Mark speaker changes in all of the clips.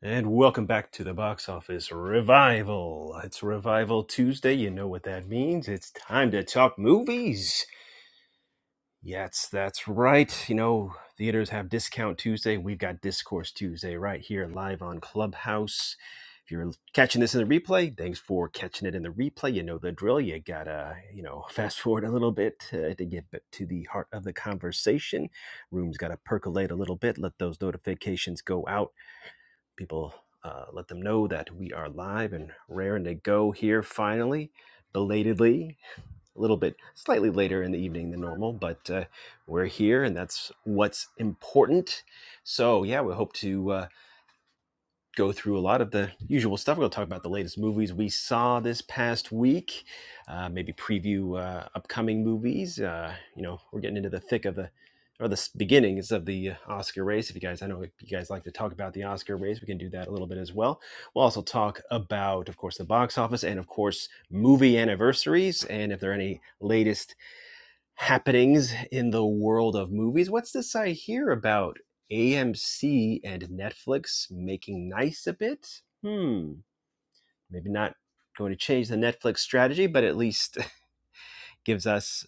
Speaker 1: And welcome back to the box office revival. It's Revival Tuesday. You know what that means. It's time to talk movies. Yes, that's right. You know, theaters have Discount Tuesday. We've got Discourse Tuesday right here live on Clubhouse. If you're catching this in the replay, thanks for catching it in the replay. You know the drill. You gotta, you know, fast forward a little bit uh, to get to the heart of the conversation. Room's gotta percolate a little bit. Let those notifications go out people uh, let them know that we are live and rare and to go here finally belatedly a little bit slightly later in the evening than normal but uh, we're here and that's what's important so yeah we hope to uh, go through a lot of the usual stuff. We'll talk about the latest movies we saw this past week, uh, maybe preview uh, upcoming movies. Uh, you know, we're getting into the thick of the or the beginnings of the uh, Oscar race. If you guys, I know you guys like to talk about the Oscar race, we can do that a little bit as well. We'll also talk about, of course, the box office and, of course, movie anniversaries and if there are any latest happenings in the world of movies. What's this I hear about AMC and Netflix making nice a bit? Hmm, maybe not going to change the Netflix strategy, but at least gives us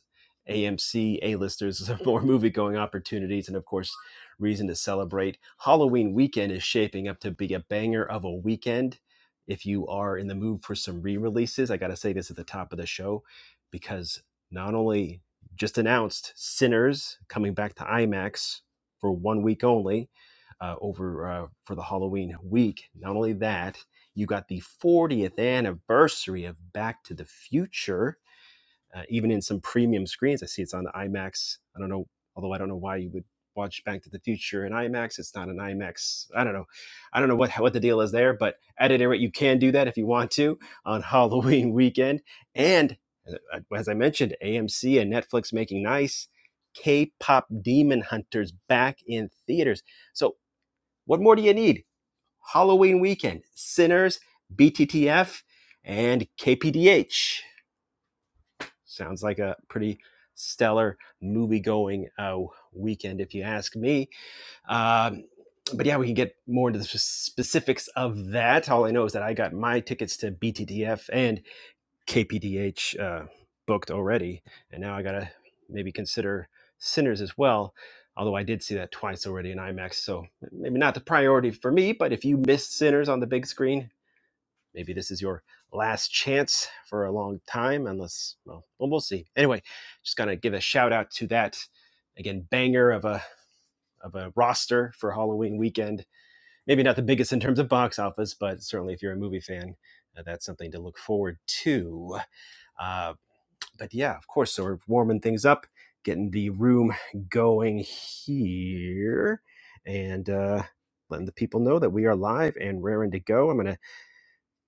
Speaker 1: AMC A-listers more movie-going opportunities, and of course, reason to celebrate. Halloween weekend is shaping up to be a banger of a weekend. If you are in the mood for some re-releases, I got to say this at the top of the show because not only just announced Sinners coming back to IMAX for one week only uh, over uh, for the Halloween week. Not only that, you got the 40th anniversary of Back to the Future uh, even in some premium screens. I see it's on the IMAX. I don't know, although I don't know why you would watch Back to the Future in IMAX. It's not an IMAX. I don't know. I don't know what what the deal is there, but at any rate, you can do that if you want to on Halloween weekend. And uh, uh, as I mentioned, AMC and Netflix making nice. K-pop Demon Hunters back in theaters. So, what more do you need? Halloween weekend, Sinners, BTTF, and KPDH. Sounds like a pretty stellar movie going uh, weekend, if you ask me. Um, but yeah, we can get more into the specifics of that. All I know is that I got my tickets to BTTF and KPDH uh, booked already, and now I gotta maybe consider Sinners as well. Although I did see that twice already in IMAX, so maybe not the priority for me. But if you missed Sinners on the big screen, maybe this is your last chance for a long time, unless, well, well we'll see. Anyway, just going to give a shout out to that. Again, banger of a of a roster for Halloween weekend. Maybe not the biggest in terms of box office, but certainly if you're a movie fan, uh, that's something to look forward to. Uh, but yeah, of course, so we're warming things up, getting the room going here, and uh, letting the people know that we are live and raring to go. I'm going to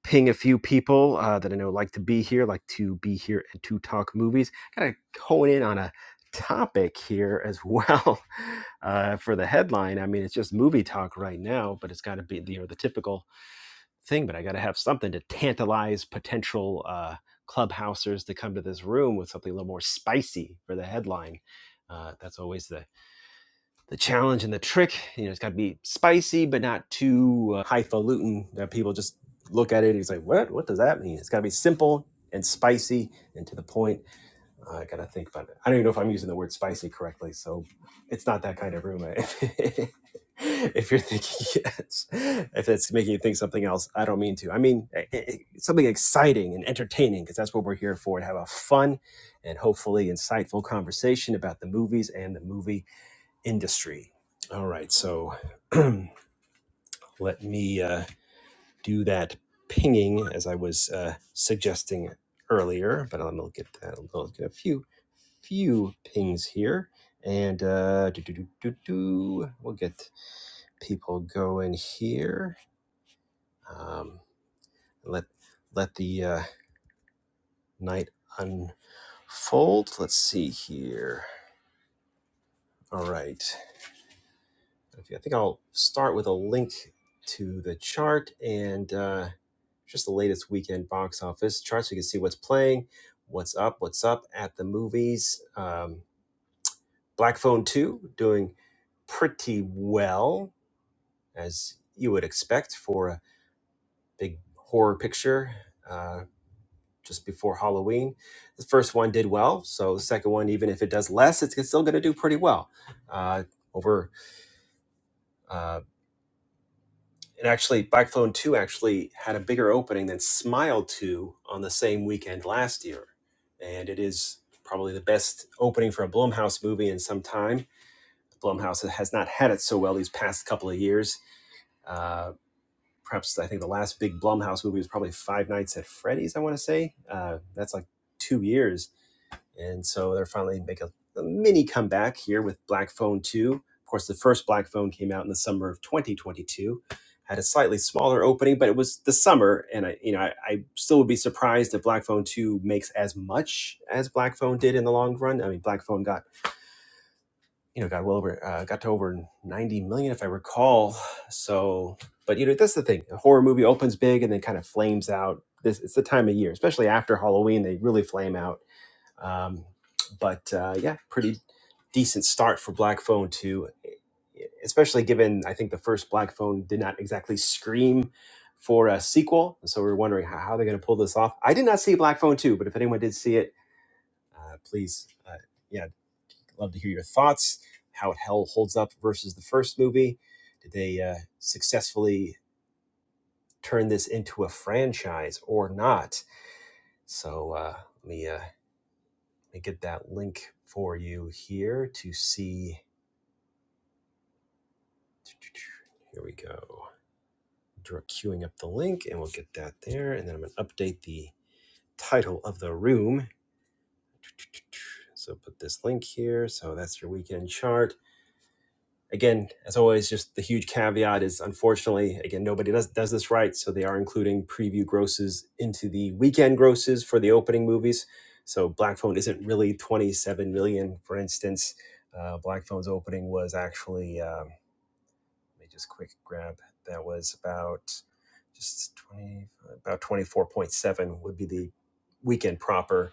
Speaker 1: ping a few people uh, that I know like to be here, like to be here and to talk movies. Kind of hone in on a topic here as well uh, for the headline. I mean, it's just movie talk right now, but it's got to be the, you know the typical thing. But I got to have something to tantalize potential uh, clubhousers to come to this room with something a little more spicy for the headline. Uh, that's always the the challenge and the trick. You know, it's got to be spicy, but not too uh, highfalutin that people just look at it and it's like, what? What does that mean? It's got to be simple and spicy and to the point. Uh, I got to think about it. I don't even know if I'm using the word spicy correctly. So it's not that kind of room. I- if you're thinking yes, if it's making you think something else, I don't mean to. I mean eh, eh, eh, something exciting and entertaining because that's what we're here for to have a fun and hopefully insightful conversation about the movies and the movie industry. All right, so let me uh, do that pinging as I was uh, suggesting earlier, but I'm gonna get that. I'm get a few few pings here, and uh, do, do, do, do, do. we'll get people going here. Um, let let the uh, night unfold. Let's see here. All right. Okay, I think I'll start with a link to the chart and uh, just the latest weekend box office chart so you can see what's playing, what's up, what's up at the movies. Um, Black Phone 2 doing pretty well, as you would expect for a big horror picture uh, just before Halloween. The first one did well, so the second one, even if it does less, it's, it's still going to do pretty well. Uh, over uh, and actually Bikephone 2 actually had a bigger opening than Smile 2 on the same weekend last year. And it is probably the best opening for a Blumhouse movie in some time. Blumhouse has not had it so well these past couple of years. Uh, perhaps I think the last big Blumhouse movie was probably Five Nights at Freddy's, I want to say. Uh, that's like two years and so they're finally making a, a mini comeback here with Black Phone 2. Of course, the first Black Phone came out in the summer of 2022, had a slightly smaller opening, but it was the summer, and I, you know, I, I still would be surprised if Black Phone 2 makes as much as Black Phone did in the long run. I mean, Black Phone got, you know, got well over, uh, got to over 90 million if I recall. So, but you know, that's the thing. A horror movie opens big and then kind of flames out. This it's the time of year, especially after Halloween, they really flame out um, but uh, yeah, pretty decent start for Black Phone 2, especially given I think the first Black Phone did not exactly scream for a sequel. So we are wondering how, how they're going to pull this off. I did not see Black Phone 2, but if anyone did see it, uh, please, uh, yeah, love to hear your thoughts, how it hell holds up versus the first movie. Did they uh, successfully turn this into a franchise or not? So uh, let me. Uh, me get that link for you here to see. Here we go. Queuing up the link, and we'll get that there. And then I'm going to update the title of the room. So put this link here. So that's your weekend chart Again, as always, just the huge caveat is unfortunately, again, nobody does, does this right. So they are including preview grosses into the weekend grosses for the opening movies. So Black Phone isn't really 27 million, for instance. Uh, Black Phone's opening was actually, um, let me just quick grab, that was about just 20, about 24.7 would be the weekend proper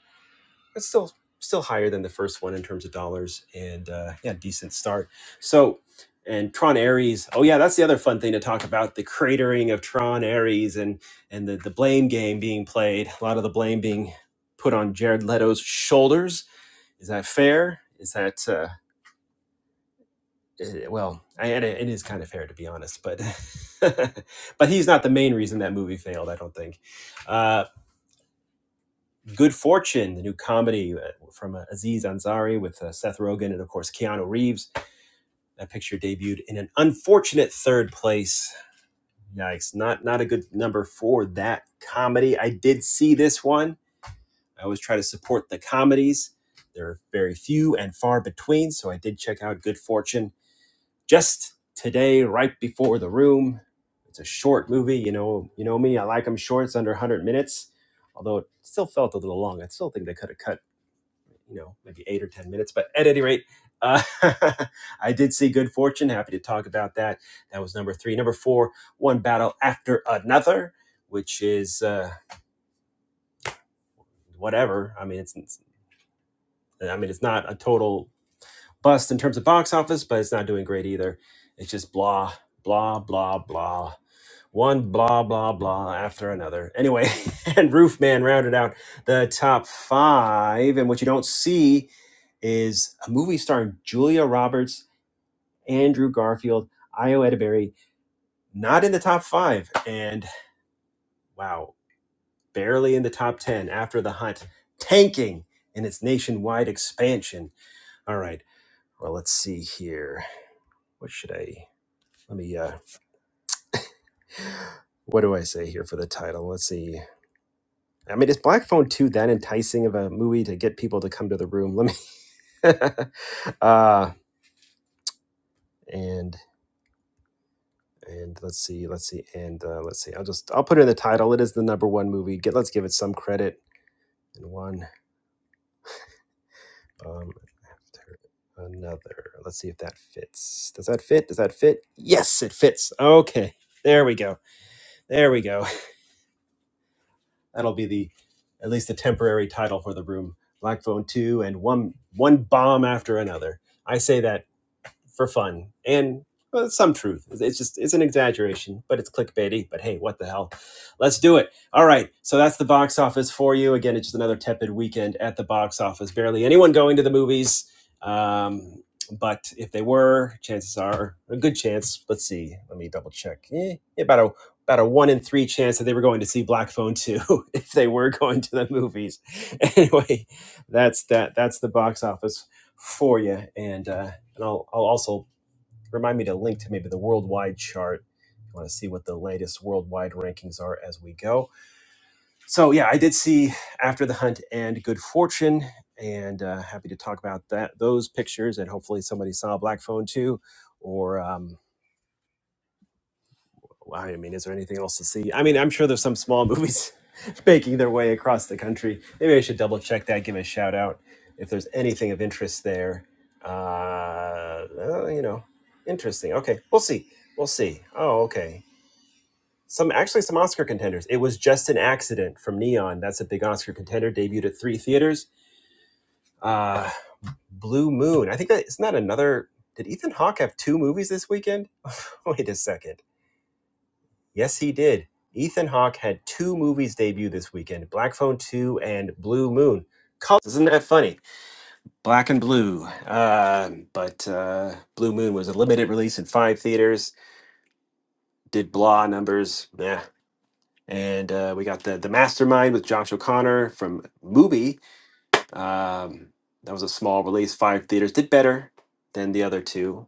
Speaker 1: it's still still higher than the first one in terms of dollars and uh, yeah decent start so and tron ares oh yeah that's the other fun thing to talk about the cratering of tron ares and and the, the blame game being played a lot of the blame being put on jared leto's shoulders is that fair is that uh eh, well, I, and it it is kind of fair to be honest, but but he's not the main reason that movie failed. I don't think. Uh, Good Fortune, the new comedy uh, from uh, Aziz Ansari with uh, Seth Rogen and, of course, Keanu Reeves. That picture debuted in an unfortunate third place. Yikes, not not a good number for that comedy. I did see this one. I always try to support the comedies. There are very few and far between, so I did check out Good Fortune just today, right before the room. It's a short movie, you know. You know me, I like them short. It's under 100 minutes, although it still felt a little long. I still think they could have cut you know maybe eight or ten minutes but at any rate uh, i did see good fortune happy to talk about that that was number three number four one battle after another which is uh, whatever i mean it's, it's i mean it's not a total bust in terms of box office, but it's not doing great either. It's just blah, blah, blah, blah. One blah, blah, blah after another. Anyway, and Roofman rounded out the top five. And what you don't see is a movie starring Julia Roberts, Andrew Garfield, Io Edeberry, not in the top five. And wow, barely in the top 10 after The Hunt, tanking in its nationwide expansion. All right, well, let's see here. What should I? Let me uh what do I say here for the title? Let's see. I mean, is Black Phone 2 that enticing of a movie to get people to come to the room? Let me uh and and let's see, let's see, and uh, let's see. I'll just I'll put it in the title. It is the number one movie. Get let's give it some credit. And one um after another. Let's see if that fits. Does that fit? Does that fit? Yes, it fits. Okay. There we go. There we go. That'll be the at least the temporary title for the room. Black Phone Two and one one bomb after another. I say that for fun and uh, some truth. It's it's just it's an exaggeration, but it's clickbaity. But hey, what the hell? Let's do it. All right. So that's the box office for you. Again, it's just another tepid weekend at the box office. Barely anyone going to the movies. Um, but if they were, chances are a good chance. Let's see. Let me double check. Eh, yeah, about a about a one in three chance that they were going to see Black Phone Two if they were going to the movies. Anyway, that's that. That's the box office for you. And uh, and I'll, I'll also remind me to link to maybe the worldwide chart. you want to see what the latest worldwide rankings are as we go. So, yeah, I did see After the Hunt and Good Fortune, and uh, happy to talk about that those pictures. And hopefully, somebody saw Black Phone too, or. um, Wow, I mean, is there anything else to see? I mean, I'm sure there's some small movies making their way across the country. Maybe I should double check that, give it a shout out if there's anything of interest there. Uh, uh, you know, interesting. Okay, we'll see. We'll see. Oh, okay. Some actually some Oscar contenders. It was just an accident from Neon. That's a big Oscar contender. Debuted at three theaters. Uh, Blue Moon. I think that isn't that another. Did Ethan Hawke have two movies this weekend? Wait a second. Yes, he did. Ethan Hawke had two movies debut this weekend: Black Phone Two and Blue Moon. is Isn't that funny? Black and Blue. Uh, but uh, Blue Moon was a limited release in five theaters. Did blah numbers. Yeah. And uh, we got the the Mastermind with Josh O'Connor from Mubi. Um, that was a small release. Five theaters did better than the other two,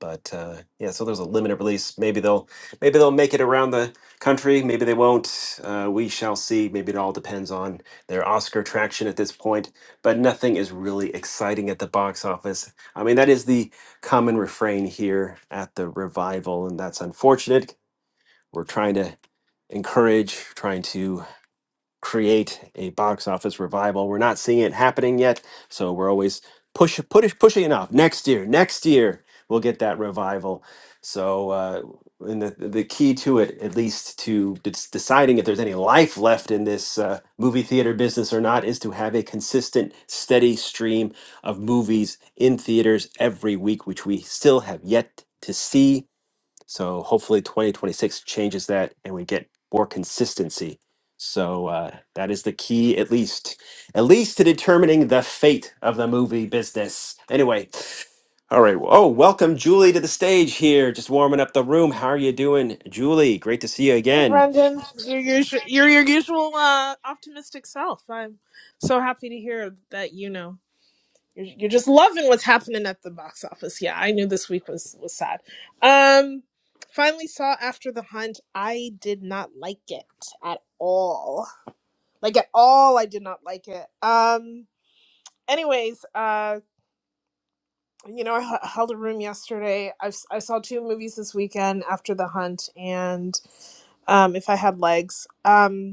Speaker 1: but uh, yeah, so there's a limited release. Maybe they'll maybe they'll make it around the country. Maybe they won't. Uh, we shall see. Maybe it all depends on their Oscar traction at this point. But nothing is really exciting at the box office. I mean, that is the common refrain here at the revival, and that's unfortunate. We're trying to encourage, trying to create a box office revival. We're not seeing it happening yet, so we're always push push pushing it off. Next year, next year we'll get that revival. So uh, and the the key to it, at least to dec- deciding if there's any life left in this uh, movie theater business or not, is to have a consistent, steady stream of movies in theaters every week, which we still have yet to see so hopefully 2026 changes that and we get more consistency. So uh, that is the key, at least, at least to determining the fate of the movie business. Anyway, all right. Oh, welcome Julie to the stage here. Just warming up the room. How are you doing, Julie? Great to see you
Speaker 2: Hey,
Speaker 1: again.
Speaker 2: Brendan. You're your, you're your usual uh, optimistic self. I'm so happy to hear that you know you're, you're just loving what's happening at the box office. Yeah, I knew this week was was sad. Um, finally saw After the Hunt. I did not like it at all. Like at all, I did not like it. Um. Anyways, uh, you know, I h- held a room yesterday. I, s- I saw two movies this weekend after the hunt, and um, if I had legs. Um,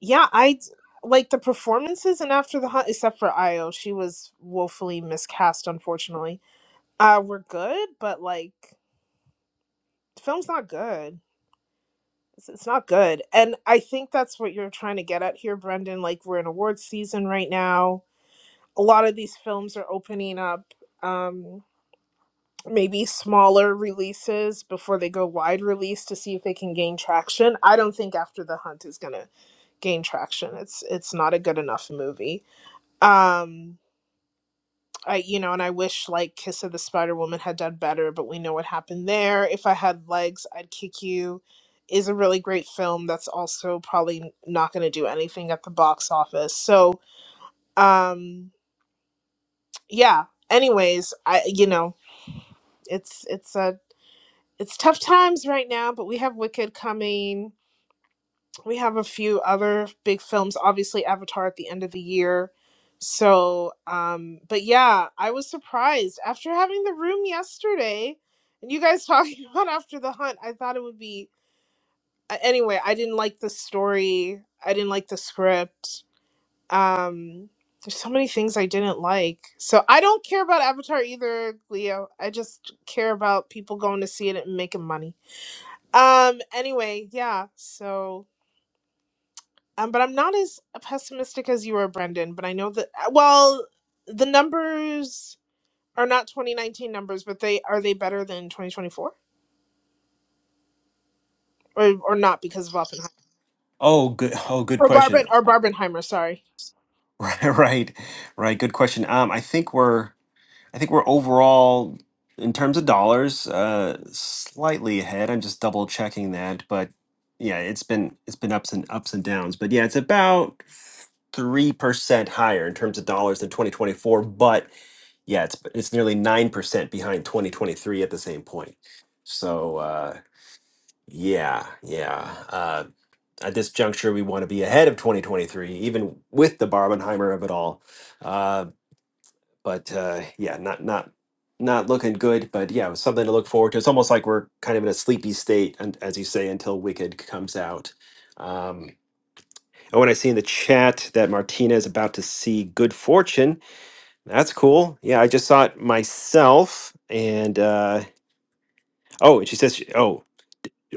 Speaker 2: yeah, I like the performances and after the hunt, except for Io, she was woefully miscast, unfortunately. Uh, were good, but like the film's not good. It's, it's not good, and I think that's what you're trying to get at here, Brendan. Like we're in awards season right now. A lot of these films are opening up. Um, maybe smaller releases before they go wide release to see if they can gain traction. I don't think After the Hunt is gonna gain traction. It's it's not a good enough movie. Um I, you know, and I wish like Kiss of the Spider Woman had done better, but we know what happened there. If I had legs, I'd kick you is a really great film that's also probably not going to do anything at the box office. So, um yeah, anyways, I you know, it's it's a it's tough times right now, but we have Wicked coming. we have a few other big films obviously avatar at the end of the year so um but yeah i was surprised after having the room yesterday and you guys talking about after the hunt i thought it would be uh, anyway i didn't like the story i didn't like the script um there's so many things i didn't like so i don't care about avatar either leo i just care about people going to see it and making money um anyway yeah so Um, but I'm not as pessimistic as you are, Brendan. But I know that well, the numbers are not 2019 numbers, but they are they better than 2024 or or not because of Oppenheimer
Speaker 1: Oh, good. Oh, good
Speaker 2: or
Speaker 1: question.
Speaker 2: Barben or Barbenheimer. Sorry.
Speaker 1: Right, right, right. Good question. Um, I think we're. I think we're overall, in terms of dollars, uh, slightly ahead. I'm just double checking that, but yeah, it's been it's been ups and ups and downs. But yeah, it's about three percent higher in terms of dollars than 2024. But yeah, it's it's nearly nine percent behind 2023 at the same point. So uh, yeah, yeah. Uh, at this juncture, we want to be ahead of 2023, even with the Barbenheimer of it all. Uh, but uh, yeah, not not not looking good. But yeah, it was something to look forward to. It's almost like we're kind of in a sleepy state, and as you say, until Wicked comes out. Um, and when I see in the chat that Martina is about to see Good Fortune, that's cool. Yeah, I just saw it myself, and uh, oh, and she says, she- oh.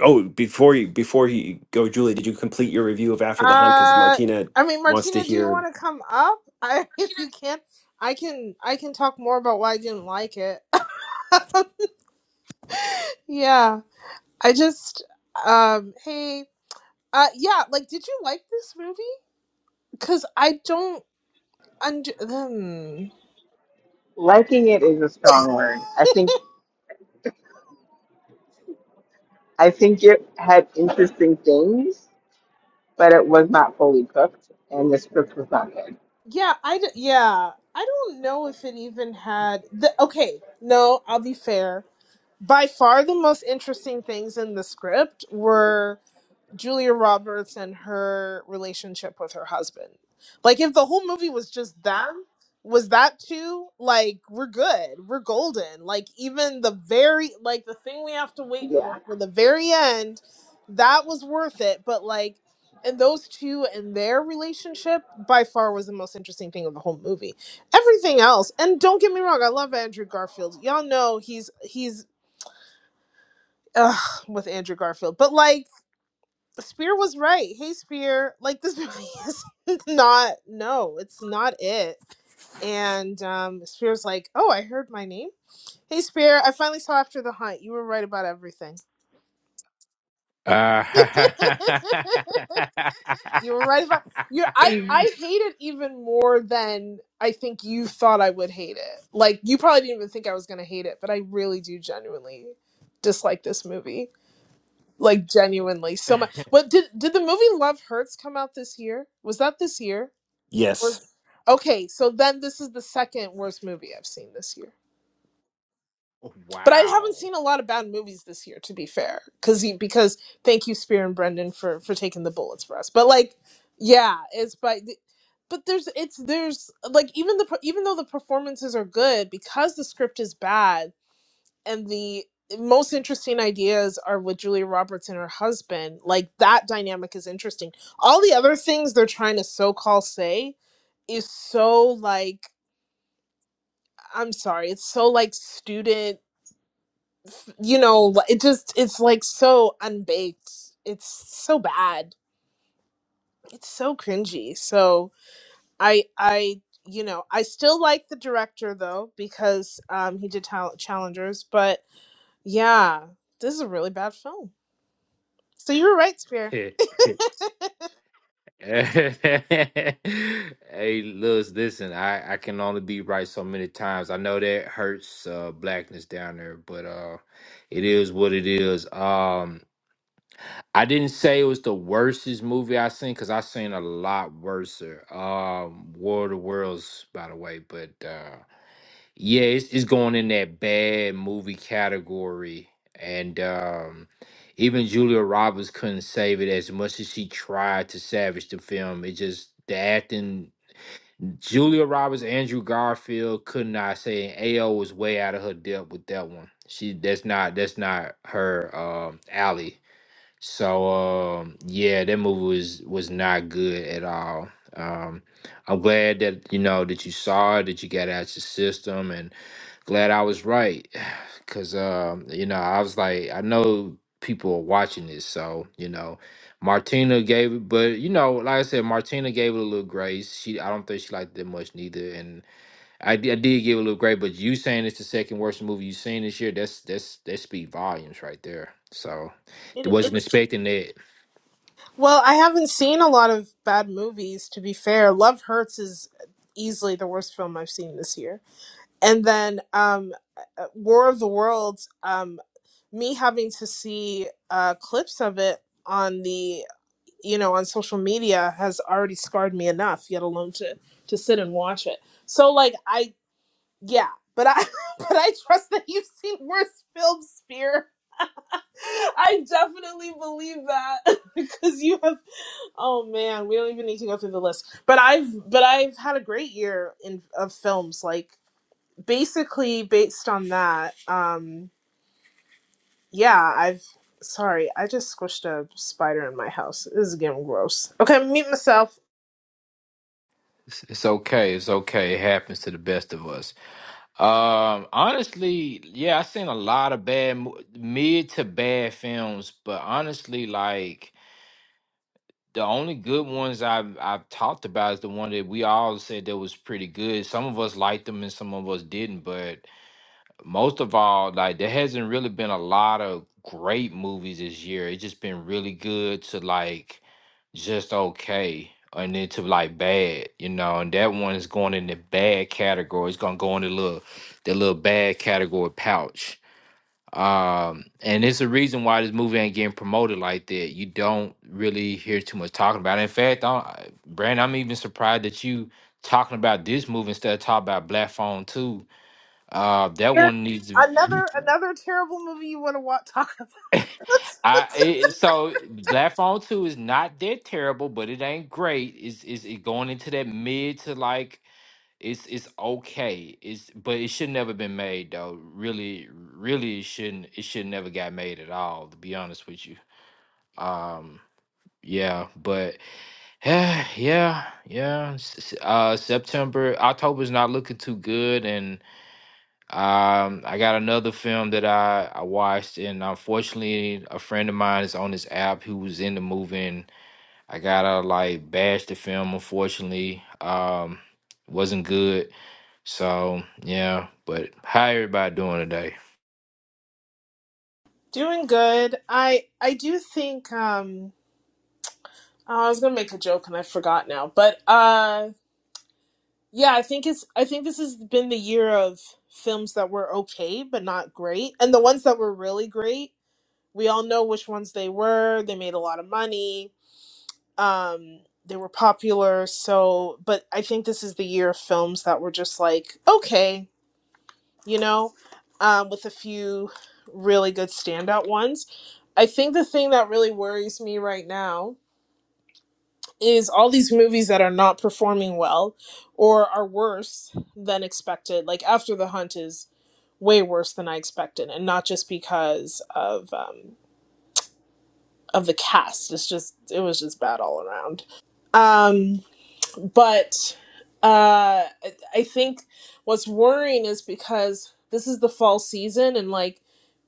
Speaker 1: Oh, before you before you go, Julie, did you complete your review of After the Hunt? Because
Speaker 2: Uh,
Speaker 1: Martina
Speaker 2: I mean,
Speaker 1: wants to
Speaker 2: Martina, do you
Speaker 1: hear.
Speaker 2: want to come up? I, if you can, I can I can talk more about why I didn't like it. yeah, I just um hey uh yeah like did you like this movie? Because I don't under.
Speaker 3: liking it is a strong word. I think I think it had interesting things, but it was not fully cooked, and the script was not good.
Speaker 2: Yeah, I d- yeah, I don't know if it even had the okay, no, I'll be fair. By far the most interesting things in the script were Julia Roberts and her relationship with her husband. Like if the whole movie was just them, was that too? Like we're good. We're golden. Like even the very like the thing we have to wait for
Speaker 3: Yeah.
Speaker 2: for the very end, that was worth it. But like and those two and their relationship by far was the most interesting thing of the whole movie. Everything else, and don't get me wrong, I love Andrew Garfield. Y'all know he's he's ugh, with Andrew Garfield, but like Spear was right. Hey, Spear. Like this movie is not. No, it's not it. And um, Spear's like, oh, I heard my name. Hey, Spear. I finally saw After the Hunt. You were right about everything.
Speaker 4: Uh,
Speaker 2: you were right about. you I I hate it even more than I think you thought I would hate it. Like you probably didn't even think I was gonna hate it, but I really do genuinely dislike this movie. Like genuinely so much. What did did the movie Love Hurts come out this year? Was that this year?
Speaker 1: Yes.
Speaker 2: worst- Okay, so then this is the second worst movie I've seen this year. But I
Speaker 4: wow.
Speaker 2: haven't seen a lot of bad movies this year, to be fair. Because because thank you, Spear and Brendan, for for taking the bullets for us. But like, yeah, it's by. the- But there's it's there's like even the per- even though the performances are good because the script is bad and the most interesting ideas are with Julia Roberts and her husband. Like that dynamic is interesting. All the other things they're trying to so call say is so like I'm sorry. It's so like student, you know, it just it's like so unbaked. It's so bad. It's so cringy. So I I you know, I still like the director though because um he did talent challengers, but yeah, this is a really bad film. So you were right, Spear.
Speaker 4: hey, Luz, listen, I, I can only be right so many times. I know that hurts uh, blackness down there, but uh, it is what it is. Um, I didn't say it was the worstest movie I seen because I seen a lot worser. Um, War of the Worlds, by the way, but. uh, Yeah, it's, it's going in that bad movie category. And um, even Julia Roberts couldn't save it as much as she tried to salvage the film. It just, the acting, Julia Roberts, Andrew Garfield could not say, and AO was way out of her depth with that one. She, that's not, that's not her um, alley. So, um, yeah, that movie was, was not good at all. Um, I'm glad that, you know, that you saw it, that you got it out your system. And, glad I was right, cause um, you know I was like I know people are watching this, so you know Martina gave it, but you know like I said, Martina gave it a little grace. She I don't think she liked it much neither, and I, di- I did give it a little grace. But you saying it's the second worst movie you've seen this year, that's that's that speak volumes right there. So I
Speaker 2: It,
Speaker 4: wasn't
Speaker 2: it's
Speaker 4: expecting that.
Speaker 2: well, I haven't seen a lot of bad movies to be fair. Love Hurts is easily the worst film I've seen this year. And then um uh, War of the Worlds. Um, me having to see uh, clips of it on the you know on social media has already scarred me enough yet alone to to sit and watch it so like i yeah but i but i trust that you've seen worse films spear i definitely believe that because you have oh man we don't even need to go through the list but i've but i've had a great year in of films like basically based on that um Yeah, I've. Sorry, I just squished a spider in my house. This is getting gross. Okay, mute myself.
Speaker 4: It's it's okay. It's okay. It happens to the best of us. Um, honestly, yeah, I seen a lot of bad mo- mid to bad films, but honestly, like the only good ones I've I've talked about is the one that we all said that was pretty good. Some of us liked them and some of us didn't, but most of all, like there hasn't really been a lot of great movies this year. It's just been really good to like just okay, and then to like bad, you know. And that one is going in the bad category. It's gonna go in the little, the little bad category pouch. Um, and it's the reason why this movie ain't getting promoted like that. You don't really hear too much talking about it. In fact, I, Brandon, I'm even surprised that you talking about this movie instead of talking about Black Phone Two. Uh, that
Speaker 2: Here,
Speaker 4: one needs to.
Speaker 2: another another terrible movie you want to wa talk about?
Speaker 4: I it, so Black Phone Two is not that terrible, but it ain't great. Is is it going into that mid to like it's it's okay. It's but it should never been made though. Really, really it shouldn't it should never got made at all. To be honest with you, um, yeah, but yeah, yeah, yeah. S- s- Uh, September October's not looking too good, and. Um, I got another film that I, I watched, and unfortunately, a friend of mine is on this app who was in the movie, and I gotta like bash the film. Unfortunately, um, wasn't good. So yeah, but how everybody doing today?
Speaker 2: Doing good. I I do think. Um, oh, I was gonna make a joke and I forgot now. But uh, yeah, I think it's. I think this has been the year of films that were okay but not great, and the ones that were really great. We all know which ones they were. They made a lot of money um they were popular so but i think this is the year of films that were just like okay you know um with a few really good standout ones i think the thing that really worries me right now is all these movies that are not performing well or are worse than expected like after the hunt is way worse than i expected and not just because of um of the cast it's just it was just bad all around Um. but uh i I think what's worrying is because this is the fall season and like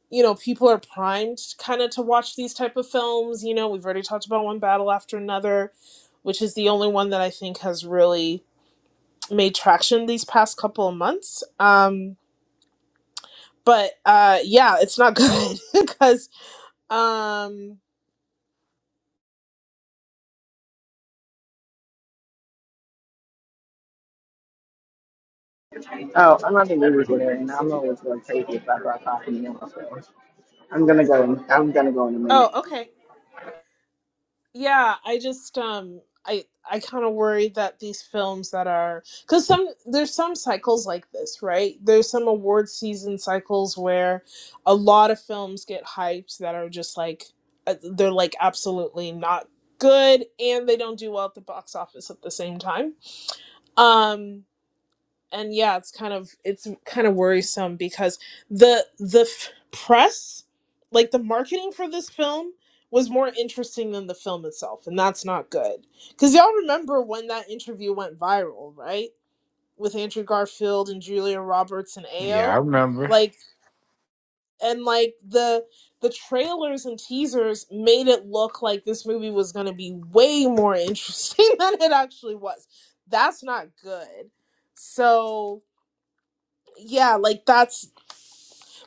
Speaker 2: you know people are primed kind of to watch these type of films you know we've already talked about one battle after another which is the only one that i think has really made traction these past couple of months um but uh yeah it's not good because um
Speaker 3: Oh, I'm not the movie there, and I'm always going crazy if I brought coffee in. So I'm gonna go. In, I'm gonna go in a minute.
Speaker 2: oh okay Yeah, I just um I I kind of worry that these films that are cuz some there's some cycles like this, right? There's some award season cycles where a lot of films get hyped that are just like uh, they're like absolutely not good and they don't do well at the box office at the same time. Um and yeah it's kind of it's kind of worrisome because the the f- press like the marketing for this film was more interesting than the film itself and that's not good because y'all remember when that interview went viral right with andrew garfield and julia roberts and
Speaker 4: Yeah, I
Speaker 2: Ayo,
Speaker 4: remember.
Speaker 2: like and like the the trailers and teasers made it look like this movie was going to be way more interesting than it actually was that's not good so yeah, like that's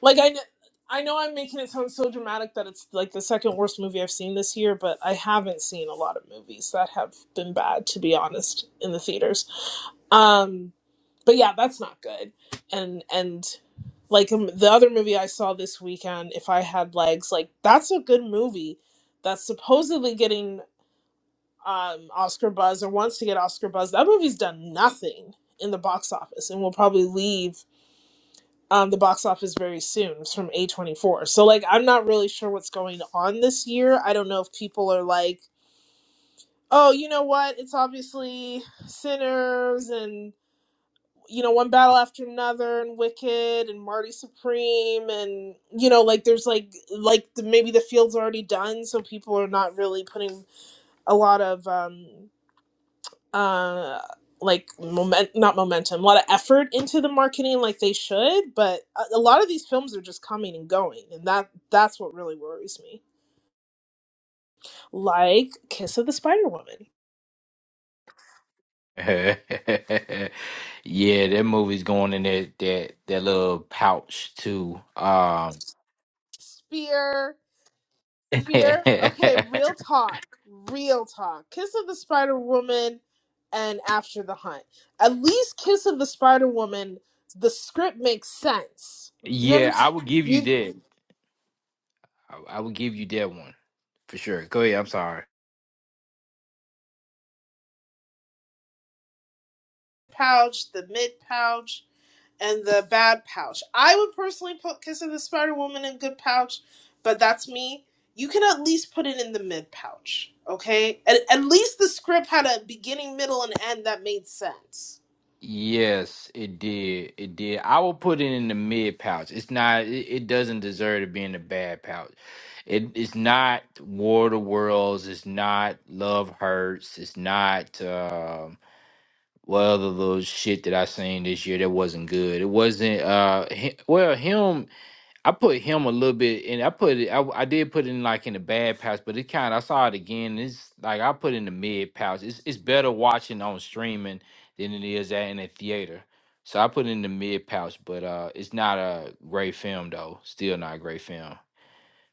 Speaker 2: like I kn- I know I'm making it sound so dramatic that it's like the second worst movie I've seen this year, but I haven't seen a lot of movies that have been bad to be honest in the theaters. Um but yeah, that's not good. And and like um, the other movie I saw this weekend, if I had legs, like that's a good movie that's supposedly getting um Oscar buzz or wants to get Oscar buzz. That movie's done nothing in the box office and will probably leave um, the box office very soon. It's from A24. So, like, I'm not really sure what's going on this year. I don't know if people are like, oh, you know what? It's obviously Sinners and, you know, One Battle After Another and Wicked and Marty Supreme. And, you know, like, there's like, like the, maybe the field's already done. So people are not really putting a lot of, um, uh like moment not momentum a lot of effort into the marketing like they should but a, a lot of these films are just coming and going and that that's what really worries me like kiss of the spider woman
Speaker 4: Yeah, that movie's going in that that that little pouch too. Um,
Speaker 2: spear spear
Speaker 4: yeah,
Speaker 2: okay real talk real talk kiss of the spider woman and after the hunt at least kiss of the spider woman the script makes sense you
Speaker 4: I
Speaker 2: understand
Speaker 4: would give you
Speaker 2: you
Speaker 4: that. I, I would give you that one for sure. Go ahead. I'm sorry.
Speaker 2: pouch the mid pouch and the bad pouch. I would personally put Kiss of the Spider Woman in good pouch, but that's me. You can at least put it in the mid pouch, okay? At, at least the script had a beginning, middle, and end that made sense.
Speaker 4: Yes, it did. It did. I will put it in the mid pouch. It's not. It, it doesn't deserve to be in the bad pouch. It, it's not War of the Worlds. It's not Love Hurts. It's not. Um, well, the little shit that I seen this year that wasn't good. It wasn't. Uh, hi- well, him. I put him a little bit, and I put it. I, w- I did put it in like in the bad pouch, but it kind. of I saw it again. It's like I put it in the mid pouch. It's it's better watching on streaming than it is at in a theater. So I put it in the mid pouch, but uh, it's not a great film though. Still not a great film.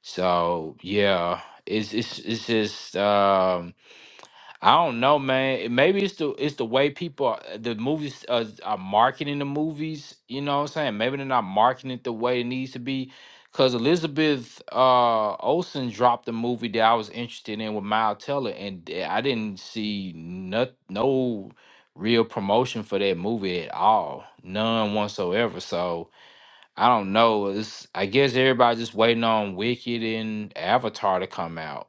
Speaker 4: So yeah, it's it's it's just um I don't know, man. It- Maybe it's the it's the way people are, the movies uh, are marketing the movies. You know what I'm saying? Maybe they're not marketing it the way it needs to be. Cause Elizabeth uh, Olsen dropped a movie that I was interested in with Miles Teller, and th- I didn't see not, no real promotion for that movie at all, none whatsoever. So I don't know. It's I guess everybody just waiting on Wicked and Avatar to come out.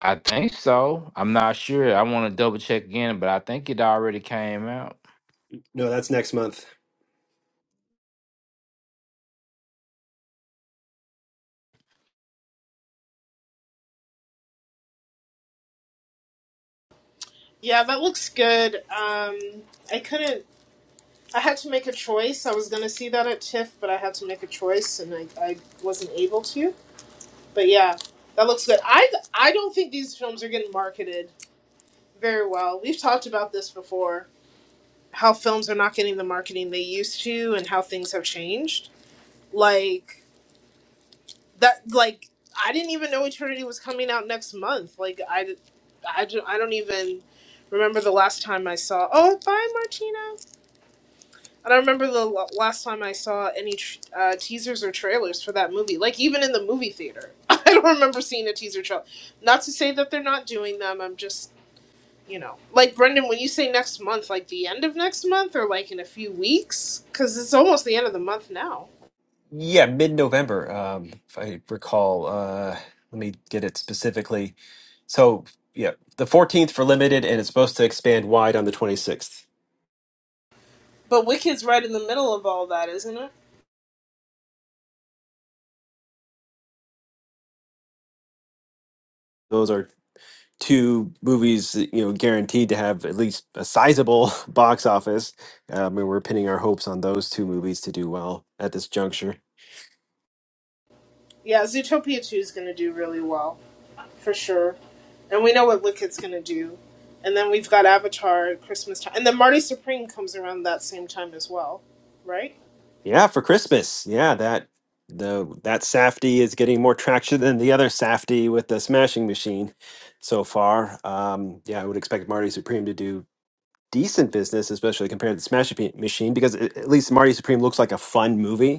Speaker 4: I think so. I'm not sure. I want to double check again, but I think it already came out.
Speaker 1: No, that's next month.
Speaker 2: Yeah, that looks good. Um, I couldn't. I had to make a choice. I was gonna see that at TIFF, but I had to make a choice, and I, I wasn't able to. But yeah, that looks good. I I don't think these films are getting marketed very well. We've talked about this before how films are not getting the marketing they used to and how things have changed. Like that like I didn't even know Eternity was coming out next month. Like I I, ju- I don't even remember the last time I saw Oh, bye Martina. I don't remember the l- last time I saw any tr- uh, teasers or trailers for that movie. Like even in the movie theater. I don't remember seeing a teaser trailer. Not to say that they're not doing them. I'm just you know, like Brendan, when you say next month, like the end of next month or like in a few weeks, because it's almost the end of the month now.
Speaker 1: Yeah, mid-November, um, if I recall. Uh, let me get it specifically. So, yeah, the 14th for limited, and it's supposed to expand wide on the 26th.
Speaker 2: But Wicked's right in the middle of all that, isn't it?
Speaker 1: Those are two movies that, you know guaranteed to have at least a sizable box office. Uh, I mean, we're pinning our hopes on those two movies to do well at this juncture.
Speaker 2: Yeah, Zootopia 2 is going to do really well, for sure. And we know what Wicked's going to do. And then we've got Avatar at Christmas time. And then Marty Supreme comes around that same time as well, right?
Speaker 1: Yeah, for Christmas. Yeah, that the that Safety is getting more traction than the other Safety with the smashing machine so far. Um, yeah, I would expect Marty Supreme to do decent business, especially compared to the smashing Pe- machine, because a- at least Marty Supreme looks like a fun movie.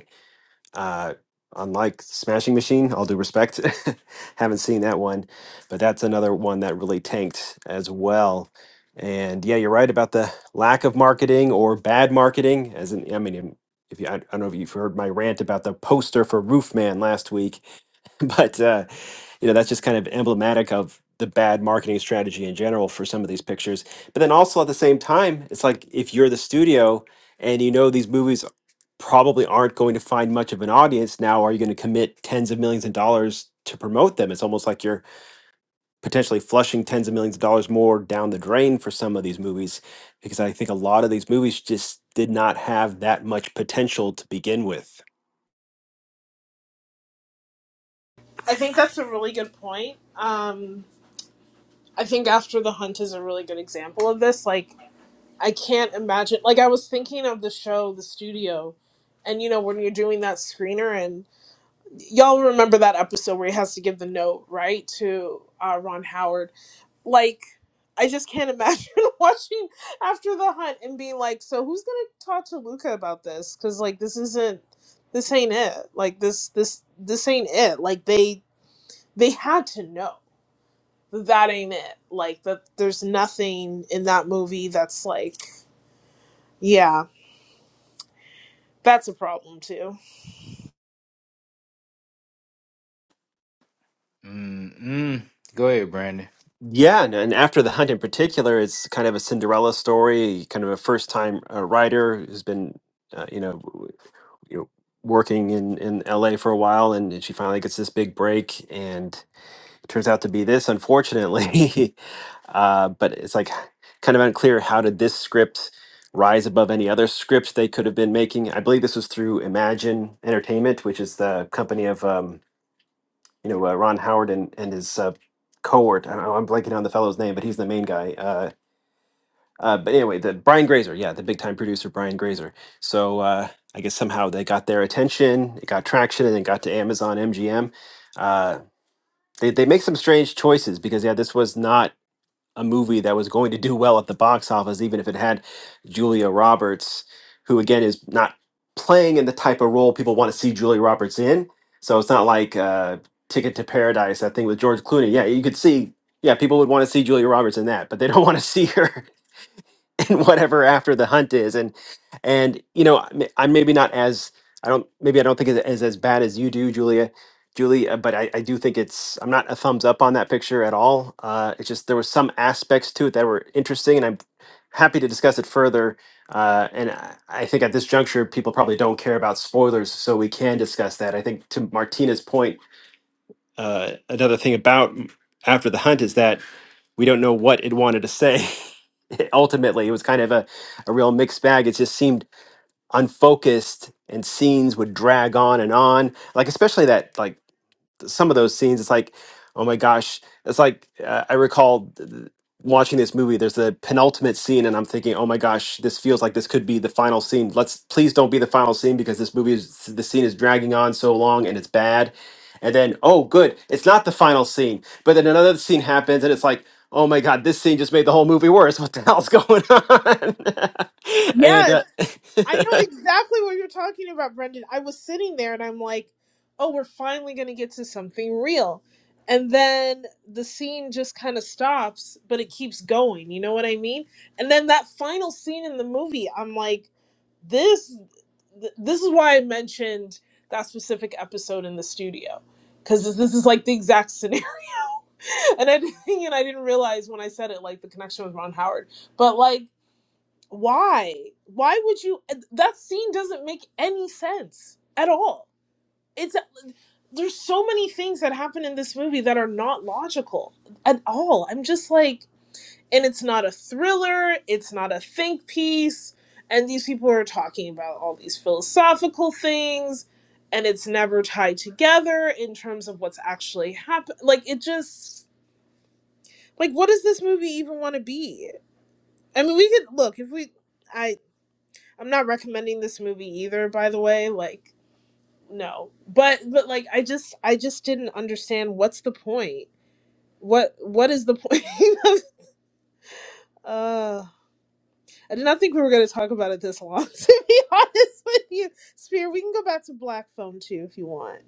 Speaker 1: Uh, unlike Smashing Machine, all due respect, haven't seen that one, but that's another one that really tanked as well. And yeah, you're right about the lack of marketing or bad marketing. As in, I mean, if you, I don't know if you've heard my rant about the poster for Roofman last week, but uh, you know that's just kind of emblematic of the bad marketing strategy in general for some of these pictures. But then also at the same time, it's like if you're the studio, and you know these movies probably aren't going to find much of an audience now are you going to commit tens of millions of dollars to promote them it's almost like you're potentially flushing tens of millions of dollars more down the drain for some of these movies because i think a lot of these movies just did not have that much potential to begin with
Speaker 2: I think that's a really good point. Um, I think After the Hunt is a really good example of this. Like, I can't imagine. Like I was thinking of the show, The Studio, and you know when you're doing that screener, and y'all remember that episode where he has to give the note right to uh, Ron Howard. Like I just can't imagine watching After the Hunt and being like, so who's gonna talk to Luca about this? Because like this isn't, this ain't it. Like this, this, this ain't it. Like they, they had to know that that ain't it. Like that there's nothing in that movie that's like, yeah. That's a problem too.
Speaker 4: Mm-mm. Go ahead, Brandon.
Speaker 1: yeah and, and after the hunt in particular it's kind of a cinderella story kind of a first time uh, writer who's been uh, you know w- you know working in in la for a while and she finally gets this big break and turns out to be this, unfortunately. uh, but it's like kind of unclear how did this script rise above any other script they could have been making. I believe this was through Imagine Entertainment, which is the company of um, you know uh, Ron Howard and and his uh, cohort. I, don't know, I'm blanking on the fellow's name, but he's the main guy. Uh, uh, but anyway, the Brian Grazer, yeah, the big time producer Brian Grazer. So uh, I guess somehow they got their attention, it got traction, and it got to Amazon MGM. They they make some strange choices because yeah, this was not a movie that was going to do well at the box office, even if it had Julia Roberts, who again is not playing in the type of role people want to see Julia Roberts in. So it's not like uh, Ticket to Paradise, that thing with George Clooney. Yeah, you could see. Yeah, people would want to see Julia Roberts in that, but they don't want to see her and whatever after the hunt is and and you know i'm I'm maybe not as i don't maybe i don't think it's as, as bad as you do julia julie uh, but I, I do think it's i'm not a thumbs up on that picture at all uh it's just there were some aspects to it that were interesting and i'm happy to discuss it further uh and i I think at this juncture people probably don't care about spoilers so we can discuss that i think to martina's point uh, another thing about after the hunt is that we don't know what it wanted to say. Ultimately, it was kind of a, a real mixed bag. It just seemed unfocused, and scenes would drag on and on. Like especially that like some of those scenes it's like oh my gosh it's like uh, i recall th- th- watching this movie there's the penultimate scene and i'm thinking oh my gosh this feels like this could be the final scene let's please don't be the final scene because this movie is the scene is dragging on so long and it's bad and then oh good it's not the final scene but then another scene happens and it's like oh my god this scene just made the whole movie worse what the hell's going on and uh,
Speaker 2: Yes, I know exactly what you're talking about, Brendan. I was sitting there and I'm like, oh, we're finally going to get to something real. And then the scene just kind of stops, but it keeps going. You know what I mean? And then that final scene in the movie, I'm like, this th- this is why I mentioned that specific episode in the studio cuz this, this is like the exact scenario. and I didn't- and I didn't realize when I said it like the connection with Ron Howard. But like why why would you that scene doesn't make any sense at all it's there's so many things that happen in this movie that are not logical at all i'm just like and it's not a thriller it's not a think piece and these people are talking about all these philosophical things and it's never tied together in terms of what's actually happened like it just like what does this movie even want to be i mean we could look if we I I'm not recommending this movie either, by the way. Like, no. But but like I just I just didn't understand what's the point? What what is the point of uh I did not think we were gonna talk about it this long, to be honest with you. Spear, we can go back to black Phone too if you want.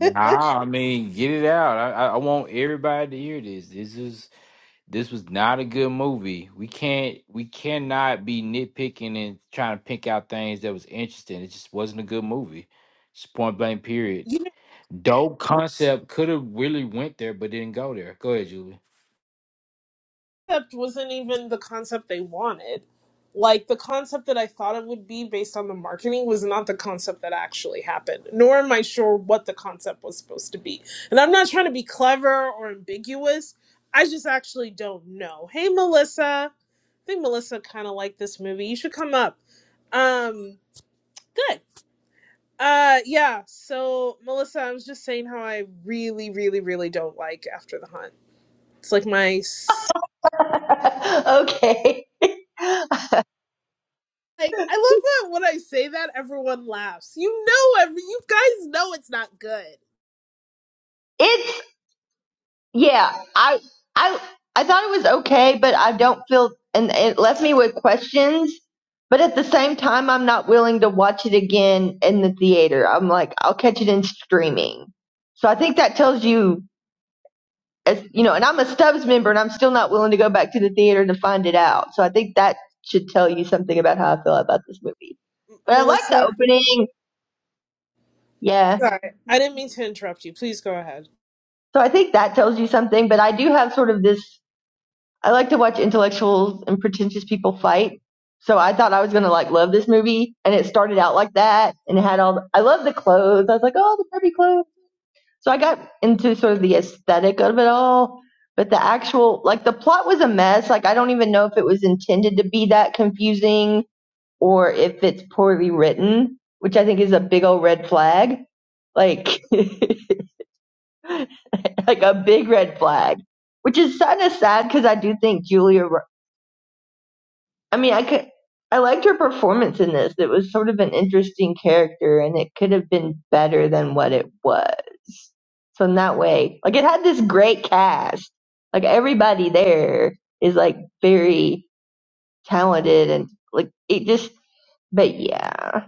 Speaker 4: Nah, I mean, get it out. I, I I want everybody to hear this. This is this was not a good movie. We can't we cannot be nitpicking and trying to pick out things that was interesting. It just wasn't a good movie. Just point blank period.
Speaker 2: you
Speaker 4: Dope concept could have really went there but didn't go there. Go ahead, Julie.
Speaker 2: concept wasn't even the concept they wanted. Like the concept that I thought it would be based on the marketing was not the concept that actually happened, nor am I sure what the concept was supposed to be. And I'm not trying to be clever or ambiguous. I just actually don't know. Hey Melissa. I think Melissa kinda liked this movie. You should come up. Um good. Uh yeah, so Melissa, I was just saying how I really, really, really don't like After the Hunt. It's like my
Speaker 5: okay.
Speaker 2: Like I love that when I say that everyone laughs. You know every you guys know it's not good.
Speaker 5: It's yeah. I I I thought it was okay, but I don't feel and it left me with questions. But at the same time, I'm not willing to watch it again in the theater. I'm like, I'll catch it in streaming. So I think that tells you, as you know, and I'm a Stubbs member, and I'm still not willing to go back to the theater to find it out. So I think that should tell you something about how I feel about this movie. But I like the
Speaker 2: Melissa,
Speaker 5: opening. Yeah.
Speaker 2: sorry. I didn't mean to interrupt you. Please go ahead.
Speaker 5: So I think that tells you something. But I do have sort of this I like to watch intellectuals and pretentious people fight. So I thought I was gonna like love this movie, and it started out like that, and it had all. The, I love the clothes. I was like, oh, the Barbie clothes. So I got into sort of the aesthetic of it all, but the actual like the plot was a mess. Like I don't even know if it was intended to be that confusing or if it's poorly written, which I think is a big old red flag. Like like a big red flag, which is kind of sad because I do think Julia I mean, I could, I liked her performance in this. It was sort of an interesting character, and it could have been better than what it was. So in that way, like it had this great cast. Like everybody there is like very talented, and like it just. But yeah,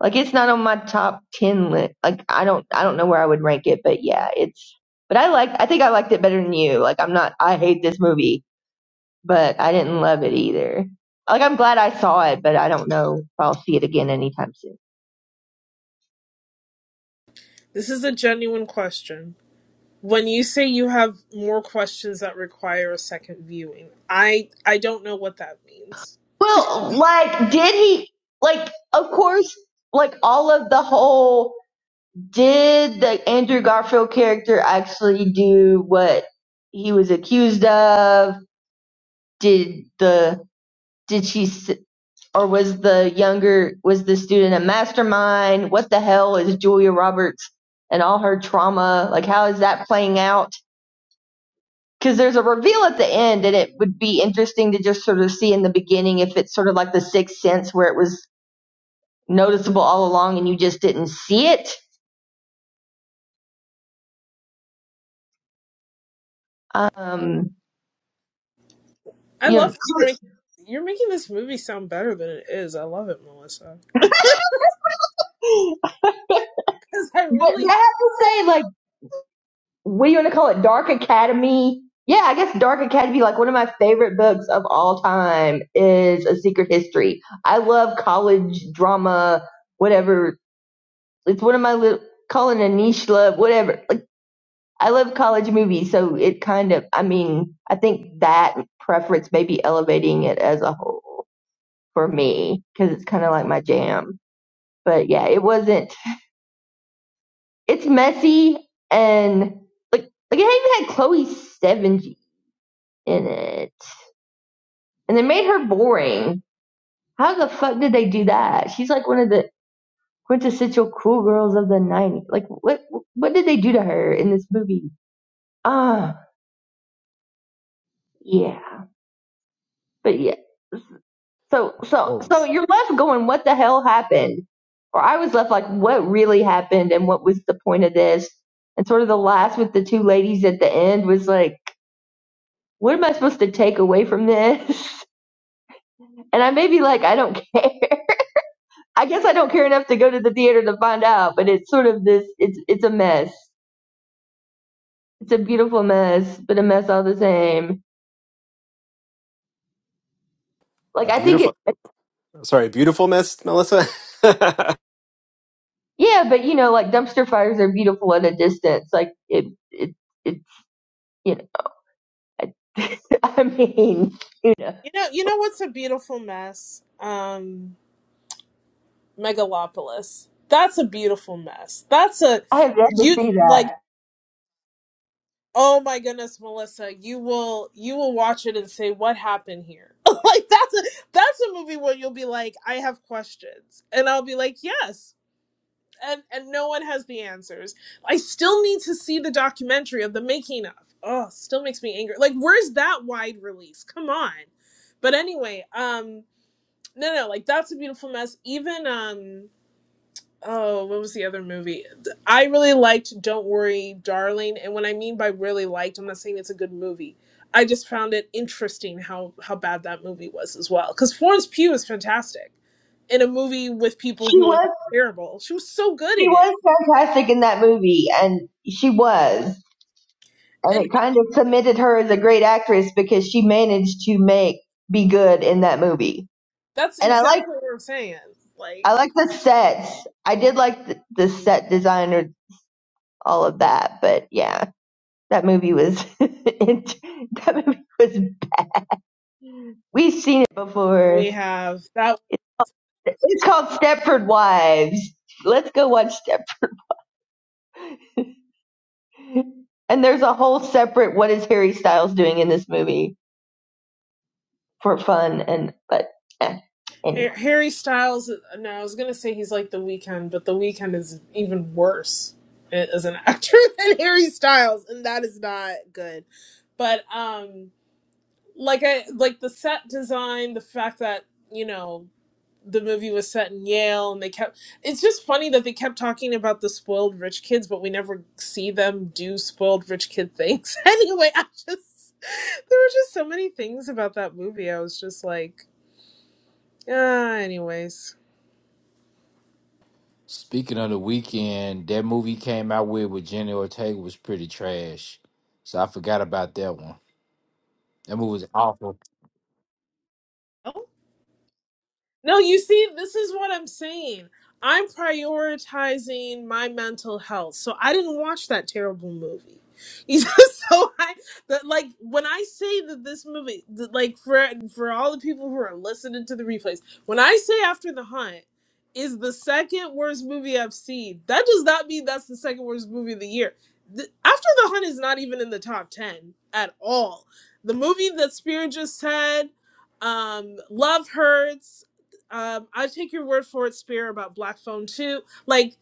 Speaker 5: like it's not on my top ten list. Like I don't, I don't know where I would rank it, but yeah, it's. But I like, I think I liked it better than you. Like I'm not, I hate this movie but I didn't love it either. Like I'm glad I saw it, but I don't know if I'll see it again anytime soon.
Speaker 2: This is a genuine question. When you say you have more questions that require a second viewing, I I don't know what that means.
Speaker 5: Well, like did he like of course like all of the whole did the Andrew Garfield character actually do what he was accused of? Did the did she s- or was the younger was the student a mastermind? What the hell is Julia Roberts and all her trauma? Like how is that playing out? because there's a reveal at the end, and it would be interesting to just sort of see in the beginning if it's sort of like the sixth sense where it was noticeable all along and you just didn't see it. Um,
Speaker 2: I
Speaker 5: you know,
Speaker 2: love how you're making, you're making this movie sound better than it is. I love it, Melissa. Because I
Speaker 5: but
Speaker 2: really,
Speaker 5: I have to say, like, what do you want to call it? Dark Academy. Yeah, I guess Dark Academy, like one of my favorite books of all time, is A Secret History. I love college drama, whatever. It's one of my little, calling a niche love, whatever I love college movies, so it kind of, I mean, I think that preference may be elevating it as a whole for me because it's kind of like my jam. But yeah, it wasn't. It's messy and like like it even had Chloe Sevigny in it, and they made her boring. How the fuck did they do that? She's like one of the quintessential cool girls of the '90s. Like what what did they do to her in this movie? Ah, yeah. But yeah. So so
Speaker 1: oh
Speaker 5: so you're left going, what the hell happened? Or I was left like, what really happened and what was the point of this? And sort of the last with the two ladies at the end was like, what am I supposed to take away from this? And I may be like, I don't care. I guess I don't care enough to go to the theater to find out, but it's sort of this it's it's a mess. It's a beautiful mess, but a mess all the same.
Speaker 1: a
Speaker 5: Like I think it
Speaker 1: beautiful sorry a beautiful mess melissa
Speaker 5: yeah, but you know, like dumpster fires are beautiful at a distance. Like it it it's you I I mean, you know,
Speaker 2: you know, you know what's a beautiful mess? Um, Megalopolis. That's a beautiful mess. That's a
Speaker 5: I have yet to
Speaker 2: you
Speaker 5: see
Speaker 2: like.
Speaker 5: that.
Speaker 2: Oh my goodness, Melissa, you will you will watch it and say what happened here. like that's a that's a movie where you'll be like, I have questions, and I'll be like, yes. and and no one has the answers. I still need to see the documentary of the making of. Oh, still makes me angry. Like, where's that wide release? Come on. But anyway, um, no, no, like that's a beautiful mess. Even um, oh, what was the other movie? I really liked Don't Worry, Darling. And when I mean by really liked, I'm not saying it's a good movie. I just found it interesting how how bad that movie was as well. Because Florence Pugh is fantastic in a movie with people
Speaker 5: She
Speaker 2: who are like
Speaker 5: was
Speaker 2: terrible. She was so good
Speaker 5: she
Speaker 2: in it
Speaker 5: was fantastic in that movie, and she was, and
Speaker 2: and.
Speaker 5: it kind of cemented her as a great actress because she managed to make be good in that movie.
Speaker 2: That's
Speaker 5: And I like
Speaker 2: exactly what we're saying. Like
Speaker 5: I like the sets. I did like the, the set design or all of that, but yeah, that movie was it, that movie was we've seen it
Speaker 2: we
Speaker 5: before.
Speaker 2: have that
Speaker 5: It's called Stepford Wives. Let's go watch Stepford. And there's a whole separate what is Harry Styles doing in this movie for fun and but eh, anyway.
Speaker 2: Har- Harry Styles. No, I was gonna say he's like the Weeknd, but the Weeknd is even worse a- as an actor than Harry Styles, and that is not good. But um, like I like the set design, the fact that you know the movie was set in Yale and they kept it's just funny that they kept talking about the spoiled rich kids but we never see them do spoiled rich kid things. anyway, I just there were just so many things about that movie. I was just like, ah, anyways.
Speaker 4: Speaking of the weekend, that movie came out with with Jenny Ortega was pretty trash. So I forgot about that one. That movie was awful.
Speaker 2: Oh, No, you see, this is what I'm saying. I'm prioritizing my mental health. So I didn't watch that terrible movie. You so I that like when I say that this movie that, like for for all the people who are listening to the replays, when I say After the Hunt is the second worst movie I've seen, that does not mean that's the second worst movie of the year. The, After the Hunt is not even in the top 10 at all. The movie that Spirit just said um Love Hurts um, I take your word for it, Spear, about Black Phone 2. Like,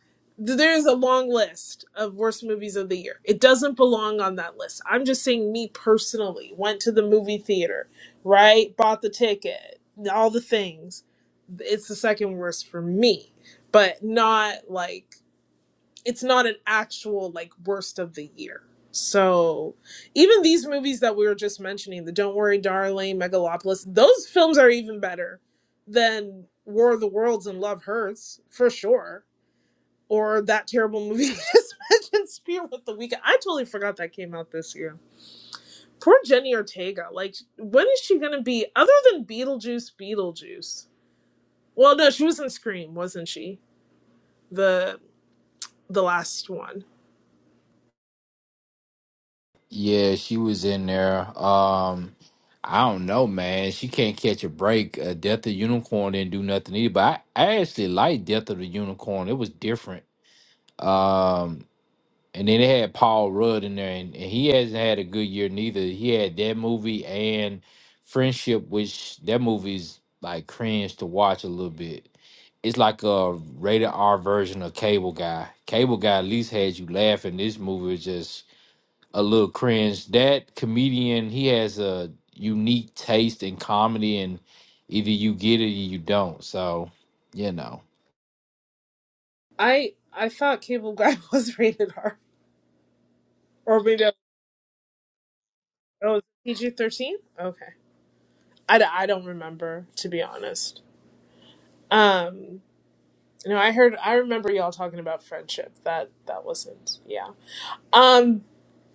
Speaker 2: th- there's a long list of worst movies of the year. It doesn't belong on that list. I'm just saying, me personally went to the movie theater, right? Bought the ticket, all the things. It's the second worst for me, but not like it's not an actual like worst of the year. So even these movies that we were just mentioning, the Don't Worry Darling, Megalopolis, those films are even better than War of the Worlds and Love Hurts, for sure. Or that terrible movie you just mentioned, Spear with the Weekend. I totally forgot that came out this year. Poor Jenny Ortega. Like, when is she gonna be other than Beetlejuice? Beetlejuice. Well, no, she was in Scream, wasn't she? The the last one.
Speaker 4: Yeah, she was in there. Um, I don't know, man. She can't catch a break. Uh, Death of the Unicorn didn't do nothing either. But I, I actually liked Death of the Unicorn. It was different. Um. And then they had Paul Rudd in there, and, and he hasn't had a good year neither. He had that movie and Friendship, which that movie's like cringe to watch a little bit. It's like a rated R version of Cable Guy. Cable Guy at least had you laughing. This movie is just a little cringe. That comedian, he has a unique taste in comedy, and either you get it or you don't. So, you know,
Speaker 2: I I thought Cable Guy was rated R, or maybe I oh, it was PG thirteen. Okay, I, d- I don't remember to be honest. Um, no, I heard I remember y'all talking about friendship. That that wasn't yeah. Um,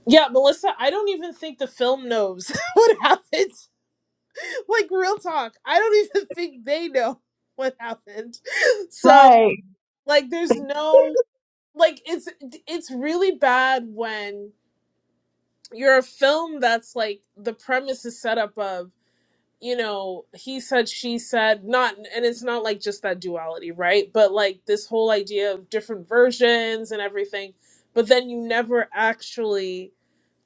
Speaker 2: yeah, Melissa, I don't even think the film knows what happened. Like real talk, I don't even think they know what happened. So
Speaker 5: Right.
Speaker 2: like, there's no like it's it's really bad when you're a film that's like the premise is set up of you know he said she said not and it's not like just that duality right but like this whole idea of different versions and everything but then you never actually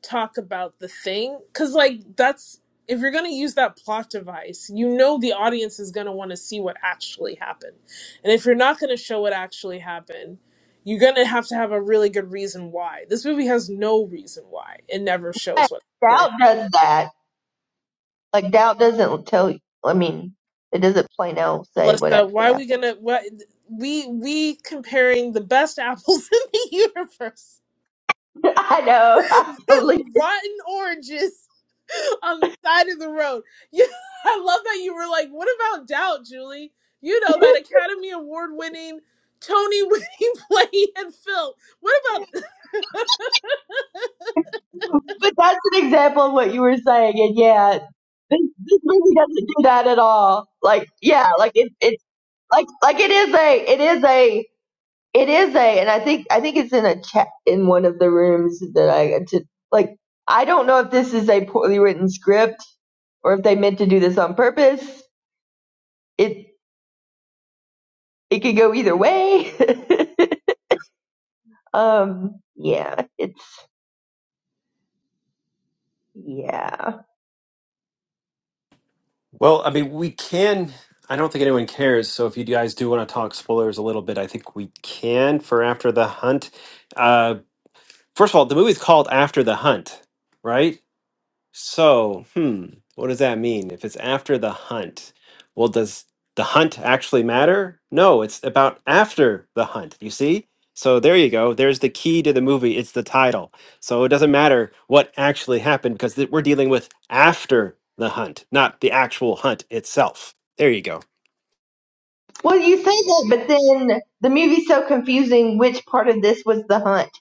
Speaker 2: talk about the thing because like that's if you're going to use that plot device you know the audience is going to want to see what actually happened and if you're not going to show what actually happened you're going to have to have a really good reason why this movie has no reason why it never shows
Speaker 5: Right.
Speaker 2: what actually
Speaker 5: Doubt
Speaker 2: happened
Speaker 5: does that. Like doubt doesn't tell you I mean, it doesn't plain out say what
Speaker 2: melissa
Speaker 5: actually
Speaker 2: why are we
Speaker 5: happened.
Speaker 2: going to what we we comparing the best apples in the universe
Speaker 5: I know,
Speaker 2: with
Speaker 5: I totally
Speaker 2: rotten oranges on the side of the road. Yeah, I love that you were like, what about doubt, Julie? You know that Academy Award winning, Tony winning play and film. What about
Speaker 5: but that's an example of what you were saying and yeah, this, this movie doesn't do that at all. Like yeah, like it it's like like it is a it is a It is a, and I think I think it's in a chat in one of the rooms that I to like. I don't know if this is a poorly written script or if they meant to do this on purpose. It it could go either way. um, yeah, it's yeah.
Speaker 1: Well, I mean, we can. I don't think anyone cares. So if you guys do want to talk spoilers a little bit, I think we can for After the Hunt. Uh, first of all, the movie's called After the Hunt, right? So, hmm, what does that mean? If it's after the hunt, well, does the hunt actually matter? No, it's about after the hunt, you see? So there you go. There's the key to the movie. It's the title. So it doesn't matter what actually happened because th- we're dealing with after the hunt, not the actual hunt itself. There you go.
Speaker 5: Well, you say that, but then the movie's so confusing. Which part of this was the hunt?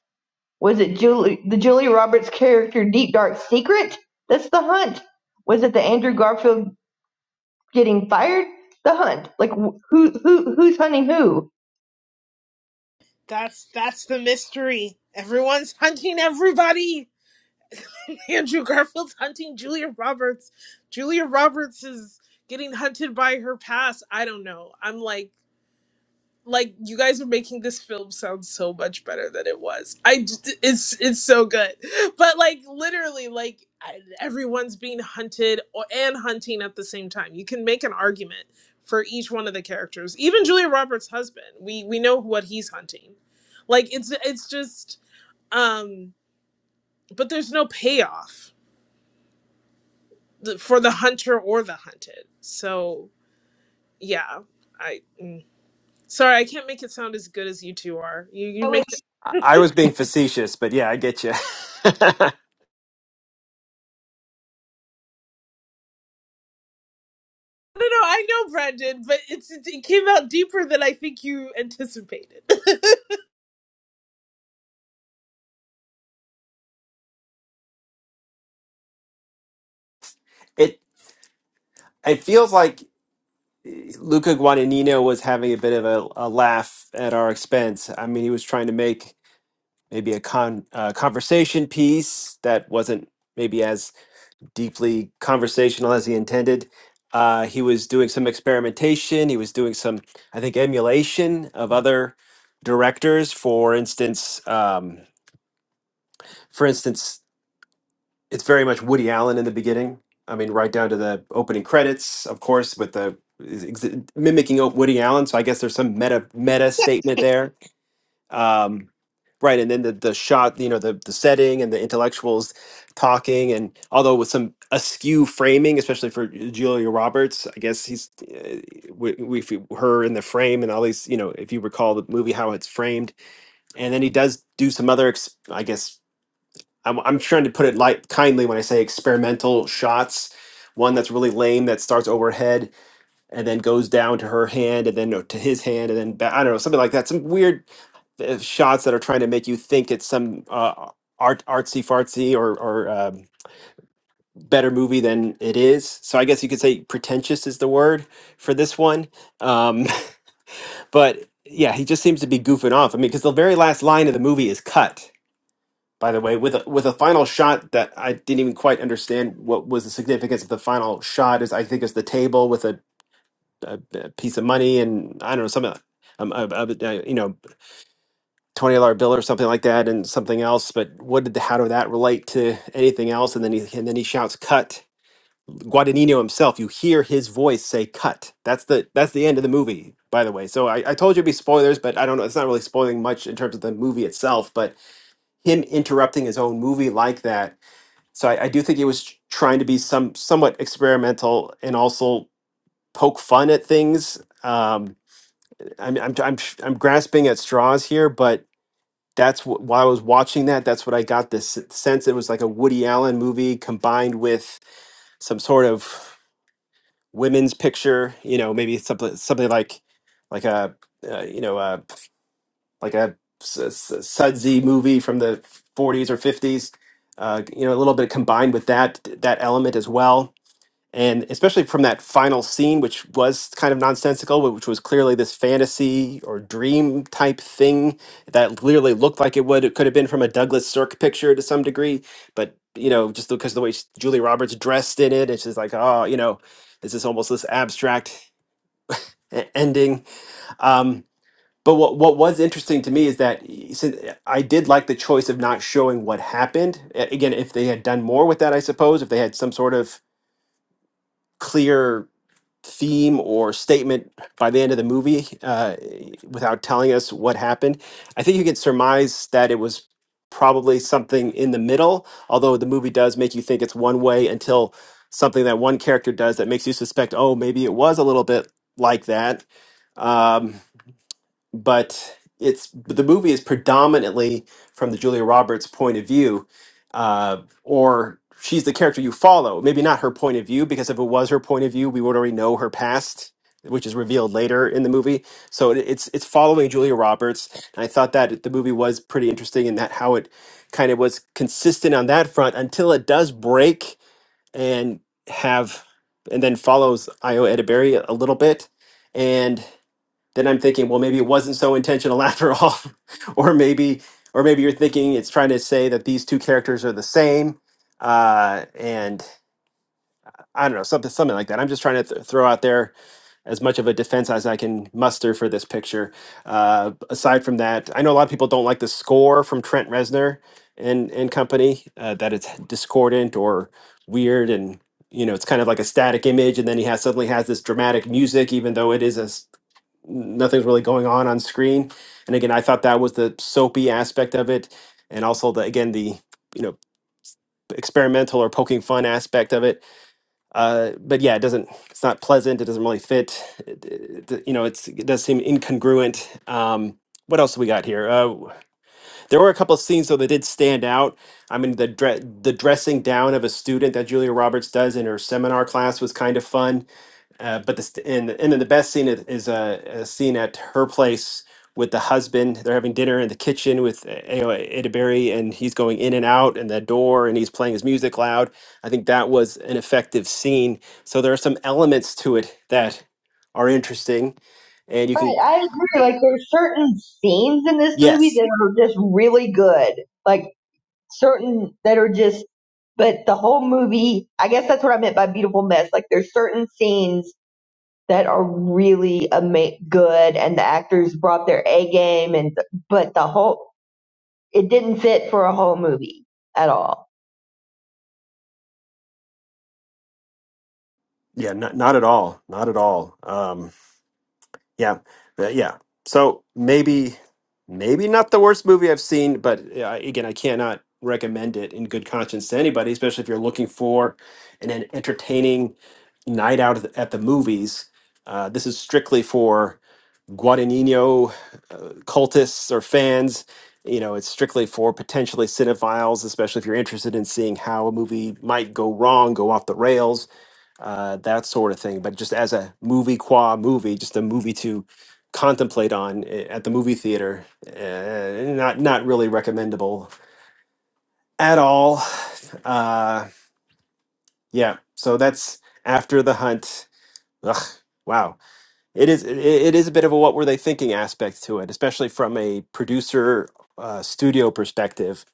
Speaker 5: Was it Julie the Julia Roberts character Deep Dark Secret? That's the hunt. Was it the Andrew Garfield getting fired, the hunt. Like who who who's hunting who?
Speaker 2: that's that's the mystery. Everyone's hunting everybody. Andrew Garfield's hunting Julia Roberts. Julia Roberts is getting hunted by her past. I don't know. I'm like like you guys are making this film sound so much better than it was. I d- it's it's so good, but like literally, like I- everyone's being hunted or, and hunting at the same time. You can make an argument for each one of the characters. Even Julia Roberts' husband, we we know what he's hunting. Like it's it's just, um, but there's no payoff th- for the hunter or the hunted. So yeah, I. Mm. Sorry, I can't make it sound as good as you two are. You you
Speaker 5: So
Speaker 2: make
Speaker 5: it's
Speaker 1: I,
Speaker 2: it.
Speaker 1: I was being facetious, but yeah, I get you.
Speaker 2: No, no, I know, Brandon, but it's it, came out deeper than I think you anticipated. so
Speaker 1: it it feels like Luca Guadagnino was having a bit of a, a laugh at our expense. I mean, he was trying to make maybe a con uh, conversation piece that wasn't maybe as deeply conversational as he intended. Uh, he was doing some experimentation. He was doing some, I think, emulation of other directors. For instance, um, for instance it's very much Woody Allen in the beginning. I mean, right down to the opening credits, of course, with the is ex- mimicking o- Woody Allen. So I guess there's some meta meta statement there, um, right? And then the the shot, you know, the the setting and the intellectuals talking, and although with some askew framing, especially for Julia Roberts, I guess he's uh, we, we her in the frame, and all these, you know, if you recall the movie how it's framed, and then he does do some other, ex- I guess I'm, I'm trying to put it light kindly when I say experimental shots. One that's really lame that starts overhead and then goes down to her hand and then no, to his hand and then back, I don't know something like that. Some weird uh, shots that are trying to make you think it's some uh, art artsy fartsy or or um, better movie than it is. So I guess you could say pretentious is the word for this one. Um, but yeah, he just seems to be goofing off. I mean, because the very last line of the movie is cut by the way, with a, with a final shot that I didn't even quite understand what was the significance of the final shot. Is I think it's the table with a, a, a piece of money and I don't know something, um, a, a, a, you know, twenty dollar bill or something like that, and something else. But what did how did that relate to anything else? And then he and then he shouts, "Cut!" Guadagnino himself. You hear his voice say, "Cut!" That's the that's the end of the movie. By the way, so I, I told you it'd be spoilers, but I don't know. It's not really spoiling much in terms of the movie itself, but him interrupting his own movie like that so I, I do think it was trying to be some somewhat experimental and also poke fun at things. Um, I'm, I'm I'm I'm grasping at straws here, but that's wh- while I was watching that, that's what I got this s- sense. It was like a Woody Allen movie combined with some sort of women's picture. You know, maybe something something like like a uh, you know uh, like a s- s- sudsy movie from the 40s or 50s. Uh, you know, a little bit combined with that that element as well and especially from that final scene which was kind of nonsensical which was clearly this fantasy or dream type thing that clearly looked like it would it could have been from a douglas sirk picture to some degree but you know just because of the way s- julie roberts dressed in it it's just like oh you know this is almost this abstract e- ending um but what, what was interesting to me is that y- since uh, I did like the choice of not showing what happened. A- Again, if they had done more with that, I suppose, if they had some sort of clear theme or statement by the end of the movie uh, without telling us what happened. I think you can surmise that it was probably something in the middle, although the movie does make you think it's one way until something that one character does that makes you suspect, oh, maybe it was a little bit like that. Um, but it's the movie is predominantly from the Julia Roberts point of view, uh, or she's the character you follow. Maybe not her point of view, because if it was her point of view, we would already know her past, which is revealed later in the movie. So it, it's it's following Julia Roberts, and I thought that the movie was pretty interesting in that how it kind of was consistent on that front until it does break and have and then follows Io Edeberry a little bit then I'm thinking, well, maybe it wasn't so intentional after all, or maybe, or maybe you're thinking it's trying to say that these two characters are the same, uh, and I don't know something something like that. I'm just trying to th- throw out there as much of a defense as I can muster for this picture. Uh, aside from that, I know a lot of people don't like the score from Trent Reznor and and company uh, that it's discordant or weird and you know it's kind of like a static image and then he has suddenly has this dramatic music even though it is a s- nothing's really going on on screen. And again, I thought that was the soapy aspect of it, and also the again the you know experimental or poking fun aspect of it. Uh, but yeah, it doesn't. It's not pleasant. It doesn't really fit. It, it- you know, it's it does seem incongruent. Um, what else we got here? Uh, there were a couple of scenes though that did stand out. I mean, the dre- the dressing down of a student that Julia Roberts does in her seminar class was kind of fun uh, but this and and then the best scene is, is a, a scene at her place with the husband. They're having dinner in the kitchen with uh, you know, and he's going in and out and that door, and he's playing his music loud. I think that was an effective scene. So there are some elements to it that are interesting, and you
Speaker 5: right.
Speaker 1: can
Speaker 5: I agree. Like there's certain scenes in this movie
Speaker 1: yes,
Speaker 5: that are just really good. Like certain that are just. But the whole movie, I guess that's what I meant by beautiful mess. Like there's certain scenes that are really ama- good, and the actors brought their A game, and but the whole it didn't fit for a whole movie at all.
Speaker 1: yeah, not not at all, not at all. Um, Yeah, Uh, yeah. So maybe, maybe not the worst movie I've seen, but uh, again, I cannot recommend it in good conscience to anybody, especially if you're looking for an, an entertaining night out at the, at the movies. Uh, this is strictly for Guadagnino uh, cultists or fans. You know, it's strictly for potentially cinephiles, especially if you're interested in seeing how a movie might go wrong, go off the rails uh, that sort of thing. But just as a movie qua movie, just a movie to contemplate on i- at the movie theater, uh, not not really recommendable at all. Uh, yeah, so that's after the hunt. Ugh, wow, it is it, it is a bit of a what were they thinking aspect to it, especially from a producer uh, studio perspective.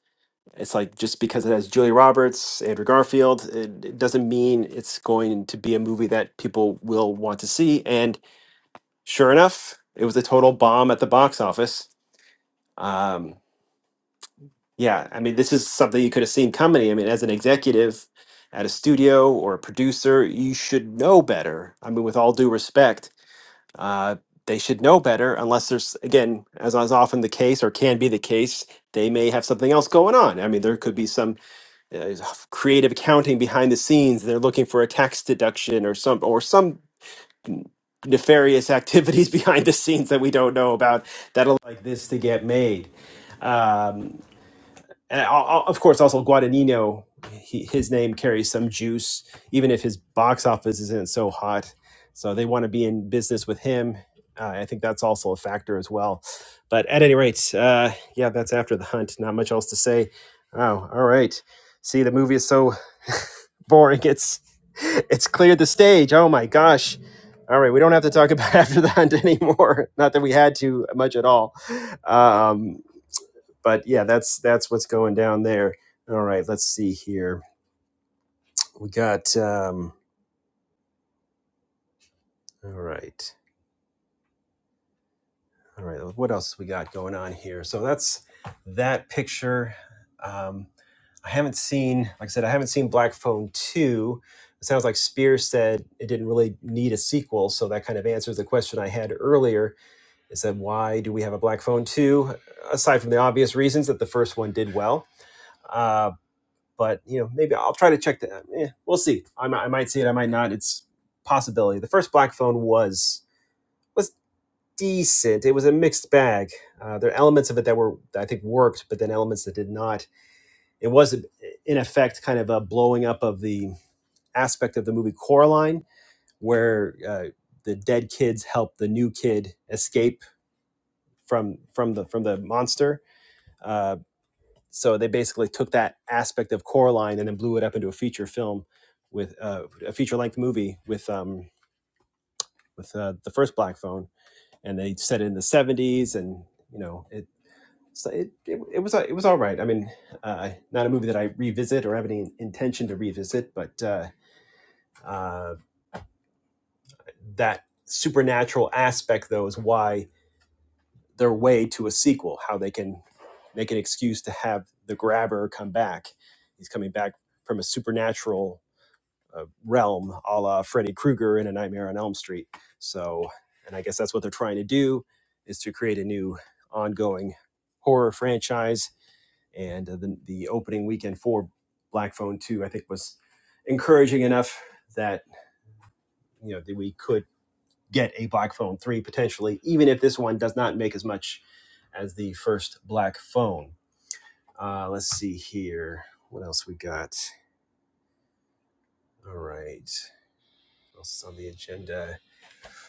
Speaker 1: It's like just because it has Julia Roberts, Andrew Garfield, it, it doesn't mean it's going to be a movie that people will want to see. And Sure enough, it was a total bomb at the box office. Um, yeah, I mean, this is something you could have seen coming. I mean, as an executive at a studio or a producer, you should know better. I mean, with all due respect, uh, they should know better, unless there's, again, as is often the case or can be the case, they may have something else going on. I mean, there could be some uh, creative accounting behind the scenes. They're looking for a tax deduction or some or some nefarious activities behind the scenes that we don't know about that'll like this to get made. Um, and of course, also Guadagnino, he, his name carries some juice, even if his box office isn't so hot. So they want to be in business with him. Uh, I think that's also a factor as well. But at any rate, uh, yeah, that's after the hunt. Not much else to say. Oh, all right. See, the movie is so boring. It's it's cleared the stage. Oh my gosh. All right, we don't have to talk about after the hunt anymore. Not that we had to much at all. Um, but yeah, that's that's what's going down there. All right, let's see here. We got um, all right, all right. What else we got going on here? So that's that picture. Um, I haven't seen, like I said, I haven't seen Black Phone two. It sounds like Spear said it didn't really need a sequel, so that kind of answers the question I had earlier. Is that why do we have a Black Phone two? Aside from the obvious reasons that the first one did well Uh, but you know maybe I'll try to check that. Eh, we'll see. I, I might see it. I might not. It's a possibility. The first Black Phone was was decent. It was a mixed bag. Uh, there are elements of it that were I think worked, but then elements that did not. It was in effect kind of a blowing up of the aspect of the movie Coraline, where uh, the dead kids help the new kid escape from from the from the monster Uh, so they basically took that aspect of Coraline and then blew it up into a feature film with uh, a feature length movie with um, with uh, the first Black Phone, and they set it in the seventies, and you know it. So it, it, it was a- it was all right. I mean, uh, not a movie that I revisit or have any intention to revisit, but uh, uh, that supernatural aspect though is why their way to a sequel, how they can make an excuse to have the grabber come back. He's coming back from a supernatural a realm, a la Freddy Krueger in A Nightmare on Elm Street. So, and I guess that's what they're trying to do is to create a new ongoing horror franchise. And uh, the, the opening weekend for Black Phone Two, I think, was encouraging enough that you know that we could get a Black Phone Three potentially, even if this one does not make as much as the first Black Phone. Uh, let's see here, what else we got? All right, what else is on the agenda?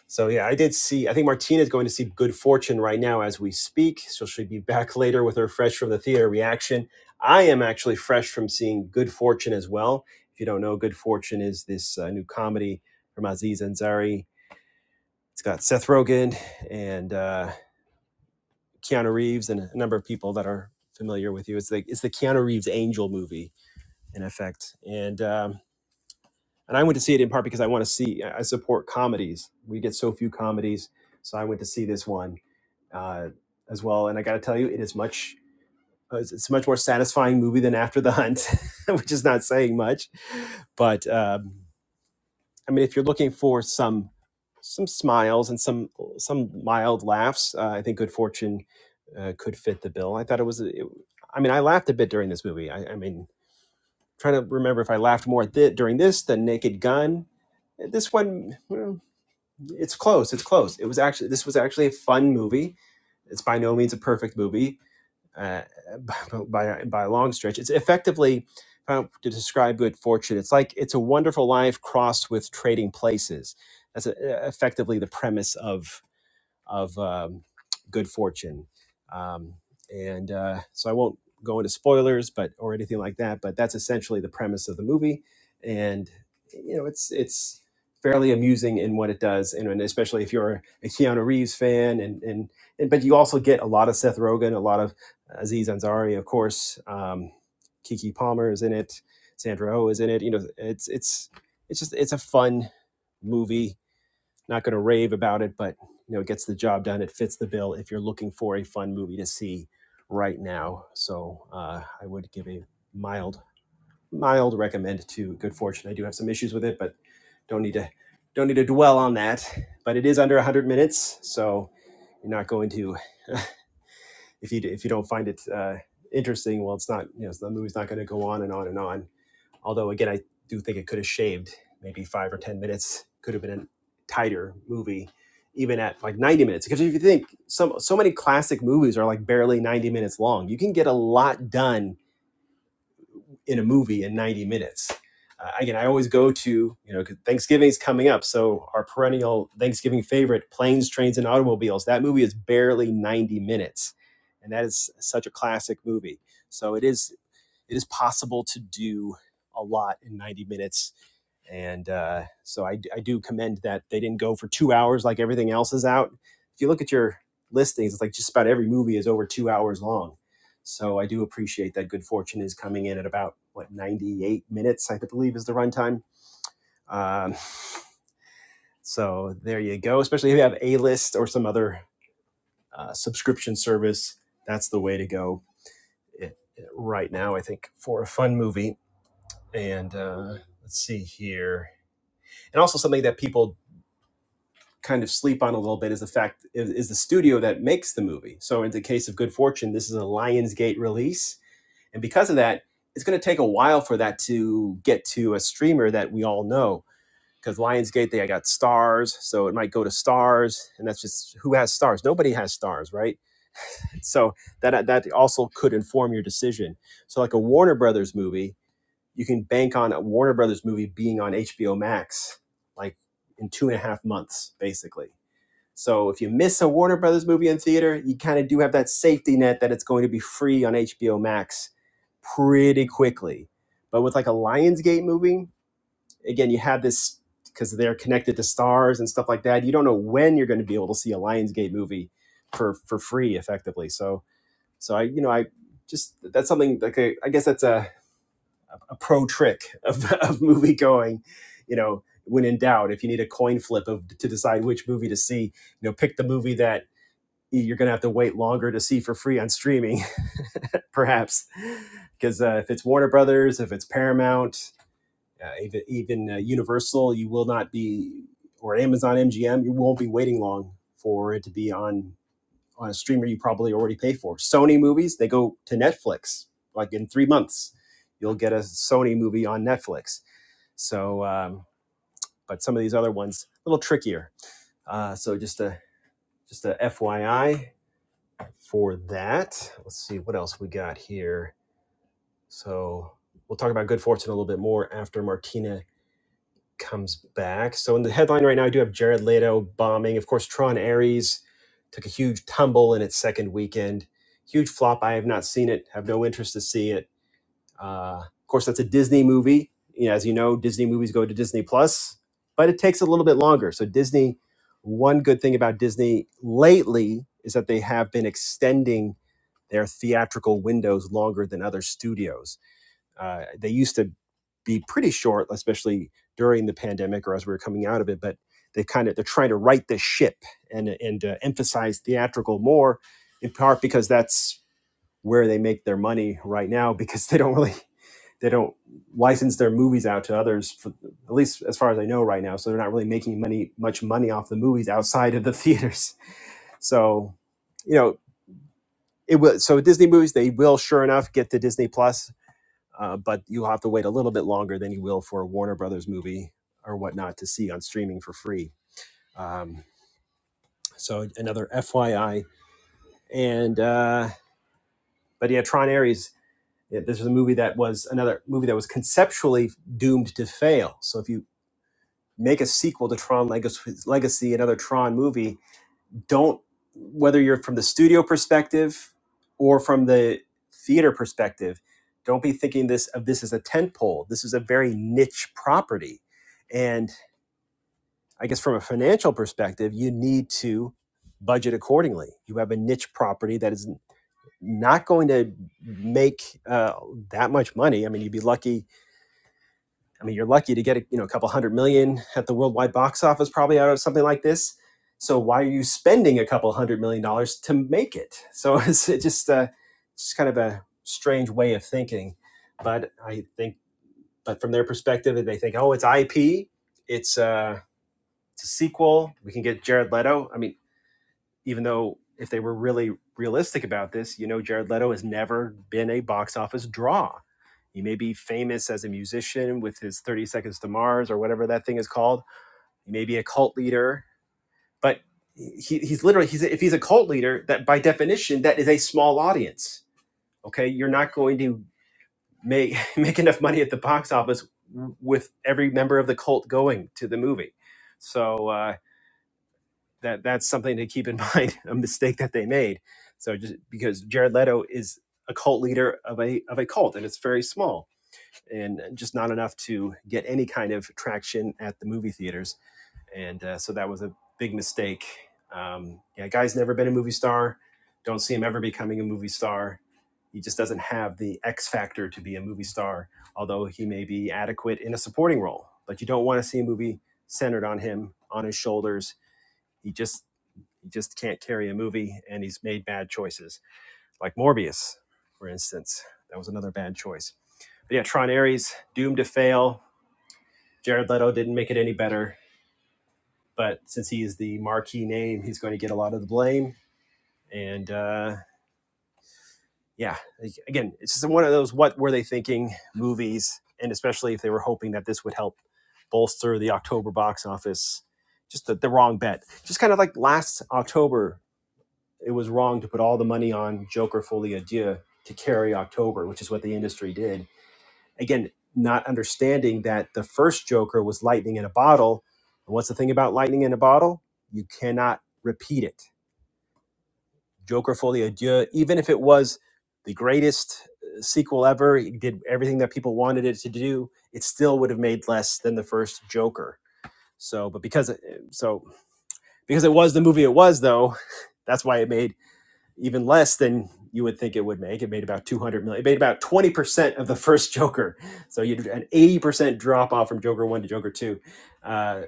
Speaker 1: So yeah, I did see. I think Martina is going to see Good Fortune right now as we speak. So she'll be back later with her fresh from the theater reaction. I am actually fresh from seeing Good Fortune as well. If you don't know, Good Fortune is this uh, new comedy from Aziz Ansari. It's got Seth Rogen and uh, Keanu Reeves and a number of people that are familiar with you. It's the it's the Keanu Reeves Angel movie in effect. And um, and I went to see it in part because I want to see. I support comedies. We get so few comedies, so I went to see this one uh, as well. And I got to tell you, it is much uh, it's a much more satisfying movie than After the Hunt, which is not saying much. But um, I mean, if you're looking for some some smiles and some some mild laughs, uh, I think Good Fortune uh, could fit the bill. I thought it was. A, it, I mean, I laughed a bit during this movie. I, I mean, trying to remember if I laughed more at during this than Naked Gun. This one, well, it's close. It's close. It was actually this was actually a fun movie it's by no means a perfect movie, uh, by, by by a long stretch. It's effectively if to describe good fortune. It's like it's a wonderful life crossed with trading places. That's uh effectively the premise of of um, good fortune. Um, and uh, so I won't go into spoilers, but or anything like that. But that's essentially the premise of the movie, and you know it's it's fairly amusing in what it does, and, and especially if you're a Keanu Reeves fan, and, and and but you also get a lot of Seth Rogen, a lot of Aziz Ansari, of course. Um, Kiki Palmer is in it. Sandra Oh is in it. You know, it's it's it's just it's a fun movie not going to rave about it, but you know, it gets the job done. It fits the bill if you're looking for a fun movie to see right now. So uh, I would give a mild, mild recommend to Good Fortune. I do have some issues with it, but don't need to don't need to dwell on that. But it is under 100 minutes, so you're not going to if you if you don't find it uh, interesting. Well, it's not you know the movie's not going to go on and on and on Although again, I do think it could have shaved maybe five or ten minutes. Could have been a tighter movie, even at like ninety minutes. Because if you think some so many classic movies are like barely ninety minutes long, you can get a lot done in a movie in ninety minutes. Uh, again, I always go to you know 'cause Thanksgiving is coming up, so our perennial Thanksgiving favorite, Planes, Trains, and Automobiles. That movie is barely ninety minutes, and that is such a classic movie. So it is it is possible to do a lot in 90 minutes and uh, so I, I do commend that they didn't go for two hours like everything else is out. If you look at your listings, it's like just about every movie is over two hours long. So I do appreciate that. Good Fortune is coming in at about what 98 minutes, I believe, is the runtime. Um, so there you go. Especially if you have a list or some other uh, subscription service, that's the way to go it, it, right now. I think for a fun movie. And uh, let's see here and also something that people kind of sleep on a little bit is the fact is, is the studio that makes the movie. So in the case of Good Fortune, this is a Lionsgate release, and because of that, it's going to take a while for that to get to a streamer that we all know. Because Lionsgate, they got stars, so it might go to stars, and that's just who has stars. Nobody has stars, right? So that that also could inform your decision. So like a Warner Brothers movie, you can bank on a Warner Brothers movie being on HBO Max like in two and a half months, basically so if you miss a Warner Brothers movie in theater, you kind of do have that safety net that it's going to be free on HBO Max pretty quickly. But with like a Lionsgate movie, again, you have this because they're connected to stars and stuff like that. You don't know when you're going to be able to see a Lionsgate movie for for free, effectively. So so I you know I just that's something like a, I guess that's a, a pro trick of, of movie going. You know, when in doubt, if you need a coin flip of to decide which movie to see, you know, pick the movie that you're going to have to wait longer to see for free on streaming, perhaps, because uh, if it's Warner Brothers, if it's Paramount, uh, even even uh, Universal, you will not be or Amazon MGM, you won't be waiting long for it to be on on a streamer you probably already pay for. Sony movies, they go to Netflix like in three months. You'll get a Sony movie on Netflix. So, um, but some of these other ones a little trickier. Uh, so just a just a FYI, for that. Let's see what else we got here. So we'll talk about good fortune a little bit more after Martina comes back. So in the headline right now, I do have Jared Leto bombing. Of course, Tron Ares took a huge tumble in its second weekend. Huge flop. I have not seen it. Have no interest to see it. Uh, of course, that's a Disney movie. You know, as you know, Disney movies go to Disney Plus, but it takes a little bit longer. So Disney. One good thing about Disney lately is that they have been extending their theatrical windows longer than other studios. Uh, they used to be pretty short, especially during the pandemic or as we were coming out of it. But they kind of they're trying to right the ship and and uh, emphasize theatrical more, in part because that's where they make their money right now because they don't really they don't license their movies out to others for, at least as far as I know right now. So they're not really making money much money off the movies outside of the theaters. So. you know it will so disney movies they will sure enough get to disney plus uh, but you'll have to wait a little bit longer than you will for a warner brothers movie or whatnot to see on streaming for free um, so another fyi and uh, but yeah tron ares yeah, this was a movie that was another movie that was conceptually doomed to fail so if you make a sequel to tron legacy, legacy another tron movie don't whether you're from the studio perspective or from the theater perspective don't be thinking this of this as a tentpole. this is a very niche property and i guess from a financial perspective you need to budget accordingly you have a niche property that is not going to make uh, that much money i mean you'd be lucky I mean, you're lucky to get a, you know a couple hundred million at the worldwide box office probably out of something like this. So why are you spending a couple hundred million dollars to make it? So it's it just uh, just kind of a strange way of thinking. But I think, but from their perspective, they think, oh, it's IP, it's uh, it's a sequel. We can get Jared Leto. I mean, even though if they were really realistic about this, you know, Jared Leto has never been a box office draw he may be famous as a musician with his 30 Seconds to Mars or whatever that thing is called. He may be a cult leader, but he, he's literally, he's, if he's a cult leader, that by definition, that is a small audience. Okay. You're not going to make, make enough money at the box office with every member of the cult going to the movie. So uh, that, that's something to keep in mind, a mistake that they made. So just because Jared Leto is a cult leader of a, of a cult and it's very small and uh, just not enough to get any kind of traction at the movie theaters. And uh, so that was a big mistake. Um, yeah, guy's never been a movie star. Don't see him ever becoming a movie star. He just doesn't have the X factor to be a movie star, although he may be adequate in a supporting role. But you don't want to see a movie centered on him, on his shoulders. He just he just can't carry a movie, and he's made bad choices like Morbius, for instance. That was another bad choice. But yeah, Tron Ares, doomed to fail. Jared Leto didn't make it any better. But since he is the marquee name, he's going to get a lot of the blame. And uh, yeah, like, again, it's just one of those what were they thinking movies. And especially if they were hoping that this would help bolster the October box office, just the, the wrong bet. Just kind of like last October, it was wrong to put all the money on Joker Folie Adieu to carry October, which is what the industry did again, not understanding that the first Joker was lightning in a bottle. And what's the thing about lightning in a bottle? You cannot repeat it. Joker Folie à Dieu, even if it was the greatest uh, sequel ever, it did everything that people wanted it to do, it still would have made less than the first Joker. So, but because it, so because it was the movie it was though, that's why it made even less than you would think it would make. It made about 200 million. It made about 20% of the first Joker. So you had an 80% drop off from Joker 1 to Joker 2. Uh,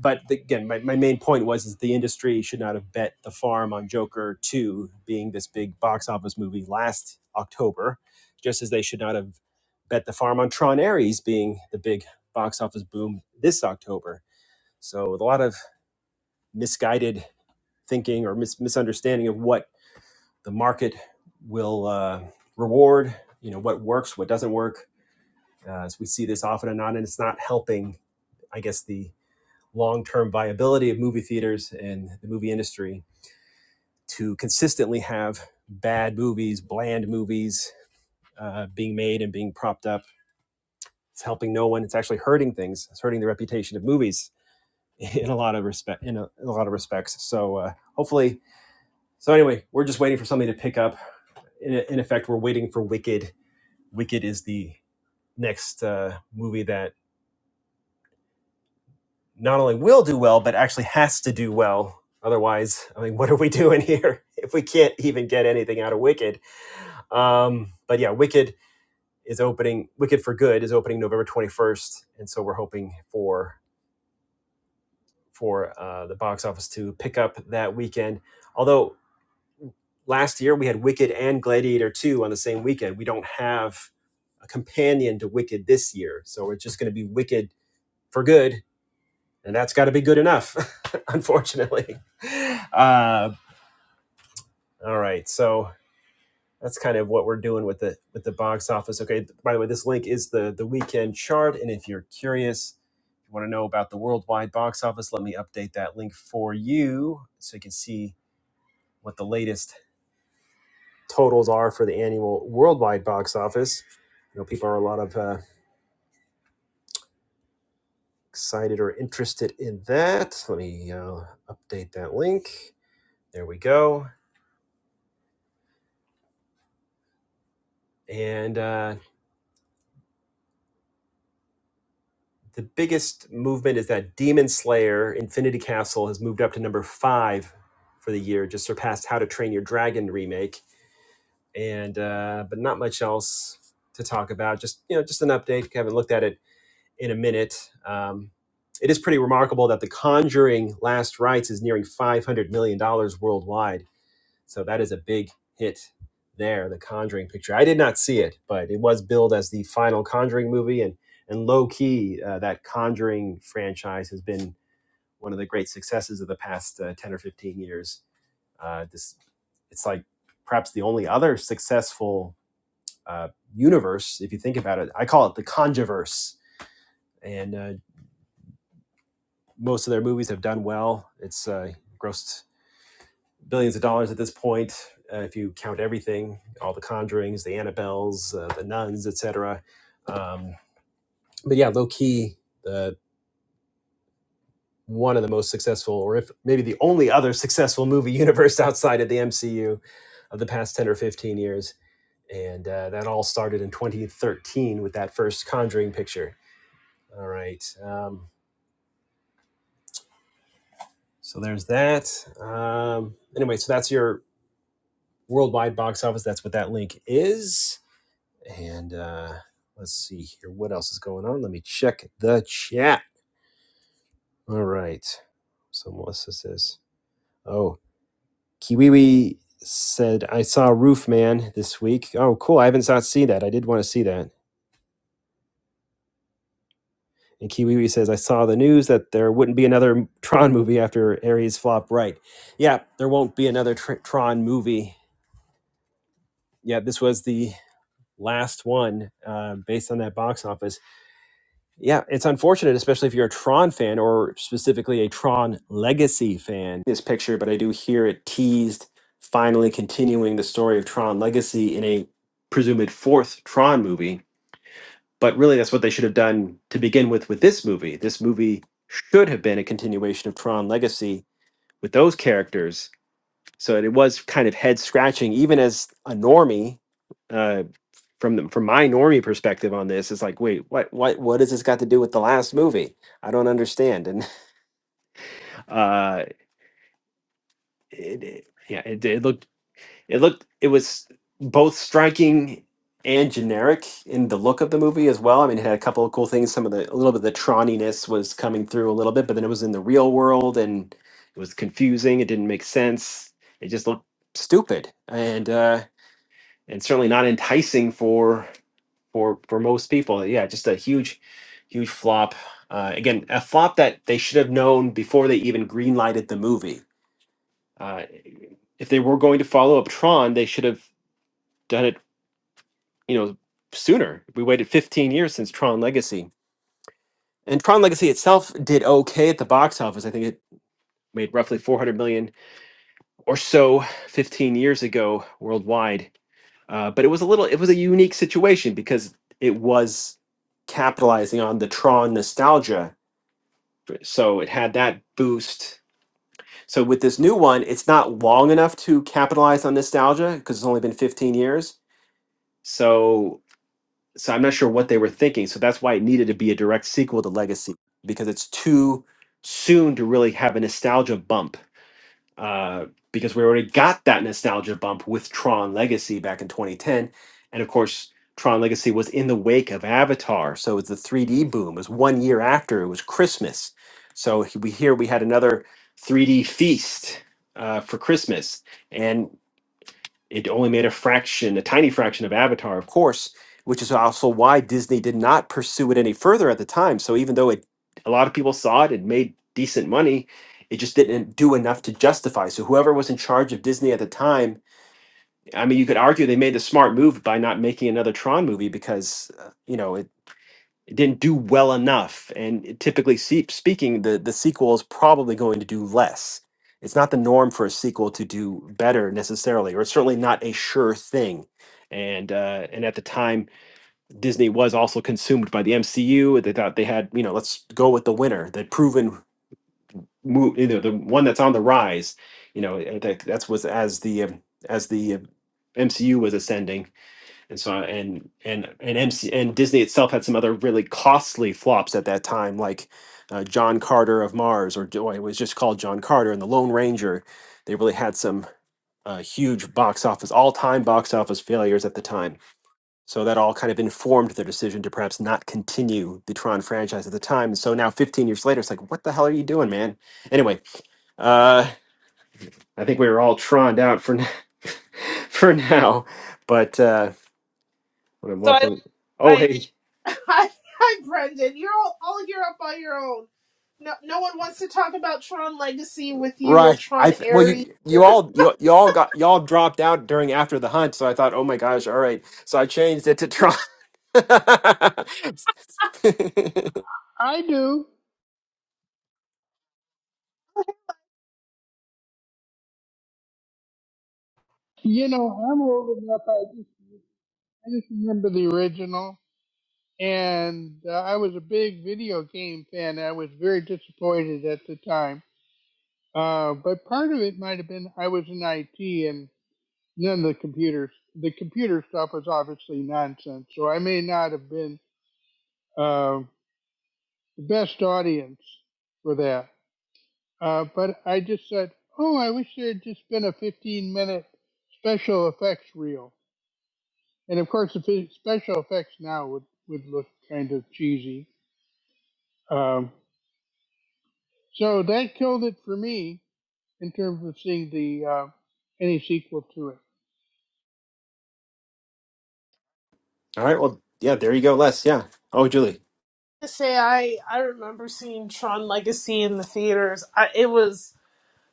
Speaker 1: but the- again, my, my main point was is the industry should not have bet the farm on Joker 2 being this big box office movie last October, just as they should not have bet the farm on Tron Ares being the big box office boom this October. So with a lot of misguided thinking or mis- misunderstanding of what the market will uh, reward you know what works what doesn't work uh, as we see this often and not and it's not helping i guess the long-term viability of movie theaters and the movie industry to consistently have bad movies bland movies uh, being made and being propped up it's helping no one it's actually hurting things it's hurting the reputation of movies in a lot of respect in a, in a lot of respects so uh, hopefully so anyway we're just waiting for something to pick up in, in effect we're waiting for wicked Wicked is the next uh, movie that not only will do well, but actually has to do well. Otherwise, I mean, what are we doing here if we can't even get anything out of Wicked? Um, but yeah, Wicked is opening. Wicked for Good is opening November twenty first, and so we're hoping for for uh, the box office to pick up that weekend. Although last year we had Wicked and Gladiator two on the same weekend, we don't have a companion to Wicked this year, so it's just going to be Wicked for Good and that's got to be good enough, unfortunately. Uh, all right, so that's kind of what we're doing with the with the box office. Okay, by the way, this link is the the weekend chart, and if you're curious, if you want to know about the worldwide box office, let me update that link for you so you can see what the latest totals are for the annual worldwide box office. You know, people are a lot of uh, excited or interested in that. Let me uh, update that link. There we go. And uh, the biggest movement is that Demon Slayer Infinity Castle has moved up to number five for the year, just surpassed How to Train Your Dragon remake, and uh, but not much else to talk about. Just you know, just an update. Haven't looked at it in a minute. Um, it is pretty remarkable that The Conjuring Last Rites is nearing five hundred million dollars worldwide so that is a big hit there, the Conjuring picture. I did not see it, but it was billed as the final Conjuring movie. And, and low key, uh, that Conjuring franchise has been one of the great successes of the past uh, 10 or 15 years. Uh, this, it's like perhaps the only other successful uh, universe, if you think about it. I call it the Conjuverse. And uh, most of their movies have done well. It's uh, grossed billions of dollars at this point, uh, if you count everything, all the Conjurings, the Annabelles, uh, the Nuns, etc. Um, but yeah, low key, the one of the most successful, or if maybe the only other successful movie universe outside of the MCU of the past ten or fifteen years, and uh, that all started in 2013 with that first Conjuring picture. All right, um, so there's that. Um, anyway, so that's your worldwide box office. That's what that link is And uh, let's see here. What else is going on? Let me check the chat. All right. So Melissa says, oh, Kiwiwi said, I saw Roof Man this week. Oh, cool. I haven't not seen that. I did want to see that. And Kiwiwi says, I saw the news that there wouldn't be another Tron movie after Ares flop right. Yeah, there won't be another tr- Tron movie. Yeah, this was the last one uh, based on that box office Yeah, it's unfortunate, especially if you're a Tron fan or specifically a Tron Legacy fan. This picture, but I do hear it teased, finally continuing the story of Tron Legacy in a presumed fourth Tron movie. But really, that's what they should have done to begin with with this movie. This movie should have been a continuation of Tron Legacy with those characters. So it was kind of head scratching, even as a normie, uh, from the, from my normie perspective on this it's like, wait, what what what does this got to do with the last movie? I don't understand. And uh, it, it- yeah, it, it looked it looked it was both striking and generic in the look of the movie as well. I mean, it had a couple of cool things. Some of the a little bit of the Tronniness was coming through a little bit, but then it was in the real world and it was confusing. It didn't make sense. It just looked stupid and uh, and certainly not enticing for. for for most people. Yeah, just a huge, huge flop. Uh, again, a flop that they should have known before they even greenlighted the movie. Uh, if they were going to follow up Tron, they should have done it. You know, sooner. We waited 15 years since Tron Legacy, and Tron Legacy itself did okay at the box office. I think it made roughly 400 million or so 15 years ago worldwide. Uh, but it was a little, it was a unique situation because it was capitalizing on the Tron nostalgia So it had that boost. So with this new one, it's not long enough to capitalize on nostalgia because it's only been 15 years. So so I'm not sure what they were thinking. So that's why it needed to be a direct sequel to Legacy because it's too soon to really have a nostalgia bump uh, because we already got that nostalgia bump with Tron Legacy back in 2010. And of course, Tron Legacy was in the wake of Avatar. So it was the 3D boom. It was one year after, it was Christmas. So he- we here we had another 3D feast uh, for Christmas. And it only made a fraction, a tiny fraction of Avatar, of course, which is also why Disney did not pursue it any further at the time. So even though it, a lot of people saw it, it made decent money. It just didn't do enough to justify. So whoever was in charge of Disney at the time, I mean, you could argue they made the smart move by not making another Tron movie because, uh, you know, it it didn't do well enough. And typically se- speaking, the, the sequel is probably going to do less. It's not the norm for a sequel to do better necessarily, or it's certainly not a sure thing. And uh, and at the time, Disney was also consumed by the MCU. They thought they had, you know, let's go with the winner, the proven, mo- you know, the one that's on the rise. You know, that that's was as the um, as the uh, MCU was ascending and so and and and MC and Disney itself had some other really costly flops at that time, like uh, John Carter of Mars, or well, it was just called John Carter, and The Lone Ranger. They really had some uh, huge box office, all-time box office failures at the time. So that all kind of informed their decision to perhaps not continue the Tron franchise at the time. And so now, 15 years later, it's like, what the hell are you doing, man? Anyway, uh, I think we were all troned out for n- for now, but uh, want to
Speaker 2: I,
Speaker 1: welcome. Oh,
Speaker 2: I,
Speaker 1: hey.
Speaker 2: hi, hi, Brendan. You're all, all you're up on your own. No, no one wants to talk about Tron Legacy with you or
Speaker 1: Right. I
Speaker 2: Tron
Speaker 1: th- well,
Speaker 2: Ares.
Speaker 1: you you all you, you all got y'all dropped out during after the hunt, so I thought, oh my gosh, all right. So I changed it to try. all
Speaker 6: I do. You know, I'm old enough. I just, I just remember the original, and uh, I was a big video game fan. I was very disappointed at the time, uh, but part of it might have been I was in IT, and none of the computers, the computer stuff was obviously nonsense. So I may not have been uh, the best audience for that. Uh, but I just said, oh, I wish there had just been a 15 minute special effects reel And of course, the fe- special effects now would, would look kind of cheesy. Um, so that killed it for me in terms of seeing the uh, any sequel to it.
Speaker 1: right. Well, yeah. There you go, Les. Yeah. Oh, Julie.
Speaker 2: To say I, I remember seeing Tron Legacy in the theaters. I, it was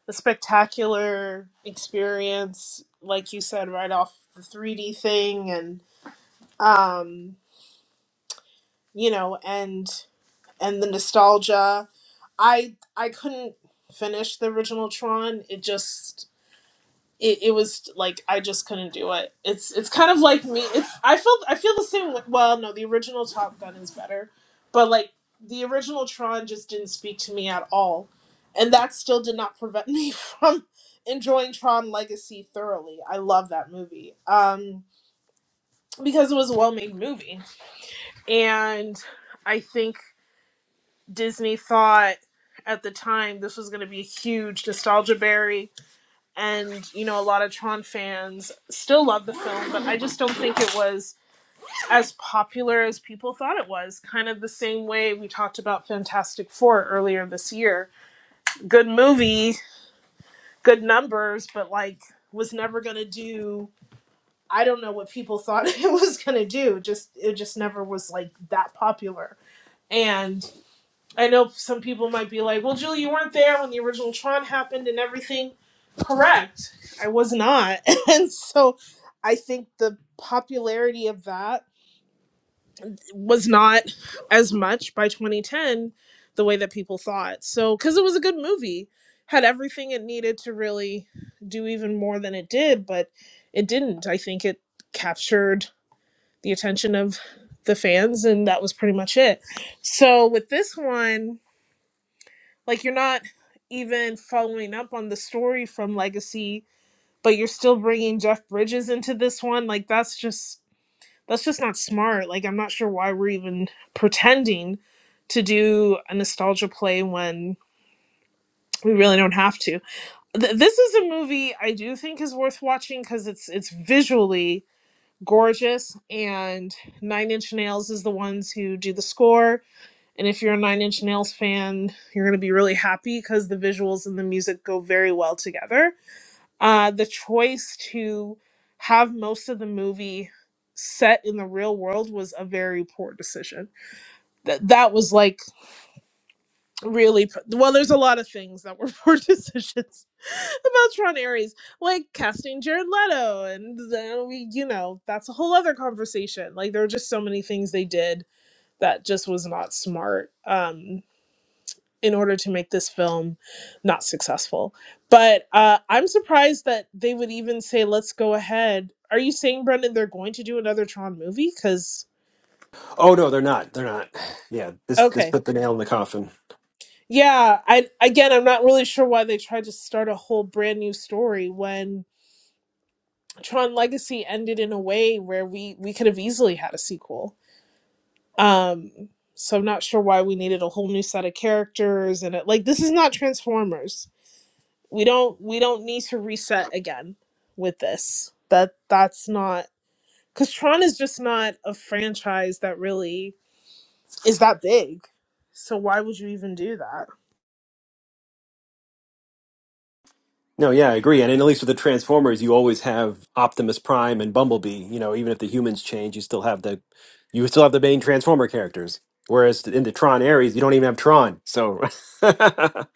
Speaker 2: a spectacular experience, like you said, right off the 3D thing, and um, you know, and and the nostalgia. I I couldn't finish the original Tron. It just it, it was like I just couldn't do it. It's it's kind of like me. It's I feel I feel the same. Like Well, no, the original Top Gun is better, but like the original Tron just didn't speak to me at all, and that still did not prevent me from enjoying Tron Legacy thoroughly. I love that movie um, because it was a well made movie, and I think. Disney thought at the time this was going to be a huge nostalgia berry, and you know a lot of Tron fans still love the film, but I just don't think it was as popular as people thought it was. Kind of the same way we talked about Fantastic Four earlier this year. Good movie, good numbers, but like was never going to do. I don't know what people thought it was going to do. Just it just never was like that popular. and. I know some people might be like, well, Julie, you weren't there when the original Tron happened and everything. Correct. I was not. And so I think the popularity of that was not as much by 2010 the way that people thought. So, because it was a good movie, had everything it needed to really do even more than it did, but it didn't. I think it captured the attention of the fans, and that was pretty much it. So, with this one, like you're not even following up on the story from Legacy, but you're still bringing Jeff Bridges into this one. Like that's just that's just not smart. Like I'm not sure why we're even pretending to do a nostalgia play when we really don't have to. Th- this is a movie I do think is worth watching because it's it's visually gorgeous and Nine Inch Nails is the ones who do the score and if you're a Nine Inch Nails fan, you're going to be really happy because the visuals and the music go very well together. Uh, the choice to have most of the movie set in the real world was a very poor decision. That that was like really p- well. There's a lot of things that were poor decisions about Tron Ares, like casting Jared Leto, and then we, you know, that's a whole other conversation. Like there were just so many things they did that just was not smart. Um, in order to make this film not successful. But uh, I'm surprised that they would even say, let's go ahead. Are you saying, Brendan, they're going to do another Tron movie? Because,
Speaker 1: Oh no, they're not. They're not. Yeah. This this
Speaker 2: okay.
Speaker 1: put the nail in the coffin.
Speaker 2: Yeah, I again, I'm not really sure why they tried to start a whole brand new story when Tron Legacy ended in a way where we, we could have easily had a sequel. Um, so I'm not sure why we needed a whole new set of characters and it like this is not Transformers we don't we don't need to reset again with this that that's not because tron is just not a franchise that really is that big so why would you even do that
Speaker 1: No, yeah, I agree. And at least with the Transformers, you always have Optimus Prime and Bumblebee. You know, even if the humans change, you still have the you still have the main Transformer characters. Whereas in the Tron Ares, you don't even have Tron. So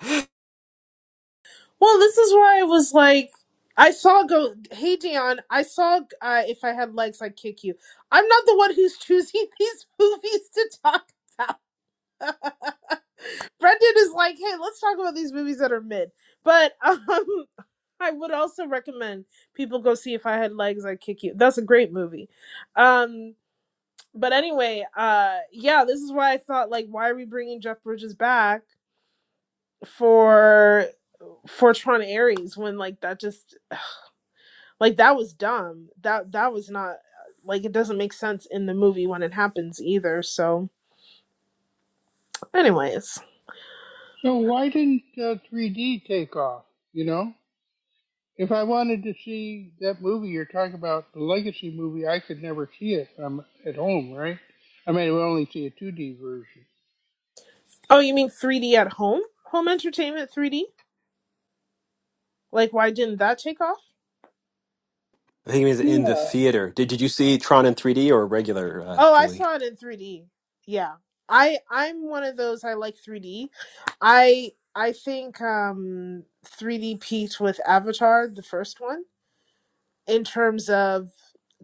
Speaker 2: well this is why i was like i saw go hey dion i saw uh, if i had legs i'd kick you i'm not the one who's choosing these movies to talk Brendan is like, hey, let's talk about these movies that are mid. But um, I would also recommend people go see If I Had Legs, I'd Kick You. That's a great movie. Um, but anyway, uh, yeah, this is why I thought, like, why are we bringing Jeff Bridges back for for Tron Ares when like that just like that was dumb. That that was not like it doesn't make sense in the movie when it happens either. So, anyways,
Speaker 6: So why didn't uh, 3D take off? You know, if I wanted to see that movie you're talking about, the Legacy movie, I could never see it. I'm at home, right? I mean, we only see a 2D version.
Speaker 2: oh, you mean 3D at home? Home entertainment 3D? Like, why didn't that take off?
Speaker 1: I think it means in the
Speaker 6: Yeah,
Speaker 1: theater. Did did you see Tron in 3D or regular, uh,
Speaker 2: Oh, I
Speaker 1: Julie?
Speaker 2: saw it in 3D. Yeah. I I'm one of those I like 3D. I I think um 3D peaked with Avatar, the first one, in terms of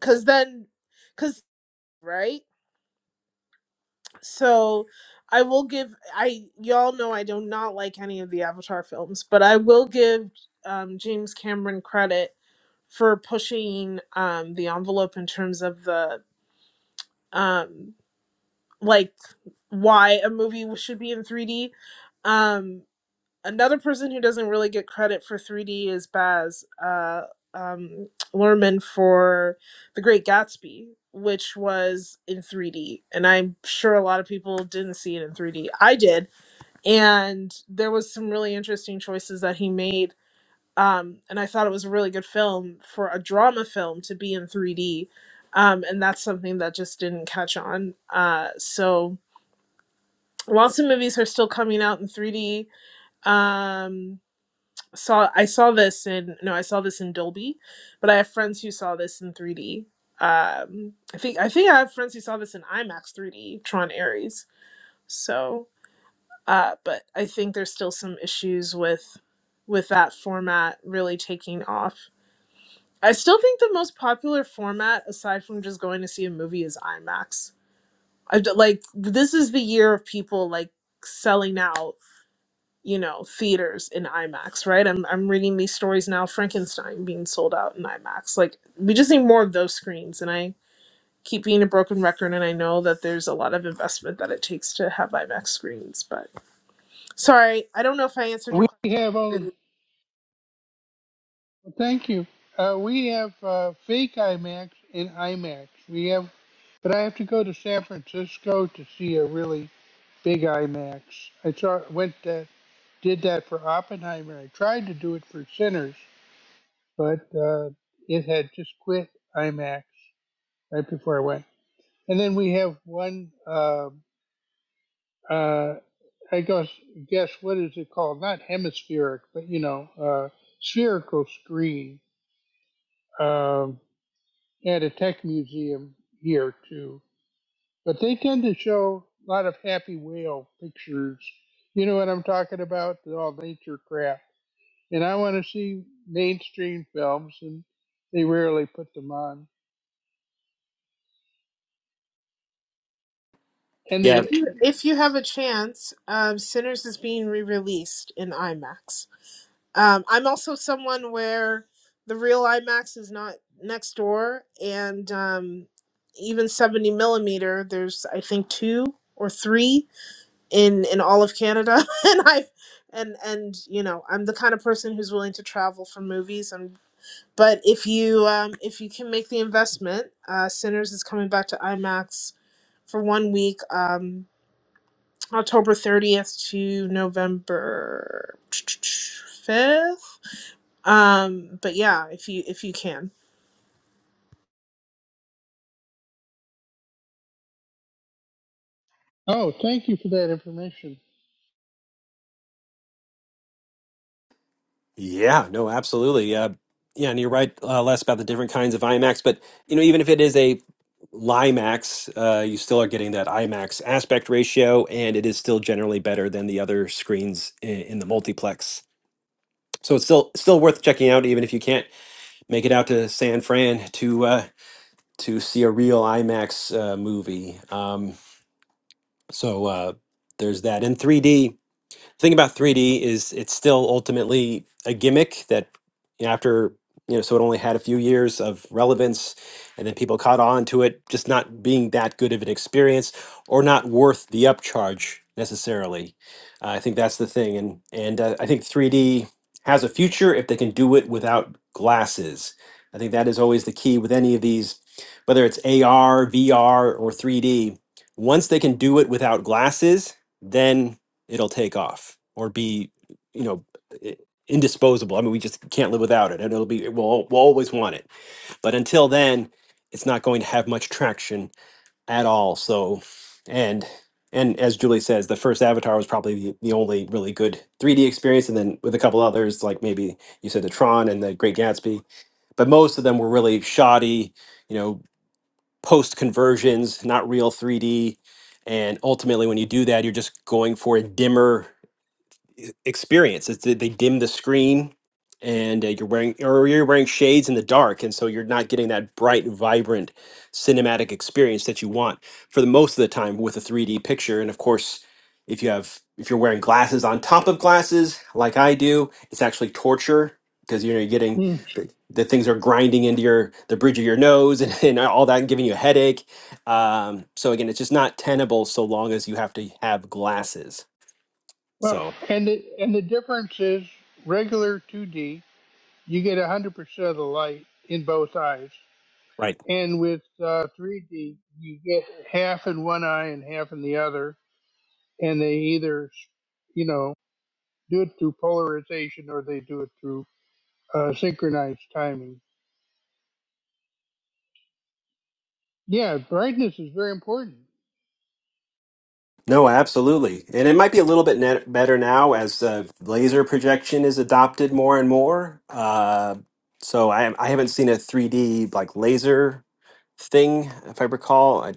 Speaker 2: cuz then cuz right? So I will give I y'all know I do not like any of the Avatar films, but I will give um James Cameron credit for pushing um the envelope in terms of the um like why a movie should be in 3D. Um, another person who doesn't really get credit for 3D is Baz uh, um, Luhrmann for The Great Gatsby, which was in 3D, and I'm sure a lot of people didn't see it in 3D. I did, and there was some really interesting choices that he made. Um, and I thought it was a really good film for a drama film to be in 3D. Um, and that's something that just didn't catch on. Uh, so lots of movies are still coming out in 3D. Um, saw I saw this in no, I saw this in Dolby, but I have friends who saw this in 3D. Um, I think I think I have friends who saw this in IMAX 3D, Tron Ares. So, uh, but I think there's still some issues with with that format really taking off. I still think the most popular format, aside from just going to see a movie, is IMAX. I d- like this is the year of people like selling out you know, theaters in IMAX, right? I'm I'm reading these stories now, Frankenstein being sold out in IMAX. Like we just need more of those screens and I keep being a broken record and I know that there's a lot of investment that it takes to have IMAX screens, but sorry, I don't know if I answered your
Speaker 6: we have only. Well, thank you. Uh, we have uh, fake IMAX and IMAX. We have But I have to go to San Francisco to see a really big IMAX. I saw went that did that for Oppenheimer. I tried to do it for Sinners, but uh, it had just quit IMAX right before I went. And then we have one. Uh, uh, I guess guess what is it called? Not hemispheric, but you know, uh, spherical screen um, at a tech museum here too but they tend to show a lot of happy whale pictures. You know what I'm talking about? The All nature crap. And I want to see mainstream films, and they rarely put them on. And
Speaker 1: Yeah.
Speaker 2: question.
Speaker 6: they,
Speaker 2: If you have a chance, um, Sinners is being re-released in IMAX. Um, I'm also someone where the real IMAX is not next door, and um, even 70 millimeter. There's I think two or three in in all of Canada, and I and and you know I'm the kind of person who's willing to travel for movies. And but if you um, if you can make the investment, uh, Sinners is coming back to IMAX for one week. Um, October 30th to November 5th um, but yeah, if you if you can.
Speaker 6: oh, thank you for that information.
Speaker 1: Yeah, no, absolutely. Uh, yeah, and you're right, uh, Les, about the different kinds of IMAX. But you know, even if it is a LIMAX, uh, you still are getting that IMAX aspect ratio, and it is still generally better than the other screens in, in the multiplex. So it's still still worth checking out, even if you can't make it out to San Fran to uh, to see a real IMAX uh, movie. Um, so uh, there's that in 3D. thing about 3D is it's still ultimately a gimmick that you know, after you know, so it only had a few years of relevance, and then people caught on to it, just not being that good of an experience or not worth the upcharge necessarily. Uh, I think that's the thing, and and uh, I think 3D has a future if they can do it without glasses. I think that is always the key with any of these, whether it's AR, VR, or 3D. Once they can do it without glasses, then it'll take off or be you know i- indisposable i mean we just can't live without it and it'll be we'll, al- we'll always want it but until then it's not going to have much traction at all so and and as julie says the first avatar was probably the, the only really good 3d experience and then with a couple others like maybe you said the tron and the great gatsby but most of them were really shoddy you know post conversions not real 3d and ultimately when you do that you're just going for a dimmer e- experience. It's, that they dim the screen, and uh, you're wearing or you're wearing shades in the dark, and so you're not getting that bright, vibrant cinematic experience that you want for the most of the time with a 3D picture. And of course, if you have if you're wearing glasses on top of glasses, like I do, it's actually torture because you know you're getting
Speaker 6: Mm.
Speaker 1: the things are grinding into your the bridge of your nose and, and all that and giving you a headache um, so again it's just not tenable so long as you have to have glasses
Speaker 6: Well,
Speaker 1: so
Speaker 6: and the, and the difference is regular 2D, you get 100% of the light in both eyes.
Speaker 1: right.
Speaker 6: And with uh, 3D, you get half in one eye and half in the other. And they either, you know, do it through polarization or they do it through uh, synchronized timing. Yeah, brightness is very important.
Speaker 1: No, absolutely. And it might be a little bit net better now as uh, laser projection is adopted more and more. Uh, so I, I haven't seen a 3D like laser thing, if I recall. I,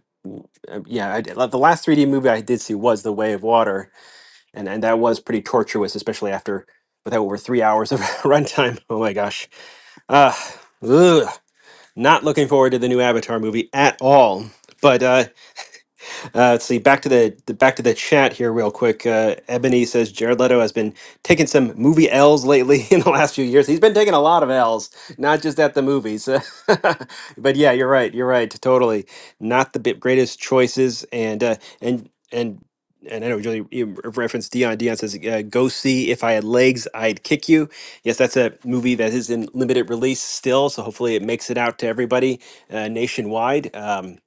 Speaker 1: uh, yeah, I, did- the last 3D movie I did see was The Way of Water, and, and that was pretty tortuous, especially after with that over three hours of runtime. Oh my gosh. Uh, ugh. Not looking forward to the new Avatar movie at all. But uh, uh, let's see. Back to the, the back to the chat here, real quick. Uh, Ebony says Jared Leto has been taking some movie L's lately in the last few years. He's been taking a lot of L's, not just at the movies. but yeah, you're right. You're right. Totally. Not the bi- greatest choices, and uh, and and and I know Julie you referenced Dion. Dion says, uh, "Go see if I had legs, I'd kick you." Yes, that's a movie that is in limited release still, so hopefully it makes it out to everybody uh, nationwide. Um,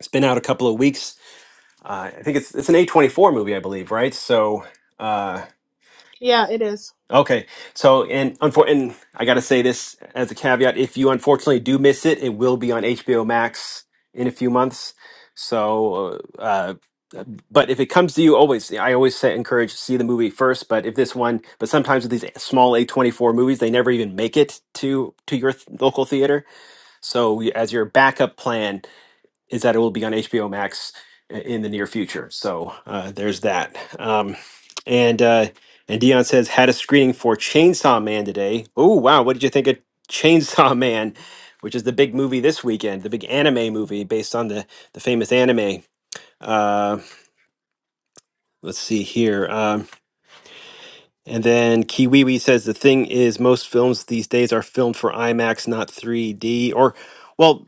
Speaker 1: it's been out a couple of weeks uh, I think it's it's an A24 movie, I believe, right? So, uh,
Speaker 2: Yeah, it is.
Speaker 1: okay. So, and unfor- and I got to say this as a caveat: if you unfortunately do miss it, it will be on HBO Max in a few months. So, uh, uh, but if it comes to you, always I always say encourage see the movie first. But if this one, but sometimes with these small A24 movies, they never even make it to to your th- local theater. So, you- as your backup plan is that it will be on HBO Max i- in the near future. So uh, there's that. Um, and uh, and Dion says had a screening for Chainsaw Man today. Oh wow, what did you think of Chainsaw Man, which is the big movie this weekend, the big anime movie based on the the famous anime. Uh, let's see here. Um, and then Kiwiwi says the thing is most films these days are filmed for IMAX, not 3D or well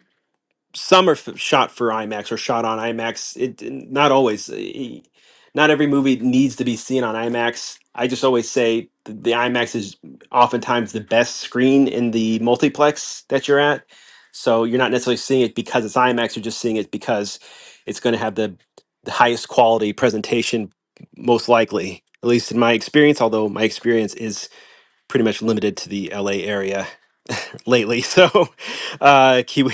Speaker 1: some are f- shot for IMAX or shot on IMAX. It it- not always, eh, eh, not every movie needs to be seen on IMAX. I just always say th- the IMAX is oftentimes the best screen in the multiplex that you're at. So you're not necessarily seeing it because it's IMAX. You're just seeing it because it's going to have the the highest quality presentation, most likely, at least in my experience. Although my experience is pretty much limited to the LA area lately. So uh, keep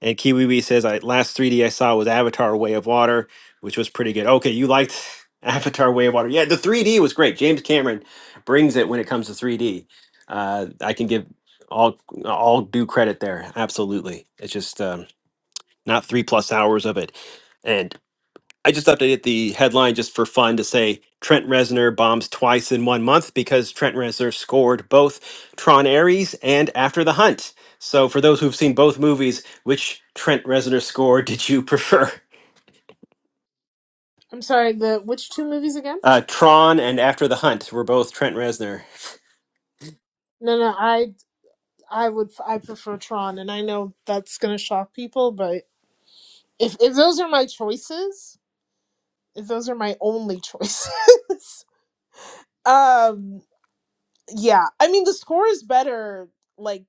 Speaker 1: and Kiwiwi says, I last 3D I saw was Avatar Way of Water, which was pretty good. Okay, you liked Avatar Way of Water. Yeah, the 3D was great. James Cameron brings it when it comes to 3D. Uh, I can give all all due credit there. Absolutely. It's just um, not three plus hours of it. And. I just updated the headline just for fun to say Trent Reznor bombs twice in one month because Trent Reznor scored both Tron Ares and After the Hunt. So, for those who've seen both movies, which Trent Reznor score did you prefer?
Speaker 2: I'm sorry, the which two movies again?
Speaker 1: Uh, Tron and After the Hunt were both Trent Reznor.
Speaker 2: No, no, I I would I prefer Tron and I know that's going to shock people, but if if those are my choices, if those are my only choices. um yeah, I mean the score is better like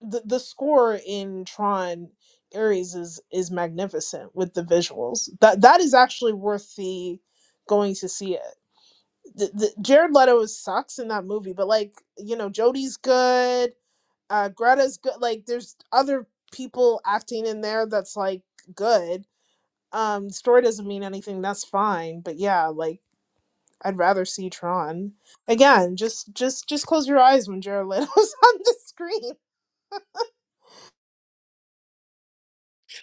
Speaker 2: the the score in Tron Ares is is magnificent with the visuals. That that is actually worth the going to see it. th- th- Jared Leto is sucks in that movie, but like you know, Jodie's good, uh, Greta's good. Like there's other people acting in there that's like good. Um, story doesn't mean anything. That's fine, but yeah, like I'd rather see Tron again. Just just just close your eyes when Jared Leto's on the screen.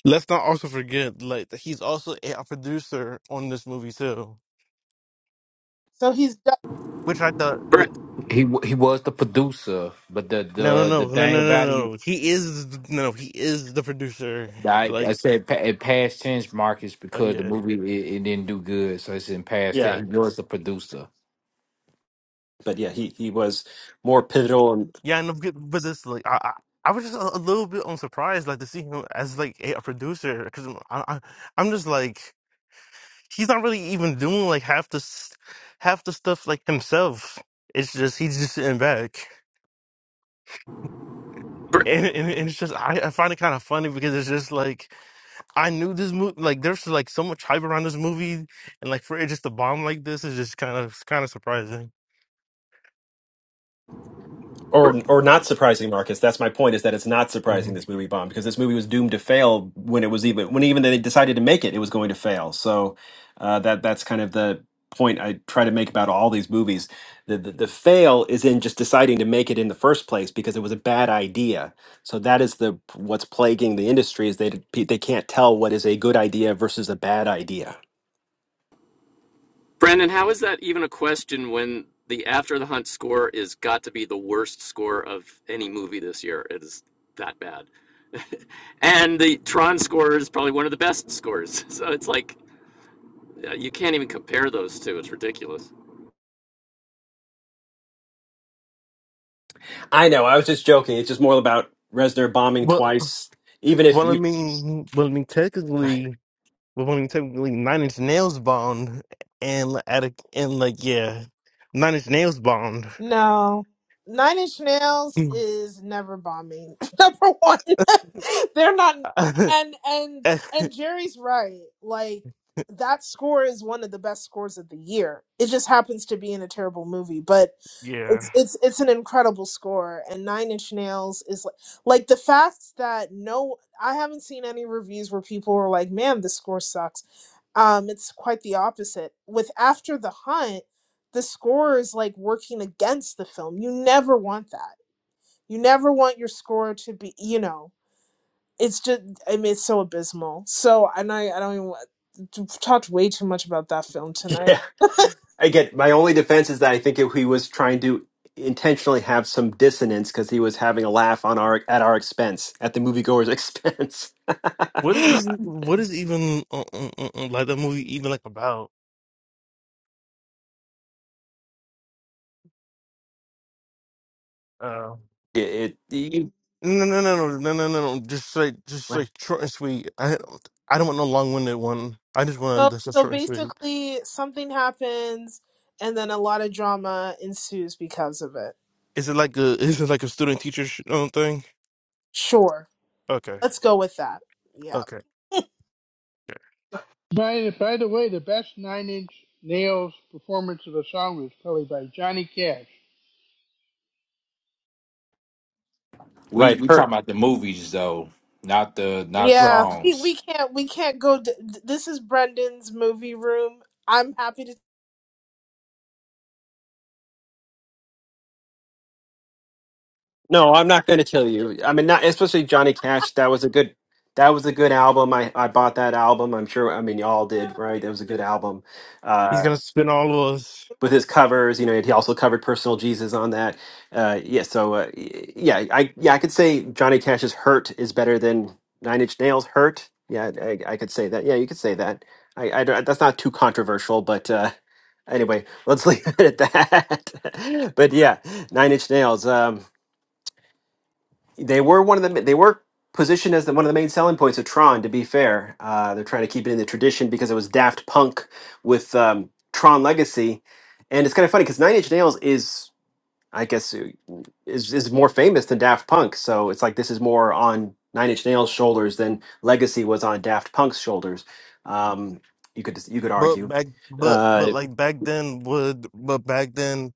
Speaker 7: Let's not also forget, like, that he's also a producer on this movie too.
Speaker 2: So he's
Speaker 7: Which I thought,
Speaker 8: Bre-
Speaker 7: wh-
Speaker 4: he wa- he was the producer, but the
Speaker 7: no, no,
Speaker 4: the the
Speaker 7: no, no, no,
Speaker 4: thing
Speaker 7: no,
Speaker 4: about it.
Speaker 7: no. He is th- no, he is the producer.
Speaker 4: I, I
Speaker 7: Like,
Speaker 4: said pa- in past tense, Marcus,
Speaker 7: oh
Speaker 4: because the
Speaker 7: yeah,
Speaker 4: movie it, it didn't do good, so it's in past tense.
Speaker 7: yeah,
Speaker 1: Yeah,
Speaker 4: He was the producer.
Speaker 1: but yeah, he he was more
Speaker 7: Y-
Speaker 1: pivotal and
Speaker 7: yeah. And I'm good, but this, like, I, I, I was just a, a little bit on surprised, like, to see him as like a, a producer, because I, I, I'm just like, he's not really even doing like half the, s- half the stuff like himself. It's just he's just sitting back.
Speaker 8: Bre-
Speaker 7: And, and, and it's just I, I find it kind of funny because it's just like I knew this movie. Like, there's like so much hype around this movie, and like for it just to bomb like this is just kind of kind of surprising.
Speaker 1: or
Speaker 8: Bre-
Speaker 1: or not surprising marcus that's my point is that it's not surprising
Speaker 7: Mm.
Speaker 1: this movie bombed because this movie was doomed to fail when it was even when even they decided to make it it was going to fail so uh, that that's kind of the point i try to make about all these movies the, the the fail is in just deciding to make it in the first place because it was a bad idea so that is the what's plaguing the industry is they they can't tell what is a good idea versus a bad idea
Speaker 8: Brandon, how is that even a question when the After the Hunt score is got to be the worst score of any movie this year? It is that bad. and the Tron score is probably one of the best scores. So it's like uh, you can't even compare those two. It's ridiculous.
Speaker 1: I know. I was just joking. It's just more about Resner bombing
Speaker 7: Well,
Speaker 1: twice. Even if
Speaker 7: well, I
Speaker 1: you,
Speaker 7: mean, well, I mean, technically, well, I mean, technically, Nine Inch Nails bombed, and li- at a, and like, yeah, Nine Inch Nails bombed.
Speaker 2: No. Nine Inch Nails
Speaker 7: Mm.
Speaker 2: is never bombing. Number one. They're not and and and Jerry's right. Like that score is one of the best scores of the year. It just happens to be in a terrible movie, but it's
Speaker 7: yeah.
Speaker 2: it's it's an incredible score and Nine Inch Nails is like, like the fact that no I haven't seen any reviews where people are like, "Man, the score sucks." Um it's quite the opposite. With After the Hunt, the score is like working against the film. You never want that. You never want your score to be, you know, it's just, I mean, it's so abysmal. So, and I, I don't even, wa- t- talked way too much about that film tonight.
Speaker 1: yeah. Again, my only defense is that I think if he was trying to intentionally have some dissonance because he was having a laugh on our at our expense, at the moviegoer's expense.
Speaker 7: What is
Speaker 1: it,
Speaker 7: what is even uh, uh, uh, uh, like that movie even like about? Uh,
Speaker 1: it- you-
Speaker 7: No, no, no, no, no, no, no, no. Just like, just like short and sweet. I, I don't want no long-winded one. I just want
Speaker 2: So,
Speaker 7: this
Speaker 2: so
Speaker 7: short and sweet.
Speaker 2: basically, something happens and then a lot of drama ensues because of it.
Speaker 7: Is it like a, is it like a student-teacher sh- um, thing?
Speaker 2: Sure.
Speaker 7: Okay,
Speaker 2: Let's go with that. Yeah.
Speaker 7: okay. okay.
Speaker 6: By, by the way, the best Nine Inch Nails performance of a song was probably by Johnny Cash.
Speaker 4: We
Speaker 1: right
Speaker 4: we talking
Speaker 1: hurt.
Speaker 4: about the movies though, not the not
Speaker 1: right.
Speaker 2: Yeah, we,
Speaker 4: songs.
Speaker 2: we can't we can't go. D- d- this is Brendan's movie room. I'm happy to.
Speaker 1: No, I'm not going to kill you. I mean, not especially Johnny Cash. That was a good. That was a good album. I, I bought that album. I'm sure. I mean, y'all did, right? That was a good album.
Speaker 7: He's
Speaker 1: Uh,
Speaker 7: gonna spin all of us.
Speaker 1: with his covers, you know, and he also covered "Personal Jesus" on that. Uh, yeah. So, uh, y- yeah, I yeah I could say Johnny Cash's "Hurt" is better than Nine Inch Nails' "Hurt." Yeah, I, I could say that. Yeah, you could say that. I, I don't- that's not too controversial, but uh, anyway, let's leave it at that. but yeah, Nine Inch Nails. Um, they were one of the they were positioned as the, one of the main selling points of Tron. To be fair, uh, they're trying to keep it in the tradition because it was Daft Punk with um, Tron Legacy, and it's kind of funny because Nine Inch Nails is I guess uh, is is more famous than Daft Punk, so it's like this is more on Nine Inch Nails' shoulders than Legacy was on Daft Punk's shoulders. Um, you could you could
Speaker 7: But
Speaker 1: argue.
Speaker 7: back, but but
Speaker 1: Uh,
Speaker 7: like back then, would but back then,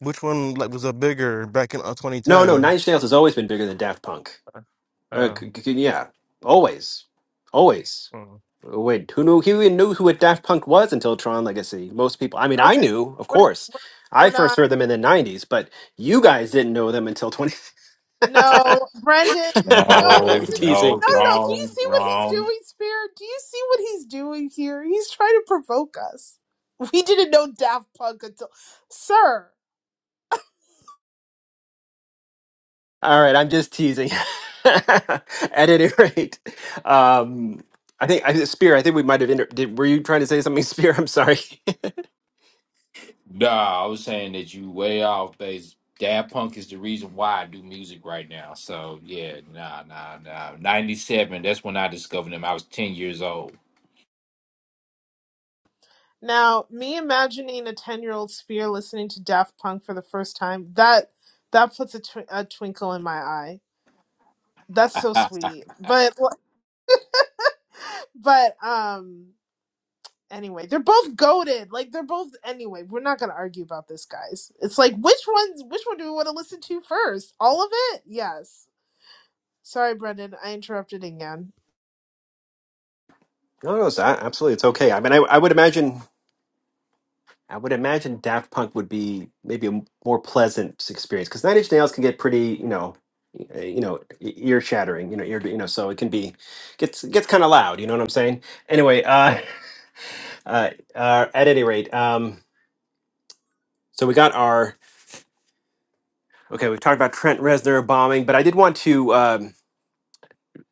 Speaker 7: which one like was a bigger back in uh,
Speaker 1: no, no, Nine
Speaker 7: 2010?
Speaker 1: Inch Nails has always been bigger than Daft Punk. Uh,
Speaker 7: Uh,
Speaker 1: c- c- yeah, always, always.
Speaker 7: mm.
Speaker 1: Oh, Wait, who knew? Who even knew who a Daft Punk was until Tron Legacy? Most people. I mean, I
Speaker 2: Okay,
Speaker 1: knew, of
Speaker 2: we're
Speaker 1: course.
Speaker 2: we're, we're
Speaker 1: I first
Speaker 2: not.
Speaker 1: heard them in the '90s, but you guys didn't know them until 20.
Speaker 2: No, Brendan. No,
Speaker 4: No,
Speaker 2: this
Speaker 1: I'm
Speaker 2: is
Speaker 1: teasing.
Speaker 4: no,
Speaker 2: no, no, no. Do you
Speaker 4: wrong,
Speaker 2: see what he's
Speaker 4: wrong.
Speaker 2: doing, Spirit? Do you see what he's doing here? He's trying to provoke us. We didn't know Daft Punk until, sir.
Speaker 1: All right, I'm just teasing. At any rate, um, I think I, Spear. I think we might have inter- did. Were you trying to say something, Spear? I'm sorry.
Speaker 4: Nah, I was saying that you way off base. Dad Punk is the reason why I do music right now. So yeah, nah, nah, nah. Ninety seven. That's when I discovered him. I was ten years old.
Speaker 2: Now, me imagining a ten-year-old Spear listening to Daft Punk for the first time that that puts a, tw- a twinkle in my eye. That's so sweet, but. But um anyway, they're both goaded. Like they're both anyway, we're not gonna argue about this, guys. It's like which one's which one do we want to listen to first? All of it? Yes. Sorry, Brendan, I interrupted again.
Speaker 1: no, no, it's a- absolutely. It's okay. I mean, I, I would imagine. I would imagine Daft Punk would be maybe a more pleasant experience because Nine Inch Nails can get pretty, you know, uh, you know, ear shattering, you know, ear, you know, so it can be gets gets kind of loud. You know what I'm saying? Anyway, uh, uh, uh, at any rate, um, so we got our okay. We've talked about Trent Reznor bombing, but I did want to um,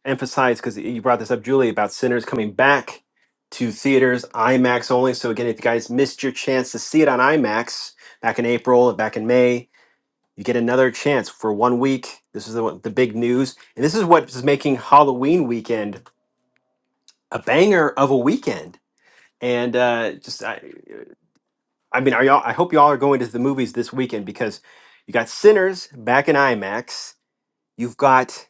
Speaker 1: emphasize because you brought this up, Julie, about Sinners coming back to theaters IMAX only. So again, if you guys missed your chance to see it on IMAX back in April, back in May You get another chance for one week. This is the one- the big news, and this is what is making Halloween weekend a banger of a weekend. And uh, just I, I mean, are y'all? I hope y'all are going to the movies this weekend because you got Sinners back in IMAX. You've got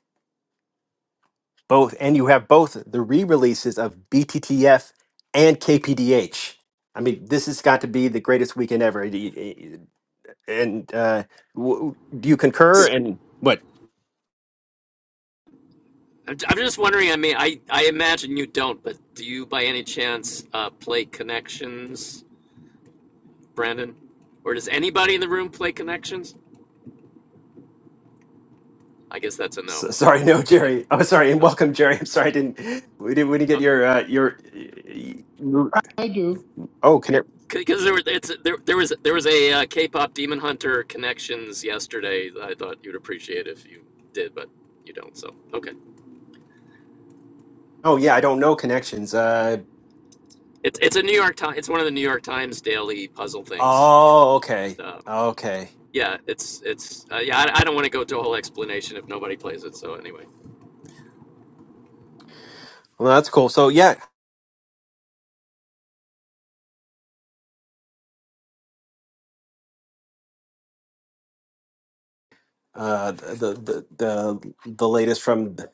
Speaker 1: both, and you have both the re-releases of BTTF and KPDH. I mean, this has got to be the greatest weekend ever. And uh, w- do you concur?
Speaker 8: S-
Speaker 1: And what?
Speaker 8: I'm I'm just wondering. I mean, I, I imagine you don't, but do you by any chance uh, play Connections, Brandon? Or does anybody in the room play Connections? I guess that's a no.
Speaker 1: So, sorry, no, Jerry. Oh, sorry, and welcome, Jerry. I'm sorry, I didn't we didn't we didn't
Speaker 8: Oh,
Speaker 1: get your uh, your
Speaker 6: I do.
Speaker 1: oh connect.
Speaker 8: because there was it's there there was there was a uh, K-pop Demon Hunter connections yesterday. That I thought you'd appreciate if you did, but you don't. So okay,
Speaker 1: Oh yeah, I don't know connections. Uh
Speaker 8: it's it's a New York Times. It's one of the New York Times daily puzzle things.
Speaker 1: oh, okay,
Speaker 8: Um,
Speaker 1: okay.
Speaker 8: yeah, it's it's uh, yeah. I, I don't want to go to a whole explanation if nobody plays it. So anyway,
Speaker 1: Well, that's cool. So yeah, uh, the the the the latest from the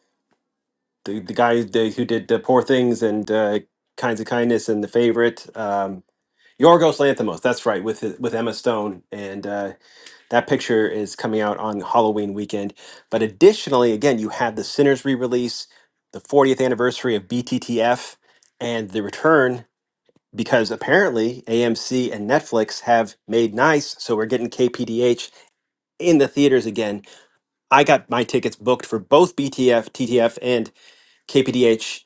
Speaker 1: the guy the, who did the poor things and uh, kinds of kindness and the favorite. Um, Yorgos Lanthimos, that's right, with with Emma Stone, and uh, That picture is coming out on Halloween weekend. But additionally, again, you have the Sinners re release, the 40th anniversary of BTTF, and the return because apparently AMC and Netflix have made nice. So we're getting KPDH in the theaters again. I got my tickets booked for both BTF, TTF, and KPDH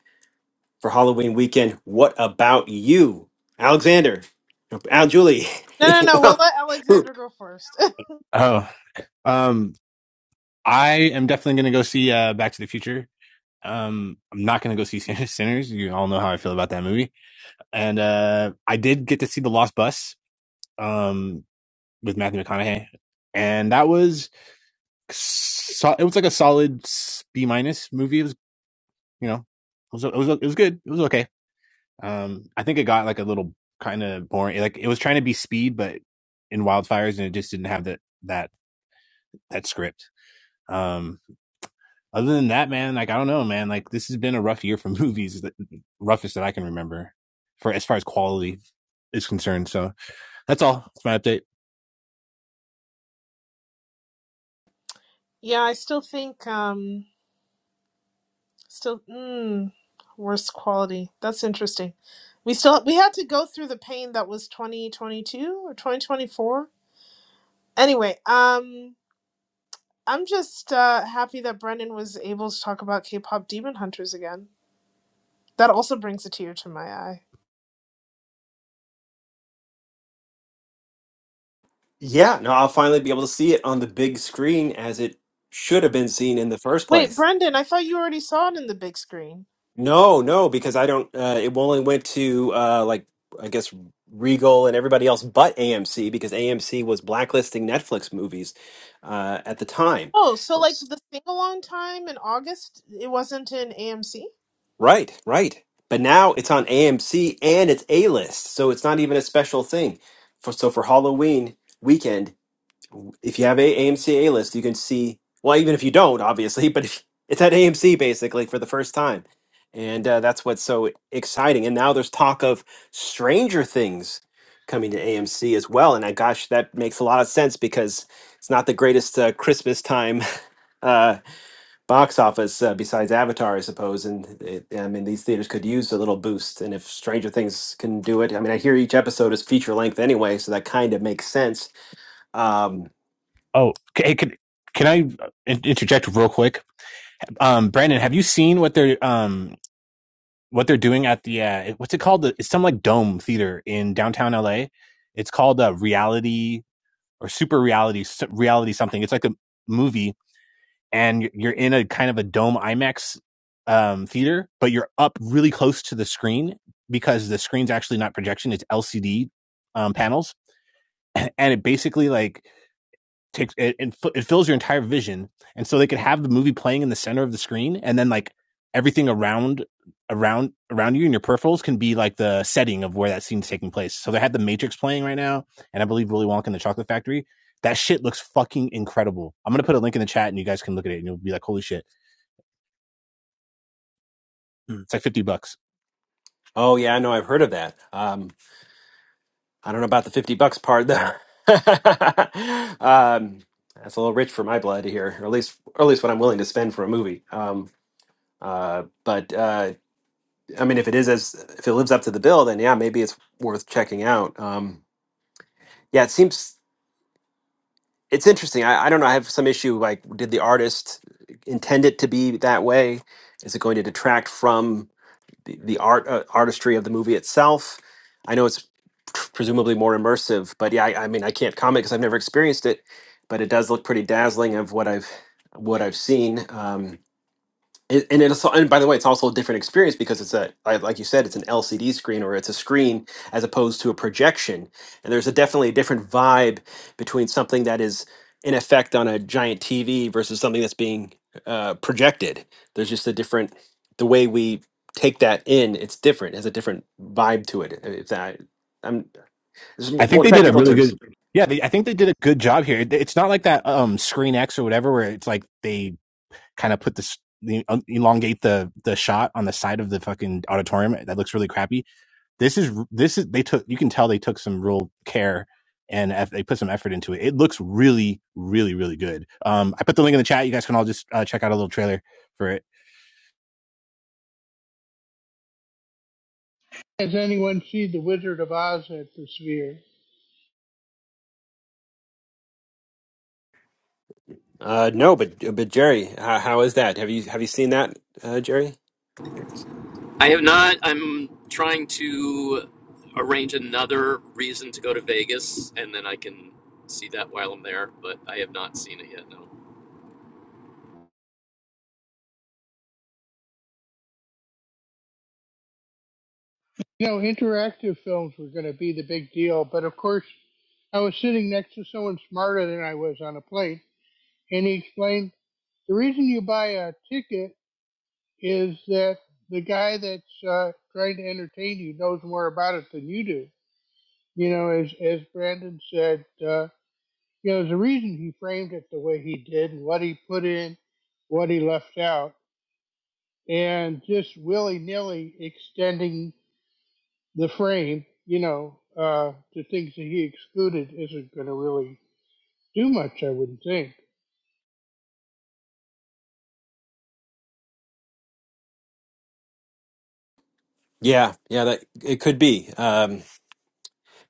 Speaker 1: for Halloween weekend. What about you, Alexander? no, Al Julie?
Speaker 2: No no no, we'll
Speaker 1: well,
Speaker 2: let Alexander go first.
Speaker 9: Oh, um, I am definitely going to go see uh, Back to the Future. Um, I'm not going to go see Sinners. You all know how I feel about that movie. And uh, I did get to see The Lost Bus um, with Matthew McConaughey, and that was so- it was like a solid B minus movie. It was you know it was it was it was good. It was okay. Um, I think it got like a little kind of boring. Like it was trying to be speed, but in wildfires, and it just didn't have that that that script. Um, Other than that, man, like I don't know, man. Like this has been a rough year for movies, the roughest that I can remember, for as far as quality is concerned. So that's all. That's my update.
Speaker 2: yeah, I still think um still mm worst quality. That's interesting. We still we had to go through the pain that was twenty twenty two or twenty twenty four. Anyway, um I'm just uh, happy that Brendan was able to talk about K-pop Demon Hunters again. That also brings a tear to my eye.
Speaker 1: Yeah, no, I'll finally be able to see it on the big screen as it should have been seen in the first
Speaker 2: Wait,
Speaker 1: place.
Speaker 2: Brendan, I thought you already saw it in the big screen.
Speaker 1: No, no, because I don't. Uh, it only went to uh, like I guess Regal and everybody else, but AMC because AMC was blacklisting Netflix movies uh, at the time.
Speaker 2: Oh, so like
Speaker 1: Oops.
Speaker 2: the sing along time in August, it wasn't in AMC?
Speaker 1: Right, right. But now it's on AMC and it's A list, so it's not even a special thing. For so for Halloween weekend, If you have a AMC A list, you can see. Well, even if you don't, obviously, but if, it's at AMC basically for the first time, and uh, that's what's so exciting. And now there's talk of Stranger Things coming to AMC as well. And I, gosh, that makes a lot of sense because it's not the greatest uh, Christmas time uh, box office uh, besides Avatar, I suppose. And it, I mean, these theaters could use a little boost. And if Stranger Things can do it, I mean, I hear each episode is feature length anyway, so that kind of makes sense. Um,
Speaker 9: Oh, okay, can can I interject real quick? Um, Brandon, have you seen what they're um what they're doing at the uh, what's it called? It's some like dome theater in downtown LA. It's called uh, reality or super reality, reality something. It's like a movie and you're in a kind of a dome IMAX um, theater, but you're up really close to the screen because the screen's actually not projection; it's LCD um, panels, and it basically like takes it, it it fills your entire vision, and so they could have the movie playing in the center of the screen, and then like everything around around around you and your peripherals can be like the setting of where that scene's taking place. So they had the Matrix playing right now, and I believe Willy Wonka and the Chocolate Factory. That shit looks fucking incredible. I'm gonna put a link in the chat, and you guys can look at it, and you'll be like, "Holy shit!" Mm. It's like fifty bucks.
Speaker 1: Oh yeah, I know. I've heard of that. Um, I don't know about the fifty bucks part though. um, that's a little rich for my blood here, or at least, or at least what I'm willing to spend for a movie. Um, uh, but uh, I mean, if it is as if it lives up to the bill, then yeah, maybe it's worth checking out. Um, yeah, it seems it's interesting. I, I don't know. I have some issue. Like, did the artist intend it to be that way? Is it going to detract from? the, the art uh, artistry of the movie itself. I know it's presumably more immersive, but yeah, I, I mean, I can't comment because I've never experienced it, but it does look pretty dazzling of what I've what I've seen. Um, and and it's and by the way, it's also a different experience because it's a like like you said, it's an LCD screen or it's a screen as opposed to a projection, and there's a definitely a different vibe between something that is in effect on a giant TV versus something that's being uh, projected. There's just a different the way we take that in. It's different, it has a different vibe to it. If that I'm there's
Speaker 9: I
Speaker 1: m-
Speaker 9: think
Speaker 1: more
Speaker 9: they did a
Speaker 1: technical
Speaker 9: really
Speaker 1: terms.
Speaker 9: good. Yeah, they, I think they did a good job here. It- It's not like that um Screen X or whatever, where it's like they kind of put this the, elongate the the shot on the side of the fucking auditorium. That looks really crappy. This is this is they took. You can tell they took some real care and eff- they put some effort into it. It looks really, really, really good. Um, I put the link in the chat. You guys can all just uh, check out a little trailer for it.
Speaker 6: Has anyone seen The Wizard of Oz at the Sphere?
Speaker 1: Uh, no, but but Jerry, how, how is that? Have you have you seen that, uh, Jerry?
Speaker 8: I have not. I'm trying to arrange another reason to go to Vegas, and then I can see that while I'm there. But I have not seen it yet. No,
Speaker 6: You know, interactive films were going to be the big deal, but of course, I was sitting next to someone smarter than I was on a plane, and he explained the reason you buy a ticket is that the guy that's uh, trying to entertain you knows more about it than you do. You know, as as Brandon said, uh, you know, there's a reason he framed it the way he did, and what he put in, what he left out, and just willy nilly extending the frame, you know, uh, to things that he excluded isn't going to really do much, I wouldn't think.
Speaker 1: Yeah, yeah, that it could be. Um,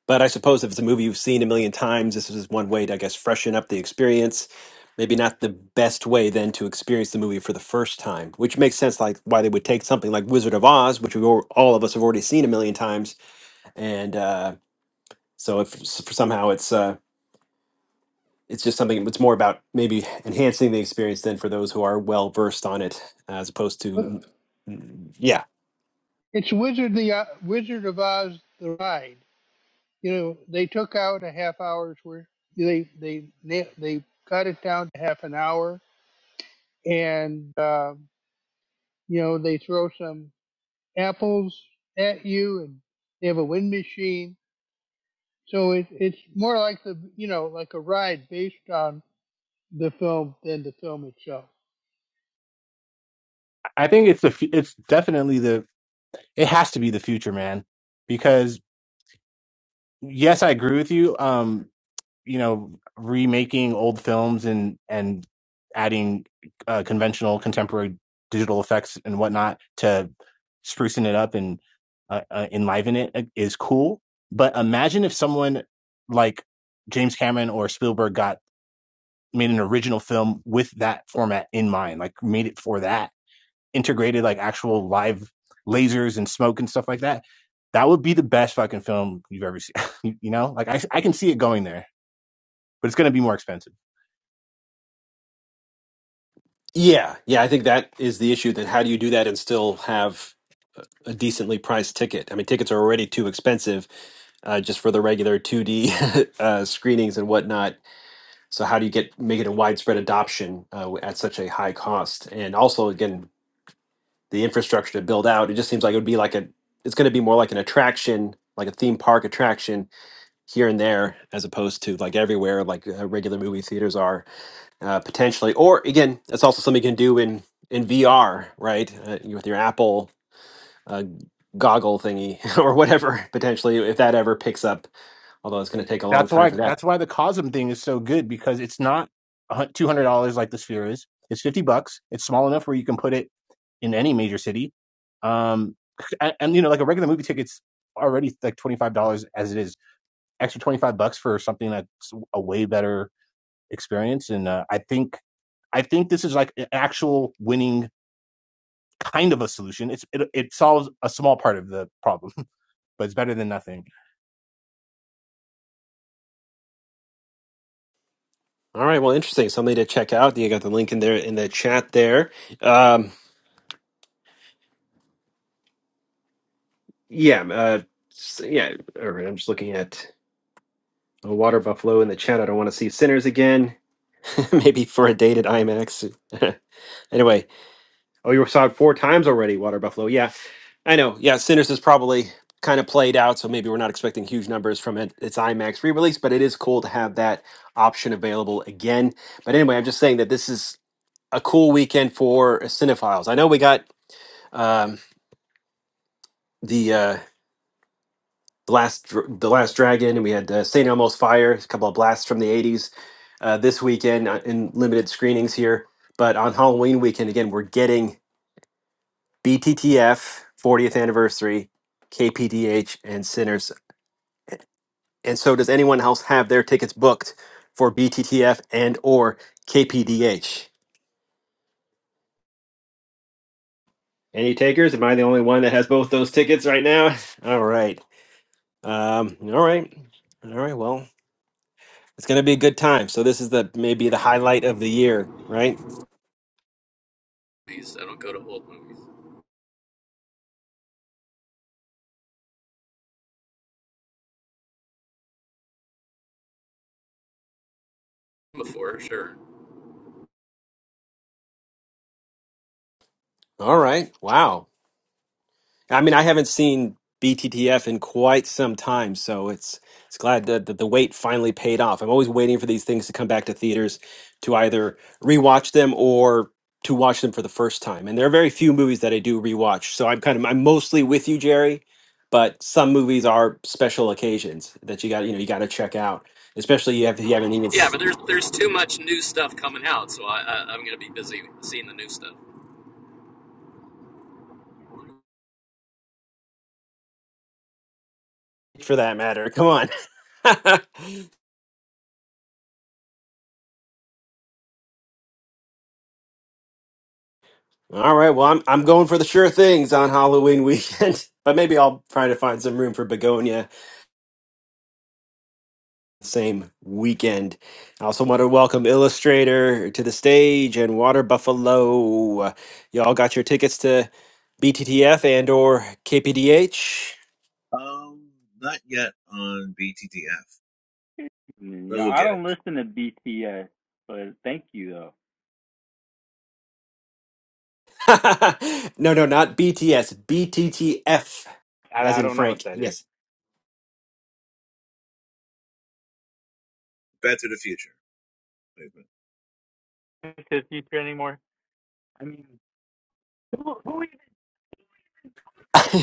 Speaker 1: but I suppose if it's a movie you've seen a million times, this is one way to, I guess, freshen up the experience. Maybe not the best way then to experience the movie for the first time, which makes sense. Like why they would take something like Wizard of Oz, which we all, all of us have already seen a million times, and uh, so if s- somehow it's uh, it's just something it's more about maybe enhancing the experience than for those who are well versed on it as opposed to mm, yeah
Speaker 6: It's Wizard the uh, Wizard of Oz the ride you know, they took out a half hour's worth. They they they, they cut it down to half an hour, and um, you know they throw some apples at you, and they have a wind machine. So it, it's more like the you know like a ride based on the film than the film itself.
Speaker 9: I think it's the fu- it's definitely the it has to be the future, man. because. yes, I agree with you. Um, you know, remaking old films and and adding uh, conventional, contemporary digital effects and whatnot to sprucing it up and uh, uh, enliven it uh, is cool. But imagine if someone like James Cameron or Spielberg got made an original film with that format in mind, like made it for that integrated like actual live lasers and smoke and stuff like that, that would be the best fucking film you've ever seen. you you know, like I, I can see it going there, but it's going to be more expensive.
Speaker 1: yeah yeah i think that is the issue then how do you do that and still have a decently priced ticket i mean tickets are already too expensive uh, just for the regular 2d uh, screenings and whatnot so how do you get make it a widespread adoption uh, at such a high cost and also again the infrastructure to build out it just seems like it would be like a it's going to be more like an attraction like a theme park attraction here and there as opposed to like everywhere like uh, regular movie theaters are uh, potentially or again that's also something you can do in in vr right uh, with your apple uh, goggle thingy or whatever potentially if that ever picks up although it's going to take a long
Speaker 9: That's
Speaker 1: time
Speaker 9: why
Speaker 1: for that
Speaker 9: that's why the Cosm thing is so good because it's not two hundred dollars like the Sphere is. It's fifty bucks. It's small enough where you can put it in any major city. Um, and, and you know, like a regular movie ticket's already like twenty five dollars as it is. Extra twenty five bucks for something that's a way better experience. And uh, I think I think this is like an actual winning kind of a solution. It's it, it solves a small part of the problem, but it's better than nothing.
Speaker 1: all right well interesting something to check out you got the link in there in the chat there um, yeah uh, s- yeah all right i'm just looking at a water buffalo in the chat i don't want to see sinners again maybe for a date at imax anyway Oh, you saw it four times already, Water Buffalo. Yeah, I know. Yeah, Sinners is probably kind of played out, so maybe we're not expecting huge numbers from it. Its IMAX re-release, but it is cool to have that option available again. But anyway, I'm just saying that this is a cool weekend for cinephiles. I know we got um, the uh, the last Dr- the last dragon, and we had uh, Saint Elmo's Fire, a couple of blasts from the '80s uh, this weekend uh, in limited screenings here. But on Halloween weekend, again, we're getting BTTF 40th anniversary, KPDH, and Sinners. And so, does anyone else have their tickets booked for BTTF and or KPDH? Any takers? Am I the only one that has both those tickets right now? All right. Um, all right. All right. Well, it's going to be a good time. So this is the maybe the highlight of the year, right?
Speaker 8: please, I don't go to old movies before. Sure.
Speaker 1: All right. Wow. I mean, I haven't seen BTTF in quite some time, so it's it's glad that, that the wait finally paid off. I'm always waiting for these things to come back to theaters to either rewatch them or to watch them for the first time. And there are very few movies that I do rewatch, so I'm kind of I'm mostly with you, Jerry. But some movies are special occasions that you got you know you got to check out, especially you have you haven't even
Speaker 8: Yeah,
Speaker 1: s-
Speaker 8: but there's there's too much new stuff coming out, so I, I I'm gonna be busy seeing the new stuff.
Speaker 1: for that matter. Come on. All right. Well, I'm I'm going for the sure things on Halloween weekend, but maybe I'll try to find some room for begonia same weekend. I also want to welcome Illustrator to the stage and Water Buffalo. Y'all got your tickets to BTTF and or KPDH?
Speaker 10: Um, not yet on BTTF,
Speaker 11: Mm,
Speaker 10: but
Speaker 11: Yeah,
Speaker 10: we'll
Speaker 11: I
Speaker 10: get it.
Speaker 11: don't listen to BTS, but thank you though.
Speaker 1: no, no, not BTS. BTTF,
Speaker 11: I
Speaker 1: as
Speaker 11: I
Speaker 1: in
Speaker 11: don't know
Speaker 1: Frank.
Speaker 11: what that is.
Speaker 1: Yes.
Speaker 10: Back to the Future. Wait a minute.
Speaker 11: Is it future anymore? I mean, who who even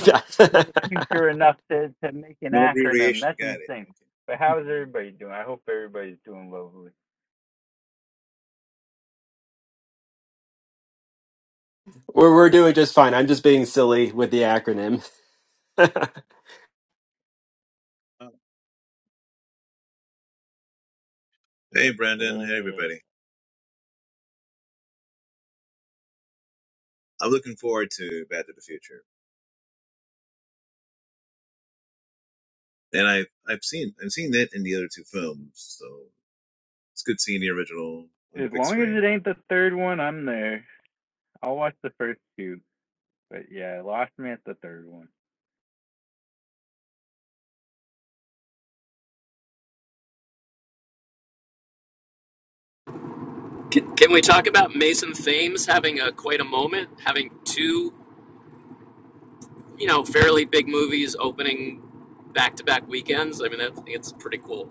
Speaker 11: knows future enough to to make an
Speaker 10: No
Speaker 11: acronym?
Speaker 10: abbreviation.
Speaker 11: That's
Speaker 10: Got it.
Speaker 11: insane. But
Speaker 10: Okay.
Speaker 11: how is everybody doing? I hope everybody's doing lovely.
Speaker 1: we're, we're doing just fine. I'm just being silly with the acronym.
Speaker 10: Oh. Hey, Brandon. Hey,
Speaker 11: Ugh.
Speaker 10: everybody. I'm looking forward to Back to the Future, and I've I've seen I've seen it in the other two films, so it's good seeing the original on the
Speaker 11: As
Speaker 10: big
Speaker 11: long as it
Speaker 10: screen.
Speaker 11: ain't the third one, I'm there. I'll watch the first two. But yeah, I lost me at the third one.
Speaker 8: Can we talk about Mason Thames having a quite a moment, having two you know fairly big movies opening back to back weekends? I mean, that's it's pretty cool.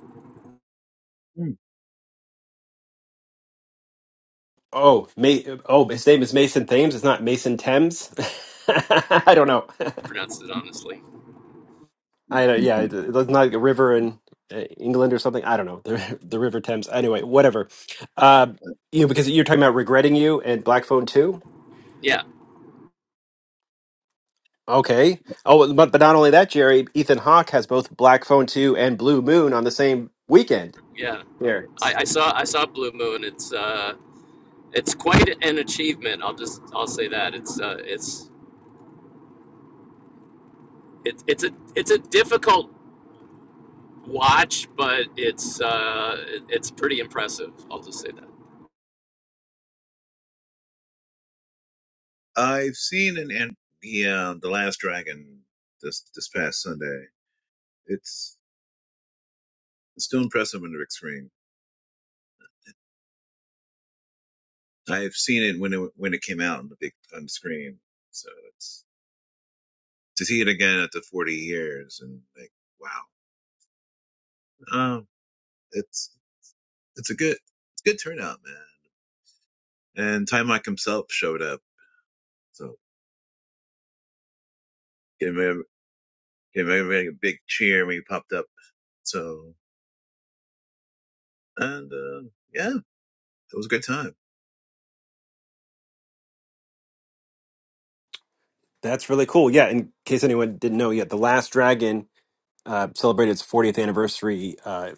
Speaker 10: Hmm.
Speaker 1: Oh, May. Oh, his name is Mason Thames. It's not Mason Thames. I don't know.
Speaker 8: I Pronounced it honestly.
Speaker 1: I don't. Yeah, it-
Speaker 10: Mhm.
Speaker 1: it's not like a river in uh, England or something. I don't know the the River Thames. Anyway, whatever. Uh, you know, because you're talking about regretting you and Black Phone Two.
Speaker 8: Yeah,
Speaker 1: Okay. Oh, but but not only that, Jerry. Ethan Hawke has both Black Phone Two and Blue Moon on the same weekend.
Speaker 8: yeah.
Speaker 1: Here.
Speaker 8: I, I saw I saw Blue Moon. It's uh it's quite an achievement. I'll just I'll say that it's uh it's it, it's a it's a difficult watch, but it's uh, it's pretty impressive. I'll just say that.
Speaker 10: I've seen an and the um, the Last Dragon this this past Sunday. It's it's still impressive on the big screen. I've seen it when it when it came out on the big on the screen. So it's to see it again after 40 years and like wow, um, it's it's a good it's a good turnout, man. And Timok himself showed up, so gave him gave everybody a big cheer when he popped up. So and uh, yeah, it was a good time.
Speaker 1: That's really cool. Yeah. In case anyone didn't know, yeah, the Last Dragon uh, celebrated its 40th anniversary uh,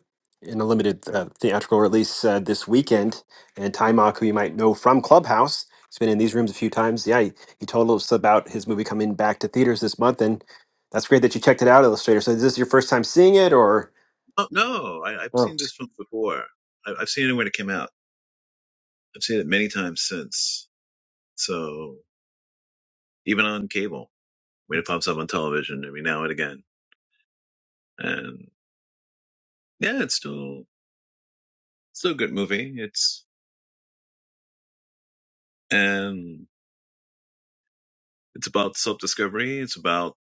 Speaker 1: in a limited uh, theatrical release uh, this weekend. And Ty Mock, who you might know from Clubhouse, he's been in these rooms a few times. Yeah, he, he told us about his movie coming back to theaters this month, and that's great that you checked it out, Illustrator. So, is this your first time seeing it, or?
Speaker 10: Oh, no, I, I've seen this film before. I, I've seen it when it came out. I've seen it many times since. So even on cable, when it pops up on television every now and again. and. yeah, it's still still a good movie. It's um it's about self discovery. It's about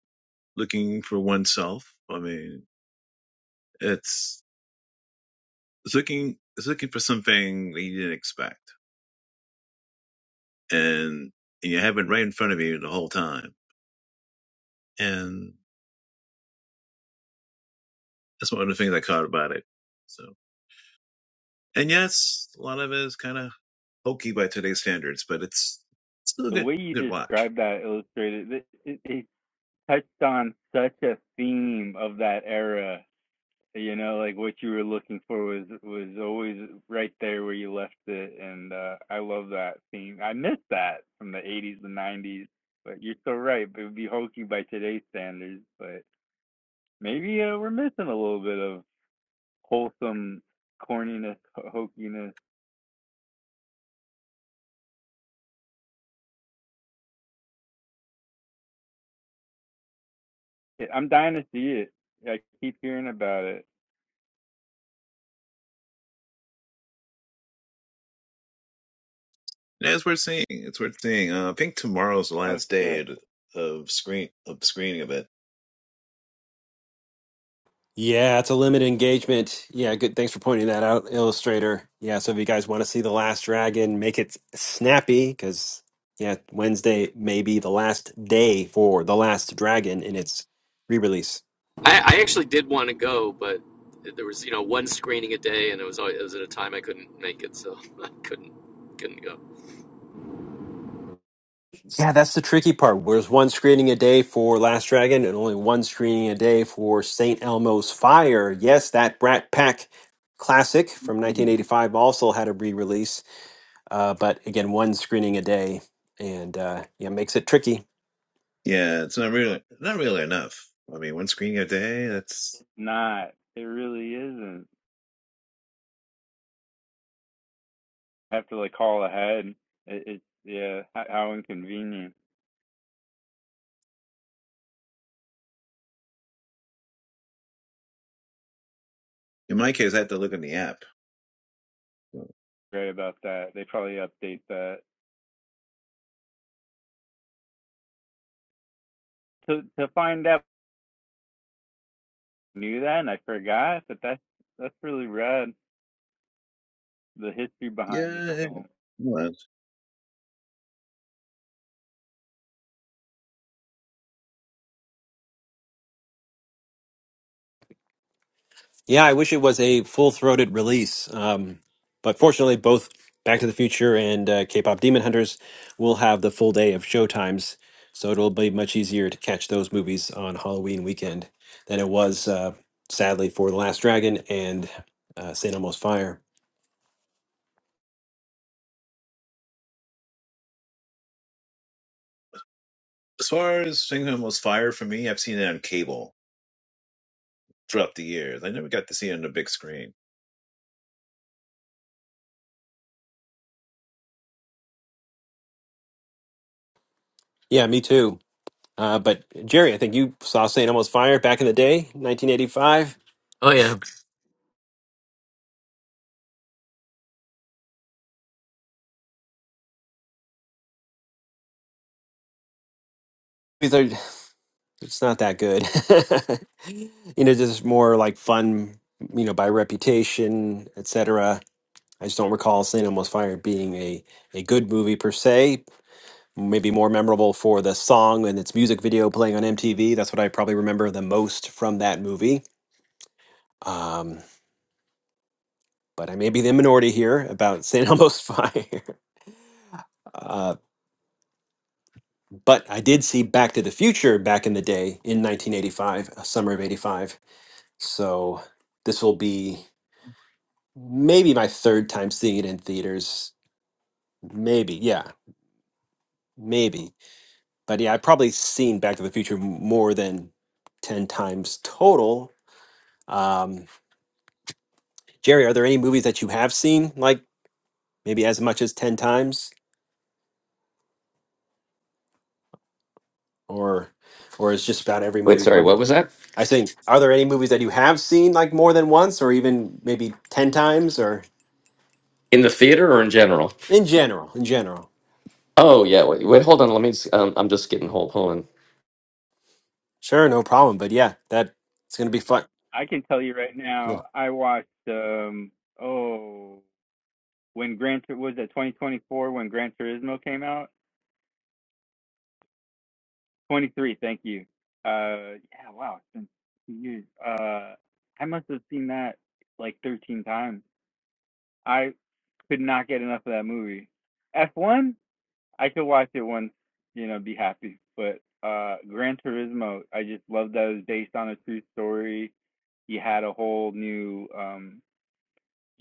Speaker 10: looking for oneself. I mean, it's it's looking it's looking for something that you didn't expect, and, and you have it right in front of you the whole time. And that's one of the things I caught about it. So, and yes, a lot of it is kind of hokey by today's standards, but it's still a
Speaker 11: The
Speaker 10: good
Speaker 11: way you
Speaker 10: good watch.
Speaker 11: described that illustrated it, it, it touched on such a theme of that era you know like what you were looking for was was always right there where you left it and uh i love that theme i miss that from the 80s the 90s but you're so right it would be hokey by today's standards but maybe uh, we're missing a little bit of wholesome corniness ho- hokiness Yeah, i'm dying to see it i keep hearing about it
Speaker 10: And it's worth seeing, it's worth seeing. Uh, I think tomorrow's the
Speaker 11: oh
Speaker 10: last day
Speaker 11: shit
Speaker 10: of of screen of screening of it
Speaker 1: Yeah, it's a limited engagement. Yeah, good. Thanks for pointing that out, Illustrator. Yeah, so if you guys want to see The Last Dragon, make it snappy because, yeah, Wednesday may be the last day for The Last Dragon in its re release.
Speaker 8: I, I actually did want to go, but there was you know one screening a day, and it was always, it was at a time I couldn't make it, so I couldn't couldn't go.
Speaker 1: Yeah, that's the tricky part. There's one screening a day for Last Dragon and only one screening a day for St. Elmo's Fire. Yes, that Brat Pack classic from
Speaker 10: Mhm.
Speaker 1: 1985 also had a re release, uh, but again, one screening a day. And uh, yeah, makes it tricky.
Speaker 10: Yeah, it's not really not really enough. I mean, one screen a day. That's
Speaker 11: it's not it really isn't I have to like call ahead it, it's yeah how inconvenient
Speaker 10: in my case. I have to look in the app.
Speaker 11: great about that. They probably update that to to find out. I Knew that, and I forgot. But that's that's really rad. The history behind this
Speaker 10: Yeah.
Speaker 11: film.
Speaker 10: well,
Speaker 1: Yeah, I wish it was a full-throated release, um, but fortunately, both Back to the Future and uh, K-pop Demon Hunters will have the full day of showtimes, so it'll be much easier to catch those movies on Halloween weekend than it was, uh, sadly, for The Last Dragon and uh, Saint Elmo's Fire.
Speaker 10: As far as Shenzhen was fire for me, I've seen it on cable throughout the years. I never got to see it on the big screen.
Speaker 1: Yeah, me too. Uh, but Jerry, I think you saw Saint Elmo's Fire back in the day, 1985.
Speaker 8: Oh yeah.
Speaker 1: It's not that good. you know, just more like fun, you know, by reputation, etc. I just don't recall St. Elmo's Fire being a, a good movie per se. Maybe more memorable for the song and its music video playing on MTV. That's what I probably remember the most from that movie. Um, but I may be the minority here about St. Elmo's Fire. Uh, but I did see Back to the Future back in the day in 1985, uh, summer of 85. So this will be maybe my third time seeing it in theaters. Maybe, yeah, maybe. But yeah, I've probably seen Back to the Future m- more than 10 times total. Um, Jerry, are there any movies that you have seen like maybe as much as 10 times or or is just about every
Speaker 8: Wait,
Speaker 1: movie
Speaker 8: sorry, what
Speaker 1: one?
Speaker 8: was that?
Speaker 1: I think are there any movies that you have seen like more than once or even maybe 10 times or
Speaker 8: In the theater or in general?
Speaker 1: in general, in general.
Speaker 8: Oh,
Speaker 1: Sure, no problem, but yeah, that it's going to be fun.
Speaker 11: I can tell you right now. I watched um oh when Gran was that 2024 when Gran Turismo came out. 23. Thank you. Uh yeah. Wow. It's been two years. Uh, I must have seen that like 13 times. I could not get enough of that movie. F1. I could watch it once, you know, be happy. But uh Gran Turismo, I just love that it was based on a true story. You had a whole new um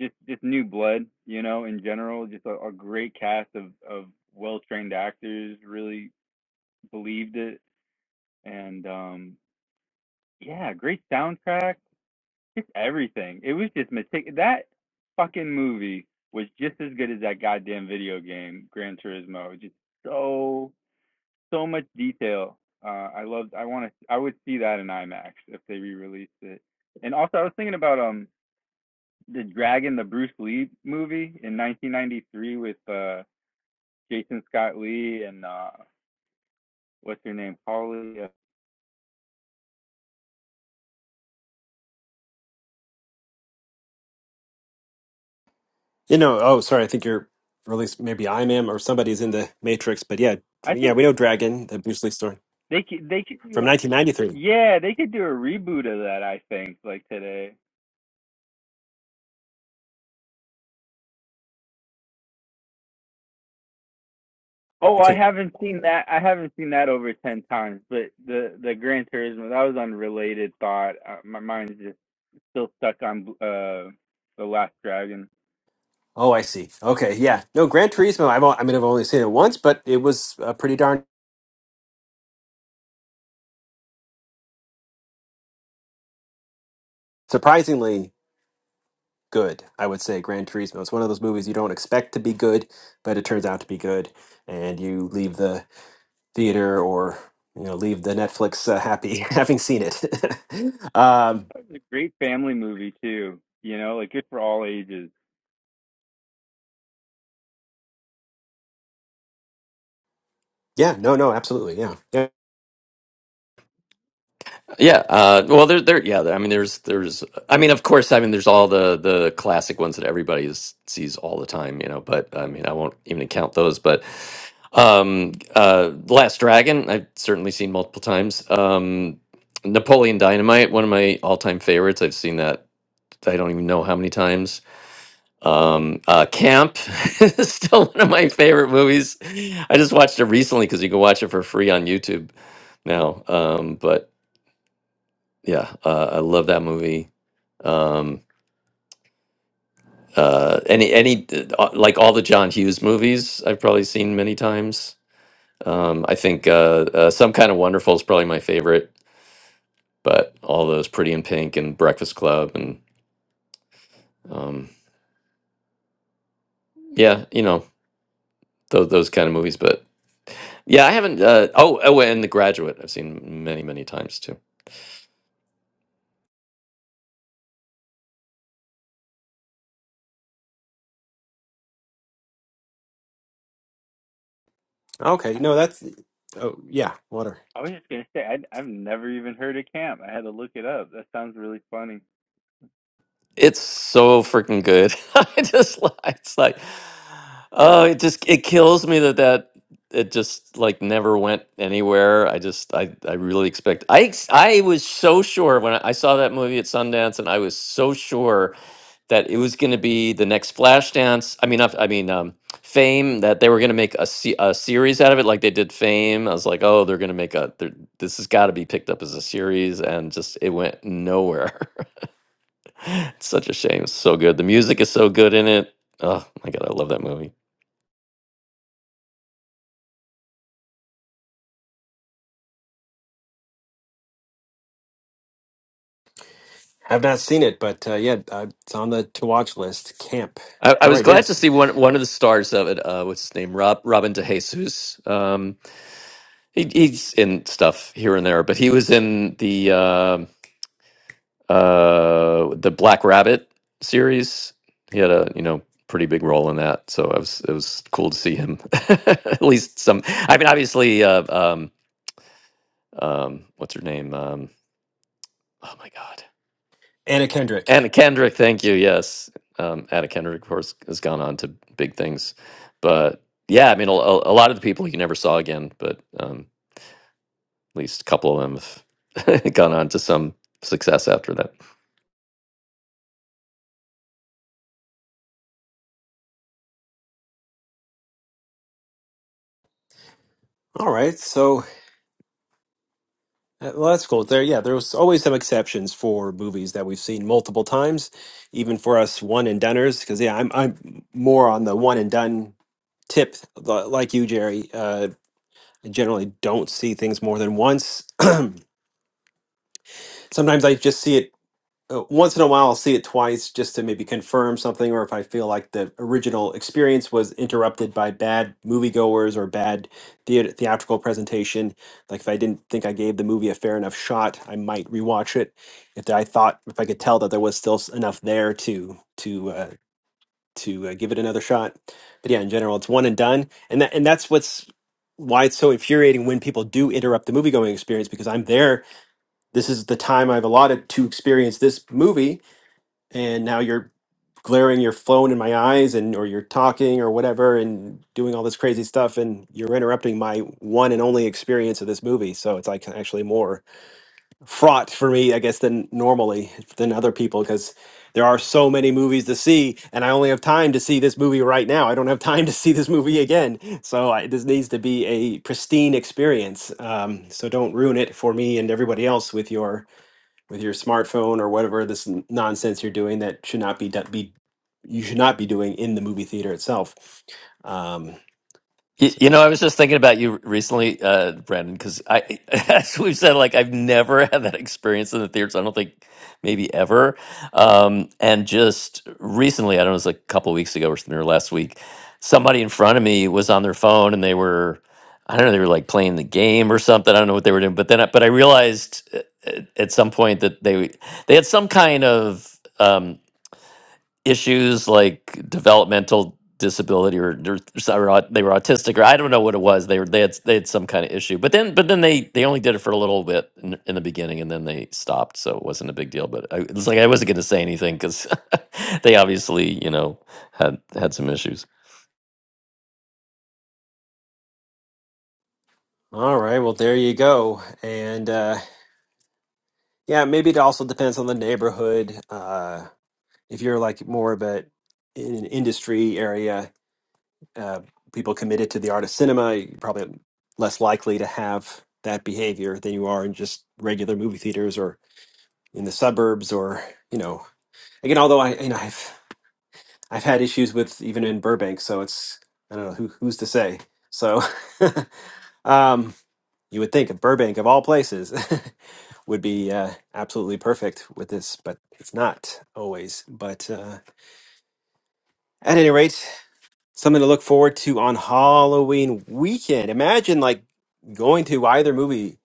Speaker 11: just just new blood, you know, in general, just a, a great cast of of well-trained actors really believed it and um yeah, great soundtrack, just everything. It was just meticulous. That fucking movie was just as good as that goddamn video game, Gran Turismo. Just so so much detail. Uh, I loved. I want to. I would see that in IMAX if they re-released it. And also, I was thinking about um the Dragon, the Bruce Lee movie in 1993 with uh Jason Scott Lee and uh what's her name, Holly. uh,
Speaker 1: You know, oh, sorry. I think you're, or at least maybe I am, or somebody's in the Matrix. But yeah,
Speaker 11: I
Speaker 1: dr- yeah,
Speaker 11: think
Speaker 1: we
Speaker 11: they
Speaker 1: know Dragon, the Bruce Lee story
Speaker 11: they could they could do
Speaker 1: from
Speaker 11: a
Speaker 1: 1993.
Speaker 11: yeah they could do a reboot of that. I think like today. Oh, I
Speaker 1: Okay.
Speaker 11: haven't seen that. I haven't seen that over ten times. But the the Gran Turismo that was unrelated thought. Uh, my mind's just still stuck on uh The Last Dragon.
Speaker 1: Oh, I see. Okay, yeah. No, Gran Turismo. I've, o- I mean, I've only seen it once, but it was uh, pretty darn surprisingly good. I would say Gran Turismo. It's one of those movies you don't expect to be good, but it turns out to be good, and you leave the theater or you know leave the Netflix uh, happy having seen it. um,
Speaker 11: It's a great family movie too. You know, like good for all ages.
Speaker 1: yeah. No. No. Absolutely. Yeah. Yeah.
Speaker 8: Yeah, uh, well, there, there, yeah. there- I mean, there's, there's. I mean, of course, I mean, there's all the the classic ones that everybody is, sees all the time, you know. But I mean, I won't even count those. But um, uh, Last Dragon, I've certainly seen multiple times. Um, Napoleon Dynamite, one of my all time favorites. I've seen that. I don't even know how many times. Um, uh, Camp, is still one of my favorite movies. I just watched it recently because you can watch it for free on YouTube now. Um, but yeah, uh, I love that movie. Um, uh, any any uh, like all the John Hughes movies I've probably seen many times. Um, I think uh, uh, Some Kind of Wonderful is probably my favorite, but all those Pretty in Pink and Breakfast Club and um, yeah, you know those those kind of movies. But yeah, I haven't. Uh, oh, oh, and The Graduate I've seen many many times too.
Speaker 1: Okay,
Speaker 11: I,
Speaker 1: no,
Speaker 11: I
Speaker 1: that's oh yeah, water.
Speaker 11: was just gonna say I, I've never even heard of camp. I had to look it up. That sounds really funny.
Speaker 8: It's so freaking good. I just li- it's like oh, it just it kills me that that it just like never went anywhere. I just I I really expect I ex- I was so sure when I I saw that movie at Sundance and I was so sure that it was going to be the next Flashdance. I mean not- I mean um Fame that they were going to make a, se- a series out of it like they did Fame. I was like, "Oh, they're going to make a they're- this has got to be picked up as a series." And just it went nowhere. It's such a shame. It's so good. The music is so good in it. Oh my god, I love that movie.
Speaker 1: I've not seen it, but uh, yeah, uh, it's on the to watch list. Camp.
Speaker 8: I, I
Speaker 1: All
Speaker 8: was
Speaker 1: right,
Speaker 8: glad to
Speaker 1: yes,
Speaker 8: see one one of the stars of it. Uh, what's his name? Rob Robin DeJesus. Um, he, he's in stuff here and there, but he was in the uh, uh, the Black Rabbit series. He had a you know pretty big role in that, so I was it was cool to see him. At least some. I mean, obviously, uh, um, um, what's her name? Um, oh my god.
Speaker 1: Anna Kendrick.
Speaker 8: Anna Kendrick, thank you. Yes, um, Anna Kendrick, of course, has gone on to big things. But yeah, I mean, a, a lot of the people you never saw again, but um, at least a couple of them have gone on to some success after that.
Speaker 1: All right, so uh, well, that's cool. There, yeah, there's always some exceptions for movies that we've seen multiple times, even for us one and doneers. Because yeah, I'm I'm more on the one and done tip, li- like you, Jerry. Uh, I generally don't see things more than once. Sometimes I just see it uh, once in a while I'll see it twice just to maybe confirm something or if I feel like the original experience was interrupted by bad moviegoers or bad thea- theatrical presentation. Like if I didn't think I gave the movie a fair enough shot, I might rewatch it. If I thought if I could tell that there was still s- enough there to to uh, to uh, give it another shot. But yeah, in general, it's one and done, and that and that's what's why it's so infuriating when people do interrupt the movie going experience because I'm there this is the time I've allotted to experience this movie and now you're glaring your phone in my eyes and or you're talking or whatever and doing all this crazy stuff and you're interrupting my one and only experience of this movie so it's like actually more fraught for me i guess than normally than other people because there are so many movies to see and i only have time to see this movie right now i don't have time to see this movie again so I, this needs to be a pristine experience um, so don't ruin it for me and everybody else with your with your smartphone or whatever this n- nonsense you're doing that should not be do- be you should not be doing in the movie theater itself. Um,
Speaker 8: You,
Speaker 1: so,
Speaker 8: you know, I was just thinking about you recently, uh, Brandon, because I, as we've said, like I've never had that experience in the theater, so I don't think maybe ever. Um, and just recently, I don't know, it was like a couple weeks ago or something, or last week, somebody in front of me was on their phone and they were, I don't know, they were like playing the game or something. I don't know what they were doing, but then, I, but I realized uh, at, at some point that they they had some kind of. um, issues like developmental disability or, or so- or au- they were autistic or I don't know what it was. They were they had they had some kind of issue. But then but then they they only did it for a little bit in, in the beginning and then they stopped, so it wasn't a big deal. But I, it's like I wasn't going to say anything because they obviously you know had had some issues.
Speaker 1: all right, well there you go, and uh, yeah, maybe it also depends on the neighborhood. Uh, if you're like more of a in an industry area, uh, people committed to the art of cinema, you're probably less likely to have that behavior than you are in just regular movie theaters or in the suburbs or you know again although i you know i've I've had issues with even in Burbank, so it's I don't know who who's to say. So um, you would think of Burbank of all places would be uh, absolutely perfect with this, but it's not always. But uh, at any rate, something to look forward to on Halloween weekend. Imagine like going to either movie.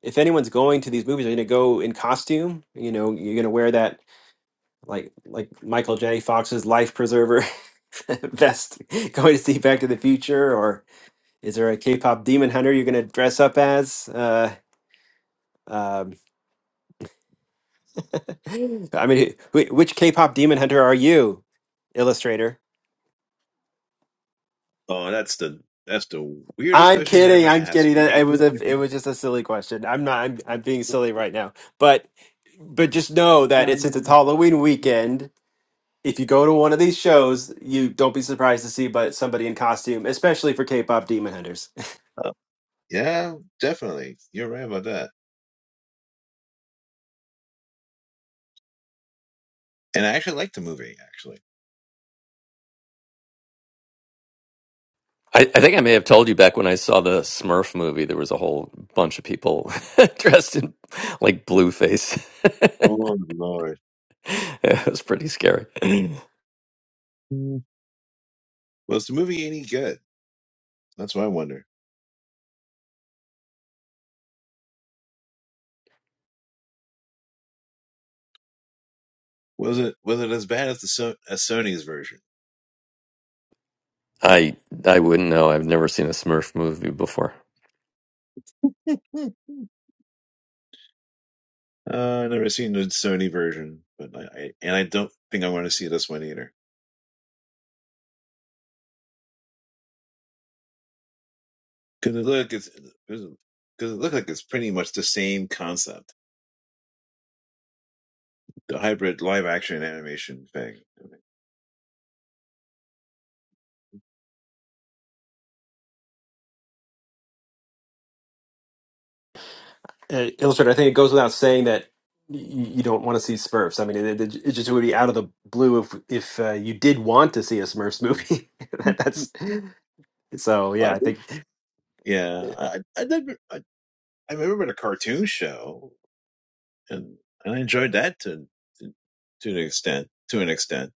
Speaker 1: If anyone's going to these movies, are you gonna go in costume? You know, you're gonna wear that like like Michael J. Fox's life preserver best going to see Back to the Future, or is there a K-pop demon hunter you're going to dress up as? Uh, um, I mean, wh- which K-pop demon hunter are you, illustrator?
Speaker 10: Oh, that's the that's the weirdest
Speaker 1: I'm
Speaker 10: question you
Speaker 1: kidding.
Speaker 10: ever
Speaker 1: I'm
Speaker 10: asked
Speaker 1: kidding. That
Speaker 10: me.
Speaker 1: it was a, it was just a silly question. I'm not. I'm, I'm being silly right now. But but just know that it's since it's Halloween weekend. If you go to one of these shows, you don't be surprised to see but somebody in costume, especially for K-pop demon hunters.
Speaker 10: Uh, yeah, definitely. You're right about that. And I actually liked the movie. Actually.
Speaker 8: I, I think I may have told you back when I saw the Smurf movie, there was a whole bunch of people dressed in like blue face.
Speaker 10: Oh Lord.
Speaker 8: it was pretty scary.
Speaker 10: Mm. Was the movie any good? That's what I wonder. Was it was it as bad as the so- as Sony's version?
Speaker 8: I I wouldn't know. I've never seen a Smurf movie before.
Speaker 10: Hmm. Uh, I've never seen the Sony version, but I, I and I don't think I want to see this one either because it look it's because it looked like it's pretty much the same concept. the hybrid live action animation thing.
Speaker 1: uh, illustrator, I think it goes without saying that y- you don't want to see Smurfs. I mean, it, it, it just would be out of the blue if if uh, you did want to see a Smurfs movie. That- That's so. Yeah,
Speaker 10: I
Speaker 1: I
Speaker 10: did.
Speaker 1: think
Speaker 10: Yeah, I I did. I, I remember the cartoon show, and and I enjoyed that to to, to an extent. To an extent,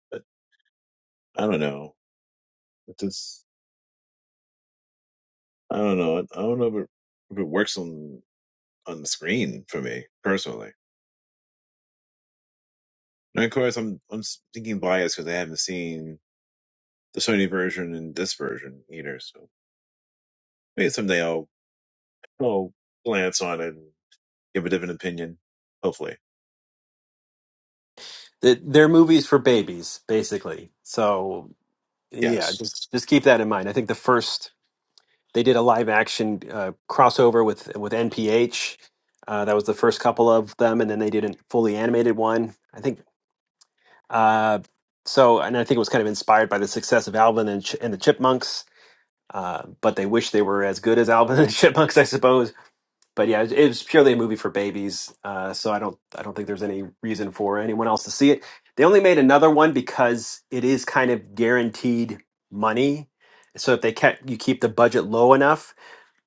Speaker 10: I don't know. It just I don't know. I don't know if it, if it works on on the screen for me personally. And of course, I'm I'm thinking biased because I haven't seen the Sony version and this version either. So maybe someday I'll I'll glance on it and give a different opinion. Hopefully,
Speaker 1: that they're movies for babies, basically. So yeah,
Speaker 10: yes.
Speaker 1: just just keep that in mind. I think the first they did a live action uh, crossover with with NPH. Uh, that was the first couple of them, and then they did a fully animated one. I think. Uh, so, and I think it was kind of inspired by the success of Alvin and, Ch- and the Chipmunks Uh, but they wish they were as good as Alvin and the Chipmunks, I suppose. But yeah, it, it was purely a movie for babies, uh, so I don't I don't think there's any reason for anyone else to see it. They only made another one because it is kind of guaranteed money. So if they kept you keep the budget low enough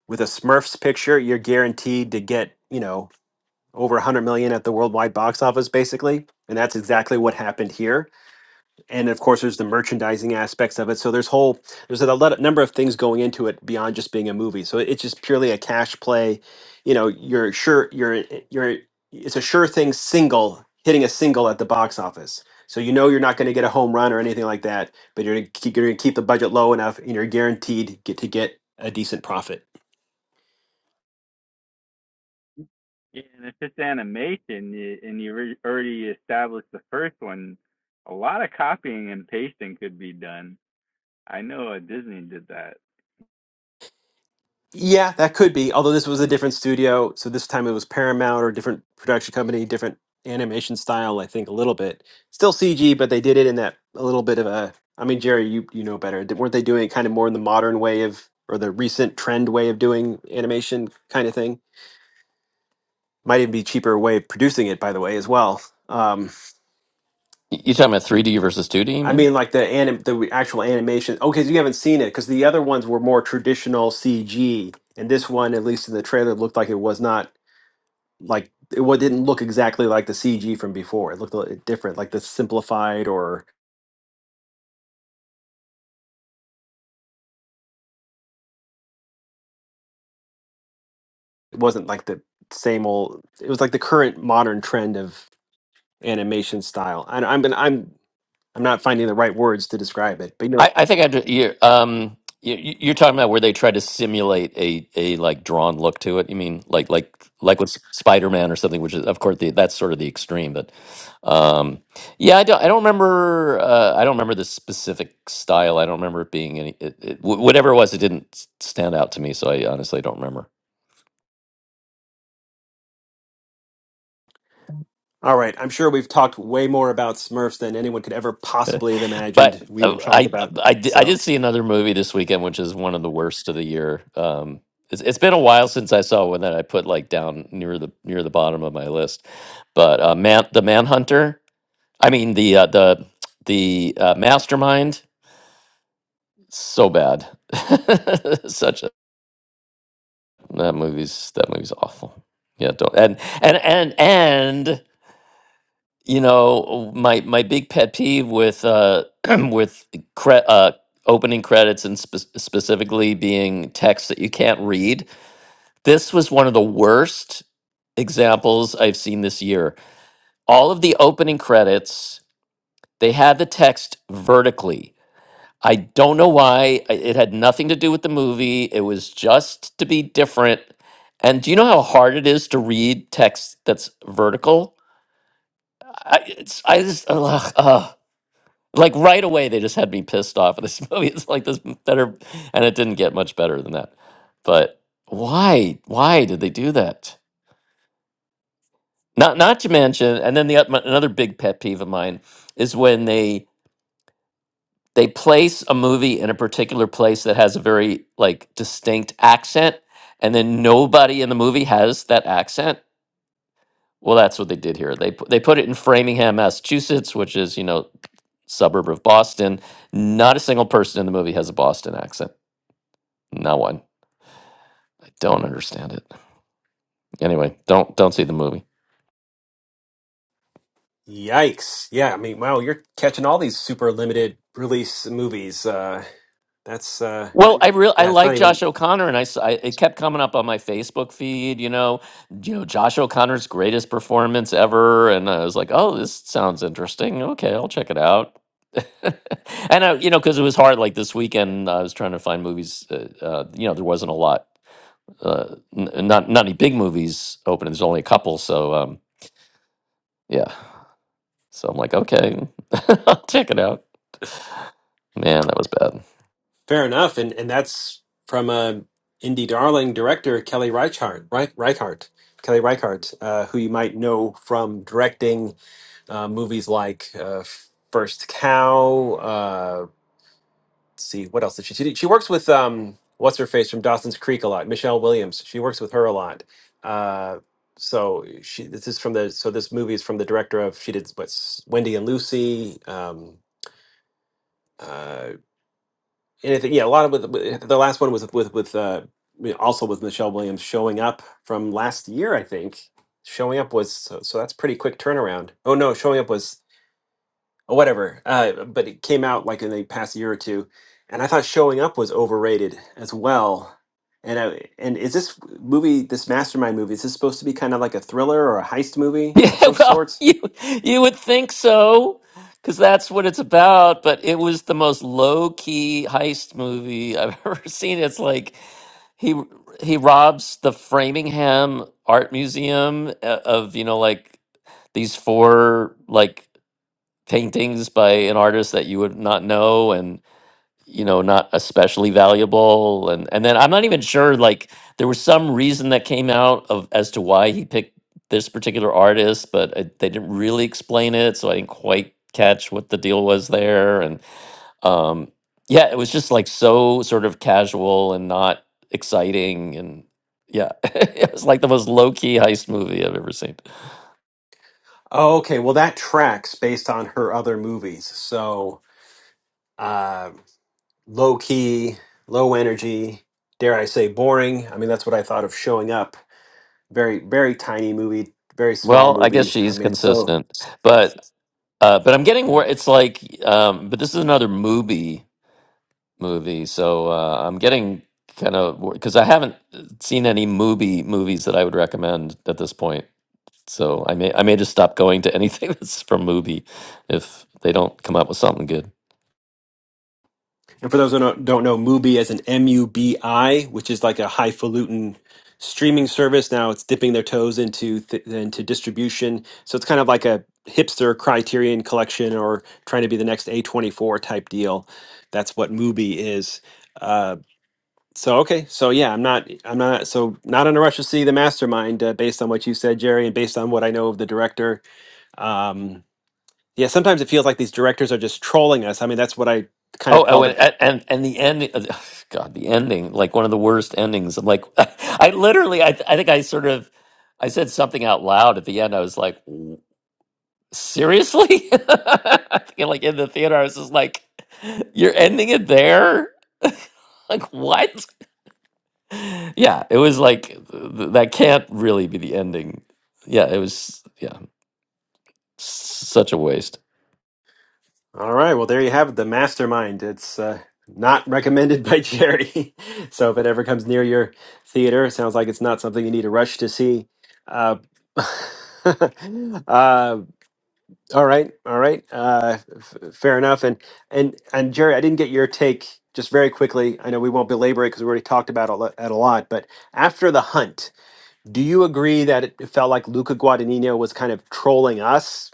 Speaker 1: with a Smurfs picture, you're guaranteed to get you know over 100 million at the worldwide box office, basically, and that's exactly what happened here and of course there's the merchandising aspects of it so there's whole there's a lot, number of things going into it beyond just being a movie so it's just purely a cash play you know you're sure you're you're it's a sure thing single hitting a single at the box office so you know you're not going to get a home run or anything like that but you're going to keep, you're going to keep the budget low enough and you're guaranteed get to get a decent profit
Speaker 11: Yeah, and if it's animation you, and you already established the first one, a lot of copying and pasting could be done. I know uh, Disney did that.
Speaker 1: Yeah, that could be. Although this was a different studio, so this time it was Paramount or a different production company, different animation style. I think a little bit, still CG, but they did it in that a little bit of a. I mean, Jerry, you you know better. Did, weren't they doing it kind of more in the modern way of or the recent trend way of doing animation kind of thing? Might even be cheaper way of producing it, by the way, as well. Um,
Speaker 8: Y- You talking about 3D versus 2D? You
Speaker 1: I
Speaker 8: mean?
Speaker 1: mean, like the anim the actual animation. Okay, so you haven't seen it because the other ones were more traditional CG, and this one, at least in the trailer, looked like it was not like it wa- didn't look exactly like the CG from before. It looked a little different, like the simplified, or it wasn't like the same old. It was like the current modern trend of animation style. I, I'm been, I'm I'm not finding the right words to describe it, but you know.
Speaker 8: I, I think I do, you're, um, you, you- you're talking about where they try to simulate a, a like drawn look to it. You mean like like like with Spider Man or something, which is of course the, that's sort of the extreme. But um, yeah, I don't I don't remember uh, I don't remember the specific style. I don't remember it being any it, it, wh- whatever it was. It didn't s- stand out to me, so I honestly don't remember.
Speaker 1: All right, I'm sure we've talked way more about Smurfs than anyone could ever possibly have
Speaker 8: But
Speaker 1: imagined we
Speaker 8: uh,
Speaker 1: would talk
Speaker 8: I,
Speaker 1: about.
Speaker 8: I, di- I
Speaker 1: So,
Speaker 8: did see another movie this weekend, which is one of the worst of the year. Um, it's, it's been a while since I saw one that I put like down near the near the bottom of my list. But uh, man, the Manhunter. I mean the uh, the the uh, Mastermind. So bad. Such a that movie's that movie's awful. Yeah, don't and and and and you know my my big pet peeve with uh with cre- uh opening credits and spe- specifically being text that you can't read this was one of the worst examples i've seen this year all of the opening credits they had the text vertically i don't know why I- it had nothing to do with the movie it was just to be different and do you know how hard it is to read text that's vertical i it's i just ugh, ugh. Like right away, they just had me pissed off with this movie. It's like this better, and it didn't get much better than that. But why? Why did they do that? Not not to mention, and then the oth- another big pet peeve of mine is when they they place a movie in a particular place that has a very like distinct accent, and then nobody in the movie has that accent. Well, that's what they did here. They pu- they put it in Framingham, Massachusetts, which is you know suburb of Boston. Not a single person in the movie has a Boston accent No one. I don't understand it. Anyway, don't don't see the movie.
Speaker 1: yikes! Yeah, I mean, wow, you're catching all these super limited release movies. Uh, that's uh,
Speaker 8: Well, I real I
Speaker 1: yeah, it's not
Speaker 8: like
Speaker 1: even.
Speaker 8: Josh O'Connor, and I, s- I- it kept coming up on my Facebook feed. You know, you know Josh O'Connor's greatest performance ever, and I was like, oh, this sounds interesting. Okay, I'll check it out. and I, you know, because it was hard. Like this weekend, I was trying to find movies. Uh, uh, you know, there wasn't a lot, uh, n- not not any big movies opening. There's only a couple, so um, yeah. So I'm like, okay, I'll check it out. Man, that was bad.
Speaker 1: Fair enough, and and that's from a indie darling director Kelly Reichardt, Reich, Reichardt, Kelly Reichardt, uh, who you might know from directing uh, movies like uh, First Cow. Uh, let's see what else did she do? She works with um, what's her face from Dawson's Creek a lot, Michelle Williams. She works with her a lot. Uh, so she this is from the so this movie is from the director of she did what's Wendy and Lucy. Um, uh, And I think yeah, a lot of with, with the last one was with with uh, I mean, also with Michelle Williams showing up from last year. I think showing up was so, so that's pretty quick turnaround. Oh no, showing up was or whatever. Uh, but it came out like in the past year or two, and I thought showing up was overrated as well. And I, and is this movie, this Mastermind movie, is this supposed to be kind of like a thriller or a heist movie of
Speaker 8: Yeah,
Speaker 1: some
Speaker 8: well,
Speaker 1: sorts?
Speaker 8: you you would think so, because that's what it's about. But it was the most low key heist movie I've ever seen. It's like he he robs the Framingham Art Museum uh, of you know like these four like paintings by an artist that you would not know, and. you know not especially valuable and and then i'm not even sure like there was some reason that came out of as to why he picked this particular artist but I, they didn't really explain it so i didn't quite catch what the deal was there and um yeah it was just like so sort of casual and not exciting and yeah it was like the most low-key heist movie i've ever seen
Speaker 1: Oh, okay, well that tracks based on her other movies. So. uh, low key, low energy, dare I say boring. I mean, that's what I thought of showing up. Very, very tiny movie, very small
Speaker 8: well i guess
Speaker 1: movie. I
Speaker 8: she's
Speaker 1: mean, it's so.
Speaker 8: consistent but uh, but I'm getting
Speaker 1: Yeah.
Speaker 8: where it's like, um, but this is another movie. movie. So uh, I'm getting kind of because I haven't seen any movie movies that I would recommend at this point. So I may I may just stop going to anything that's from movie if they don't come up with something good.
Speaker 1: And for those who don't, don't know, Mubi as an M U B I, which is like a highfalutin streaming service. Now it's dipping their toes into th- into distribution, so it's kind of like a hipster Criterion collection or trying to be the next A24 type deal. That's what Mubi is Uh, So okay, so yeah, I'm not, I'm not, so not in a rush to see the mastermind uh, based on what you said, Jerry, and based on what I know of the director. Um, yeah, sometimes it feels like these directors are just trolling us. I mean, that's what I kind of
Speaker 8: Oh, oh
Speaker 1: felt.
Speaker 8: and and, and and the end, God, the ending, like one of the worst endings. I'm like, I literally, I, I think I sort of, I said something out loud at the end. I was like, seriously? And, like in the theater, I was just like, you're ending it there? like what? Yeah, it was like th- th- that can't really be the ending. Yeah, it was yeah, such a waste.
Speaker 1: All right. Well, there you have it. The mastermind. It's uh, not recommended by charity. so if it ever comes near your theater, it sounds like it's not something you need to rush to see. Uh, uh, all right. All right. Uh, f- fair enough. And, and, and Jerry, I didn't get your take just very quickly. I know we won't belabor it because we already talked about it a lo- it a lot, but after the hunt, do you agree that it felt like Luca Guadagnino was kind of trolling us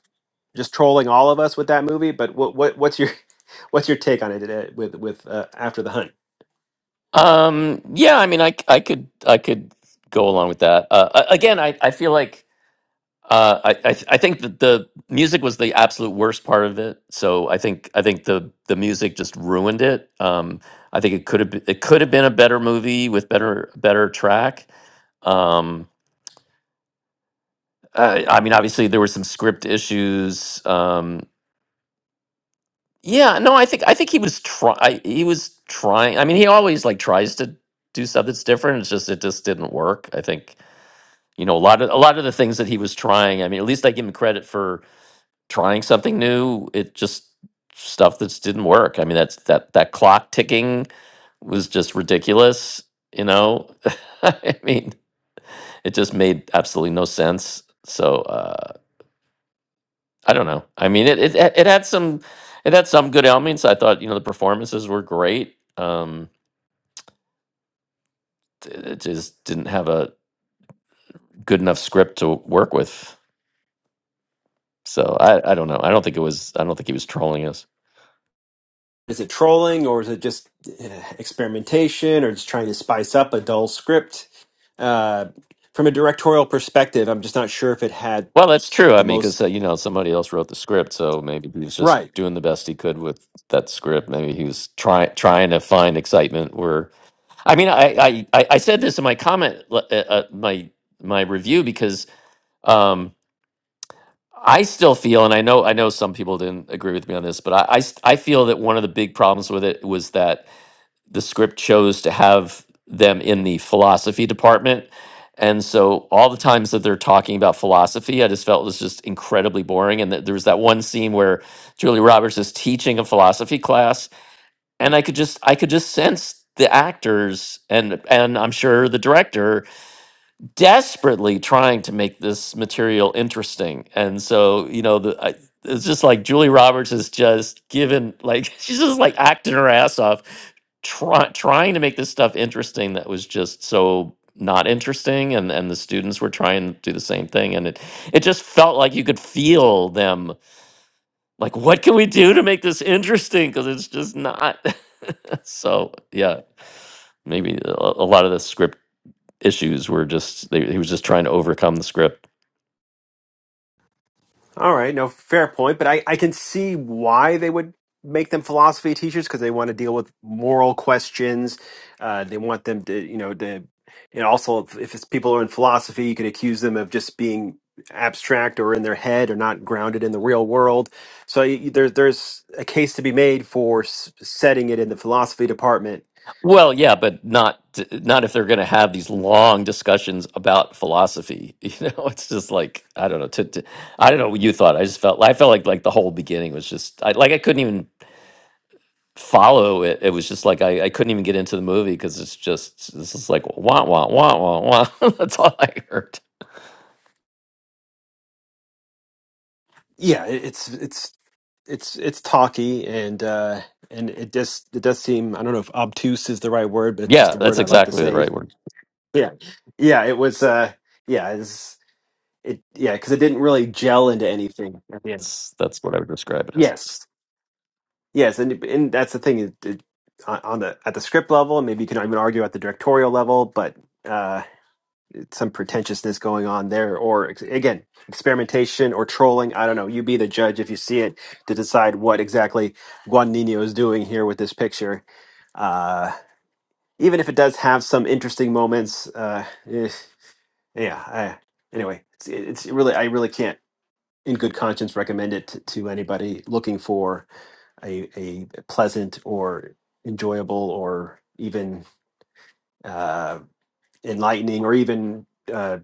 Speaker 1: just trolling all of us with that movie. But what what what's your what's your take on it uh, with with uh, After the Hunt?
Speaker 8: Um, yeah, I mean, I c- I could I could go along with that. Uh, a- again, I I feel like Uh, I I, th- I think that the music was the absolute worst part of it. So I think I think the the music just ruined it. Um, I think it could have been, it could have been a better movie with better better track. Um, I, I mean, obviously there were some script issues. Um, yeah, no, I think I think he was try he was trying. I mean, he always like tries to do stuff that's different. It's just it just didn't work. I think you know a lot of a lot of the things that he was trying. I mean, at least I give him credit for trying something new it just stuff that's didn't work i mean that's that that clock ticking was just ridiculous you know i mean it just made absolutely no sense so uh i don't know i mean it it, had- it had some it had some good elements i thought you know the performances were great um t- it just didn't have a good enough script to work with so i i don't know i don't think it was i don't think he was trolling us
Speaker 1: Is it trolling or is it just uh, experimentation or just trying to spice up a dull script? Uh, from a directorial perspective, I'm just not sure if it had
Speaker 8: Well, that's true. I
Speaker 1: the
Speaker 8: mean,
Speaker 1: most
Speaker 8: because uh, you know somebody else wrote the script, so maybe he was just
Speaker 1: right.
Speaker 8: doing the best he could with that script. Maybe he was trying trying to find excitement. Where I mean, I I I I said this in my comment, le- uh, uh, my my review, because um, I still feel, and I know I know some people didn't agree with me on this, but I I, st- I feel that one of the big problems with it was that the script chose to have them in the philosophy department. And so all the times that they're talking about philosophy, I just felt it was just incredibly boring. And that there was that one scene where Julie Roberts is teaching a philosophy class, and I could just I could just sense the actors and and I'm sure the director desperately trying to make this material interesting. And so, you know, the I, it's just like Julie Roberts is just given like she's just like acting her ass off try, trying to make this stuff interesting that was just so not interesting and and the students were trying to do the same thing and it it just felt like you could feel them like what can we do to make this interesting because it's just not so yeah maybe a, a lot of the script issues were just they, he was just trying to overcome the script.
Speaker 1: All right, no, fair point, but I, I can see why they would make them philosophy teachers because they want to deal with moral questions. Uh, they want them to, you know, to, and also if, if it's people are in philosophy, you could accuse them of just being abstract or in their head or not grounded in the real world. So y there, there's a case to be made for s- setting it in the philosophy department.
Speaker 8: Well, yeah, but not not if they're going to have these long discussions about philosophy. You know, it's just like I don't know. To, to, I don't know what you thought. I just felt I felt like like the whole beginning was just I, like I couldn't even follow it. It was just like I, I couldn't even get into the movie because it's just this is like wah wah wah wah wah. that's all I heard.
Speaker 1: Yeah, it, it's it's it's it's talky and uh, and it just it does seem I don't know if obtuse is the right word, but it's just
Speaker 8: Yeah,
Speaker 1: the word
Speaker 8: that's
Speaker 1: I like to
Speaker 8: exactly the
Speaker 1: say
Speaker 8: right word.
Speaker 1: Yeah, yeah, it was. Uh, yeah, it's, it. Yeah, because it didn't really gel into anything at the end.
Speaker 8: That's that's what I would describe it as.
Speaker 1: Yes, yes, and and that's the thing. It, it, on on the at the script level, and maybe you can even argue at the directorial level, but uh, some pretentiousness going on there, or ex- again, experimentation or trolling. I don't know. You be the judge if you see it to decide what exactly Juan Nino is doing here with this picture. Uh, even if it does have some interesting moments, uh, eh. Yeah. I, anyway, it's, it's really I really can't, in good conscience, recommend it to, to anybody looking for a a pleasant or enjoyable or even uh, enlightening or even uh,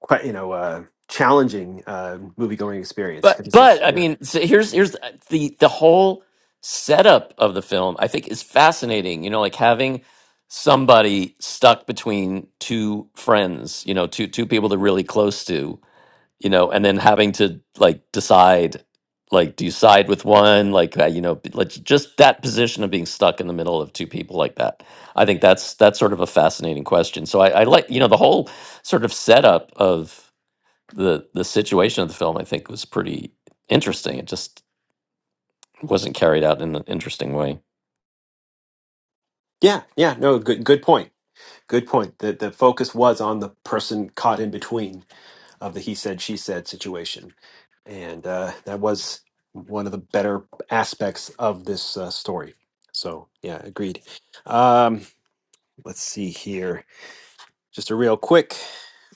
Speaker 1: quite you know uh, challenging uh, movie going experience
Speaker 8: But
Speaker 1: because it's like
Speaker 8: but I
Speaker 1: yeah
Speaker 8: mean, so here's here's uh, the the whole setup of the film. I think is fascinating. You know, like having somebody stuck between two friends. You know, two two people they're really close to. You know, and then having to like decide, like do you side with one? Like uh, you know, b- like just that position of being stuck in the middle of two people like that. I think that's that's sort of a fascinating question. So I, I like you know the whole sort of setup of the the situation of the film I think was pretty interesting. It just wasn't carried out in an interesting way.
Speaker 1: yeah yeah no good good point good point the the focus was on the person caught in between of the he said she said situation and uh, that was one of the better aspects of this uh, story. So yeah, agreed. Um, let's see here, just a real quick,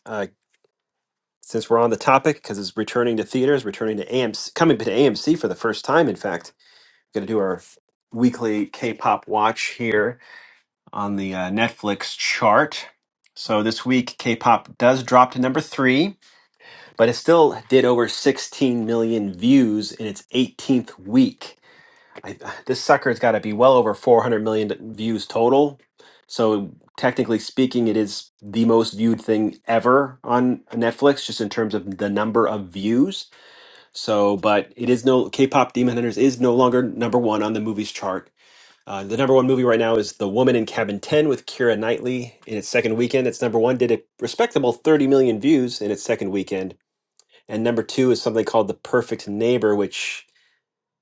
Speaker 1: uh, since we're on the topic, because it's returning to theaters, returning to AMC, coming to AMC for the first time. In fact, we're gonna do our weekly K-pop watch here on the uh, Netflix chart. So this week, K-pop does drop to number three, but it still did over 16 million views in its 18th week. I, this sucker's got to be well over 400 million views total. So technically speaking, it is the most viewed thing ever on Netflix, just in terms of the number of views. So, but it is no K-pop Demon Hunters is no longer number one on the movies chart. Uh, the number one movie right now is The Woman in Cabin 10 with Keira Knightley. In its second weekend, its number one did a respectable 30 million views in its second weekend. And number two is something called The Perfect Neighbor, which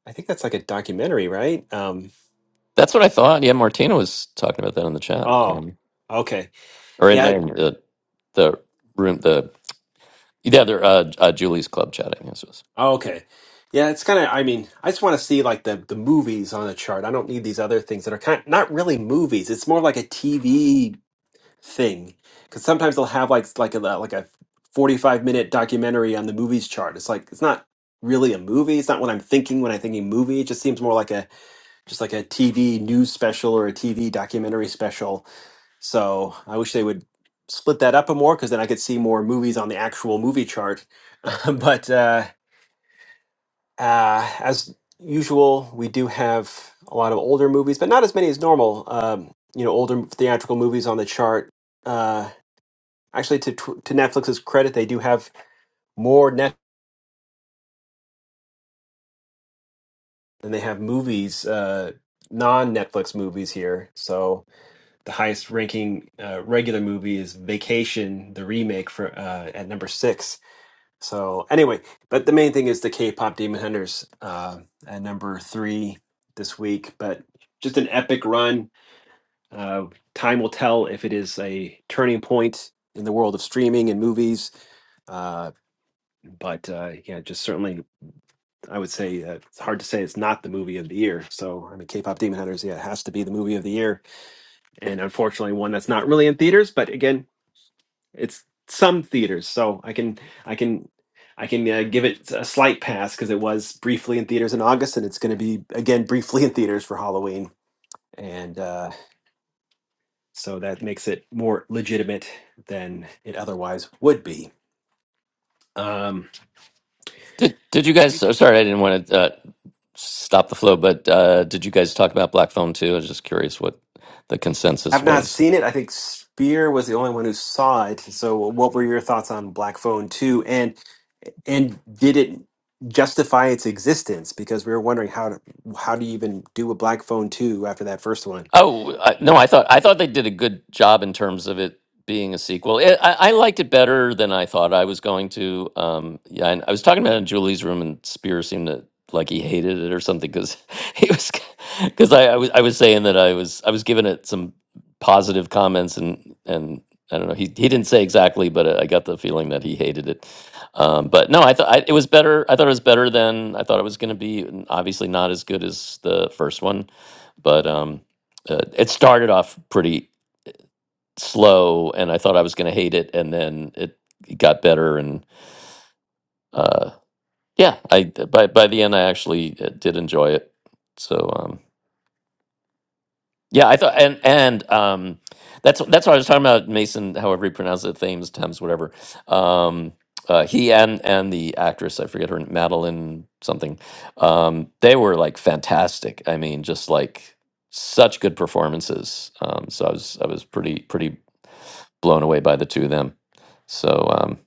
Speaker 1: I think that's like a documentary, right? Um,
Speaker 8: That's what I thought. Yeah, Martina was talking about that in the chat,
Speaker 1: Oh,
Speaker 8: um,
Speaker 1: okay.
Speaker 8: or in
Speaker 1: Yeah.
Speaker 8: in the the room. The yeah, they uh, uh, Julie's club chat. I guess it was.
Speaker 1: oh, okay. Yeah, it's kind of, I mean, I just want to see like the the movies on the chart. I don't need these other things that are kind not really movies. It's more like a TV thing because sometimes they'll have like s- like a like a 45 minute documentary on the movies chart. It's like it's not really a movie. It's not what I'm thinking when I'm thinking movie. It just seems more like a just like a TV news special or a TV documentary special. So, I wish they would split that up a more because then I could see more movies on the actual movie chart but uh, uh, as usual, we do have a lot of older movies, but not as many as normal. Um, you know, older theatrical movies on the chart. Uh, actually, to tw- to Netflix's credit, they do have more net than they have movies, uh, non-Netflix movies here. So the highest ranking uh, regular movie is Vacation, the remake for uh, at number six So anyway, but the main thing is the K-pop Demon Hunters uh, at number three this week. But just an epic run. Uh, time will tell if it is a turning point in the world of streaming and movies. Uh, but uh, yeah, just certainly, I would say uh, it's hard to say it's not the movie of the year. So I mean, K-pop Demon Hunters, yeah, it has to be the movie of the year, and unfortunately, one that's not really in theaters. But again, It's some theaters, so I can I can I can uh, give it a slight pass because it was briefly in theaters in August, and it's going to be again briefly in theaters for Halloween, and uh, so that makes it more legitimate than it otherwise would be. Um,
Speaker 8: Did did you guys? oh, Sorry, I didn't want to uh, stop the flow, but uh, did you guys talk about Black Phone too? I was just curious what the consensus
Speaker 1: I've not
Speaker 8: was.
Speaker 1: seen it. I think Spear was the only one who saw it. So, what were your thoughts on Black Phone Two, and and did it justify its existence? Because we were wondering how to, how do you even do a Black Phone Two after that first one?
Speaker 8: Oh I, no, I thought I thought they did a good job in terms of it being a sequel. It, I, I liked it better than I thought I was going to. Um, yeah, and I was talking about it in Julie's room, and Spear seemed to like he hated it or something because he was because I, I was I was saying that I was I was giving it some positive comments and and I don't know he he didn't say exactly, but I got the feeling that he hated it. Um, but no, I thought I- it was better. I thought it was better than I thought it was going to be. and Obviously, not as good as the first one, but. Um, uh, it started off pretty slow and I thought I was going to hate it and then it, got better and uh yeah I by by the end I actually uh, did enjoy it so um, Yeah, I thought, and and um, that's that's what I was talking about, Mason. However you pronounce it, Thames, Thames, whatever. Um, uh, he and and the actress, I forget her, Madeline something. Um, they were like fantastic. I mean, just like such good performances. Um, so I was I was pretty pretty blown away by the two of them. So um,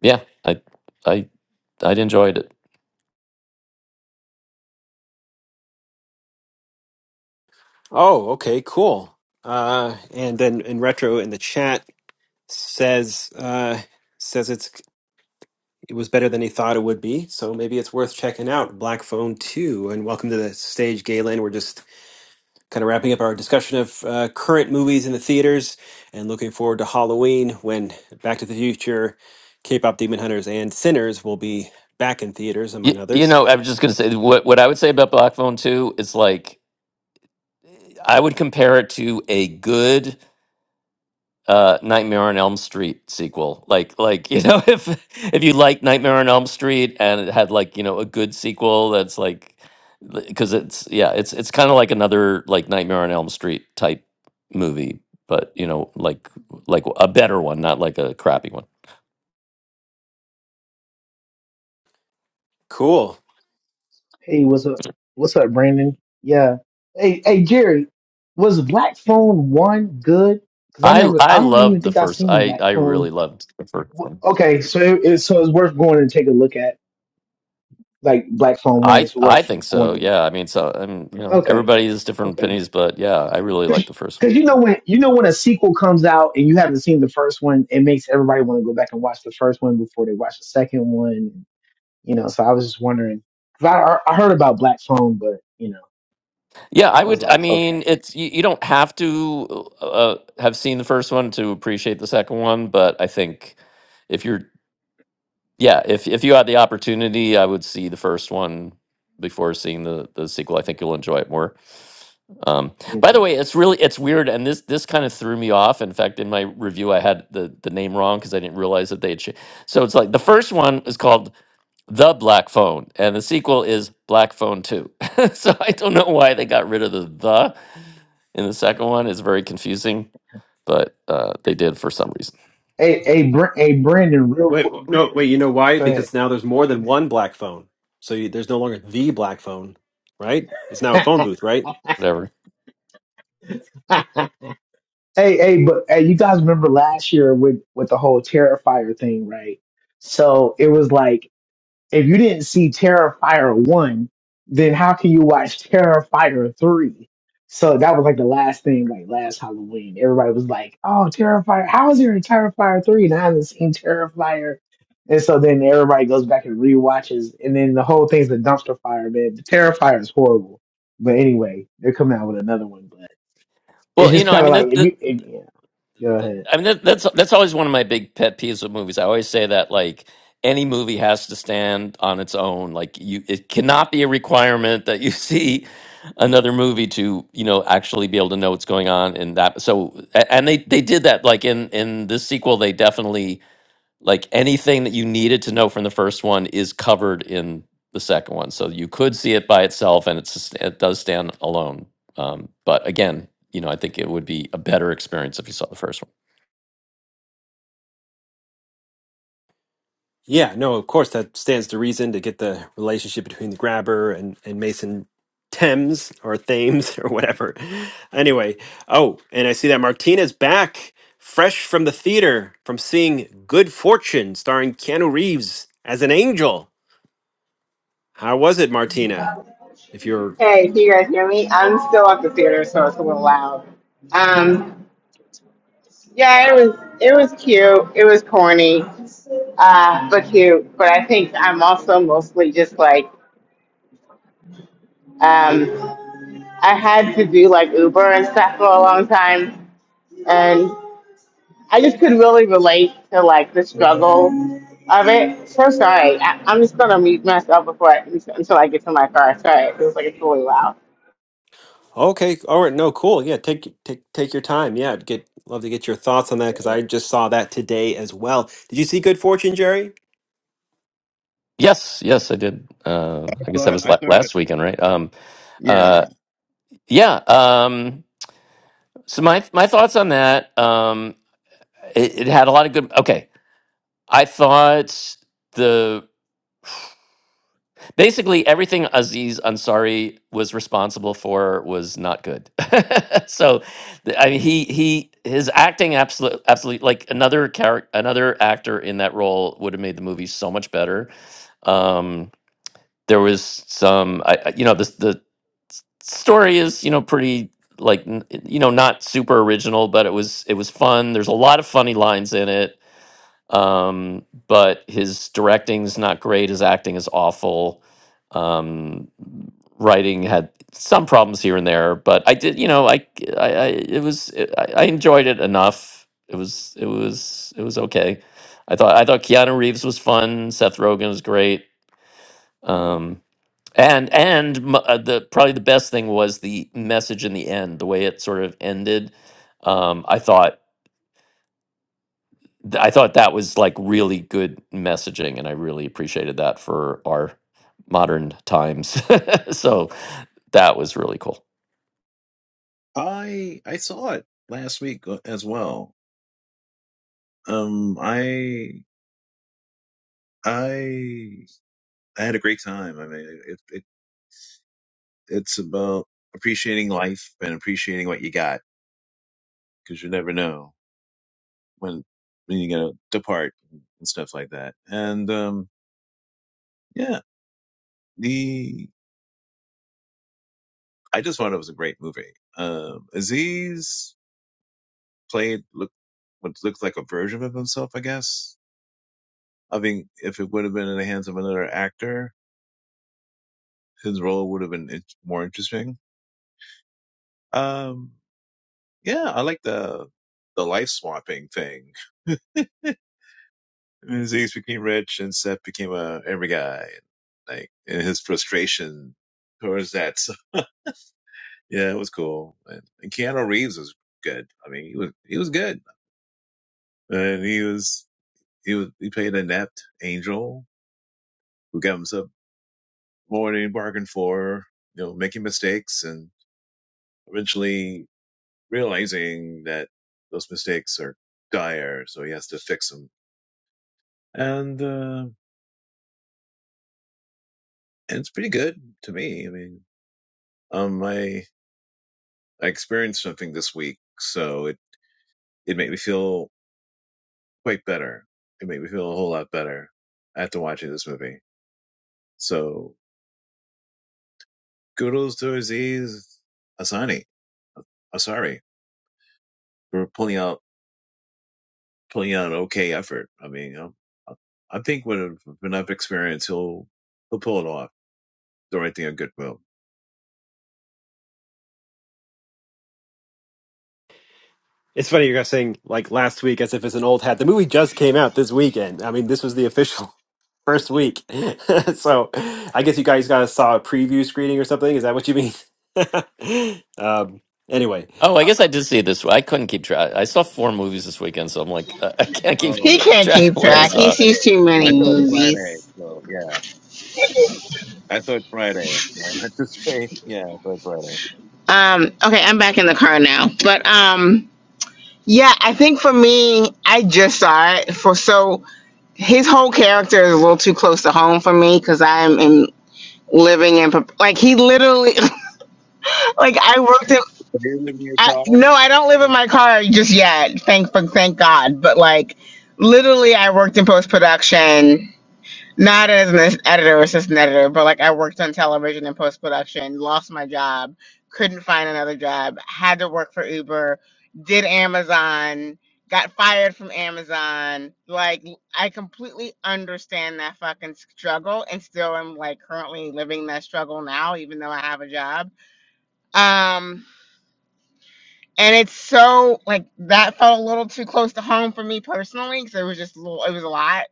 Speaker 8: yeah, I I I enjoyed it.
Speaker 1: Oh, okay, cool. Uh, and then in retro in the chat says uh, says it's it was better than he thought it would be, so maybe it's worth checking out. Black Phone Two, and welcome to the stage, Galen. We're just kind of wrapping up our discussion of uh, current movies in the theaters, and looking forward to Halloween when Back to the Future, K-pop Demon Hunters, and Sinners will be back in theaters, among
Speaker 8: You, you
Speaker 1: others.
Speaker 8: know, I was just gonna say what what I would say about Black Phone Two is like I would compare it to a good uh, Nightmare on Elm Street sequel. Like, like you know, if if you like Nightmare on Elm Street and it had like you know a good sequel, that's like because it's yeah, it's it's kind of like another like Nightmare on Elm Street type movie, but you know, like like a better one, not like a crappy one.
Speaker 1: Cool.
Speaker 12: Hey, what's up? What's up, Brandon? Yeah. Hey, hey, Jerry, was Black Phone one good? Because I
Speaker 8: I
Speaker 12: never,
Speaker 8: I
Speaker 12: I don't even
Speaker 8: loved the
Speaker 12: think i
Speaker 8: first.
Speaker 12: seen
Speaker 8: I
Speaker 12: Black
Speaker 8: I really
Speaker 12: Phone.
Speaker 8: loved the first
Speaker 12: Wh-
Speaker 8: one.
Speaker 12: Okay, so it, it, so it's worth going and take a look at. Like Black Phone one
Speaker 8: I
Speaker 12: is
Speaker 8: I
Speaker 12: worth
Speaker 8: think so.
Speaker 12: going to.
Speaker 8: Yeah. I mean, so I mean, you know,
Speaker 12: Okay,
Speaker 8: everybody has different
Speaker 12: okay.
Speaker 8: opinions, but yeah, I really like the first one.
Speaker 12: Because you know when you know when a sequel comes out and you haven't seen the first one, it makes everybody want to go back and watch the first one before they watch the second one. You know, so I was just wondering. Cause I I heard about Black Phone, but you know,
Speaker 8: Yeah, I
Speaker 12: I was
Speaker 8: would. I
Speaker 12: like, okay,
Speaker 8: mean, it's you, you don't have to uh, uh, have seen the first one to appreciate the second one, but I think if you're, yeah, if if you had the opportunity, I would see the first one before seeing the the sequel. I think you'll enjoy it more. Um, by the
Speaker 12: okay.
Speaker 8: way, it's really it's weird, and this this kind of threw me off. In fact, in my review, I had the the name wrong because I didn't realize that they had. Cha- so it's like the first one is called the Black Phone, and the sequel is Black Phone 2. so I don't know why they got rid of the the in the second one. It's very confusing, but uh, they did for some reason.
Speaker 12: Hey, hey, Br- hey, Brandon, real
Speaker 1: Wait,
Speaker 12: quick.
Speaker 1: no, wait. You know why?
Speaker 12: Go
Speaker 1: Because
Speaker 12: ahead.
Speaker 1: now there's more than one black phone, so you, there's no longer the black phone, right? It's now a phone booth, right?
Speaker 8: Whatever.
Speaker 12: Hey, hey, but hey, you guys remember last year with with the whole Terrifier thing, right? So it was like If you didn't see Terrifier 1, then how can you watch Terrifier 3? So that was like the last thing, like last Halloween. Everybody was like, oh, Terrifier, how is there a Terrifier 3? And I haven't seen Terrifier. And so then everybody goes back and rewatches. And then the whole thing's a dumpster fire, man. The Terrifier is horrible. But anyway, they're coming out with another one. But it's
Speaker 8: Well, you
Speaker 12: just
Speaker 8: know, I
Speaker 12: kind of
Speaker 8: mean
Speaker 12: like,
Speaker 8: that,
Speaker 12: if
Speaker 8: that
Speaker 12: you, if, yeah, go ahead.
Speaker 8: I mean that, that's that's always one of my big pet peeves with movies. I always say that like any movie has to stand on its own. Like you it cannot be a requirement that you see another movie to you know actually be able to know what's going on in that so a- and they they did that like in in this sequel they definitely like anything that you needed to know from the first one is covered in the second one so you could see it by itself and it's just- it does stand alone um, but again you know i think it would be a better experience if you saw the first one
Speaker 1: Yeah, no, of course that stands to reason to get the relationship between the grabber and, and Mason Thames or Thames or whatever. Anyway, oh, and I see that Martinez back, fresh from the theater, from seeing Good Fortune starring Keanu Reeves as an angel. How was it, Martina? If you're
Speaker 3: Hey, do you guys hear me? I'm still at the theater, so it's a little loud. Um, yeah, it was it was cute. It was corny, uh, but cute. But I think I'm also mostly just like. um. I had to do like Uber and stuff for a long time, and I just could really relate to like the struggle of it. So sorry, I, I'm just gonna mute myself before I, until I get to my car. Sorry, it was like it's really loud.
Speaker 1: okay, all right, no, cool. Yeah, take take take your time. Yeah, I'd get love to get your thoughts on that because
Speaker 10: Uh,
Speaker 1: I just saw that today as well. Did you see Good Fortune, Jerry?
Speaker 8: yes yes i did uh,
Speaker 10: I
Speaker 8: i guess that
Speaker 10: thought
Speaker 8: was
Speaker 10: I
Speaker 8: la-
Speaker 10: thought
Speaker 8: last weekend right um,
Speaker 10: yeah.
Speaker 8: uh, yeah um, So my my thoughts on that. Um, it, it had a lot of good. Okay, I thought the basically everything Aziz Ansari was responsible for was not good. so th- I mean, he he his acting absolutely absolutely like another character another actor in that role would have made the movie so much better. Um, there was some I, I- you know the the story is you know pretty like n- you know not super original but it was it was fun there's a lot of funny lines in it um, but his directing's not great. His acting is awful. Um, writing had some problems here and there, but I did, you know, I, I, I it was, I, I enjoyed it enough. It was, it was, it was okay. I thought, I thought Keanu Reeves was fun. Seth Rogen was great. Um, and and m- uh, the probably the best thing was the message in the end, the way it sort of ended. Um, I thought th- I thought that was like really good messaging, and I really appreciated that for our modern times. so that was really cool.
Speaker 10: I I saw it last week as well. Um, I I I had a great time. I mean, it, it It's about appreciating life and appreciating what you got because you never know when when you're gonna depart and stuff like that. And um, yeah, the I just thought it was a great movie. Um, Aziz played look what looked like a version of himself, I guess. I think if it would have been in the hands of another actor, his role would have been in- more interesting. Um, yeah, I like the the life swapping thing. And Ziggs became rich and Seth became a every guy. Like and his frustration towards that. So yeah, it was cool. And, and Keanu Reeves was good. I mean, he was he was good. And he was he was he played an inept angel who got himself more than he bargained for, you know, making mistakes and eventually realizing that those mistakes are dire, so he has to fix them. And uh and it's pretty good to me. I mean, um, my I experienced something this week, so it it made me feel quite better. It made me feel a whole lot better after watching this movie. So kudos to Aziz Asani Asari for pulling out pulling out an okay effort. I mean, um, I, I think with enough experience, he'll he'll pull it off. Directing a good film.
Speaker 1: It's funny you guys saying like last week as if it's an old hat. The movie just came out this weekend. I mean, this was the official first week. so I guess you guys guys saw a preview screening or something. Is that what you mean? um, anyway,
Speaker 8: Oh, I guess I did see it this way. I couldn't keep track. I saw four movies this weekend, so I'm like, uh, I can't keep
Speaker 3: He
Speaker 10: Oh
Speaker 3: can't
Speaker 8: track
Speaker 3: keep
Speaker 8: of what
Speaker 10: yeah,
Speaker 8: I
Speaker 3: track. He
Speaker 8: saw.
Speaker 3: sees too many
Speaker 10: I saw it Friday.
Speaker 3: movies.
Speaker 10: So yeah, I saw it Friday. So I meant to say yeah, I saw it Friday.
Speaker 3: Um, okay, I'm back in the car now, but um, yeah, I think for me, I just saw it for so his whole character is a little too close to home for me because I'm in living in like he literally Like I worked in.
Speaker 10: You're in your
Speaker 3: I,
Speaker 10: car?
Speaker 3: no, I don't
Speaker 10: Are
Speaker 3: live in
Speaker 10: you-
Speaker 3: my car just yet. Thank, but thank God. But like, literally, I worked in post production, not as an editor, or assistant editor, but like I worked on television in post production. Lost my job, couldn't find another job. Had to work for Uber. Did Amazon. Got fired from Amazon. Like, I completely understand that fucking struggle, and still am like currently living that struggle now, even though I have a job. Um, and it's so like that felt a little too close to home for me personally because it was just a little it was a lot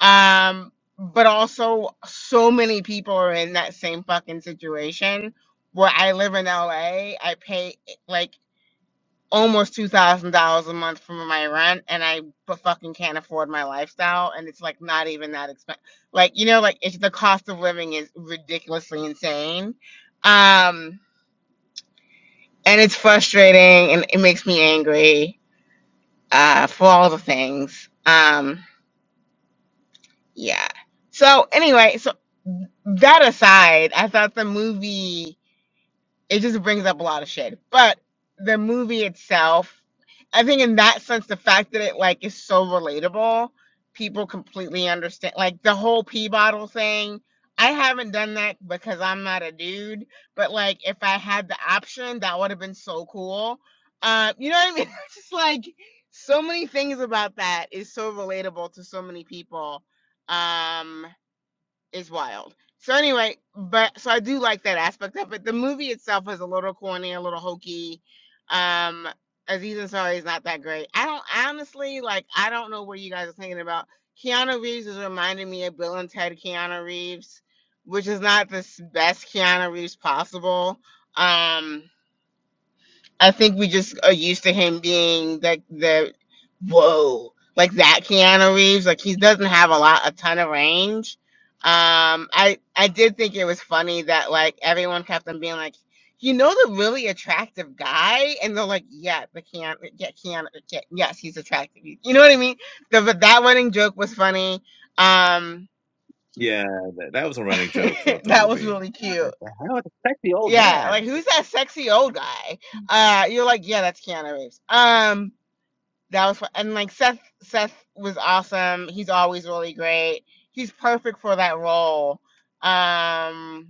Speaker 3: um but also so many people are in that same fucking situation where i live in la i pay like almost $2000 a month for my rent and i bu- fucking can't afford my lifestyle and it's like not even that expensive like you know like it's the cost of living is ridiculously insane um and it's frustrating and it makes me angry uh, for all the things. Um, yeah. So anyway, so that aside, I thought the movie it just brings up a lot of shit. But the movie itself, I think in that sense, the fact that it like is so relatable, people completely understand like the whole pee bottle thing. I haven't done that because I'm not a dude, but like if I had the option, that would have been so cool. Uh, you know what I mean? It's just like so many things about that is so relatable to so many people. Um, is wild. So anyway, but so I do like that aspect of it. The movie itself is a little corny, a little hokey. Um, Aziz Ansari is not that great. I don't honestly like. I don't know what you guys are thinking about. Keanu Reeves is reminding me of Bill and Ted Keanu Reeves, which is not the s- best Keanu Reeves possible. Um, I think we just are used to him being like the whoa, like that Keanu Reeves. Like he doesn't have a lot, a ton of range. Um, I I did think it was funny that like everyone kept on being like, you know, the really attractive guy, and they're like, yeah, the Keanu, yeah, Keanu, yeah, yes, he's attractive. You know what I mean? The, but that running joke was funny. Um,
Speaker 10: Yeah, that, that was a running joke throughout the
Speaker 3: that was
Speaker 10: movie.
Speaker 3: really cute.
Speaker 10: That- How would affect the sexy old
Speaker 3: Yeah,
Speaker 10: man.
Speaker 3: like who's that sexy old guy? Uh, you're like, yeah, that's Keanu Reeves. Um that was fun. and like Seth Seth was awesome. He's always really great. He's perfect for that role. Um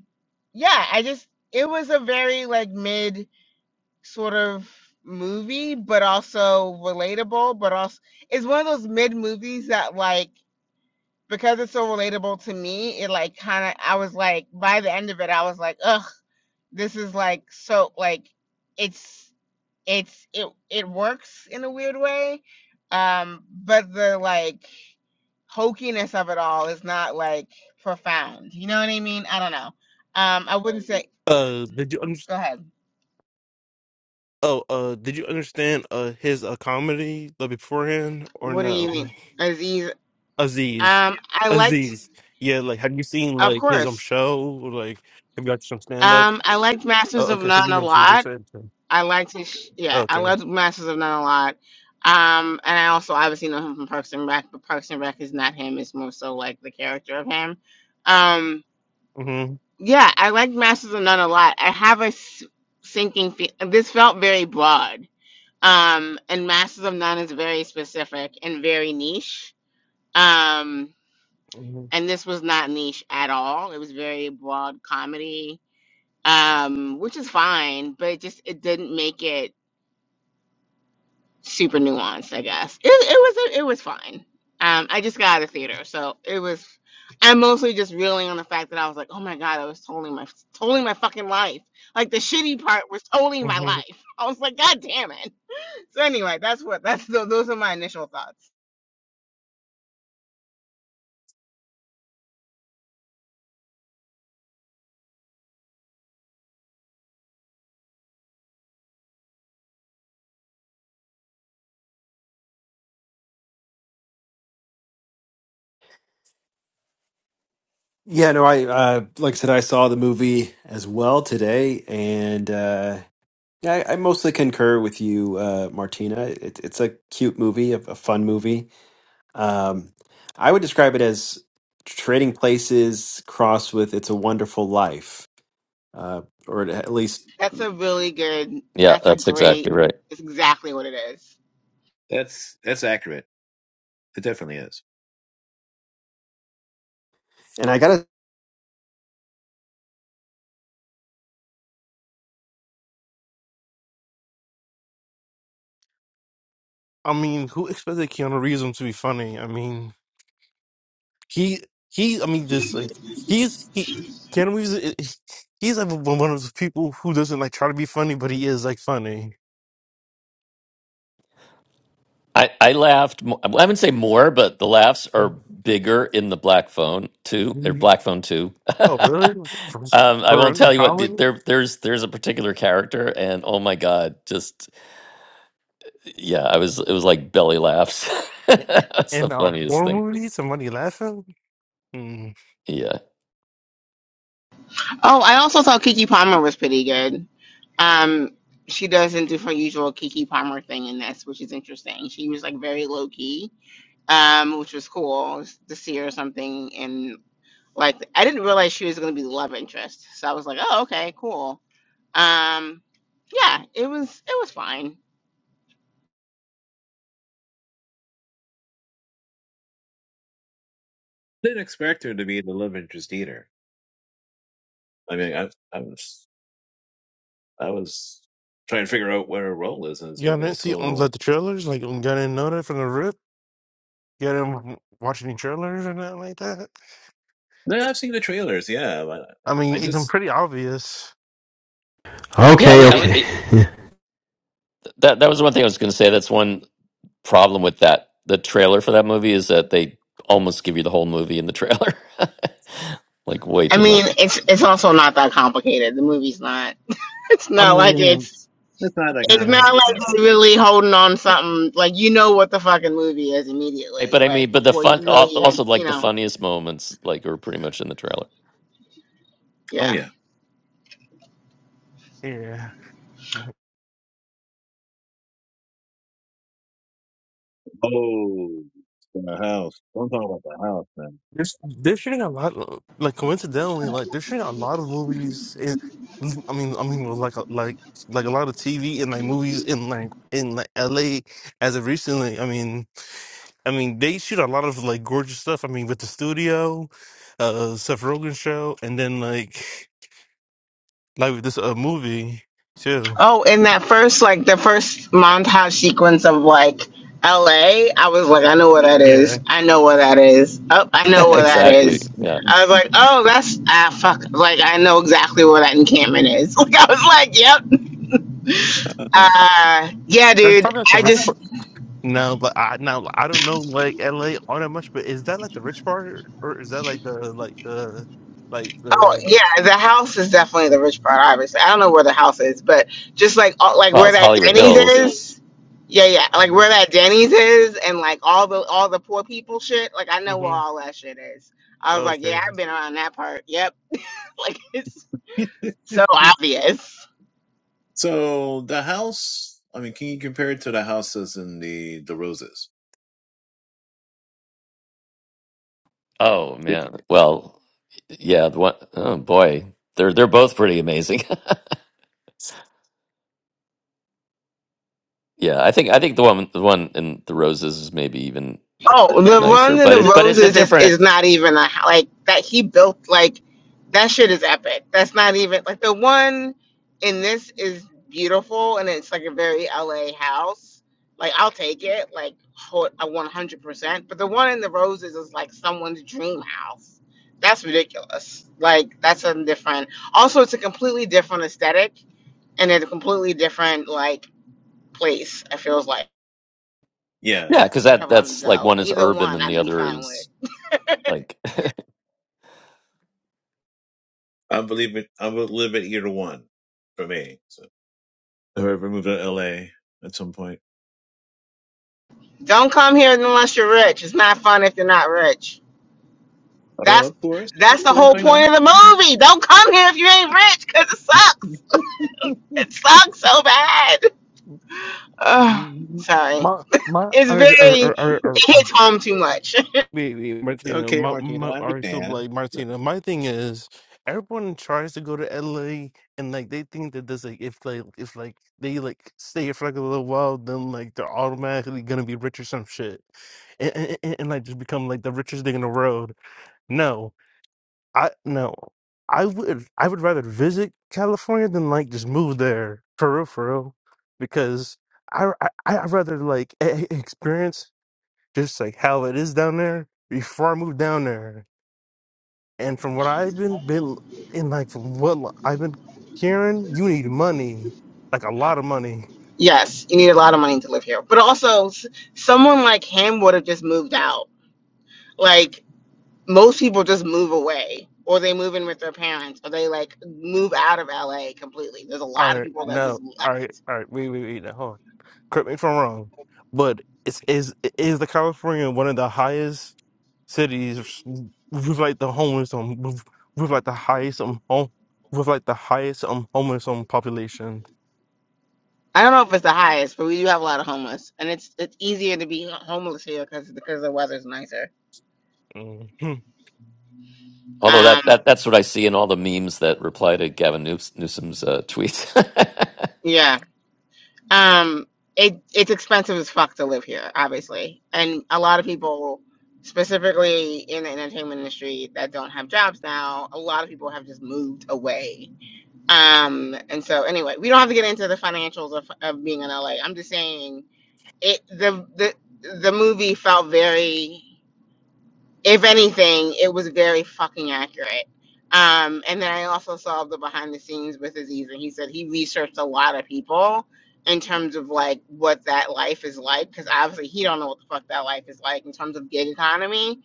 Speaker 3: yeah, I just it was a very like mid sort of movie but also relatable but also it's one of those mid movies that like because it's so relatable to me it like kind of i was like by the end of it i was like ugh this is like so like it's it's it it works in a weird way um but the like hokiness of it all is not like profound you know what i mean i don't know um i wouldn't say
Speaker 7: uh, did you
Speaker 3: go
Speaker 7: understand?
Speaker 3: ahead
Speaker 7: Oh, uh, did you understand uh his uh, comedy the beforehand or
Speaker 3: what do you
Speaker 7: no?
Speaker 3: mean aziz
Speaker 7: Aziz.
Speaker 3: um i liked
Speaker 7: Aziz. Yeah, like have you seen
Speaker 3: of
Speaker 7: like his um
Speaker 3: course
Speaker 7: show? Or, Like have you watched some stand up?
Speaker 3: um i liked masters
Speaker 7: Oh,
Speaker 3: of
Speaker 7: okay, so you
Speaker 3: none a
Speaker 7: never seen this
Speaker 3: lot
Speaker 7: episode.
Speaker 3: i liked his sh- yeah i
Speaker 7: Okay.
Speaker 3: loved masters of none a lot um and i also obviously know him from parks and rec but parks and rec is not him it's more so like the character of him Um.
Speaker 7: Mhm.
Speaker 3: Yeah, I like Masters of None a lot. I have a s- sinking. Fe- this felt very broad, um, and Masters of None is very specific and very niche. Um,
Speaker 7: Mhm.
Speaker 3: and this was not niche at all. It was very broad comedy, um, which is fine, but it just it didn't make it. super nuanced, I guess. It it was it was fine. Um, I just got out of theater, so it was. I'm mostly just reeling on the fact that I was like, oh my god, I was totally my totally my fucking life. Like the shitty part was totally my
Speaker 7: Mhm.
Speaker 3: life. I was like, god damn it. So anyway, that's what that's tho- those are my initial thoughts.
Speaker 1: Yeah, no, I uh, like I said, I saw the movie as well today, and uh, yeah, I, I mostly concur with you, uh, Martina. It, it's a cute movie, a, a fun movie. Um, I would describe it as Trading Places crossed with It's a Wonderful Life, uh, or at least.
Speaker 3: That's a really good.
Speaker 8: Yeah,
Speaker 3: That's a
Speaker 8: that's exactly
Speaker 3: great.
Speaker 8: right.
Speaker 3: It's exactly what it is.
Speaker 10: That's that's accurate. It definitely is.
Speaker 1: And I gotta
Speaker 7: I mean, who expected Keanu Reeves to be funny? I mean, he he I mean just like he's he Keanu Reeves i- i- he's like one of those people who doesn't like try to be funny, but he is like funny.
Speaker 8: I, I laughed. mo- I wouldn't say more, but the laughs are bigger in the Black Phone Two or
Speaker 7: Mhm.
Speaker 8: Black Phone Two.
Speaker 7: Oh,
Speaker 8: um,
Speaker 7: really? For
Speaker 8: I
Speaker 7: for
Speaker 8: won't
Speaker 7: a
Speaker 8: tell you what the-
Speaker 7: comedy?
Speaker 8: there. There's there's a particular character, and oh my god, just yeah, I was it was like belly laughs. That's the
Speaker 7: In a
Speaker 8: funniest
Speaker 7: horror
Speaker 8: thing.
Speaker 7: movie, somebody laughing? Mm-hmm.
Speaker 8: Yeah.
Speaker 3: Oh, I also thought Kiki Palmer was pretty good. Um, she doesn't do her usual Kiki Palmer thing in this, which is interesting. She was like very low key um, which was cool to see her or something. And like, I didn't realize she was going to be the love interest, so I was like, oh, okay, cool. Um, yeah, it was it was fine.
Speaker 10: Didn't expect her to be the love interest either. I mean, I, I was I was trying to figure out what her role is in this
Speaker 7: Y'all
Speaker 10: movie
Speaker 7: didn't see on like
Speaker 10: until
Speaker 7: the trailers? Like, y'all didn't know that from the rip? Y'all didn't watch any trailers or nothing like that?
Speaker 10: no, I've seen the trailers. Yeah, but
Speaker 7: I mean,
Speaker 10: I
Speaker 7: it's
Speaker 10: just
Speaker 7: pretty obvious.
Speaker 8: Yeah,
Speaker 1: Okay,
Speaker 8: but it, that that was one thing I was going to say. That's one problem with that the trailer for that movie is that they almost give you the whole movie in the trailer. like way
Speaker 3: I
Speaker 8: too
Speaker 3: mean,
Speaker 8: much.
Speaker 3: it's it's also not that complicated. The movie's not. It's
Speaker 7: I
Speaker 3: not like
Speaker 7: mean,
Speaker 3: it's.
Speaker 10: it's not that
Speaker 3: It's
Speaker 7: yeah,
Speaker 3: not
Speaker 10: complicated.
Speaker 3: like
Speaker 10: Definitely.
Speaker 3: they really holding on something like you know what the fucking movie is
Speaker 8: Hey,
Speaker 3: immediately,
Speaker 8: But I
Speaker 3: like
Speaker 8: mean, but the
Speaker 3: before
Speaker 8: fun
Speaker 3: you really
Speaker 8: al-
Speaker 3: even
Speaker 8: also
Speaker 3: you
Speaker 8: like the
Speaker 3: know.
Speaker 8: funniest moments like are pretty much in the trailer.
Speaker 10: Oh
Speaker 3: Yeah.
Speaker 10: yeah.
Speaker 7: yeah.
Speaker 10: Oh, the house. Don't talk about
Speaker 7: There's, they're shooting a lot, of- like coincidentally, like they're shooting a lot of movies. In, I mean, I mean, well, like, a- like, like a lot of TV and like movies in like in like LA as of recently. I mean, I mean, they shoot a lot of like gorgeous stuff. I mean, with the studio, uh, Seth Rogen show, and then like. like with this uh, movie too.
Speaker 3: Oh, in that first, like the first montage sequence of like LA, I was like, I know where that is.
Speaker 7: Yeah,
Speaker 3: I know where that is. Oh, I know where that
Speaker 10: the house,
Speaker 8: exactly.
Speaker 3: is.
Speaker 8: Yeah.
Speaker 3: I was like, oh, that's ah fuck. Like I know exactly where that encampment is. Like I was like, yep.
Speaker 10: man.
Speaker 3: Uh yeah,
Speaker 7: that's
Speaker 3: dude.
Speaker 7: probably like the
Speaker 3: I
Speaker 7: rich
Speaker 3: just
Speaker 7: part. No, but I now like, I don't know like LA all that much, but is that like the rich part or or is that like the like the like
Speaker 3: Oh
Speaker 7: the
Speaker 3: yeah, the house is definitely the
Speaker 7: okay?
Speaker 3: rich part. Obviously, I don't know where the house is, but just like all, like
Speaker 8: Well,
Speaker 3: where
Speaker 8: it's
Speaker 3: that
Speaker 8: Hollywood
Speaker 3: Denny's
Speaker 8: Hills.
Speaker 3: is, yeah, yeah, like where that Denny's is, and like all the all the poor people shit. Like I know where
Speaker 7: Mm-hmm.
Speaker 3: all that shit is. I was like,
Speaker 7: Okay.
Speaker 3: yeah, I've been around that part. Yep, like it's so obvious.
Speaker 10: So the house, I mean, can you compare it to the houses in the the roses?
Speaker 8: Oh
Speaker 10: Yep.
Speaker 8: man. Well, yeah, the one oh boy. They're they're both pretty amazing. Yeah, I think I think the one the one in the roses is maybe even
Speaker 3: Oh, the
Speaker 8: nicer,
Speaker 3: Runs and
Speaker 8: but
Speaker 3: the
Speaker 8: it but it's a
Speaker 3: Roses is,
Speaker 8: different
Speaker 3: is not even a like that he built like that shit is epic. That's not even like the one in this is beautiful and it's like a very LA house. Like I'll take it like ho- a 100%, but the one in the Roses is like someone's dream house. That's ridiculous. Like that's a different. Also it's a completely different aesthetic and it's a completely different like place. It feels like
Speaker 8: yeah
Speaker 10: Yeah,
Speaker 8: because
Speaker 10: yeah.
Speaker 8: that
Speaker 3: of them
Speaker 8: that's like
Speaker 3: though.
Speaker 8: one is
Speaker 3: Either
Speaker 8: urban
Speaker 3: one
Speaker 8: and the
Speaker 3: I'd be
Speaker 8: other
Speaker 3: fine with.
Speaker 8: is like
Speaker 10: I believe it. I would live at either one for me. So if I ever move to L.A. at some point,
Speaker 3: Don't come here unless you're rich. It's not fun if you're not rich.
Speaker 10: oh,
Speaker 3: That's
Speaker 10: of course, of
Speaker 3: that's the
Speaker 10: course,
Speaker 3: whole
Speaker 10: I
Speaker 3: point
Speaker 10: know.
Speaker 3: of the movie. Don't come here if you ain't rich, cause it sucks. It sucks so bad. Ugh,
Speaker 7: Mm,
Speaker 3: sorry.
Speaker 7: My my
Speaker 3: It's
Speaker 7: I,
Speaker 3: very
Speaker 7: I, I,
Speaker 3: it hits home too much.
Speaker 7: Wait, wait, Martina.
Speaker 10: okay,
Speaker 7: My,
Speaker 10: Martina,
Speaker 7: my,
Speaker 10: I
Speaker 7: all right, so
Speaker 10: understand.
Speaker 7: like Martina, my thing is everyone tries to go to LA and like they think that this like if like if like they like stay for like a little while, then like they're automatically gonna be rich or some shit, and and, and, and like just become like the richest thing in the world. No, I no, I would I would rather visit California than like just move there for real, for real, because I I I'd rather like e- e- experience just like how it is down there before I moved down there. And from what I've been been and like from what li- I've been hearing, you need money, like a lot of money.
Speaker 3: yes, you need a lot of money to live here, but also s- someone like him would have just moved out. Like most people just move away. Or they move in with their parents, or they like move out of LA completely. There's a
Speaker 7: All
Speaker 3: lot of
Speaker 7: right,
Speaker 3: people that have
Speaker 7: no,
Speaker 3: just
Speaker 7: all right,
Speaker 3: left
Speaker 7: all right, wait, wait, wait, now, hold on. Correct me if I'm wrong, but it's is is the California one of the highest cities with like the homeless um with, with like the highest um home with like the highest um homeless um population.
Speaker 3: I don't know if it's the highest, but we do have a lot of homeless, and it's it's easier to be homeless here because because the weather's nicer.
Speaker 7: Mhm.
Speaker 8: although that
Speaker 3: Um,
Speaker 8: that that's what I see in all the memes that reply to Gavin News- Newsom's uh, tweets.
Speaker 3: yeah. Um, it it's expensive as fuck to live here, obviously, and a lot of people, specifically in the entertainment industry, that don't have jobs now, a lot of people have just moved away. Um, and so anyway, we don't have to get into the financials of of being in LA. I'm just saying it the the the movie felt very if anything, it was very fucking accurate. Um, and then I also saw the behind the scenes with Aziz, and he said he researched a lot of people in terms of like what that life is like, because obviously he don't know what the fuck that life is like in terms of gig economy,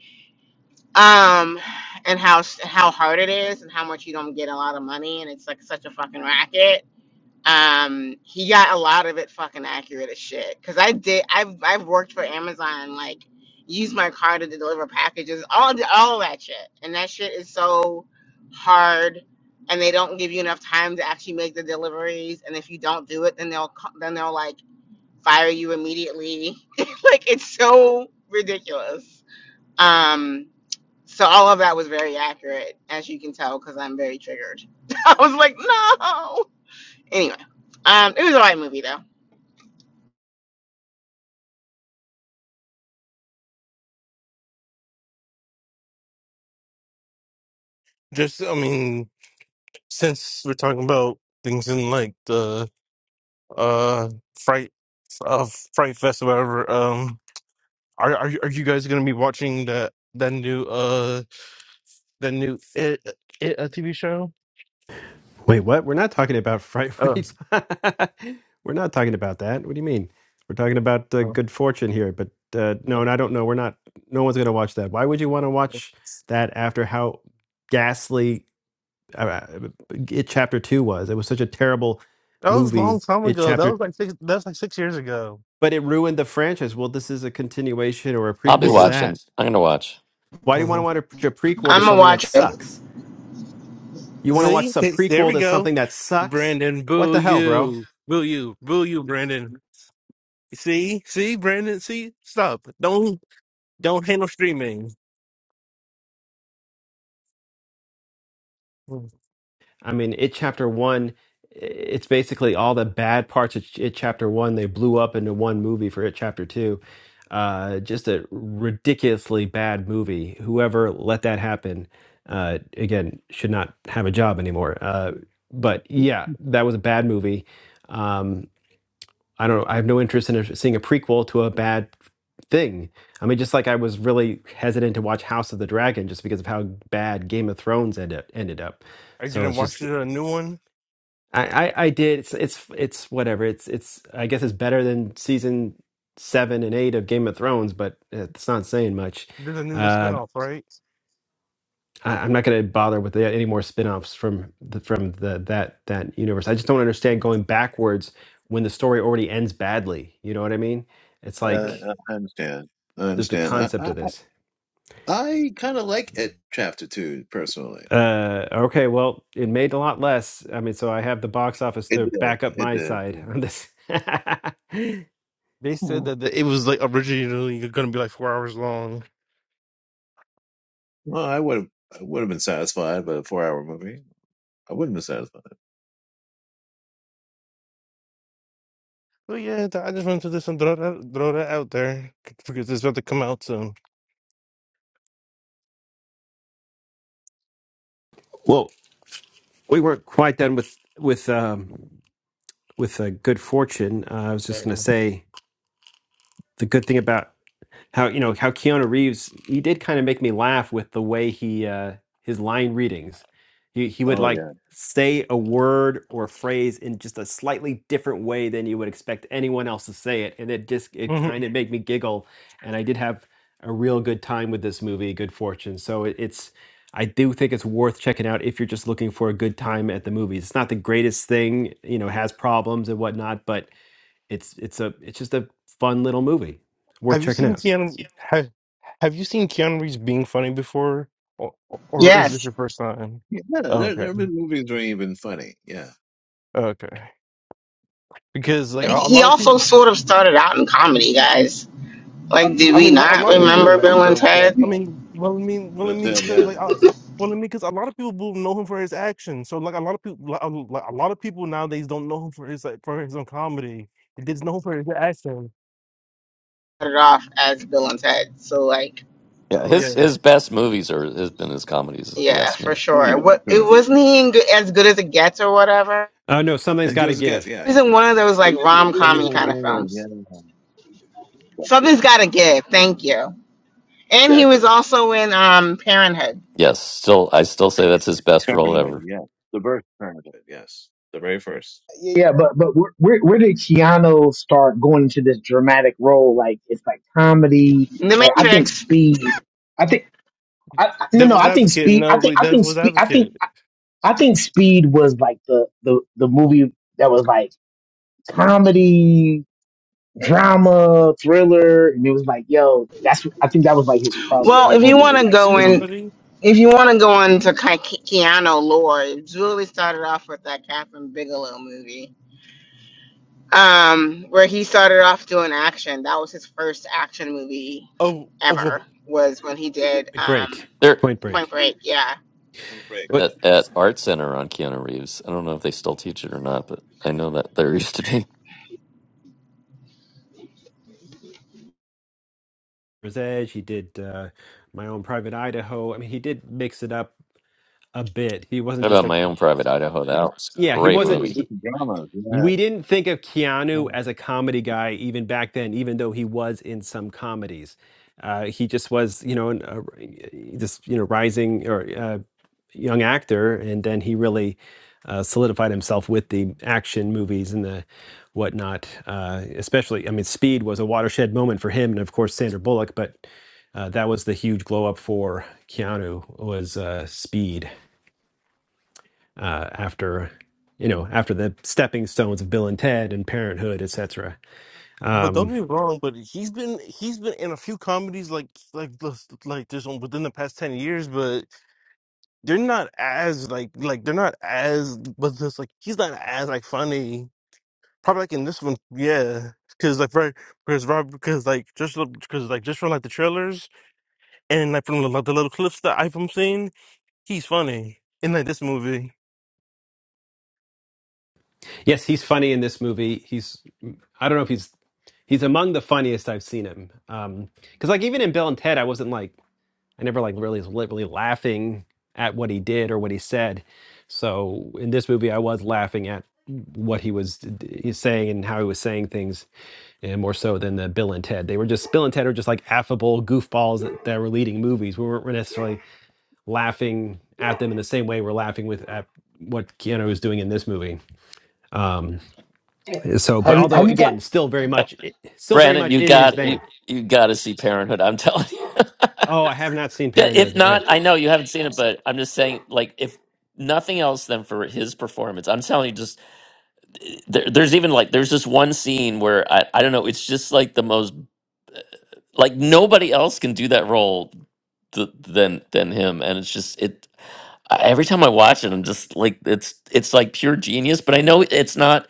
Speaker 3: um, and how how hard it is, and how much you don't get a lot of money, and it's like such a fucking racket um he got a lot of it fucking accurate as shit because i did i've i've worked for amazon and like used my car to deliver packages all all of that shit and that shit is so hard and they don't give you enough time to actually make the deliveries and if you don't do it then they'll co- then they'll like fire you immediately like it's so ridiculous um so all of that was very accurate as you can tell because i'm very triggered i was like no Anyway, um, it was a right movie though.
Speaker 7: Just I mean. since we're talking about things in like the uh fright uh fright fest or whatever um are are you, are you guys gonna be watching that that new uh that new it, it a tv show
Speaker 1: Wait, what? We're not talking about fright. What
Speaker 7: oh,
Speaker 1: are you? we're not talking about that. What do you mean? We're talking about uh,
Speaker 7: oh
Speaker 1: good fortune here. But uh, no, and I don't know. We're not. No one's going to watch that. Why would you want to watch that after how ghastly uh, uh, it chapter two was? It was such a terrible
Speaker 7: that was a long
Speaker 1: movie.
Speaker 7: time
Speaker 1: It
Speaker 7: ago that was
Speaker 1: chapter,
Speaker 7: like six that was like six years ago
Speaker 1: but it ruined the franchise. Well, this is a continuation or a
Speaker 8: I'll be
Speaker 1: prequel
Speaker 7: this
Speaker 1: to
Speaker 7: is a
Speaker 8: watching.
Speaker 1: that.
Speaker 8: I'm gonna watch.
Speaker 1: Why do you want to
Speaker 7: Mhm.
Speaker 1: watch a a prequel to
Speaker 3: I'm gonna
Speaker 1: something that
Speaker 3: watch it.
Speaker 1: sucks? You want to
Speaker 7: see
Speaker 1: watch a
Speaker 7: Th- there
Speaker 1: prequel
Speaker 7: we
Speaker 1: to
Speaker 7: go
Speaker 1: something that sucks?
Speaker 7: brandon
Speaker 1: What
Speaker 7: boo
Speaker 1: the hell, bro?
Speaker 7: you boo you boo you brandon see see brandon see stop don't don't handle streaming Mm.
Speaker 1: I mean, it chapter one, it's basically all the bad parts of it chapter one. They blew up into one movie for it chapter two. Uh, just a ridiculously bad movie. Whoever let that happen, uh, again, should not have a job anymore. Uh, but yeah, that was a bad movie. Um, I don't. know. I have no interest in a- seeing a prequel to a bad thing. I mean, just like I was really hesitant to watch House of the Dragon just because of how bad Game of Thrones ended ended up.
Speaker 7: are you
Speaker 1: So
Speaker 7: gonna
Speaker 1: it's
Speaker 7: watch
Speaker 1: just
Speaker 7: the new one
Speaker 1: I, I I did. It's it's it's whatever. It's it's I guess it's better than season seven and eight of Game of Thrones, but it's not saying much.
Speaker 7: There's a new
Speaker 1: Uh,
Speaker 7: spinoff, right?
Speaker 1: I, I'm not going to bother with the, any more spin-offs from the, from the that that universe. I just don't understand going backwards when the story already ends badly. You know what I mean? It's
Speaker 10: Uh,
Speaker 1: like
Speaker 10: I understand. I
Speaker 1: the, the
Speaker 10: understand. I
Speaker 1: concept
Speaker 10: I,
Speaker 1: of this.
Speaker 10: I kind of like it. Chapter two, personally,
Speaker 1: Uh, okay, well, it made a lot less. I mean, so I have the box office
Speaker 10: it
Speaker 1: to
Speaker 10: did.
Speaker 1: back up
Speaker 10: It
Speaker 1: my
Speaker 10: did.
Speaker 1: side
Speaker 10: Yeah.
Speaker 1: on this.
Speaker 7: they
Speaker 10: Hmm.
Speaker 7: said that the, it was like originally going to be like four hours long.
Speaker 10: Well, I would have. I would have been satisfied, but a four-hour movie, I wouldn't have been satisfied.
Speaker 7: But yeah, th- I just wanted to just throw that, throw that out there because it's about to come out soon.
Speaker 1: Well, We weren't quite done with with um, with uh, good fortune. Uh, I was
Speaker 7: Yeah.
Speaker 1: just going to say the good thing about how you know how Keanu Reeves he did kind of make me laugh with the way he uh, his line readings. He he would
Speaker 10: Oh
Speaker 1: like
Speaker 10: yeah,
Speaker 1: say a word or a phrase in just a slightly different way than you would expect anyone else to say it, and it just it
Speaker 7: Mhm.
Speaker 1: kind of made me giggle. And I did have a real good time with this movie, Good Fortune. So it, it's I do think it's worth checking out if you're just looking for a good time at the movies. It's not the greatest thing, you know, it has problems and whatnot, but it's it's a it's just a fun little movie worth
Speaker 7: Have you
Speaker 1: checking
Speaker 7: seen
Speaker 1: out.
Speaker 7: Keanu? Have, have you seen Keanu Reeves being funny before, or, or is this
Speaker 3: Yes,
Speaker 7: your first time?
Speaker 10: yeah. There,
Speaker 7: Okay,
Speaker 10: there have been movies that are even funny. Yeah,
Speaker 7: okay. Because like a, a
Speaker 3: he
Speaker 7: lot of
Speaker 3: also
Speaker 7: people.
Speaker 3: sort of started out in comedy, guys. Like, did
Speaker 7: I
Speaker 3: we
Speaker 7: mean, well, a
Speaker 3: not
Speaker 7: lot of
Speaker 10: that's
Speaker 7: people.
Speaker 10: true.
Speaker 3: remember
Speaker 7: I
Speaker 3: Bill
Speaker 10: With
Speaker 7: mean,
Speaker 3: and
Speaker 10: Bill and Ted,
Speaker 3: Ted?
Speaker 10: yeah,
Speaker 7: I mean, well, I mean, well, I
Speaker 10: Bill and
Speaker 7: mean,
Speaker 10: Ted,
Speaker 7: because
Speaker 10: yeah.
Speaker 7: like, I, well, I mean, because a lot of people will know him for his action. So like, a lot of people, like, a like, a lot of people nowadays don't know him for his like for his own comedy. They just know him for his action.
Speaker 3: Started off as Bill and Ted, so like,
Speaker 8: Yeah, his
Speaker 7: Yeah,
Speaker 8: his best movies are has been his comedies, if you
Speaker 3: yeah,
Speaker 8: ask
Speaker 3: for
Speaker 8: me.
Speaker 10: Oh
Speaker 3: sure.
Speaker 10: yeah,
Speaker 3: What it
Speaker 10: true.
Speaker 3: wasn't he in good, as good as it gets or whatever.
Speaker 1: Oh no, something's
Speaker 10: And
Speaker 1: got
Speaker 10: good
Speaker 1: to
Speaker 10: as it
Speaker 1: give.
Speaker 10: gets, yeah.
Speaker 3: He was
Speaker 10: He
Speaker 3: in
Speaker 10: was
Speaker 3: one
Speaker 10: one.
Speaker 3: of those like rom
Speaker 10: somebody's
Speaker 3: commy
Speaker 10: gonna
Speaker 3: kind
Speaker 10: give
Speaker 3: of
Speaker 10: away, yeah.
Speaker 3: films.
Speaker 10: yeah.
Speaker 3: Something's got to give. Thank you. And he was
Speaker 10: Definitely.
Speaker 3: also in um Parenthood,
Speaker 8: Yes, still I still say that's his best role
Speaker 10: Parenthood,
Speaker 8: ever.
Speaker 10: yeah. The birth of Parenthood, yes. The very first.
Speaker 12: Yeah, yeah, but but where where where did Keanu start going into this dramatic role? Like it's like comedy.
Speaker 3: The
Speaker 12: Like I think
Speaker 3: Matrix.
Speaker 12: Speed. I think I I- no no.
Speaker 7: Devil's
Speaker 12: I think
Speaker 7: advocate.
Speaker 12: Speed. I
Speaker 7: No,
Speaker 12: think
Speaker 7: we
Speaker 12: I
Speaker 7: Devil's
Speaker 12: think Speed. I think
Speaker 7: advocate.
Speaker 12: I I think Speed was like the the the movie that was like comedy, drama, thriller, and it was like yo. That's I think that was like his
Speaker 3: Well,
Speaker 12: crossover
Speaker 3: if you
Speaker 12: moment
Speaker 3: want
Speaker 12: was
Speaker 3: to
Speaker 12: like
Speaker 3: go in
Speaker 12: Speed.
Speaker 7: Comedy.
Speaker 3: If you want to go into Ke- Ke- Keanu lore, it really started off with that Catherine Bigelow movie, um, where he started off doing action. That was his first action movie
Speaker 7: Oh, oh, well,
Speaker 3: ever. Was when he did
Speaker 1: Point
Speaker 3: um,
Speaker 1: Break.
Speaker 8: They're
Speaker 1: Point
Speaker 3: Point
Speaker 1: Break.
Speaker 3: Break. Yeah.
Speaker 10: We break,
Speaker 1: What?
Speaker 10: yeah.
Speaker 8: at, at Art Center on Keanu Reeves. I don't know if they still teach it or not, but I know that there used to be.
Speaker 1: Rose Edge. He did uh, My Own Private Idaho. I mean, he did mix it up a bit. He
Speaker 8: How
Speaker 1: wasn't just
Speaker 8: about
Speaker 1: a
Speaker 8: my own private Idaho? That was a
Speaker 1: yeah. He
Speaker 8: great
Speaker 1: wasn't.
Speaker 10: Two
Speaker 8: movie.
Speaker 1: He,
Speaker 10: different dramas, yeah.
Speaker 1: we didn't think of Keanu as
Speaker 10: yeah.
Speaker 1: a comedy guy even back then, even though he was in some comedies. Uh, he just was, you know, an, uh, this you know rising or uh, young actor, and then he really uh, solidified himself with the action movies and the whatnot. Uh, especially, I mean, Speed was a watershed moment for him, and of course Sandra Bullock. But uh, that was the huge glow up for Keanu was uh, Speed uh, after you know after the stepping stones of Bill and Ted and Parenthood, etc.
Speaker 7: but don't
Speaker 1: Um,
Speaker 7: get me wrong. But he's been he's been in a few comedies like like this- like this one within the past ten years. But they're not as like like they're not as but just like he's not as like funny. probably like in this one, yeah, because like right, because Rob, because like just because like just from like the trailers and like from like the little clips that I've been seeing, he's funny in like this movie.
Speaker 1: yes, he's funny in this movie. He's I don't know if he's he's among the funniest I've seen him. Um, because like even in Bill and Ted, I wasn't like I never like really was literally laughing at what he did or what he said. So in this movie, I was laughing at what he was saying and how he was saying things, and more so than the Bill and Ted. They were just Bill and Ted are just like affable goofballs that, that were leading movies. We weren't necessarily laughing at them in the same way we're laughing with at what Keanu is doing in this movie. Um, so, but
Speaker 12: Have you
Speaker 1: although
Speaker 12: have you got?
Speaker 1: again, still very
Speaker 8: Uh,
Speaker 1: much, still very
Speaker 8: Brandon,
Speaker 1: much
Speaker 8: you
Speaker 1: in his
Speaker 8: got
Speaker 1: vein.
Speaker 8: you you got to see Parenthood. I'm telling you.
Speaker 1: Oh, I have not seen
Speaker 8: Yeah, If
Speaker 1: Parenthood. Right.
Speaker 8: not, I know you haven't seen it, but I'm just saying, like, if nothing else than for his performance, I'm telling you, just eh, there, there's even like there's this one scene where I I don't know, it's just like the most like nobody else can do that role th- than than him, and it's just it. I- Every time I watch it, I'm just like it's it's like pure genius. But I know it's not.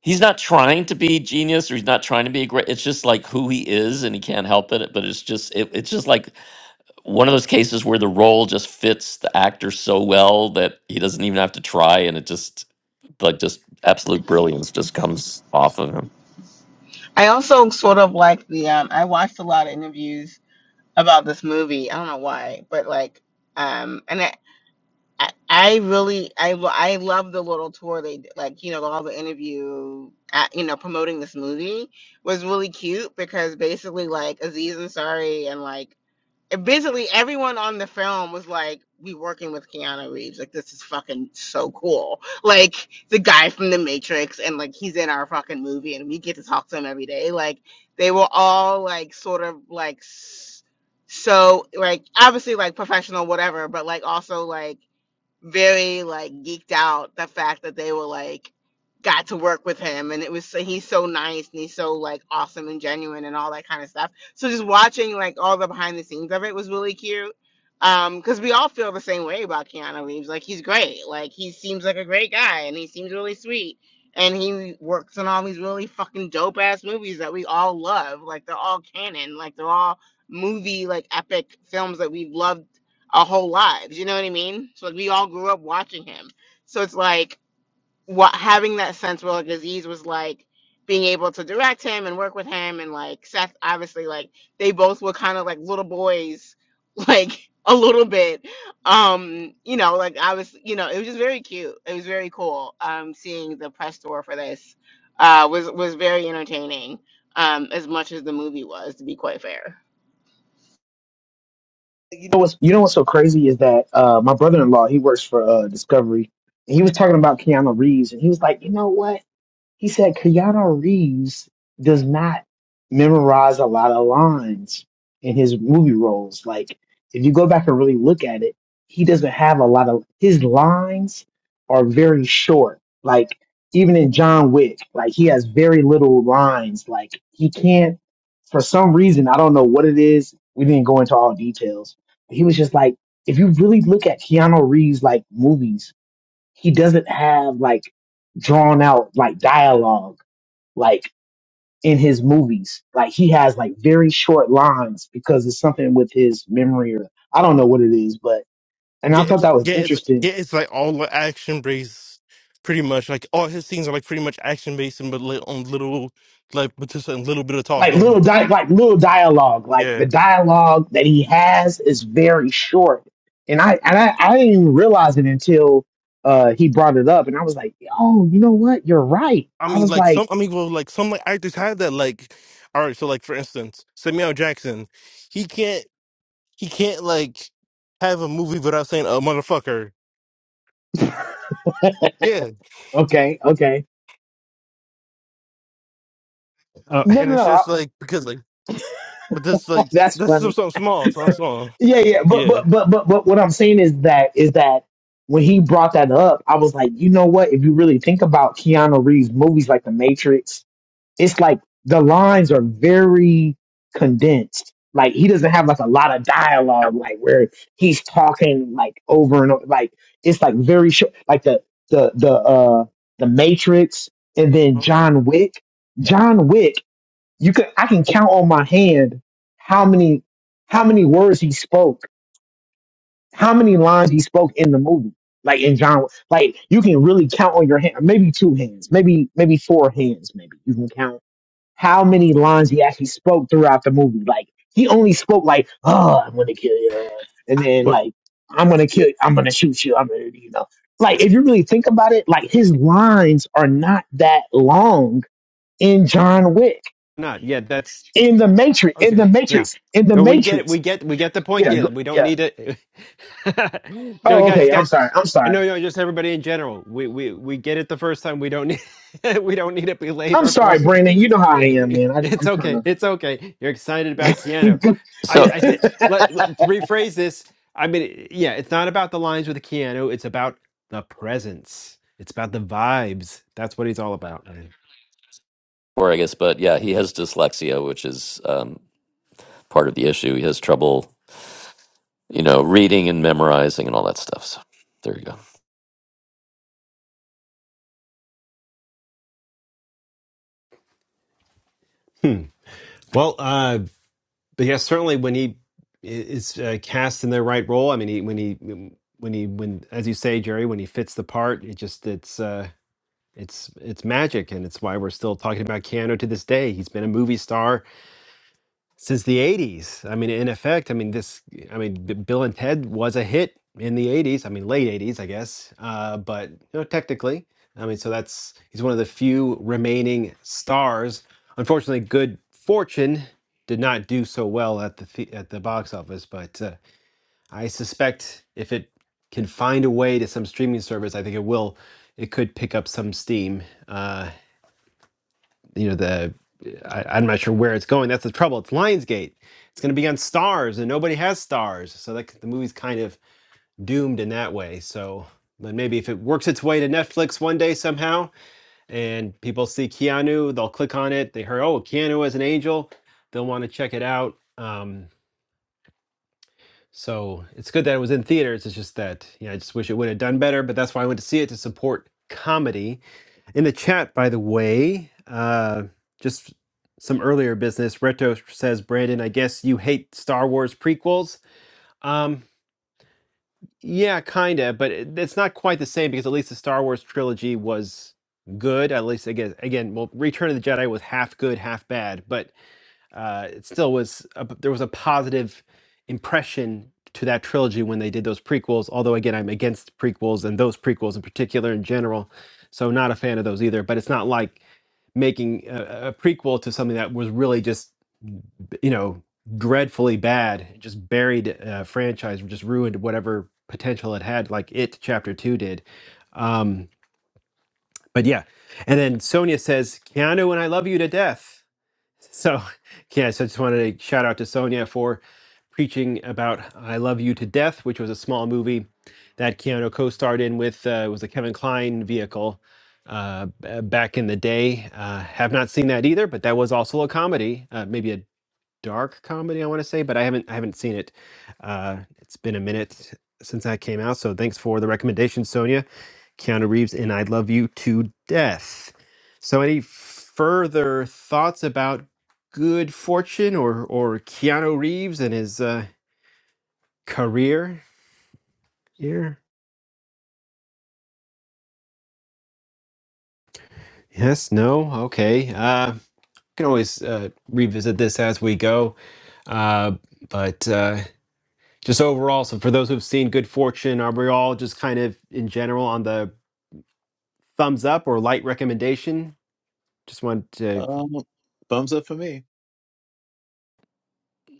Speaker 8: he's not trying to be genius or he's not trying to be a great it's just like who he is and he can't help it but it's just it, it's just like one of those cases where the role just fits the actor so well that he doesn't even have to try and it just like just absolute brilliance just comes off of him
Speaker 3: I also sort of like the. Um, I watched a lot of interviews about this movie. I don't know why, but like, um, and I, I really I lo- I love the little tour they did, like you know all the interview uh you know promoting this movie was really cute because basically like Aziz Ansari and like and basically everyone on the film was like we working with Keanu Reeves like this is fucking so cool like the guy from the Matrix and like he's in our fucking movie and we get to talk to him every day like they were all like sort of like s- so like obviously like professional whatever but like also like very like geeked out the fact that they were like got to work with him and it was so he's so nice and he's so like awesome and genuine and all that kind of stuff. So just watching like all the behind the scenes of it was really cute. Um, because we all feel the same way about Keanu Reeves. Like he's great. Like he seems like a great guy and he seems really sweet. And he works on all these really fucking dope ass movies that we all love. Like they're all canon. Like they're all movie like epic films that we've loved our whole lives. You know what I mean? So like we all grew up watching him. So it's like what having that sense where like Aziz was like being able to direct him and work with him and like Seth obviously like they both were kind of like little boys like a little bit um you know like I was you know it was just very cute it was very cool um seeing the press tour for this uh was was very entertaining um as much as the movie was to be quite fair
Speaker 12: you know what's you know what's so crazy is that uh my brother in law he works for uh Discovery and he was talking about Keanu Reeves and he was like, you know what? He said Keanu Reeves does not memorize a lot of lines in his movie roles. Like, if you go back and really look at it, he doesn't have a lot of his lines are very short. Like, even in John Wick, like he has very little lines. Like he can't for some reason, I don't know what it is. We didn't go into all details. He was just like, if you really look at Keanu Reeves like movies, he doesn't have like drawn out like dialogue like in his movies. Like he has like very short lines because it's something with his memory or I don't know what it is, but and I
Speaker 7: Yeah, it's
Speaker 12: thought that was
Speaker 7: yeah, it's yeah,
Speaker 12: interesting.
Speaker 7: it's like all like, action based, pretty much. Like all his scenes are like pretty much action based and but li- on little like but just a little bit of
Speaker 12: Like
Speaker 7: talking.
Speaker 12: little di- like little dialogue, like the
Speaker 7: Yeah,
Speaker 12: dialogue that he has is very short. And I and I, I didn't even realize it until uh he brought it up and I was like, "Oh, you know what? You're right."
Speaker 7: I
Speaker 12: I
Speaker 7: mean
Speaker 12: was
Speaker 7: like
Speaker 12: like,
Speaker 7: some, I mean well like some like actors have that like. All right, so like for instance, Samuel Jackson, he can't. he can't like have a movie without saying a motherfucker. Yeah,
Speaker 12: "Okay, okay."
Speaker 1: Oh,
Speaker 12: No,
Speaker 7: and it's
Speaker 12: no,
Speaker 7: just like because like, but this
Speaker 12: no.
Speaker 7: like
Speaker 12: That's
Speaker 7: that's so
Speaker 12: funny.
Speaker 7: something small, something small.
Speaker 12: Yeah, yeah, but
Speaker 7: Yeah,
Speaker 12: but but but but what I'm saying is that is that when he brought that up, I was like, you know what? If you really think about Keanu Reeves movies like The Matrix, it's like the lines are very condensed. Like he doesn't have like a lot of dialogue, like where he's talking like over and over. Like it's like very short. Like the the the uh the Matrix, and then John Wick. John Wick, you could I can count on my hand how many how many words he spoke how many lines he spoke in the movie. Like in John, like you can really count on your hand, maybe two hands, maybe maybe four hands, maybe you can count how many lines he actually spoke throughout the movie. Like he only spoke like, "Oh, I'm gonna kill you," and then like, "I'm gonna kill, I'm gonna shoot you," I'm gonna, you know. Like if you really think about it, like his lines are not that long in John Wick,
Speaker 1: not. Yeah, that's
Speaker 12: in the Matrix, in
Speaker 1: Okay.
Speaker 12: the
Speaker 1: Yeah.
Speaker 12: Matrix, in the
Speaker 1: No, we get it. We
Speaker 12: Matrix.
Speaker 1: get we get the point,
Speaker 12: Yeah, go,
Speaker 1: Galen. We don't
Speaker 12: yeah.
Speaker 1: need it. no,
Speaker 12: Oh,
Speaker 1: guys,
Speaker 12: okay. I'm
Speaker 1: guys.
Speaker 12: sorry. I'm sorry.
Speaker 1: No, no, just everybody in general. We we we get it the first time. We don't need we don't need to
Speaker 12: I'm
Speaker 1: belabor
Speaker 12: sorry,
Speaker 1: point.
Speaker 12: Brandon. You know how I am, man. I,
Speaker 1: It's
Speaker 12: I'm kind
Speaker 1: okay. It's okay. You're excited about Keanu.
Speaker 12: of.
Speaker 1: I
Speaker 8: so
Speaker 1: I think let, let to rephrase this. I mean, yeah, it's not about the lines with Keanu. It's about the presence. It's about the vibes. That's what he's all about.
Speaker 8: or i guess but yeah he has dyslexia which is um, part of the issue he has trouble you know reading and memorizing and all that stuff so there you go
Speaker 1: Hmm. Well, uh, but yeah, certainly when he is uh, cast in the right role, I mean, he, when he when he when as you say, Jerry, when he fits the part, it just it's uh, it's it's magic, and it's why we're still talking about Keanu to this day. He's been a movie star since the 80s. I mean, in effect, I mean, this, I mean, B- Bill and Ted was a hit in the 80s. I mean, late 80s, I guess. Uh, but, you know, technically, I mean, so that's, he's one of the few remaining stars. Unfortunately, Good Fortune did not do so well at the, the at the box office, but uh, I suspect if it can find a way to some streaming service, I think it will. It could pick up some steam Uh, you know the I, I'm not sure where it's going. That's the trouble. It's Lionsgate. It's going to be on Stars, and nobody has Stars, so that the movie's kind of doomed in that way. So, but maybe if it works its way to Netflix one day somehow, and people see Keanu, they'll click on it. They heard, oh, Keanu is an angel. They'll want to check it out. Um, so it's good that it was in theaters. It's just that, yeah, I just wish it would have done better. But that's why I went to see it to support comedy in the chat, by the way, uh, just some earlier business. Reto says, Brandon, I guess you hate Star Wars prequels. Um, yeah, kinda, but it, it's not quite the same because at least the Star Wars trilogy was good. At least again, again, well, Return of the Jedi was half good, half bad, but uh, it still was. A, there was a positive impression to that trilogy when they did those prequels. Although again, I'm against prequels and those prequels in particular in general, so not a fan of those either. But it's not like making a, a prequel to something that was really just you know dreadfully bad just buried uh, franchise just ruined whatever potential it had like it chapter 2 did um but yeah and then sonia says keanu and i love you to death so, yeah, so I just wanted to shout out to Sonia for preaching about I Love You to Death, which was a small movie that Keanu co starred in with, uh, it was a Kevin Klein vehicle uh, b- back in the day. Uh, have not seen that either, but that was also a comedy, uh, maybe a dark comedy, I want to say, but I haven't, I haven't seen it. Uh, it's been a minute since that came out. So thanks for the recommendation, Sonia. Keanu Reeves in I Love You to Death. So, any further thoughts about Good Fortune or, or Keanu Reeves and his uh, career here? Yes, no, okay. Uh, can always uh, revisit this as we go. Uh, but uh, just overall, so for those who've seen Good Fortune, are we all just kind of in general on the thumbs up or light recommendation? Just want to
Speaker 10: Um, thumbs up for me.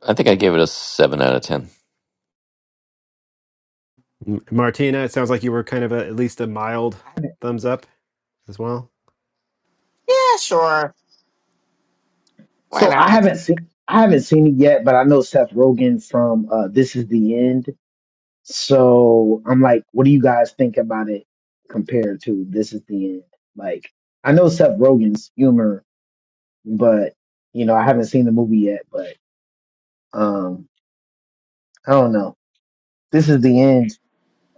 Speaker 8: i think i gave it a 7 out of 10
Speaker 1: M- Martina, it sounds like you were kind of a, at least a mild thumbs up as well.
Speaker 3: Yeah, sure. Why
Speaker 12: so I
Speaker 3: not?
Speaker 12: haven't seen I haven't seen it yet, but I know Seth Rogen from uh, This Is the End. So I'm like, what do you guys think about it compared to This Is the End? Like, I know Seth Rogen's humor, but you know I haven't seen the movie yet. But um, I don't know. This Is the End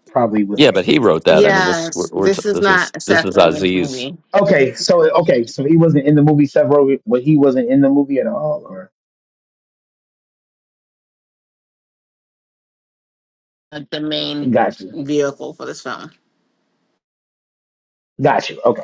Speaker 12: probably was
Speaker 8: Yeah,
Speaker 12: like
Speaker 8: but he wrote that. I mean, this we're,
Speaker 3: Yes,
Speaker 8: we're t-
Speaker 3: this is
Speaker 8: this is
Speaker 3: not a
Speaker 8: this
Speaker 3: Seth
Speaker 8: is
Speaker 3: Rogen's
Speaker 8: Aziz.
Speaker 3: movie.
Speaker 12: okay. So okay, so he wasn't in the movie. Seth Rogen, but he wasn't in the movie at all, or
Speaker 3: Like the main
Speaker 12: gotcha.
Speaker 3: vehicle for this film.
Speaker 12: Got you. Okay,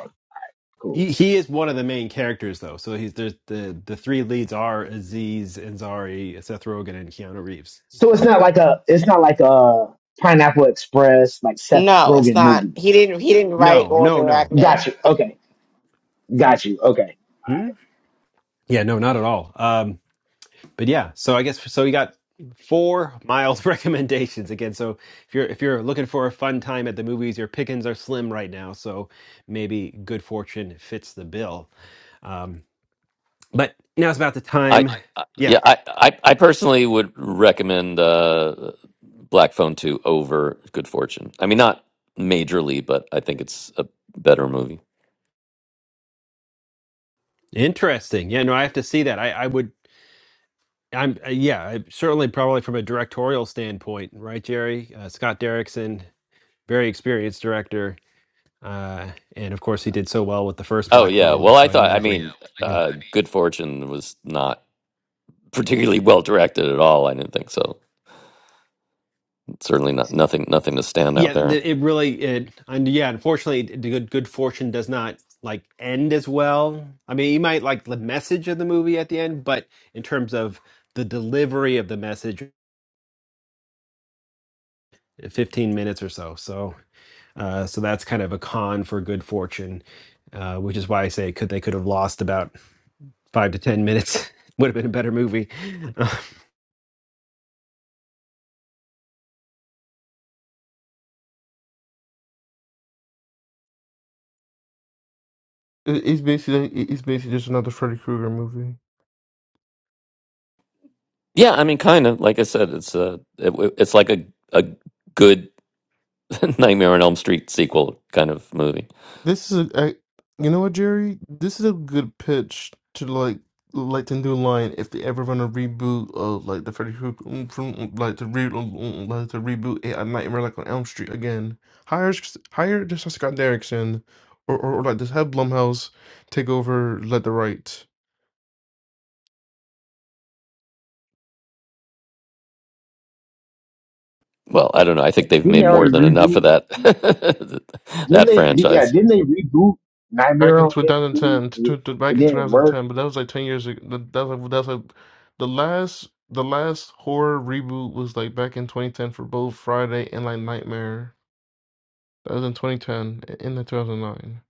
Speaker 12: cool.
Speaker 1: He, he is one of the main characters, though. So he's there's the the three leads are Aziz Ansari, Seth Rogen, and Keanu Reeves.
Speaker 12: So it's
Speaker 1: So-
Speaker 12: not like a it's not like a Pineapple Express like Seth
Speaker 3: No, it's
Speaker 12: Rogen
Speaker 3: not.
Speaker 12: movie.
Speaker 3: He didn't. He didn't write
Speaker 1: No,
Speaker 3: or
Speaker 1: no,
Speaker 3: direct
Speaker 1: no.
Speaker 3: it.
Speaker 12: Got you. Okay, got you. Okay. All
Speaker 1: Hmm?
Speaker 12: right.
Speaker 1: Yeah, no, not at all. Um, but yeah, so I guess so. We got four mild recommendations again. So if you're if you're looking for a fun time at the movies, your pickings are slim right now. So maybe Good Fortune fits the bill. Um, but now it's about the
Speaker 8: I,
Speaker 1: time.
Speaker 8: I
Speaker 1: Yeah,
Speaker 8: yeah, I, I I personally would recommend uh Black Phone 2 over Good Fortune. I mean, not majorly, but I think it's a better movie.
Speaker 1: Interesting. Yeah, no, I have to see that. I, I would. I'm uh, yeah, I, certainly probably from a directorial standpoint, right, Jerry? Uh, Scott Derrickson, very experienced director, uh, and of course he did so well with the first
Speaker 8: Oh
Speaker 1: Black
Speaker 8: yeah.
Speaker 1: Phone.
Speaker 8: Well, I
Speaker 1: So I Oh
Speaker 8: thought I
Speaker 1: imagine. Mm. Yeah,
Speaker 8: mean,
Speaker 1: I mean,
Speaker 8: uh Good Fortune was not particularly well directed at all. I didn't think so. Certainly not nothing nothing to stand
Speaker 1: yeah
Speaker 8: out there.
Speaker 1: the, it really it and yeah, unfortunately, the good good fortune does not like end as well. I mean, you might like the message of the movie at the end, but in terms of the delivery of the message 15 minutes or so. So uh, so that's kind of a con for good fortune, uh, which is why I say could they could have lost about five to ten minutes. Would have been a better movie. Uh,
Speaker 7: It- It's basically it- it's basically just another Freddy Krueger movie.
Speaker 8: Yeah, I mean, kind of like I said, it's a it, it's like a a good Nightmare on Elm Street sequel kind of movie.
Speaker 7: This is a, I, you know what, Jerry? This is a good pitch to like like the new line if they ever run a reboot of like the Freddy Krueger um, from um, like the re um, um, like the reboot a, Nightmare like on Elm Street again. Hire hire just Scott Derrickson or, or or like just have Blumhouse take over like the rights.
Speaker 8: Well, I don't know. I think they've
Speaker 12: Didn't
Speaker 8: made
Speaker 12: they
Speaker 8: more
Speaker 12: already
Speaker 8: than enough of
Speaker 12: reboot?
Speaker 8: that
Speaker 12: Didn't
Speaker 8: that
Speaker 12: they? di- Yeah,
Speaker 8: franchise.
Speaker 12: didn't they reboot
Speaker 7: Back
Speaker 12: Nightmare
Speaker 7: in
Speaker 12: on Elm Street?
Speaker 7: 2010, to,
Speaker 12: It,
Speaker 7: to,
Speaker 12: it
Speaker 7: back in
Speaker 12: didn't work.
Speaker 7: 2010, but that was like 10 years ago. That, that was like, that was like the last the last horror reboot was like back in 2010 for both Friday and like Nightmare. That was in 2010, in the 2009.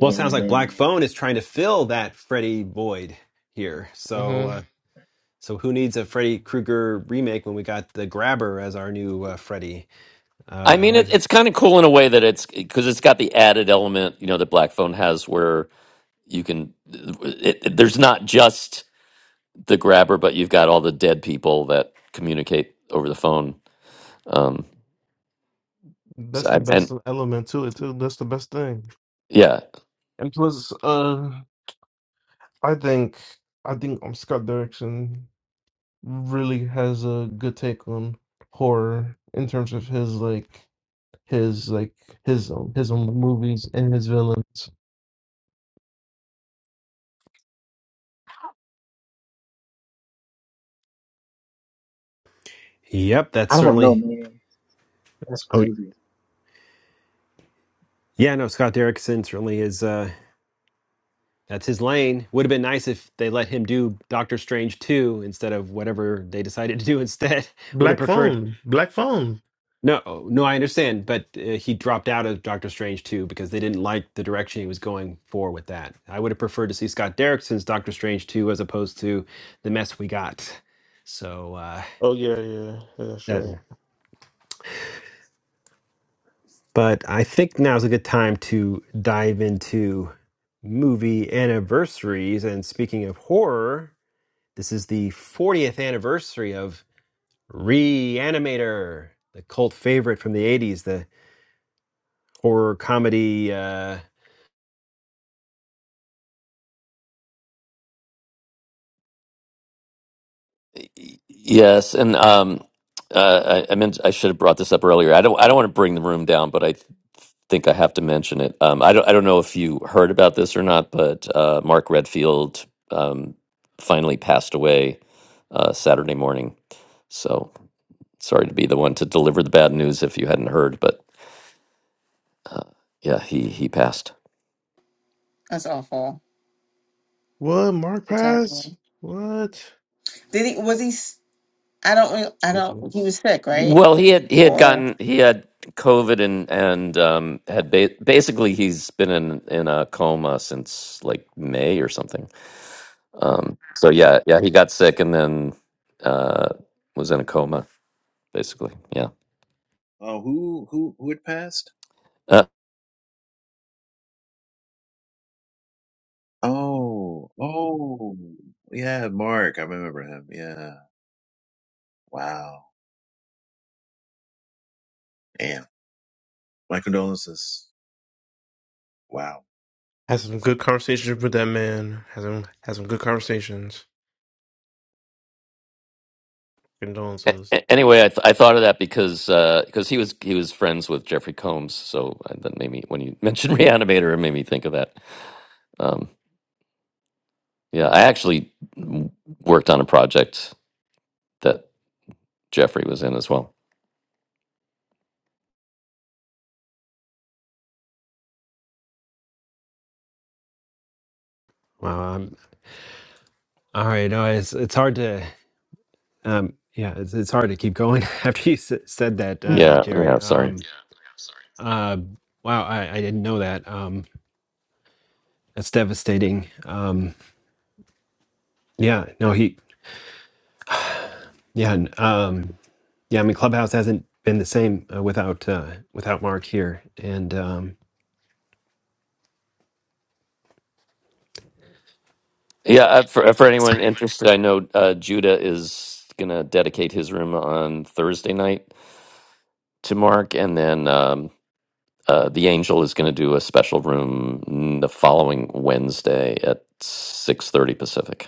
Speaker 1: well, it sounds like Black
Speaker 12: man.
Speaker 1: Phone is trying to fill that Freddy void here. So,
Speaker 7: Mm-hmm.
Speaker 1: uh, so who needs a Freddy Krueger remake when we got the Grabber as our new uh, Freddy? Uh,
Speaker 8: I mean,
Speaker 1: right.
Speaker 8: it, it's kind of cool in a way that it's because it's got the added element, you know, that Black Phone has, where you can. It, it- there's not just the grabber, but you've got all the dead people that communicate over the phone. Um, so
Speaker 7: That's the
Speaker 8: I, and
Speaker 7: best element to it too. That's the best thing.
Speaker 8: yeah,
Speaker 7: And plus, uh, I think I think um, Scott Derrickson really has a good take on horror in terms of his like his like his um, his own movies and his villain.
Speaker 1: Yep, that's
Speaker 12: I don't know,
Speaker 1: certainly.
Speaker 12: man. That's crazy.
Speaker 1: Yeah, no, Scott Derrickson certainly is. Uh, That's his lane. Would have been nice if they let him do Doctor Strange 2 instead of whatever they decided to do instead. Would have preferred.
Speaker 7: Mm.
Speaker 1: No, no, I understand, but uh, he dropped out of Doctor Strange 2 because they didn't like the direction he was going for with that. I would have preferred to see Scott Derrickson's Doctor Strange 2 as opposed to the mess we got. So, uh,
Speaker 7: Oh,
Speaker 1: that, but I think now's a good time to dive into movie anniversaries. And speaking of horror, this is the 40th anniversary of Reanimator, the cult favorite from the '80s, the horror comedy. Uh,
Speaker 8: Yes, and um, uh, I, I meant I should have brought this up earlier. I don't I don't want to bring the room down, but I th- think I have to mention it. Um, I don't I don't know if you heard about this or not, but uh, Mark Redfield um, finally passed away uh, Saturday morning. So sorry to be the one to deliver the bad news if you hadn't heard, but uh, yeah, he he passed.
Speaker 3: That's awful.
Speaker 7: what Mark
Speaker 3: for telling
Speaker 7: Pass?
Speaker 3: you.
Speaker 7: What?
Speaker 3: Did he? Was he? s- I don't. re- I don't. He
Speaker 7: Jesus.
Speaker 3: was sick, right?
Speaker 8: Well, he had he had
Speaker 3: Or
Speaker 8: gotten he had COVID and and um, had ba- basically he's been in in a coma since like May or something. Um, so yeah, yeah, he got sick and then uh, was in a coma basically. Yeah.
Speaker 10: Oh, who who who had passed?
Speaker 8: Uh,
Speaker 10: Oh, oh, yeah, Mark. I remember him. Yeah. Wow. Damn. My condolences. Wow.
Speaker 7: Had some good conversations with that man. Had some had some good conversations.
Speaker 8: a-
Speaker 7: Condolences.
Speaker 8: a- anyway, I, th- I thought of that because uh, because he was he was friends with Jeffrey Combs, so uh, that made me when you mentioned Reanimator, it made me think of that. Um, yeah, I actually w- worked on a project that Jeffrey was in as well.
Speaker 1: wow, I'm, all right, no, it's it's hard to, um, yeah, it's, it's hard to keep going after you s- said that, uh,
Speaker 8: Yeah,
Speaker 1: Jerry.
Speaker 8: yeah, sorry.
Speaker 1: Um, uh, wow, I, I didn't know that. Um, that's devastating. Um, yeah, no, he, yeah, n- um, yeah. I mean, Clubhouse hasn't been the same uh, without uh, without Mark here, and um,
Speaker 8: Yeah, uh, for uh, for anyone interested, I know uh, Judah is gonna dedicate his room on Thursday night to Mark, and then um, uh, the Angel is gonna do a special room n- the following Wednesday at six thirty Pacific,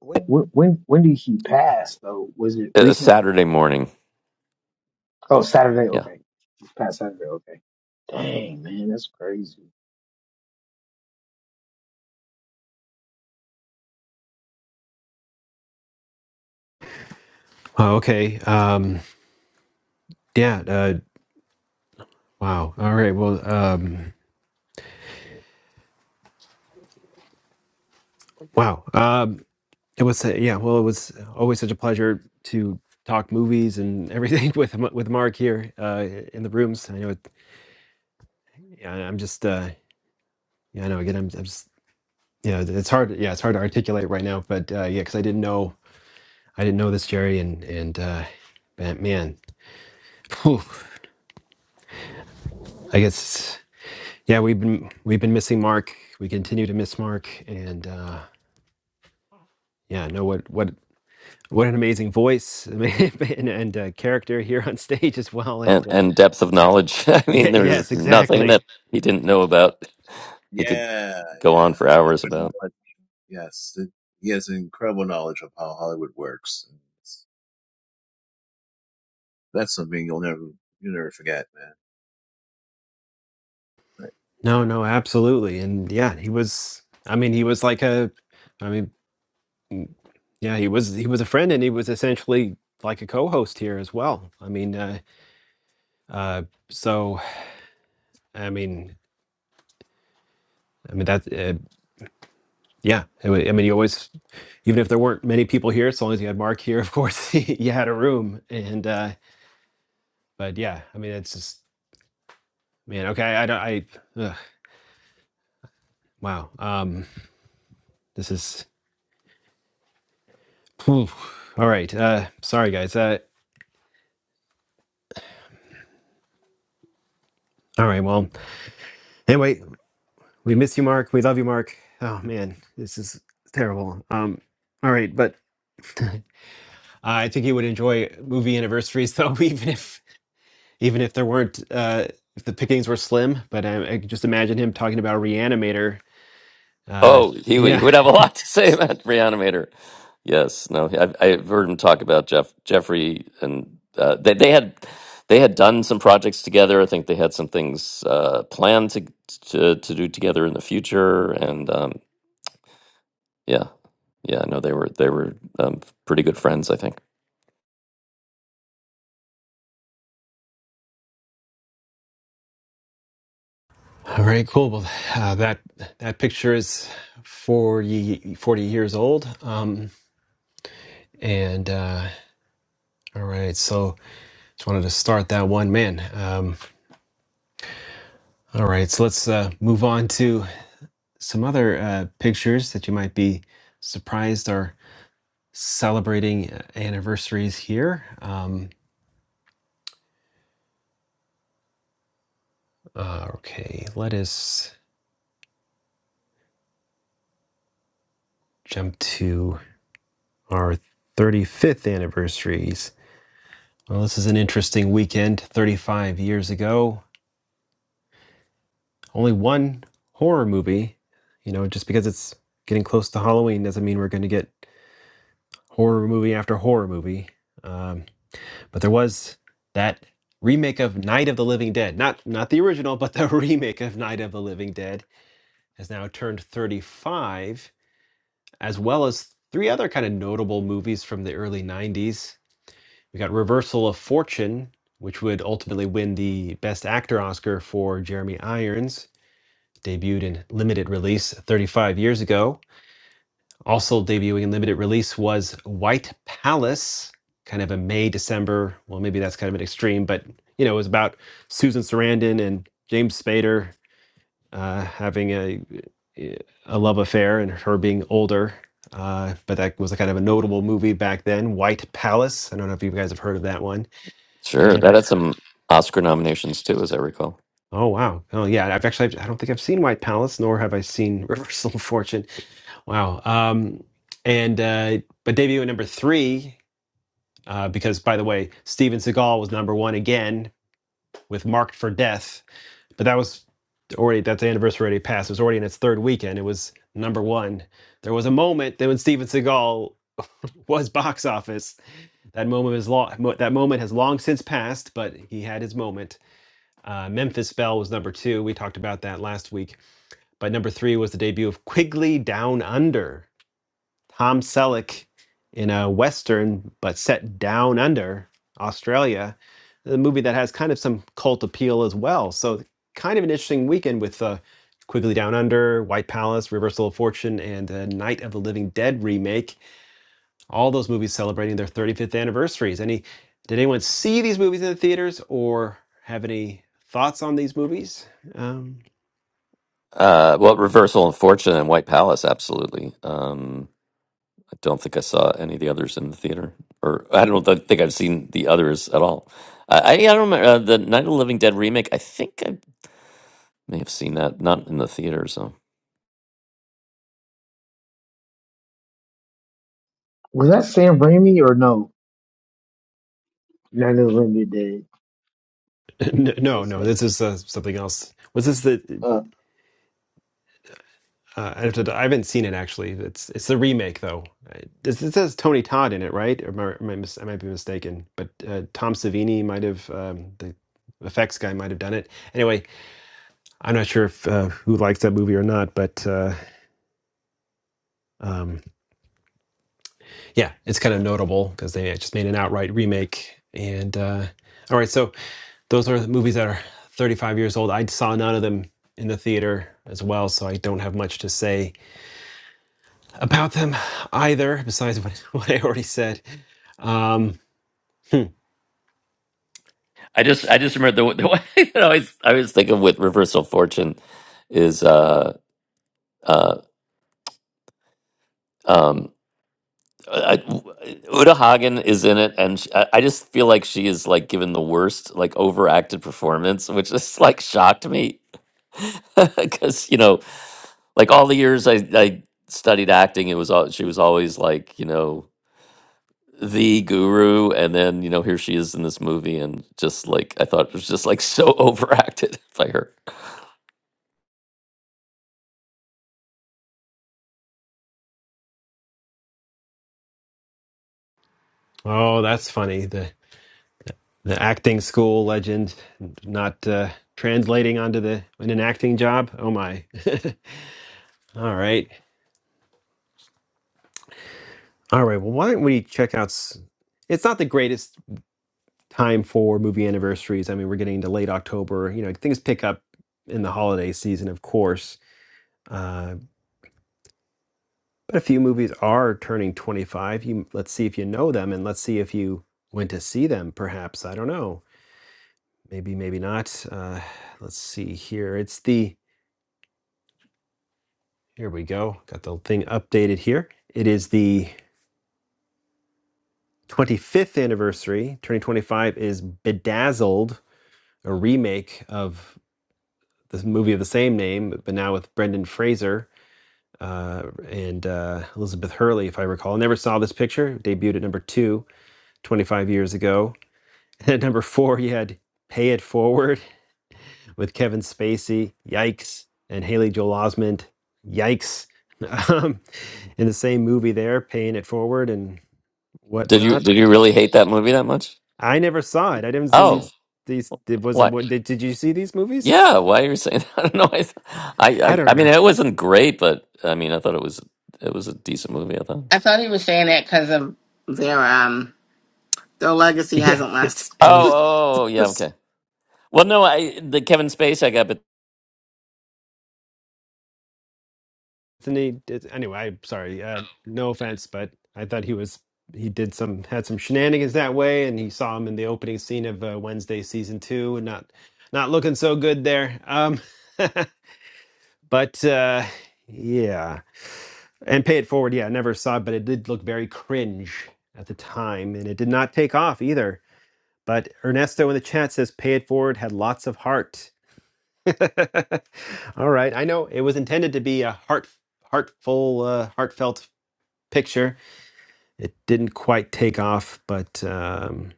Speaker 12: When when when when did he pass though? Was it
Speaker 8: uh,
Speaker 12: recent?
Speaker 8: Saturday morning.
Speaker 12: Oh, Saturday.
Speaker 8: Yeah,
Speaker 12: Okay, this past Saturday. Okay. Dang, man, that's crazy.
Speaker 1: oh, okay, um, yeah, uh, wow, all right, well. Um, Wow. Um, it was uh, yeah. Well, it was always such a pleasure to talk movies and everything with M- with Mark here uh, in the rooms. I know it, yeah, I'm just uh, yeah. I know again. I'm, I'm just yeah. It's hard. Yeah, it's hard to articulate right now. But uh, yeah, because I didn't know I didn't know this Jerry and and uh, but man, whew, I guess yeah. We've been we've been missing Mark. We continue to miss Mark. And uh, yeah, know what what what an amazing voice and, and uh, character here on stage as well.
Speaker 8: and
Speaker 1: And uh,
Speaker 8: and depth of knowledge. I
Speaker 1: Yeah,
Speaker 8: mean, there's
Speaker 1: yes,
Speaker 8: nothing
Speaker 1: exactly.
Speaker 8: that he didn't know about. He could
Speaker 10: Yeah,
Speaker 8: go
Speaker 10: yeah.
Speaker 8: on for
Speaker 10: That's
Speaker 8: hours
Speaker 10: what
Speaker 8: about.
Speaker 10: knowledge- Yes, it, he has an incredible knowledge of how Hollywood works. And it's- that's something you'll never you'll never forget, man.
Speaker 1: No, no, absolutely. And yeah, he was I mean, he was like a I mean, yeah, he was he was a friend and he was essentially like a co-host here as well. I mean, uh uh so I mean, I mean that uh, yeah, I mean I mean, you always even if there weren't many people here, as long as you had Mark here, of course, you had a room and uh but yeah, I mean, it's just man, okay, I don't I ugh, wow. Um this is all right. Uh sorry guys. Uh all right, well, Anyway, we miss you, Mark. We love you, Mark. Oh man, this is terrible. Um, all right, but I think you would enjoy movie anniversaries, though, even if even if there weren't uh, if the pickings were slim. But I, I could just imagine him talking about Reanimator. Uh,
Speaker 8: Oh, he would, he
Speaker 1: yeah.
Speaker 8: would have a lot to say about Reanimator. Yes, no, I, I've heard him talk about Jeff Jeffrey, and uh, they they had they had done some projects together. I think they had some things uh, planned to, to to do together in the future, and um, yeah, yeah, no, they were they were um, pretty good friends. I think.
Speaker 1: All right, cool. Well, uh, that that picture is 40 40 years old. Um, and uh, all right, so just wanted to start that one, man. Um, all right, so let's uh, move on to. some other uh, pictures that you might be surprised are celebrating uh, anniversaries here. Um, uh, okay, let us jump to our 35th anniversaries. Well, this is an interesting weekend. 35 years ago, only one horror movie. You know, just because it's getting close to Halloween doesn't mean we're going to get horror movie after horror movie. Um, But there was that remake of Night of the Living Dead. Not not the original, but the remake of Night of the Living Dead has now turned 35, as well as three other kind of notable movies from the early 90s. We got Reversal of Fortune, which would ultimately win the Best Actor Oscar for Jeremy Irons, debuted in limited release 35 years ago. Also debuting in limited release was White Palace, kind of a May, December. Well, maybe that's kind of an extreme, but you know, it was about Susan Sarandon and James Spader uh, having a a love affair and her being older. Uh, but that was a kind of a notable movie back then, White Palace. I don't know if you guys have heard of that one.
Speaker 8: Sure,
Speaker 1: And
Speaker 8: that had some Oscar nominations too, as I recall.
Speaker 1: oh wow, oh yeah, I've actually I don't think I've seen White Palace, nor have I seen Reversal of Fortune. Wow. Um, and uh, but debut at number three Uh, because, by the way, Steven Seagal was number one again with Marked for Death, but that was already, that's the anniversary already passed. It was already in its third weekend. It was number one. There was a moment that when Steven Seagal was box office, that moment is long, that moment has long since passed, but he had his moment. Uh, Memphis Belle was number two. We talked about that last week. But number three was the debut of Quigley Down Under, Tom Selleck in a Western, but set down under Australia, a movie that has kind of some cult appeal as well. So, kind of an interesting weekend with uh, Quigley Down Under, White Palace, Reversal of Fortune, and uh, Night of the Living Dead remake. All those movies celebrating their 35th anniversaries. Any did anyone see these movies in the theaters or have any thoughts on these movies? Um,
Speaker 8: Uh, well, Reversal of Fortune and White Palace, absolutely. Um, Don't think I saw any of the others in the theater, or I don't th- think I've seen the others at all. I I, I don't remember uh, the Night of the Living Dead remake. I think I may have seen that, not in the theater. So
Speaker 12: Was that Sam Raimi or no? No, no, limited day.
Speaker 1: no,
Speaker 12: What's
Speaker 1: no,
Speaker 12: that?
Speaker 1: this is uh, something else. Was this the?
Speaker 12: Uh,
Speaker 1: Uh, I have to- I haven't seen it actually. It's it's the remake though. It, it says Tony Todd in it, right? Or am I, am I, mis- I might be mistaken, but uh, Tom Savini might have um, the effects guy might have done it. Anyway, I'm not sure if uh, who likes that movie or not, but uh, um, yeah, it's kind of notable because they just made an outright remake. And uh, all right, so those are the movies that are 35 years old. I saw none of them in the theater as well, so I don't have much to say about them either, besides what, what I already said. Um, hmm.
Speaker 8: I just I just remember the, the one that I always I always think of with Reverse of Fortune is uh uh um. I, Uta Hagen is in it, and she, I I just feel like she is like given the worst, like overacted performance, which is like shocked me because you know like all the years I, I studied acting, it was all she was always like, you know, the guru, and then you know here she is in this movie, and just like I thought it was just like so overacted by her.
Speaker 1: Oh, that's funny. The the acting school legend not uh, translating onto the in an acting job. Oh my. All right. All right. Well, why don't we check out? s- It's not the greatest time for movie anniversaries. I mean, we're getting into late October. You know, things pick up in the holiday season, of course. Uh, But a few movies are turning 25. You let's see if you know them and let's see if you went to see them perhaps. I don't know. Maybe maybe not. Uh, let's see here. It's the here we go. Got the thing updated here. It is the 25th anniversary. Turning 25 is Bedazzled, a remake of this movie of the same name, but now with Brendan Fraser uh, and uh, Elizabeth Hurley, if I recall. I never saw this picture. Debuted at number two 25 years ago At number four, you had Pay It Forward with Kevin Spacey. Yikes. And Haley Joel Osment. Yikes. Um, in the same movie there, Paying It Forward and
Speaker 8: Did you
Speaker 1: whatnot.
Speaker 8: did you really hate that movie that much?
Speaker 1: I never saw it. I haven't seen these.
Speaker 8: Oh,
Speaker 1: These did, was it,
Speaker 8: what?
Speaker 1: what, did, did you see these movies?
Speaker 8: Yeah, why are you saying? I don't know. I, th-
Speaker 1: I
Speaker 8: I
Speaker 1: I
Speaker 8: I
Speaker 1: don't
Speaker 8: I mean
Speaker 1: know.
Speaker 8: it wasn't great, but I mean I thought it was it was a decent movie. I thought.
Speaker 3: I thought he was saying that because of their um their legacy
Speaker 1: Yeah,
Speaker 3: hasn't lasted.
Speaker 1: it's.
Speaker 8: Oh, oh, yeah, okay. Well, no, I the Kevin Spacey I got, but
Speaker 1: Isn't he? It's, anyway, sorry. Uh, no offense, but I thought he was he did some had some shenanigans that way, and he saw him in the opening scene of uh, Wednesday season two, and not not looking so good there. Um, but uh, yeah, and pay it forward. Yeah, I never saw, it, but it did look very cringe at the time, and it did not take off either. But Ernesto in the chat says, "Pay it forward had lots of heart." All right, I know it was intended to be a heart heartful, uh, heartfelt picture. It didn't quite take off, but um,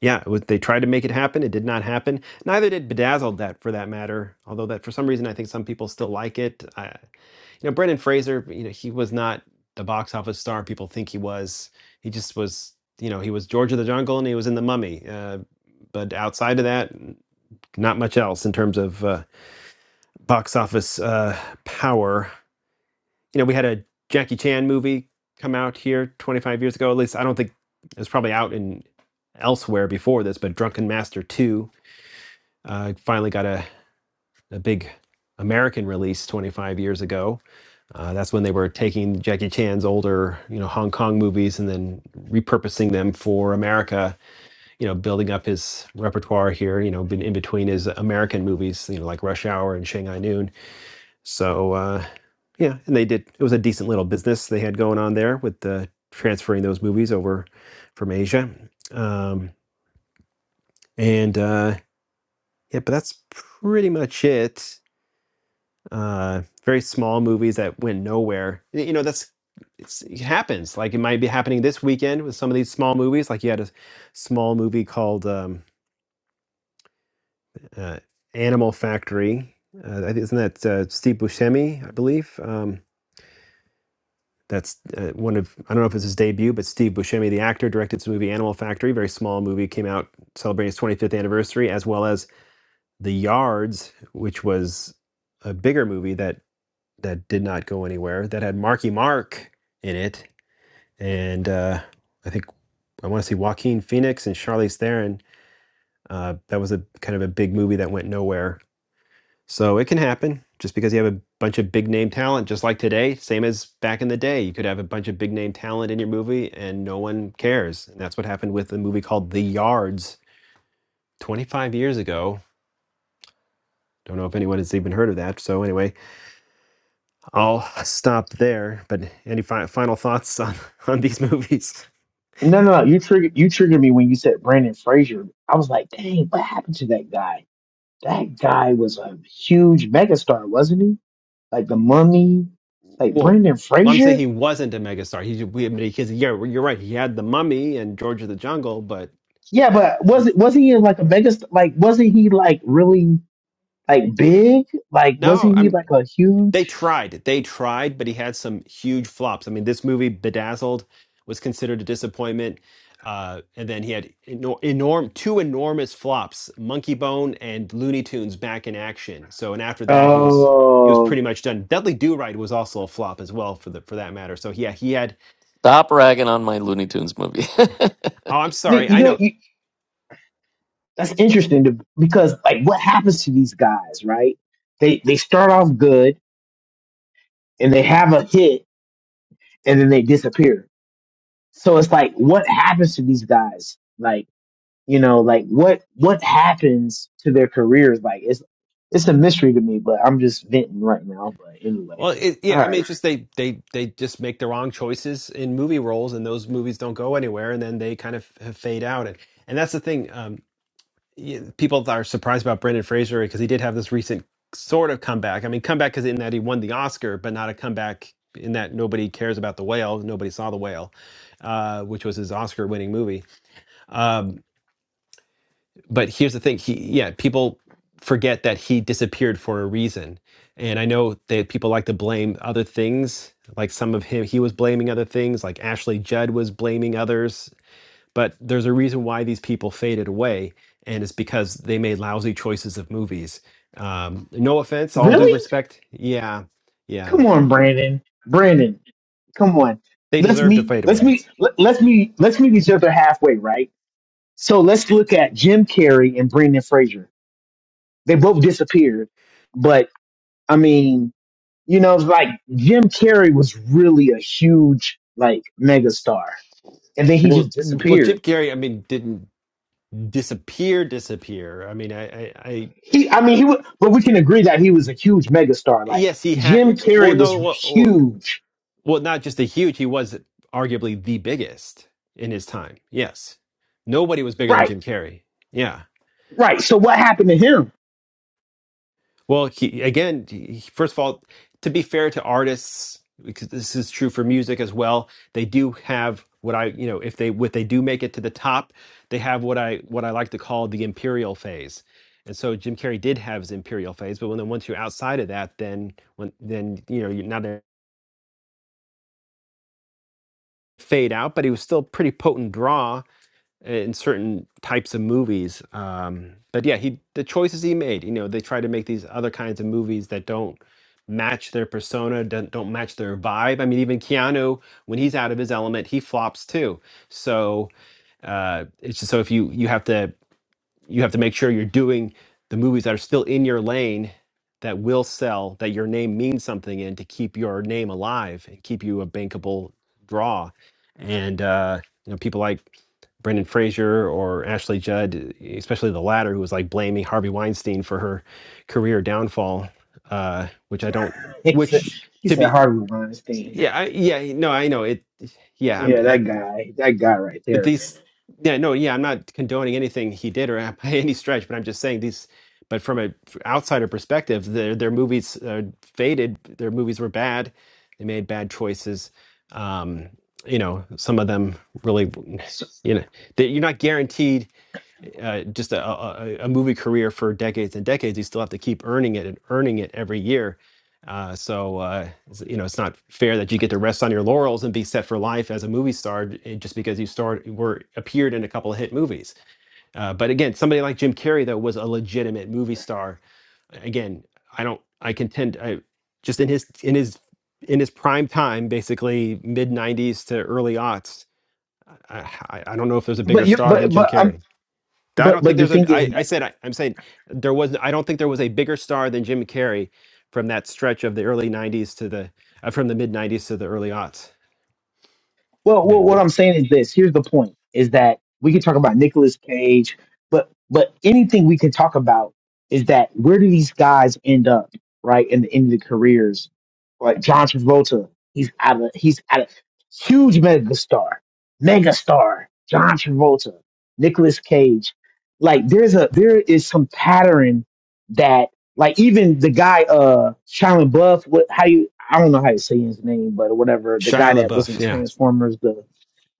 Speaker 1: yeah, it was, they tried to make it happen. It did not happen. Neither did Bedazzled, that for that matter. Although that for some reason I think some people still like it. I, you know, Brendan Fraser. You know, he was not the box office star people think he was. He just was. You know, he was George of the Jungle and he was in The Mummy. Uh, but outside of that, not much else in terms of uh, box office uh, power you know, we had a Jackie Chan movie come out here 25 years ago. At least I don't think it was probably out in elsewhere before this, but Drunken Master 2 uh, finally got a, a big American release 25 years ago. Uh, that's when they were taking Jackie Chan's older, you know, Hong Kong movies and then repurposing them for America, you know, building up his repertoire here, you know, been in between his American movies, you know, like Rush Hour and Shanghai Noon so uh, yeah, and they did. It was a decent little business they had going on there with uh, transferring those movies over from Asia. Um, and uh, yeah, but that's pretty much it. Uh, very small movies that went nowhere. Y- You know, that's it's, it happens. Like it might be happening this weekend with some of these small movies. Like you had a small movie called um, uh, Animal Factory. Uh, I think- isn't that uh, Steve Buscemi, I believe? Um, That's uh, one of I don't know if it's his debut, but Steve Buscemi, the actor, directed this movie Animal Factory, very small movie, came out celebrating its 25th anniversary, as well as The Yards, which was a bigger movie that that did not go anywhere, that had Marky Mark in it, and uh, I think I want to see Joaquin Phoenix and Charlize Theron. Uh, that was a kind of a big movie that went nowhere so it can happen just because you have a bunch of big name talent, just like today, same as back in the day. You could have a bunch of big name talent in your movie and no one cares. And that's what happened with a movie called The Yards 25 years ago. Don't know if anyone has even heard of that. So anyway, I'll stop there. But any fi- final thoughts on, on these movies?
Speaker 12: no, no, you triggered you triggered me when you said Brandon Fraser. I was like, dang, what happened to that guy? That guy was a huge megastar, wasn't he? Like the Mummy, like
Speaker 1: Well,
Speaker 12: Brandon
Speaker 1: well, I'm saying
Speaker 12: Fraser.
Speaker 1: he wasn't a megastar. He, we, I mean, he's, yeah, you're right. He had The Mummy and George of the Jungle, but
Speaker 12: Yeah, but
Speaker 1: and
Speaker 12: wasn't wasn't he like a megastar? Like wasn't he like really like big? Like
Speaker 1: no,
Speaker 12: wasn't he
Speaker 1: I'm
Speaker 12: like a
Speaker 1: They
Speaker 12: huge?
Speaker 1: tried. They tried, but he had some huge flops. I mean, this movie, Bedazzled, was considered a disappointment. Uh, and then he had enor- enorm- two enormous flops, Monkey Bone and Looney Tunes back in action. So, and after that, he was he was
Speaker 12: Oh,
Speaker 1: pretty much done. Dudley Do Right was also a flop as well, for the for that matter. So, yeah, he had.
Speaker 8: stop ragging on my Looney Tunes movie.
Speaker 1: Oh, I'm sorry.
Speaker 12: Nick, you
Speaker 1: I
Speaker 12: know
Speaker 1: know.
Speaker 12: you, that's interesting to, because like what happens to these guys, right? They they start off good and they have a hit and then they disappear. So it's like, what happens to these guys? Like, you know, like what what happens to their careers? Like, it's it's a mystery to me. But I'm just venting right now. But anyway,
Speaker 1: Well, it,
Speaker 12: all
Speaker 1: yeah, I mean,
Speaker 12: right,
Speaker 1: it's just they they they just make the wrong choices in movie roles, and those movies don't go anywhere, and then they kind of f- fade out, and and that's the thing. Um, y- people are surprised about Brendan Fraser because he did have this recent sort of comeback. I mean, comeback is in that he won the Oscar, but not a comeback in that nobody cares about the whale, nobody saw the whale, uh, which was his Oscar-winning movie. Um, but here's the thing he yeah people forget that he disappeared for a reason and i know that people like to blame other things like some of him he was blaming other things like ashley judd was blaming others but there's a reason why these people faded away and it's because they made lousy choices of movies um, no offense all due
Speaker 12: really?
Speaker 1: respect yeah yeah
Speaker 12: Come on, Brandon. Brandon, come on.
Speaker 1: they
Speaker 12: Let's
Speaker 1: deserve to
Speaker 12: meet.
Speaker 1: fade
Speaker 12: Let's
Speaker 1: away
Speaker 12: meet. let- Let's meet. Let's meet each other halfway, right? So let's look at Jim Carrey and Brendan Fraser. They both disappeared, but I mean, you know, it's like Jim Carrey was really a huge like megastar, and then he
Speaker 1: well
Speaker 12: just
Speaker 1: well jim
Speaker 12: disappeared.
Speaker 1: carrey i mean didn't disappear disappear i mean i i,
Speaker 12: He, I mean, he was, but we can agree that he was a huge megastar. Like
Speaker 1: Yes, he
Speaker 12: Jim
Speaker 1: had. Well,
Speaker 12: Carrey was
Speaker 1: no, well, well,
Speaker 12: huge,
Speaker 1: well, not just the huge. He was arguably the biggest in his time. Yes, nobody was bigger than
Speaker 12: right?
Speaker 1: Jim Carrey. Yeah.
Speaker 12: Right. So what happened to him?
Speaker 1: Well, he again. He, first of all, to be fair to artists, because this is true for music as well, they do have what I, you know, if they what they do make it to the top, they have what I what I like to call the imperial phase. And so Jim Carrey did have his imperial phase, but when then once you're outside of that, then when then you know you're not. fade out, but he was still a pretty potent draw in certain types of movies. Um, but yeah, he the choices he made, you know, they try to make these other kinds of movies that don't match their persona, don't, don't match their vibe. I mean, even Keanu, when he's out of his element, he flops too. So uh, it's just so if you you have to you have to make sure you're doing the movies that are still in your lane that will sell, that your name means something in to keep your name alive and keep you a bankable draw. And uh, you know, people like Brendan Fraser or Ashley Judd, especially the latter, who was like blaming Harvey Weinstein for her career downfall, uh, which I don't,
Speaker 12: He said,
Speaker 1: which
Speaker 12: he
Speaker 1: to
Speaker 12: said
Speaker 1: be,
Speaker 12: Harvey Weinstein.
Speaker 1: yeah, I, yeah, no, I know it. Yeah,
Speaker 12: Yeah,
Speaker 1: I'm
Speaker 12: that guy, that guy right
Speaker 1: but
Speaker 12: there, man.
Speaker 1: these yeah no yeah i'm not condoning anything he did or by any stretch but i'm just saying these but from a f- outsider perspective their their movies uh, faded their movies were bad they made bad choices um you know some of them really
Speaker 12: So,
Speaker 1: you know that you're not guaranteed uh, just a, a, a movie career for decades and decades, you still have to keep earning it and earning it every year. Uh, so uh, it's- you know it's not fair that you get to rest on your laurels and be set for life as a movie star j- eh, just because you starred were appeared in a couple of hit movies. Uh, but again, somebody like Jim Carrey though was a legitimate movie star. Again, I don't. I contend. I just in his in his in his prime time, basically mid '90s to early aughts. I, I I don't know if there's a bigger
Speaker 12: but you,
Speaker 1: star than
Speaker 12: but
Speaker 1: Jim
Speaker 12: but
Speaker 1: Carrey.
Speaker 12: um,
Speaker 1: I
Speaker 12: but
Speaker 1: don't
Speaker 12: but
Speaker 1: think
Speaker 12: the
Speaker 1: there's
Speaker 12: thing
Speaker 1: a.
Speaker 12: is
Speaker 1: I,
Speaker 12: that
Speaker 1: I said I, I'm saying there was. I don't think there was a bigger star than Jim Carrey from that stretch of the early '90s to the uh, from the mid '90s to the early aughts.
Speaker 12: Well,
Speaker 1: Yeah,
Speaker 12: well, what I'm saying is this. Here's the point: is that we can talk about Nicolas Cage, but but anything we can talk about is that where do these guys end up, right? In the end of the careers, like John Travolta, he's out of he's out of huge megastar, megastar. John Travolta, Nicolas Cage, like there's a there is some pattern that like even the guy uh Shia LaBeouf, what how you I don't know how to say his name, but whatever, the guy
Speaker 1: Shia
Speaker 12: that was in
Speaker 1: LaBeouf. Yeah.
Speaker 12: Transformers, the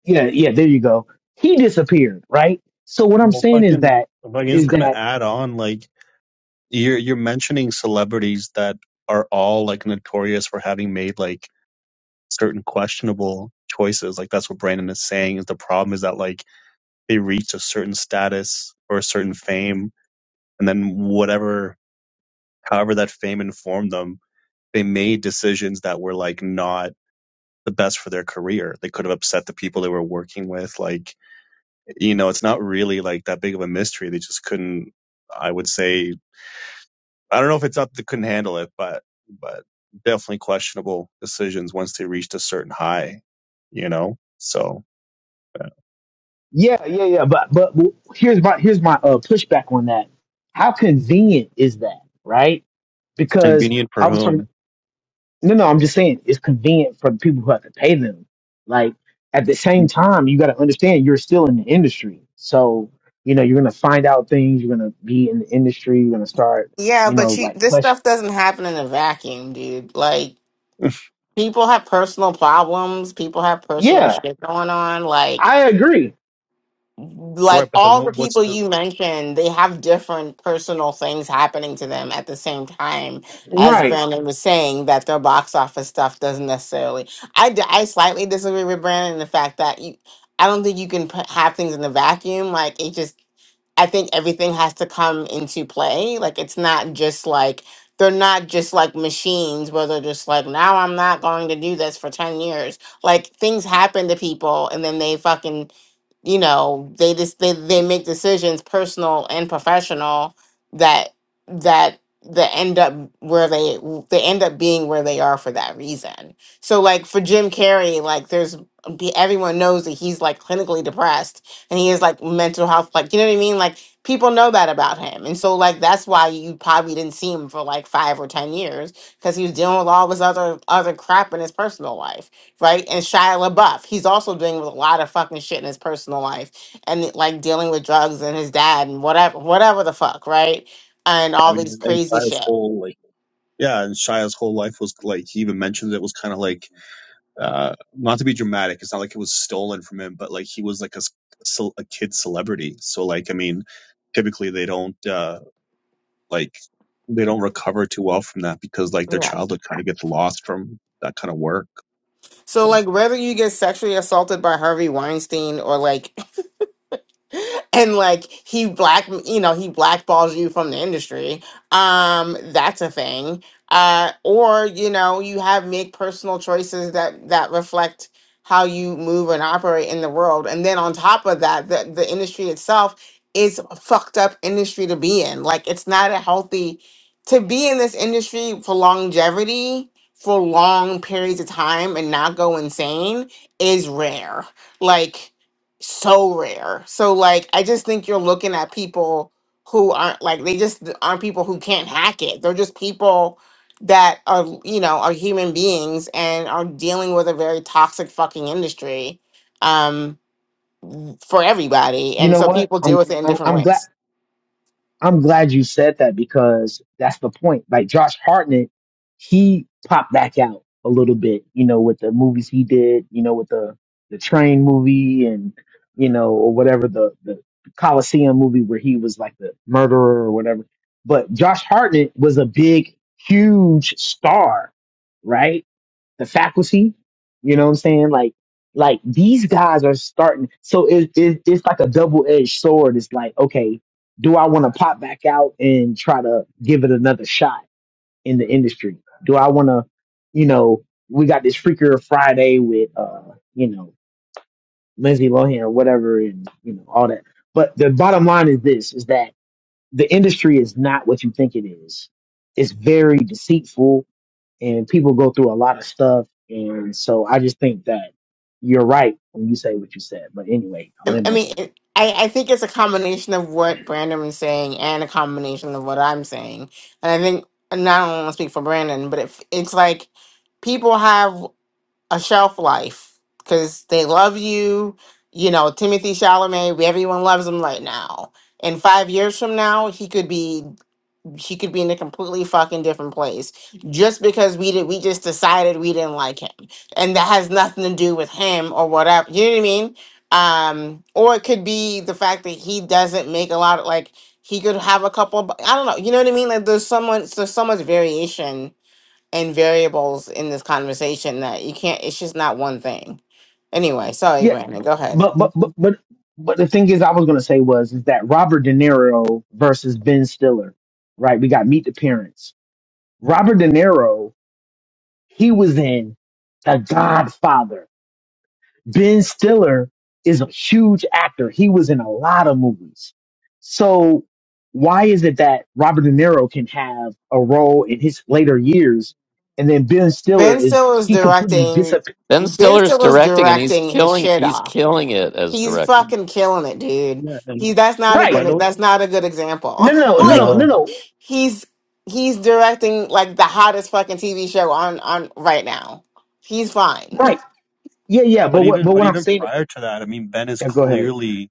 Speaker 12: yeah, yeah, there you go. He disappeared, right? So what I'm
Speaker 13: Well, if I
Speaker 12: saying is
Speaker 13: can,
Speaker 12: that
Speaker 13: if I can just
Speaker 12: is
Speaker 13: kind of
Speaker 12: that
Speaker 13: add on, like you're you're mentioning celebrities that are all like notorious for having made like certain questionable choices. Like that's what Brandon is saying. Is the problem is that like they reach a certain status or a certain fame, and then whatever, however that fame informed them, they made decisions that were like not the best for their career. They could have upset the people they were working with. Like you know, it's not really like that big of a mystery. They just couldn't. I would say I don't know if it's up that couldn't handle it, but but definitely questionable decisions once they reached a certain high, you know. So
Speaker 12: yeah, yeah, yeah. But but here's my here's my uh, pushback on that. How convenient is that, right? Because
Speaker 13: convenient
Speaker 12: I
Speaker 13: for
Speaker 12: was talking.
Speaker 13: whom?
Speaker 12: No, no, I'm just saying it's convenient for the people who have to pay them. Like at the same time, you got to understand you're still in the industry, so you know you're gonna find out things. You're gonna be in the industry. You're gonna start
Speaker 3: Yeah,
Speaker 12: you know,
Speaker 3: but you,
Speaker 12: like
Speaker 3: this
Speaker 12: question.
Speaker 3: stuff doesn't happen in a vacuum, dude. Like people have personal problems. People have personal
Speaker 12: Yeah,
Speaker 3: shit going on. Like
Speaker 12: I agree.
Speaker 13: Right,
Speaker 3: like
Speaker 13: but then
Speaker 3: all
Speaker 13: what,
Speaker 3: the
Speaker 13: what's
Speaker 3: people
Speaker 13: the?
Speaker 3: you mentioned, they have different personal things happening to them at the same time. As
Speaker 12: Right.
Speaker 3: Brandon was saying, that their box office stuff doesn't necessarily. I, d- I slightly disagree with Brandon in the fact that you, I don't think you can put, have things in a vacuum. Like it just, I think everything has to come into play. Like it's not just like they're not just like machines where they're just like now I'm not going to do this for ten years. Like things happen to people, and then they fucking you know they just they, they make decisions personal and professional that that that end up where they they end up being where they are for that reason so like for jim carrey like there's be- everyone knows that he's like clinically depressed and he is like mental health like you know what i mean like people know that about him and so like that's why you probably didn't see him for like five or ten years because he was dealing with all this other other crap in his personal life right? And Shia LaBeouf, he's also doing with a lot of fucking shit in his personal life and like dealing with drugs and his dad and whatever, whatever the fuck, right? And
Speaker 13: I
Speaker 3: all
Speaker 13: mean,
Speaker 3: these
Speaker 13: and
Speaker 3: crazy
Speaker 13: Shia's
Speaker 3: shit.
Speaker 13: whole like yeah, and Shia's whole life was like he even mentioned it was kind of like uh not to be dramatic. It's not like it was stolen from him, but like he was like a a kid celebrity. So like I mean, typically they don't. uh like they don't recover too well from that because like their
Speaker 3: Yeah.
Speaker 13: childhood kind of gets lost from that kind of work.
Speaker 3: So
Speaker 13: So
Speaker 3: like whether you get sexually assaulted by Harvey Weinstein or like and like he black you know he blackballs you from the industry um that's a thing uh or you know you have make personal choices that that reflect how you move and operate in the world and then on top of that the, the industry itself is a fucked up industry to be in like it's not a healthy to be in this industry for longevity for long periods of time and not go insane is rare like so rare. So like I just think you're looking at people who aren't like they just aren't people who can't hack it. They're just people that are you know are human beings and are dealing with a very toxic fucking industry um for everybody
Speaker 12: You
Speaker 3: and
Speaker 12: know
Speaker 3: so
Speaker 12: what?
Speaker 3: people deal
Speaker 12: I'm
Speaker 3: with it in
Speaker 12: I'm
Speaker 3: different
Speaker 12: I'm glad
Speaker 3: ways
Speaker 12: I'm glad you said that because that's the point. Like Josh Hartnett, he popped back out a little bit, you know, with the movies he did, you know, with the the train movie and you know, or whatever the the Coliseum movie where he was like the murderer or whatever. But Josh Hartnett was a big, huge star, right? the faculty. You know what I'm saying? Like, like these guys are starting. So it, it it's like a double edged sword. It's like, okay, do I want to pop back out and try to give it another shot in the industry? Do I want to, you know, we got this freaker Friday with, uh, you know, Lindsay Lohan or whatever, and you know all that. But the bottom line is this: is that the industry is not what you think it is. It's very deceitful and people go through a lot of stuff. And so I just think that you're right when you say what you said. But anyway, I
Speaker 3: i
Speaker 12: land
Speaker 3: I
Speaker 12: my
Speaker 3: mean
Speaker 12: plane.
Speaker 3: it, I, I think it's a combination of what brandon was saying and a combination of what i'm saying and i think and i don't want to speak for brandon but if it's like people have a shelf life because they love you. You know, Timothy Chalamet, everyone loves him right now. And five years from now, he could be he could be in a completely fucking different place just because we did we just decided we didn't like him, and that has nothing to do with him or whatever. You know what I mean? Um, or it could be the fact that he doesn't make a lot of like he could have a couple. Of, I don't know. You know what I mean? Like there's someone there's so much variation and variables in this conversation that you can't it's just not one thing anyway sorry
Speaker 12: Yeah,
Speaker 3: brandon go ahead
Speaker 12: but but but but but the thing is, I was gonna say was is that Robert De Niro versus Ben Stiller, right? We got Meet the Parents. Robert De Niro, he was in The Godfather. Ben Stiller is a huge actor. He was in a lot of movies. So why is it that Robert De Niro can have a role in his later years and then Ben Stiller
Speaker 3: ben
Speaker 12: is
Speaker 3: stiller's
Speaker 12: he completely
Speaker 3: directing
Speaker 12: disappeared?
Speaker 8: Ben
Speaker 3: ben
Speaker 8: Stiller's
Speaker 3: stiller's
Speaker 8: directing, and he's
Speaker 3: directing his
Speaker 8: killing.
Speaker 3: shit
Speaker 8: He's
Speaker 3: off
Speaker 8: killing it as
Speaker 3: he's
Speaker 8: director.
Speaker 3: fucking killing it dude
Speaker 13: Yeah, and
Speaker 3: he that's not a
Speaker 12: Right.
Speaker 13: but
Speaker 3: good
Speaker 13: o-
Speaker 3: that's not a good
Speaker 12: No,
Speaker 3: example
Speaker 12: no, no,
Speaker 3: like
Speaker 12: no, no,
Speaker 13: no,
Speaker 12: no.
Speaker 3: he's he's directing like the hottest fucking tv show on on right now he's fine
Speaker 12: Right. Yeah, yeah.
Speaker 13: but
Speaker 12: But what
Speaker 13: even
Speaker 12: but
Speaker 13: but
Speaker 12: what I'm
Speaker 13: even
Speaker 12: saying
Speaker 13: prior to that, I mean, Ben is
Speaker 12: yeah, go ahead.
Speaker 13: clearly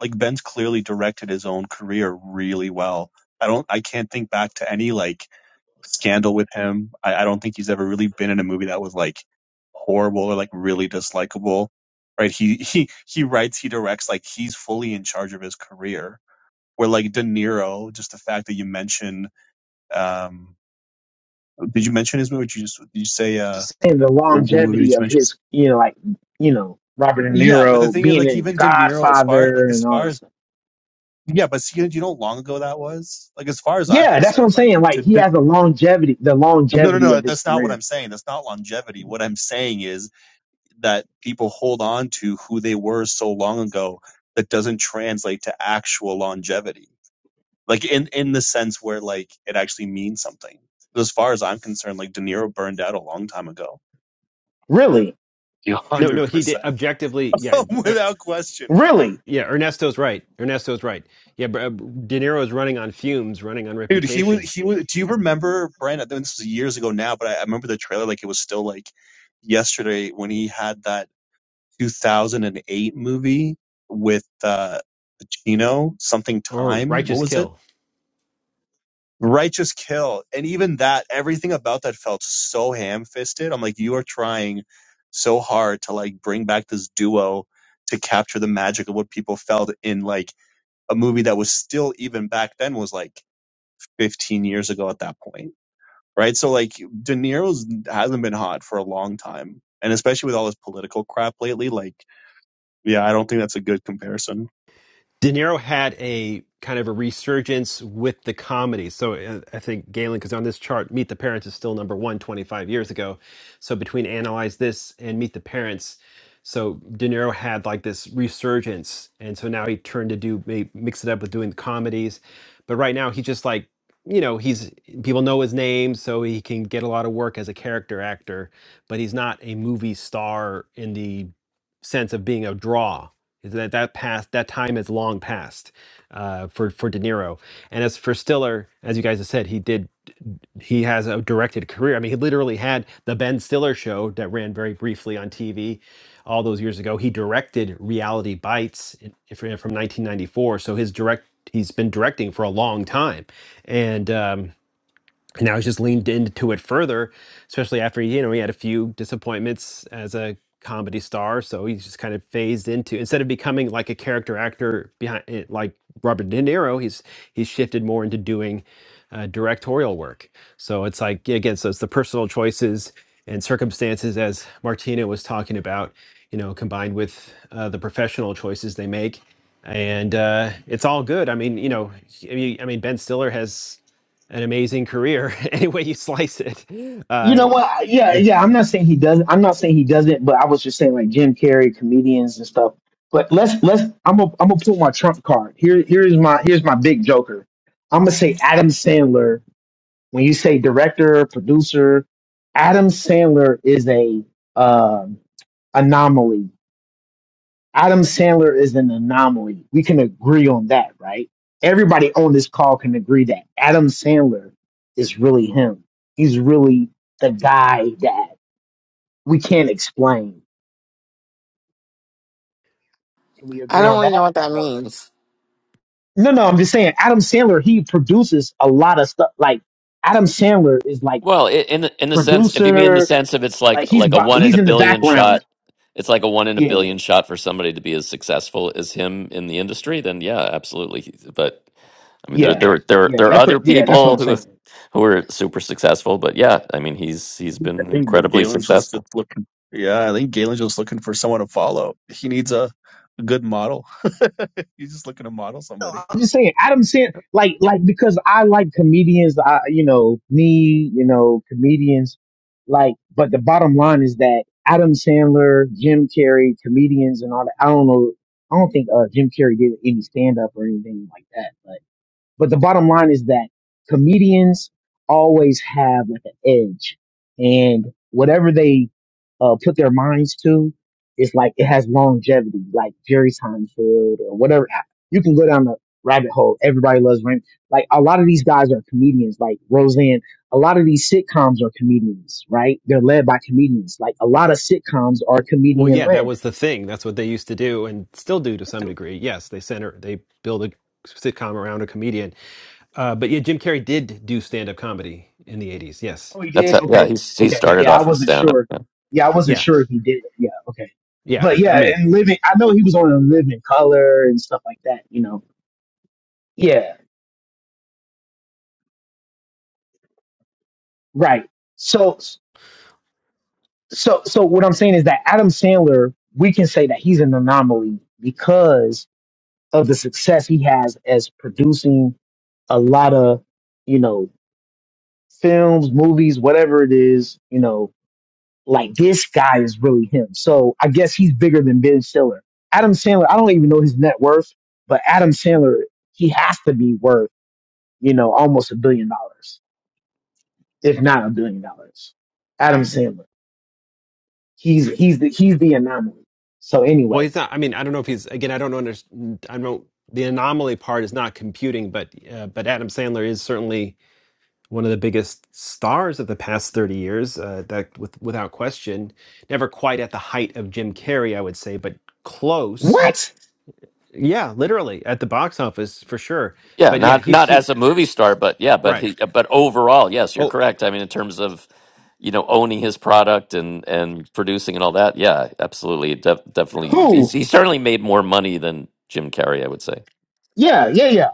Speaker 13: like Ben's clearly directed his own career really well. I don't, I can't think back to any like scandal with him. I, I don't think he's ever really been in a movie that was like horrible or like really dislikable. Right? He he he writes, he directs, like he's fully in charge of his career where like De Niro, just the fact that you mention, um, did you mention his movie? Did you just did you say uh,
Speaker 12: Just saying the
Speaker 13: what, what movie did
Speaker 12: longevity
Speaker 13: you
Speaker 12: of
Speaker 13: mention?
Speaker 12: his you know, like you know, Robert De
Speaker 13: Yeah, but the
Speaker 12: Niro
Speaker 13: thing is,
Speaker 12: being
Speaker 13: like,
Speaker 12: in
Speaker 13: even De Niro, as far like
Speaker 12: Godfather
Speaker 13: as
Speaker 12: and all
Speaker 13: far
Speaker 12: this
Speaker 13: as
Speaker 12: stuff.
Speaker 13: yeah, but see, you know how long ago that was? Like, as far as I'm
Speaker 12: Yeah, that's what I'm
Speaker 13: concerned, like,
Speaker 12: saying.
Speaker 13: you
Speaker 12: Like
Speaker 13: did,
Speaker 12: he
Speaker 13: did-
Speaker 12: has the longevity the
Speaker 13: no, no,
Speaker 12: longevity
Speaker 13: no,
Speaker 12: of his
Speaker 13: that's not what
Speaker 12: career
Speaker 13: I'm saying. That's not longevity. What I'm saying is that people hold on to who they were so long ago that doesn't translate to actual longevity like in in the sense where like it actually means something. As far as I'm concerned, like De Niro burned out a long time ago.
Speaker 12: Really,
Speaker 13: A
Speaker 1: No,
Speaker 13: hundred
Speaker 1: no, he
Speaker 13: percent,
Speaker 1: did objectively. Yeah, er,
Speaker 13: without question, man.
Speaker 12: really.
Speaker 1: yeah. Ernesto's right. Ernesto's right. Yeah, but uh, De Niro's running on fumes, running on
Speaker 13: Dude, he was
Speaker 1: reputation
Speaker 13: he was. Do you remember Brian? I think this was years ago now, but I, I remember the trailer like it was still like yesterday when he had that 2008 movie with uh Pacino, something
Speaker 1: or
Speaker 13: time. What
Speaker 1: righteous
Speaker 13: was it?
Speaker 1: kill.
Speaker 13: Righteous Kill. And even that, everything about that felt so ham fisted. I'm like, you are trying so hard to like bring back this duo to capture the magic of what people felt in like a movie that was still even back then was like 15 years ago at that point. Right. So like De Niro's hasn't been hot for a long time. And especially with all this political crap lately, like, yeah, I don't think that's a good comparison.
Speaker 1: De Niro had a kind of a resurgence with the comedy. So uh, I think Galen, because on this chart, Meet the Parents is still number one 25 years ago. So between Analyze This and Meet the Parents, so De Niro had like this resurgence. And so now he turned to do, may- mix it up with doing the comedies. But right now he's just like, you know, he's people know his name, so he can get a lot of work as a character actor, but he's not a movie star in the sense of being a draw is That that past that time is long past uh, for for De Niro. And as for Stiller, as you guys have said, he did he has a directed career. I mean, he literally had the Ben Stiller show that ran very briefly on TV all those years ago. He directed Reality Bites in, from 1994, so his direct he's been directing for a long time, and. Um, and now he's just leaned into it further, especially after you know he had a few disappointments as a comedy star. So he's just kind of phased into instead of becoming like a character actor behind it, like Robert De Niro, he's he's shifted more into doing uh, directorial work. So it's like yeah, again, so it's the personal choices and circumstances as Martina was talking about, you know, combined with uh, the professional choices they make. And uh, it's all good. I mean, you know, I mean, I mean, Ben Stiller has an amazing career any way you slice it.
Speaker 12: You
Speaker 1: Uh,
Speaker 12: know what? I- Yeah,
Speaker 1: yeah.
Speaker 12: yeah. I'm not saying he doesn't. I'm not saying he doesn't. But I was just saying like Jim Carrey, comedians and stuff. But let's let's. I'm gonna I'm gonna pull my trump card. Here here's my here's my big joker. I'm gonna say Adam Sandler. When you say director, producer, Adam Sandler is a um anomaly Adam Sandler is an anomaly. We can agree on that, right? Everybody on this call can agree that Adam Sandler is really him. He's really the guy that we can't explain. Can we
Speaker 3: i
Speaker 12: agree
Speaker 3: don't
Speaker 12: on
Speaker 3: really
Speaker 12: that
Speaker 3: know what
Speaker 12: or
Speaker 3: that
Speaker 12: no?
Speaker 3: means
Speaker 12: No, no, I'm just saying Adam Sandler, he produces a lot of stuff. Like Adam Sandler is like
Speaker 8: Well, i in in the sense, if you mean in the
Speaker 12: producer,
Speaker 8: sense of it's like
Speaker 12: like he's
Speaker 8: like a
Speaker 12: bu-
Speaker 8: one in a
Speaker 12: he's in the
Speaker 8: billion shot,
Speaker 12: background.
Speaker 8: it's like a one in a
Speaker 12: Yeah,
Speaker 8: billion shot for somebody to be as successful as him in the industry. Then yeah, absolutely. He's- But I mean, there
Speaker 12: yeah,
Speaker 8: there there
Speaker 12: yeah.
Speaker 8: there are
Speaker 12: That's
Speaker 8: other
Speaker 12: what yeah, that's what
Speaker 8: people
Speaker 12: I'm
Speaker 8: who
Speaker 12: saying.
Speaker 8: who are super successful. But yeah, I mean, he's he's been
Speaker 13: I think
Speaker 8: incredibly
Speaker 13: Galen's just, just
Speaker 8: successful.
Speaker 13: looking. Yeah, I think Galen's just looking for someone to follow. He needs a, a good model. He's just looking to model somebody.
Speaker 12: I'm just saying, Adam Sandler, like, like because I like comedians. I, you know, me, you know, comedians. Like, but the bottom line is that Adam Sandler, Jim Carrey, comedians, and all that. I don't know. I don't think uh, Jim Carrey did any stand up or anything like that. but. But the bottom line is that comedians always have like an edge, and whatever they uh, put their minds to, it's like it has longevity, like Jerry Seinfeld or whatever. You can go down the rabbit hole. Everybody loves Raymond. Like a lot of these guys are comedians, like Roseanne. A lot of these sitcoms are comedians, right? They're led by comedians. Like a lot of sitcoms are
Speaker 1: Well,
Speaker 12: comedian
Speaker 1: yeah,
Speaker 12: led.
Speaker 1: that was the thing. That's what they used to do and still do to some degree. Yes, they center, they build a sitcom around a comedian. Uh, but yeah, Jim Carrey did do stand up comedy in the 80s. Yes.
Speaker 12: Oh, he
Speaker 8: That's
Speaker 12: did.
Speaker 8: how, yeah.
Speaker 12: Okay.
Speaker 8: He's he
Speaker 12: Okay.
Speaker 1: Yeah.
Speaker 8: started
Speaker 12: Yeah, I
Speaker 8: off in
Speaker 12: wasn't
Speaker 8: stand
Speaker 12: sure.
Speaker 8: up.
Speaker 12: Yeah, I wasn't
Speaker 1: Yeah.
Speaker 12: sure if he did. Yeah. Okay.
Speaker 1: Yeah.
Speaker 12: But
Speaker 1: I
Speaker 12: yeah,
Speaker 1: mean,
Speaker 12: and living. I know he was on a living color and stuff like that. You know. Yeah. Right. So so so what I'm saying is that Adam Sandler, we can say that he's an anomaly because of the success he has as producing a lot of you know films, movies, whatever it is. You know, Like this guy is really him. So I guess he's bigger than Ben Stiller. Adam Sandler, I don't even know his net worth, but Adam Sandler, he has to be worth, you know, almost a billion dollars, if not a billion dollars. Adam Sandler. He's he's the he's the anomaly. So
Speaker 1: well,
Speaker 12: anyway,
Speaker 1: he's not, I mean, I don't know if he's, again, I don't understand, I don't, the anomaly part is not computing, but, uh, but Adam Sandler is certainly one of the biggest stars of the past 30 years, uh, that with, without question, never quite at the height of Jim Carrey, I would say, but close.
Speaker 12: what?
Speaker 1: Yeah, literally at the box office for sure.
Speaker 8: Yeah,
Speaker 1: But yeah,
Speaker 8: not
Speaker 1: he's
Speaker 8: not
Speaker 1: he
Speaker 8: as a movie star, but yeah, but
Speaker 1: right.
Speaker 8: he, but overall, yes, you're
Speaker 1: Oh,
Speaker 8: correct. I mean, in terms of you know owning his product and and producing and all that, yeah, absolutely, De- definitely, he's,
Speaker 12: Who?
Speaker 8: he certainly made more money than Jim Carrey, I would say.
Speaker 12: Yeah, yeah, yeah.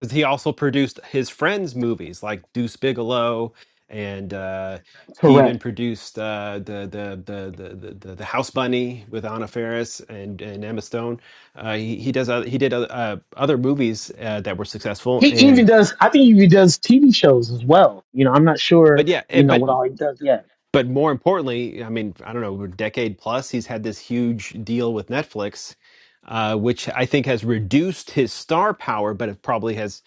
Speaker 1: 'cause he also produced his friends' movies like Deuce Bigelow, and uh, he even
Speaker 12: Correct.
Speaker 1: produced uh, the, the, the the the the the House Bunny with Anna Faris and, and Emma Stone. Uh, he he does oth- he did oth- uh, other movies uh, that were successful
Speaker 12: He even
Speaker 1: and.
Speaker 12: does. I think he even does TV shows as well. You know, I'm not
Speaker 1: But
Speaker 12: sure.
Speaker 1: yeah, eh,
Speaker 12: You know
Speaker 1: but
Speaker 12: what all he does. Yeah.
Speaker 1: but more importantly, I mean, I don't know, a decade plus, he's had this huge deal with Netflix, uh, which I think has reduced his star power, but it probably has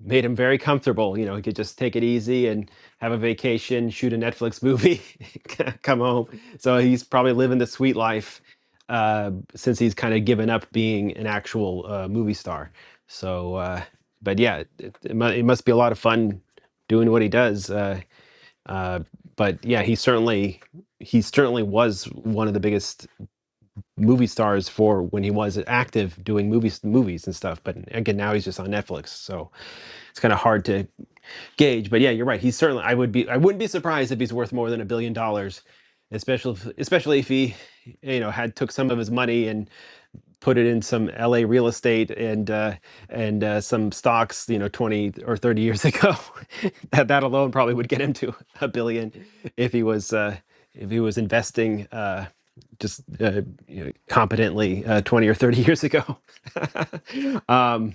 Speaker 1: made him very comfortable. You know, he could just take it easy and have a vacation, shoot a Netflix movie, come home. So he's probably living the sweet life uh, since he's kind of given up being an actual uh, movie star. So, uh, but yeah, it, it, mu- it must be a lot of fun doing what he does. Uh, uh, but yeah, he certainly he certainly was one of the biggest movie stars for when he was active doing movies movies and stuff. But again, now he's just on Netflix, so it's kind of hard to gauge. But yeah, you're right. He's certainly I would be I wouldn't be surprised if he's worth more than a billion dollars, especially if, especially if he you know had took some of his money and put it in some LA real estate and uh, and uh, some stocks, you know, 20 or 30 years ago. that that alone probably would get him to a billion if he was uh, if he was investing uh, just uh, you know, competently uh, 20 or 30 years ago. um,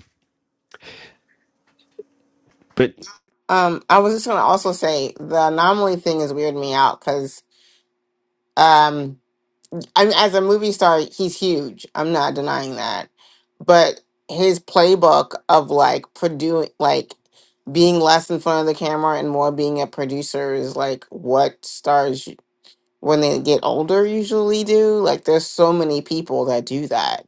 Speaker 1: but
Speaker 3: um i was just gonna also say the anomaly thing is weirding me out because I mean, as a movie star, he's huge. I'm not denying that. But his playbook of like produ like being less in front of the camera and more being a producer is like what stars y- when they get older usually do. Like there's so many people that do that.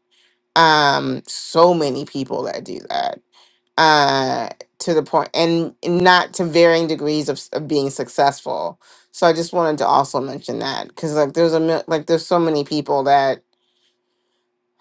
Speaker 3: Um, so many people that do that. Uh, to the point, and not to varying degrees of, s- of being successful. So I just wanted to also mention that because like there's a mil- like there's so many people that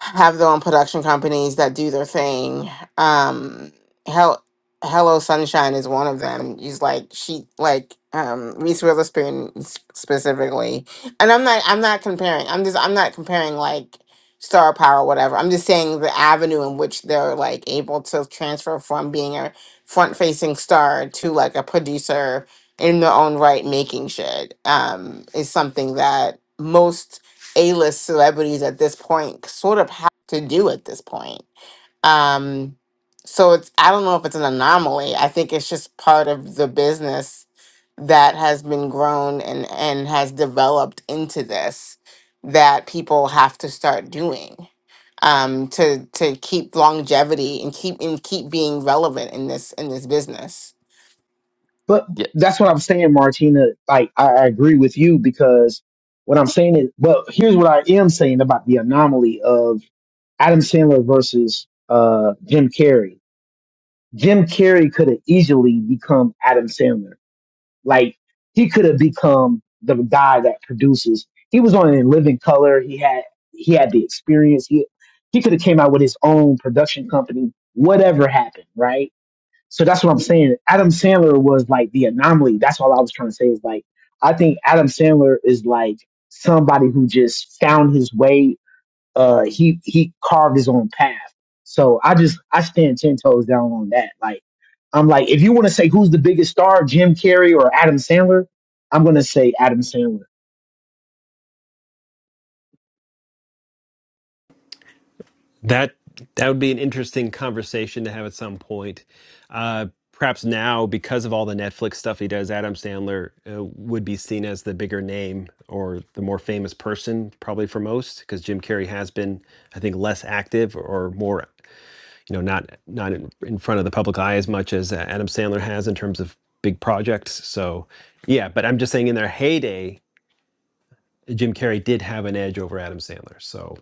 Speaker 3: have their own production companies that do their thing. Um, Hel- Hello Sunshine is one of them. She's like she like um Reese Witherspoon s- specifically, and I'm not I'm not comparing. I'm just I'm not comparing like star power or whatever. I'm just saying the avenue in which they're like able to transfer from being a front facing star to like a producer in their own right making shit um is something that most a-list celebrities at this point sort of have to do at this point. Um, so it's I don't know if it's an anomaly. I think it's just part of the business that has been grown and and has developed into this that people have to start doing um to to keep longevity and keep and keep being relevant in this in this business
Speaker 12: But
Speaker 8: Yeah,
Speaker 12: that's what I'm saying, Martina. Like I, I agree with you because what I'm saying is, but here's what I am saying about the anomaly of Adam Sandler versus uh, Jim Carrey. Jim Carrey could have easily become Adam Sandler. Like he could have become the guy that produces. He was on in Living Color. He had he had the experience. He he could have came out with his own production company. Whatever happened, right? So that's what I'm saying. Adam Sandler was like the anomaly. That's all I was trying to say is like, I think Adam Sandler is like somebody who just found his way. Uh, he, he carved his own path. So I just, I stand 10 toes down on that. Like, I'm like, if you want to say who's the biggest star, Jim Carrey or Adam Sandler, I'm going to say Adam Sandler.
Speaker 1: That that would be an interesting conversation to have at some point. Uh, perhaps now, because of all the Netflix stuff he does, Adam Sandler uh, would be seen as the bigger name or the more famous person, probably for most, because Jim Carrey has been, I think, less active or more, you know, not not in, in front of the public eye as much as uh, Adam Sandler has in terms of big projects. So, yeah, but I'm just saying, in their heyday, Jim Carrey did have an edge over Adam Sandler. So.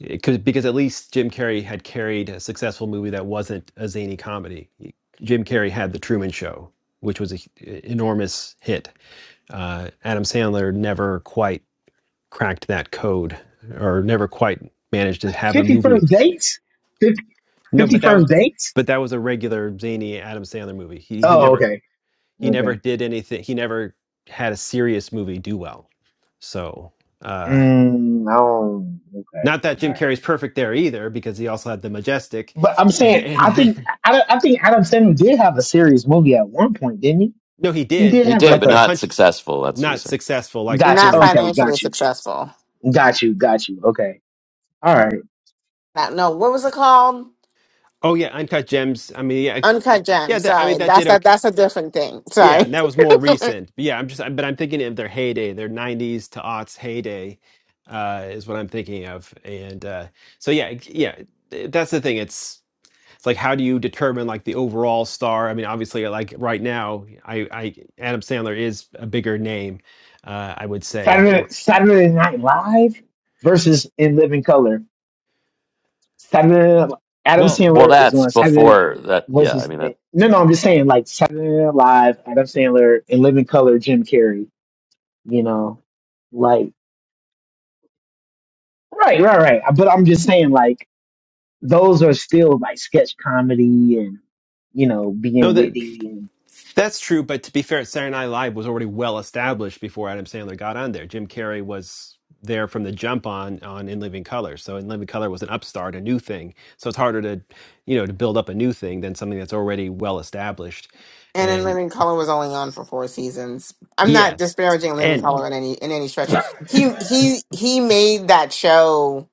Speaker 1: It could, because at least Jim Carrey had carried a successful movie that wasn't a zany comedy. Jim Carrey had The Truman Show, which was an enormous hit. Uh, Adam Sandler never quite cracked that code, or never quite managed to have a movie.
Speaker 12: 51st dates? 50,
Speaker 1: No, but that,
Speaker 12: 51st dates?
Speaker 1: but that was a regular zany Adam Sandler movie. He he
Speaker 12: Oh,
Speaker 1: never
Speaker 12: okay.
Speaker 1: he
Speaker 12: Okay.
Speaker 1: never did anything. He never had a serious movie do well. So. Uh,
Speaker 12: Mm, oh, okay.
Speaker 1: not that Jim
Speaker 12: All right.
Speaker 1: Carrey's perfect there either, because he also had the majestic,
Speaker 12: But I'm saying, I
Speaker 1: and
Speaker 12: think, I, I think Adam Sandler did have a serious movie at one point, didn't he?
Speaker 1: No, he
Speaker 12: He
Speaker 1: did,
Speaker 12: did
Speaker 8: he
Speaker 12: have
Speaker 8: did,
Speaker 1: but
Speaker 12: like
Speaker 8: but
Speaker 1: but
Speaker 12: a,
Speaker 8: not
Speaker 1: Punch
Speaker 8: successful. That's what he
Speaker 1: not
Speaker 8: said.
Speaker 1: successful like
Speaker 12: got you,
Speaker 3: not
Speaker 1: Truman
Speaker 12: okay,
Speaker 1: Show.
Speaker 3: financially
Speaker 12: got you,
Speaker 3: successful
Speaker 12: got you, got you, okay, all right.
Speaker 3: not no what was it called
Speaker 1: Oh yeah, Uncut Gems. I mean, yeah,
Speaker 3: uncut gem
Speaker 1: yeah. That, I mean,
Speaker 3: sorry
Speaker 1: that
Speaker 3: that's
Speaker 1: did
Speaker 3: that
Speaker 1: okay.
Speaker 3: that's a different thing
Speaker 1: Yeah,
Speaker 3: sorry
Speaker 1: and that was more recent. But yeah, I'm just, but I'm thinking of their heyday, their '90s to aughts heyday, uh, is what I'm thinking of. And uh, so yeah, yeah. That's the thing. It's it's like how do you determine like the overall star? I mean, obviously, like right now, I, I Adam Sandler is a bigger name. Uh, I would say.
Speaker 12: Saturday, Saturday Night Live versus In Living Color. Saturday, Adam
Speaker 1: Well,
Speaker 8: Well,
Speaker 12: Sandler is
Speaker 8: that's
Speaker 12: on Saturday
Speaker 8: before that. Yeah, I
Speaker 12: versus,
Speaker 8: mean, that
Speaker 12: no, no, I'm just saying like Saturday Night Live, Adam Sandler, In Living Color, Jim Carrey, you know, like, right, right, right. But I'm just saying like, those are still like sketch comedy and you know
Speaker 1: no,
Speaker 12: being
Speaker 1: that
Speaker 12: witty and
Speaker 1: That's true, but to be fair, Saturday Night Live was already well established before Adam Sandler got on there. Jim Carrey was there from the jump on on In Living Color, so In Living Color was an upstart, a new thing. So it's harder to, you know, to build up a new thing than something that's already well established.
Speaker 3: And then
Speaker 1: And
Speaker 3: Living Color was only on for four seasons. I'm not
Speaker 1: yes,
Speaker 3: disparaging Living
Speaker 1: and
Speaker 3: Color in any in any stretch. He he he made that show.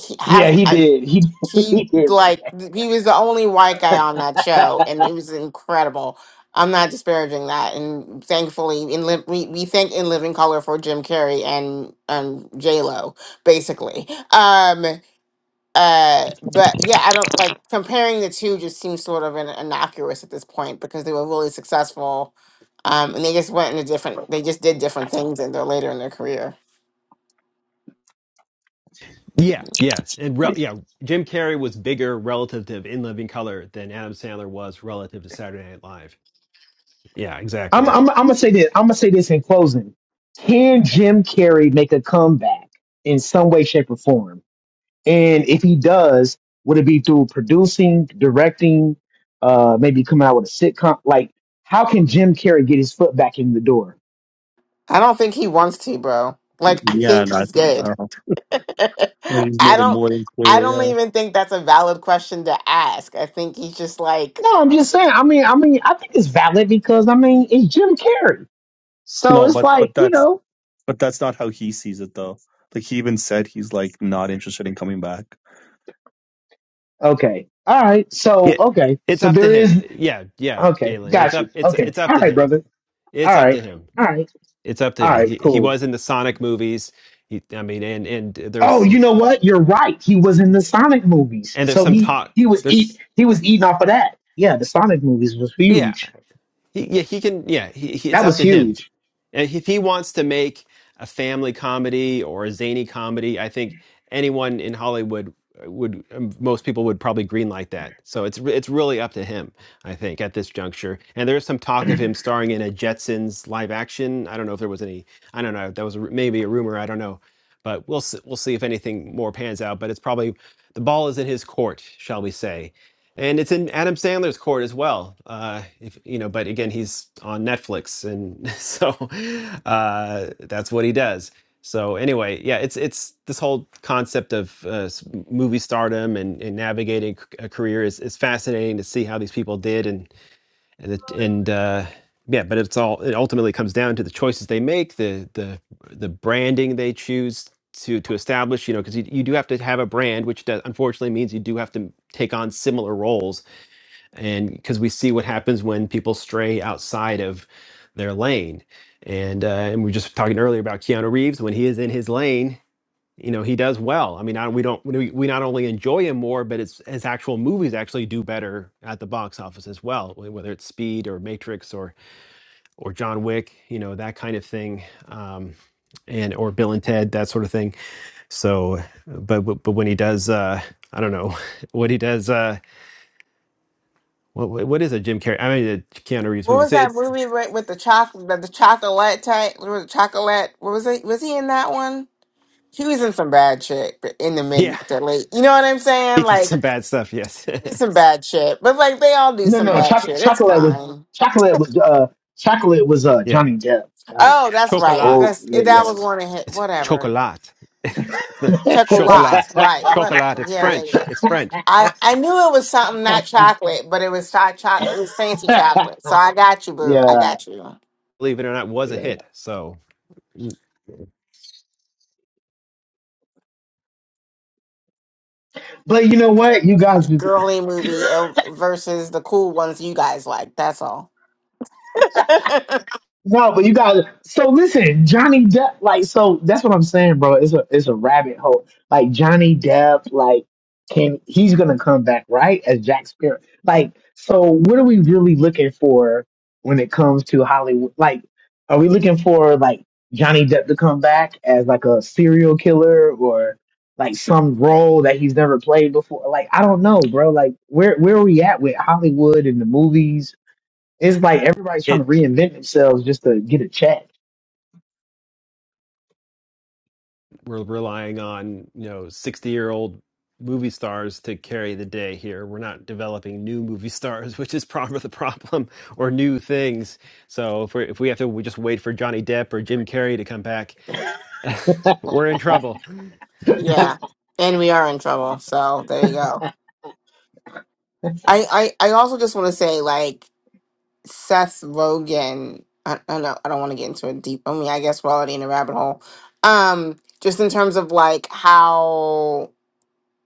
Speaker 3: He
Speaker 12: yeah
Speaker 3: half
Speaker 12: he
Speaker 3: I,
Speaker 12: did he
Speaker 3: he
Speaker 12: he did make
Speaker 3: like he was the only white guy on that show,
Speaker 12: that.
Speaker 3: and it was incredible. I'm not disparaging that, and thankfully, in Liv we we thank in Living Color for Jim Carrey and um J Lo, basically. Um, uh, but yeah, I don't like comparing the two. Just seems sort of in, innocuous at this point because they were really successful, um, and they just went in a different. They just did different things, and they're later in their career.
Speaker 1: yeah, yes, and re- yeah, Jim Carrey was bigger relative to In Living Color than Adam Sandler was relative to Saturday Night Live. Yeah,
Speaker 12: I'm
Speaker 1: exactly.
Speaker 12: I'm I'm gonna say this I'm gonna say this in closing. Can Jim Carrey make a comeback in some way, shape, or form? And if he does, would it be through producing, directing, uh, maybe coming out with a sitcom? Like, how can Jim Carrey get his foot back in the door?
Speaker 3: I don't think he wants to, bro. Like I
Speaker 13: Yeah,
Speaker 3: think
Speaker 13: and I
Speaker 3: he's
Speaker 13: think I
Speaker 3: good.
Speaker 13: don't know. I mean,
Speaker 3: I
Speaker 13: He's made it
Speaker 3: don't.
Speaker 13: more than
Speaker 3: I don't
Speaker 13: clear. Yeah.
Speaker 3: even think that's a valid question to ask. I think he's just like,
Speaker 12: No, I'm just saying. I mean, I mean, I think it's valid because I mean, it's Jim Carrey. So
Speaker 13: No,
Speaker 12: it's
Speaker 13: but
Speaker 12: like,
Speaker 13: but
Speaker 12: you
Speaker 13: that's
Speaker 12: know,
Speaker 13: but that's not how he sees it though. Like he even said, he's like not interested in coming back.
Speaker 12: Okay. All right. So,
Speaker 1: Yeah,
Speaker 12: okay.
Speaker 1: it's
Speaker 12: So
Speaker 1: up to
Speaker 12: there
Speaker 1: him.
Speaker 12: is,
Speaker 1: Yeah, yeah,
Speaker 12: okay.
Speaker 1: Galen, it's
Speaker 12: Got
Speaker 1: up.
Speaker 12: you.
Speaker 1: It's
Speaker 12: Okay.
Speaker 1: it's up
Speaker 12: All
Speaker 1: to
Speaker 12: right,
Speaker 1: him.
Speaker 12: brother. All
Speaker 1: It's up to
Speaker 12: right.
Speaker 1: him.
Speaker 12: All right.
Speaker 1: It's up to
Speaker 12: All
Speaker 1: him.
Speaker 12: right.
Speaker 1: He he
Speaker 12: Cool.
Speaker 1: was in the Sonic movies. He, I mean, and and there was
Speaker 12: Oh, you
Speaker 1: some
Speaker 12: know what? You're right. He was in the Sonic movies.
Speaker 1: and there's
Speaker 12: So
Speaker 1: some
Speaker 12: he,
Speaker 1: talk.
Speaker 12: he was eat,
Speaker 1: There's
Speaker 12: he was eating off of that. Yeah. The Sonic movies was
Speaker 1: yeah.
Speaker 12: huge.
Speaker 1: He, yeah, he can. Yeah, he, he, it's
Speaker 12: That
Speaker 1: up
Speaker 12: was
Speaker 1: to him.
Speaker 12: huge.
Speaker 1: And If he wants to make a family comedy or a zany comedy, I think anyone in Hollywood uh, would um, most people would probably greenlight that. So it's re- it's really up to him, I think, at this juncture. And there's some talk of him starring in a Jetsons live action. I don't know if there was any. I don't know. That was a ru- maybe a rumor. I don't know. But we'll s- we'll see if anything more pans out. But it's probably the ball is in his court, shall we say? and it's in Adam Sandler's court as well. Uh, if you know, but again, he's on Netflix, and so uh, that's what he does. So anyway, yeah, it's it's this whole concept of uh, s- movie stardom and, and navigating c- a career is, is fascinating to see how these people did, and and it, and uh, yeah, but it's all it ultimately comes down to the choices they make, the the the branding they choose to to establish, you know, because you, you do have to have a brand, which does, unfortunately means you do have to take on similar roles and because we see what happens when people stray outside of their lane and uh, and we were just talking earlier about keanu reeves when he is in his lane you know he does well i mean I, we don't we, we not only enjoy him more but it's his actual movies actually do better at the box office as well whether it's speed or matrix or or john wick you know that kind of thing um and or bill and ted that sort of thing so but but but when he does uh i don't know what he does uh, what what what is a Jim Carrey? I mean, a Keanu Reeves
Speaker 3: what
Speaker 1: movie.
Speaker 3: was
Speaker 1: So
Speaker 3: that
Speaker 1: it's
Speaker 3: movie with, with the chocolate, the the chocolate type, with the chocolate? What was it? Was he in that one? She was in some bad shit but in the
Speaker 1: yeah,
Speaker 3: mid to late. You know what I'm
Speaker 1: he
Speaker 3: saying?
Speaker 1: did
Speaker 3: Like
Speaker 1: some bad stuff. Yes,
Speaker 3: we did some bad shit, but like they all do
Speaker 12: No,
Speaker 3: some
Speaker 12: no.
Speaker 3: bad
Speaker 12: Choc-
Speaker 3: shit. It's
Speaker 12: chocolate was,
Speaker 3: fine.
Speaker 12: chocolate was, uh, chocolate was, uh,
Speaker 1: yeah,
Speaker 12: Johnny Depp. That was,
Speaker 3: Oh,
Speaker 12: that
Speaker 3: that's
Speaker 12: was an
Speaker 3: right.
Speaker 1: chocolate.
Speaker 12: old,
Speaker 3: That's
Speaker 12: yeah,
Speaker 3: that
Speaker 12: yeah. That
Speaker 1: It's
Speaker 3: was
Speaker 12: was
Speaker 3: one of
Speaker 12: Johnny
Speaker 3: hit.
Speaker 1: it's
Speaker 3: Whatever.
Speaker 1: chocolate. It's not chocolate,
Speaker 3: Chocolates. Right. What?
Speaker 1: chocolate. It's
Speaker 3: Yeah, yeah,
Speaker 1: French.
Speaker 3: yeah.
Speaker 1: It's French.
Speaker 3: I I knew it was something not
Speaker 12: Depp.
Speaker 3: chocolate, but it was hot chocolate. It was fancy chocolate. So I got you, boo. I
Speaker 12: yeah.
Speaker 3: got you.
Speaker 1: Believe it or not, was
Speaker 12: yeah.
Speaker 1: a hit. So
Speaker 12: But you know what? You guys just
Speaker 3: Girly movie oh, versus the cool ones you guys like. That's all.
Speaker 12: no, but you guys so listen, Johnny Depp, like so that's what I'm saying, bro. It's a it's a rabbit hole. Like Johnny Depp, like can he's gonna come back, right? As Jack Sparrow. Like, so what are we really looking for when it comes to Hollywood? Like, are we looking for like Johnny Depp to come back as like a serial killer or like some role that he's never played before? Like, I don't know, bro. Like where where are we at with Hollywood and the movies? It's like everybody's trying
Speaker 1: it
Speaker 12: to reinvent themselves just to get a check.
Speaker 1: we're relying on you know sixty year old movie stars to carry the day here. We're not developing new movie stars, which is part of the problem, or new things. So if we if we have to we just wait for Johnny Depp or Jim Carrey to come back We're in trouble.
Speaker 3: Yeah. And we are in trouble. So there you go. I, I, I also just want to say, like, Seth Rogen. I, I don't know. I don't want to get into a deep. I mean, I guess we're already in a rabbit hole. Um, just in terms of like how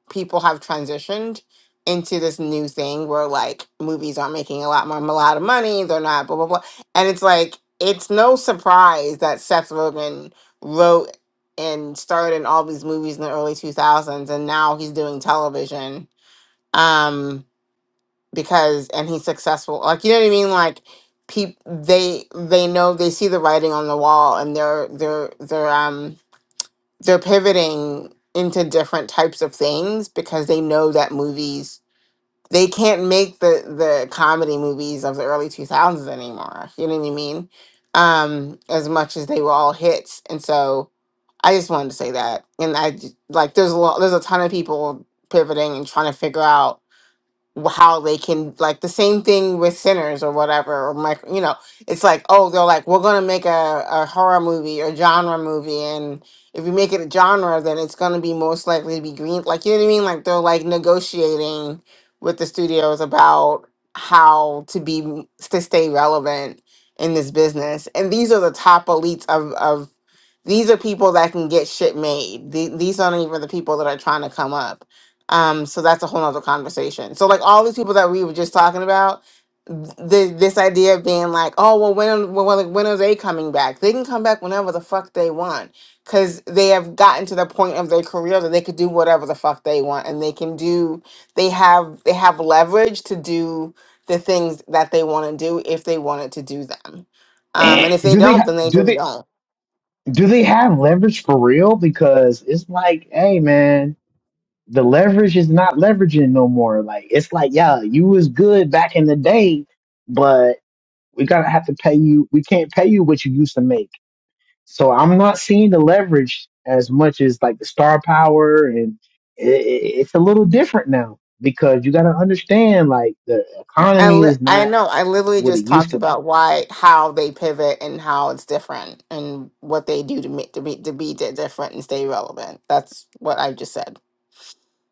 Speaker 3: people have transitioned into this new thing where like movies are making a lot more a lot of money. They're not blah blah blah, and it's like it's no surprise that Seth Rogen wrote and starred in all these movies in the early two thousands, and now he's doing television. Um, because and he's successful like you know what i mean like peop they they know they see the writing on the wall and they're they're they're um they're pivoting into different types of things because they know that movies they can't make the the comedy movies of the early 2000s anymore you know what i mean um as much as they were all hits and so i just wanted to say that and i j- like there's a lot there's a ton of people pivoting and trying to figure out how they can like the same thing with sinners or whatever or Mike, you know it's like oh they're like we're gonna make a, a horror movie or genre movie and if we make it a genre then it's gonna be most likely to be green like you know what i mean like they're like negotiating with the studios about how to be to stay relevant in this business and these are the top elites of of these are people that can get shit made. The- These aren't even the people that are trying to come up um, so that's a whole nother conversation. So like all these people that we were just talking about, th- this idea of being like, oh well, when when like, when are they coming back? They can come back whenever the fuck they want, because they have gotten to the point of their career that they could do whatever the fuck they want, and they can do. They have they have leverage to do the things that they want to do if they wanted to do them, um,
Speaker 12: And
Speaker 3: and if they
Speaker 12: do they
Speaker 3: don't, then
Speaker 12: ha-
Speaker 3: they
Speaker 12: do
Speaker 3: just
Speaker 12: they
Speaker 3: don't.
Speaker 12: do they have leverage for real? Because it's like, hey man, the leverage is not leveraging no more. Like it's like, yeah, you was good back in the day, but we gotta have to pay you. We can't pay you what you used to make. So I'm not seeing the leverage as much as like the star power, and i i it's a little different now because you gotta understand like the
Speaker 3: I
Speaker 12: economy
Speaker 3: li-
Speaker 12: is
Speaker 3: I
Speaker 12: not
Speaker 3: know. I literally
Speaker 12: what it
Speaker 3: just
Speaker 12: used
Speaker 3: talked
Speaker 12: to be
Speaker 3: about why, how they pivot and how it's different and what they do to make to be to be di- different and stay relevant. That's what I just said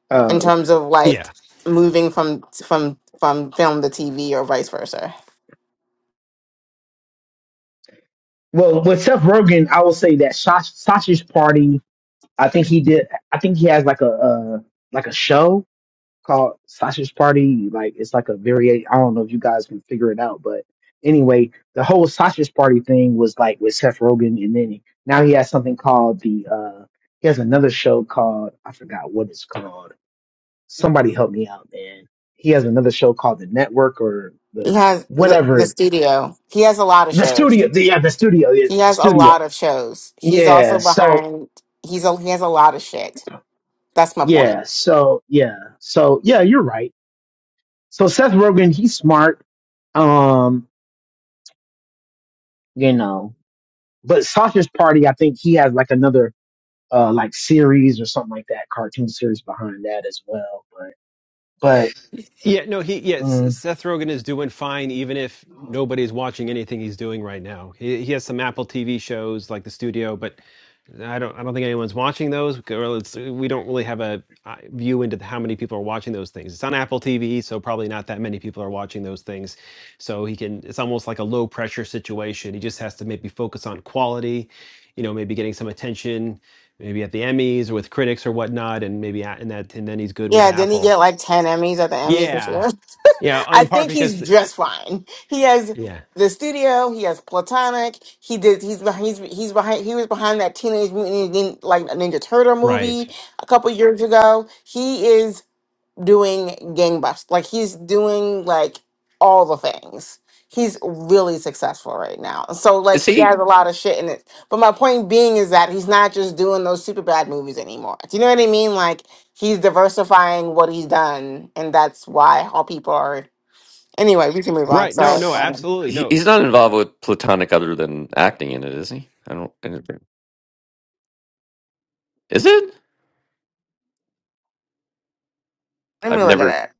Speaker 12: Oh,
Speaker 3: in
Speaker 12: okay.
Speaker 3: terms of
Speaker 1: Yeah.
Speaker 3: like moving from from from film to TV or vice versa.
Speaker 12: Well, with Seth Rogen, I will say that Sa- Sausage Party. I think he did. I think he has like a uh, like a show called Sausage Party. Like it's like a very. I don't know if you guys can figure it out, but anyway, the whole Sausage Party thing was like with Seth Rogen, and then he, now he has something called the. uh He has another show called I forgot what it's called. Somebody help me out, man. He has another show called the Network or
Speaker 3: He
Speaker 12: the
Speaker 3: has the
Speaker 12: whatever
Speaker 3: the
Speaker 12: it
Speaker 3: studio. He has a lot of
Speaker 12: the
Speaker 3: shows.
Speaker 12: studio, the, yeah, the studio, yeah,
Speaker 3: He has a
Speaker 12: studio.
Speaker 3: lot of shows. He's
Speaker 12: Yeah.
Speaker 3: also
Speaker 12: So
Speaker 3: behind. He's a, he has a lot of shit. That's my point.
Speaker 12: yeah. So yeah. So yeah, you're right. So Seth Rogen, he's smart. Um, you know, but Sausage Party, I think he has like another uh like series or something like that, cartoon series behind that as well. But
Speaker 1: Yeah, no, he
Speaker 12: but
Speaker 1: yes,
Speaker 12: mm,
Speaker 1: Seth Rogen is doing fine even if nobody's watching anything he's doing right now. He he has some Apple TV shows like The Studio, but I don't. I don't think anyone's watching those. Okay, Well, it's, we don't really have a uh, view into how many people are watching those things. It's on Apple TV, so probably not that many people are watching those things. So he can. It's almost like a low pressure situation. He just has to maybe focus on quality. You know, maybe getting some attention, maybe at the Emmys or with critics or whatnot, and maybe a- and that and then he's good with
Speaker 3: Yeah, didn't he
Speaker 1: Apple.
Speaker 3: get like ten Emmys at the Emmys this
Speaker 1: Yeah,
Speaker 3: year?
Speaker 1: yeah.
Speaker 3: I
Speaker 1: In part
Speaker 3: think he's
Speaker 1: because
Speaker 3: just fine. He has
Speaker 1: yeah,
Speaker 3: the studio. He has Platonic. He did. He's behind. He's, he's behind. He was behind that Teenage Mutant Ninja, like Ninja Turtle
Speaker 1: right,
Speaker 3: movie a couple years ago. He is doing gangbusters. Like he's doing like all the things. He's really successful right now. So like
Speaker 8: is
Speaker 3: he
Speaker 8: he.
Speaker 3: has a lot of shit in it. But my point being is that he's not just doing those super bad movies anymore. Do you know what I mean? Like he's diversifying what he's done and that's why how people are Anyway, we can move on.
Speaker 1: right. No,
Speaker 3: Sorry.
Speaker 1: no,
Speaker 8: He's,
Speaker 3: Um,
Speaker 1: absolutely
Speaker 8: he-
Speaker 1: no.
Speaker 8: he's not involved with Platonic other than acting in it, is he? I don't. I don't think- Is it?
Speaker 3: Let
Speaker 8: I've
Speaker 3: me look at
Speaker 8: never.
Speaker 3: that.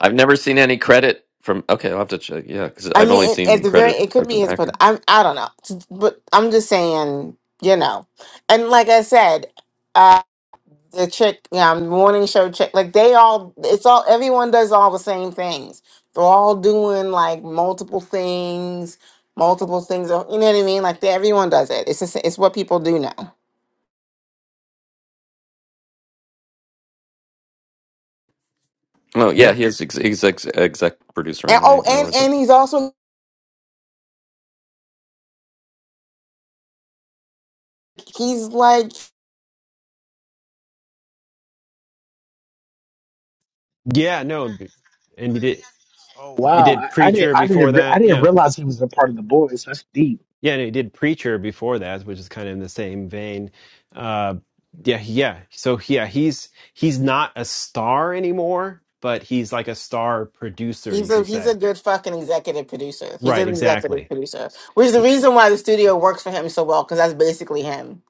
Speaker 8: I've never seen any credit from. Okay, I'll have to check. Yeah, because
Speaker 3: I
Speaker 8: I've only
Speaker 3: mean, it, at
Speaker 8: seen
Speaker 3: the very,
Speaker 8: credit
Speaker 3: it could
Speaker 8: as
Speaker 3: be
Speaker 8: an
Speaker 3: his,
Speaker 8: actor.
Speaker 3: but I'm, I don't know. But I'm just saying, you know, and like I said, uh, the chick, yeah, morning show chick, like they all, it's all, everyone does all the same things. They're all doing like multiple things, multiple things. uh, You know what I mean? Like they, everyone does it. It's just, it's what people do now.
Speaker 8: Oh yeah,
Speaker 1: Yeah,
Speaker 8: he is ex- he's ex- exec producer
Speaker 3: And
Speaker 8: and it. I
Speaker 3: oh,
Speaker 8: didn't
Speaker 3: and
Speaker 8: realize it.
Speaker 3: and he's also he's like
Speaker 1: yeah, no. And he did.
Speaker 12: Oh,
Speaker 1: He
Speaker 12: wow, I,
Speaker 1: did
Speaker 12: I didn't
Speaker 1: preacher
Speaker 12: I didn't
Speaker 1: before
Speaker 12: re- I
Speaker 1: that.
Speaker 12: didn't
Speaker 1: Yeah.
Speaker 12: realize he was a part of the boys. That's deep,
Speaker 1: Yeah, and he did Preacher before that, which is kind of in the same vein. Uh, yeah, yeah. So yeah, he's he's not a star anymore, but he's like a star producer, you
Speaker 3: He's a
Speaker 1: could
Speaker 3: he's a
Speaker 1: say.
Speaker 3: good fucking executive producer. He's
Speaker 1: Right,
Speaker 3: an executive
Speaker 1: exactly.
Speaker 3: producer, which is the reason why the studio works for him so well because that's basically him.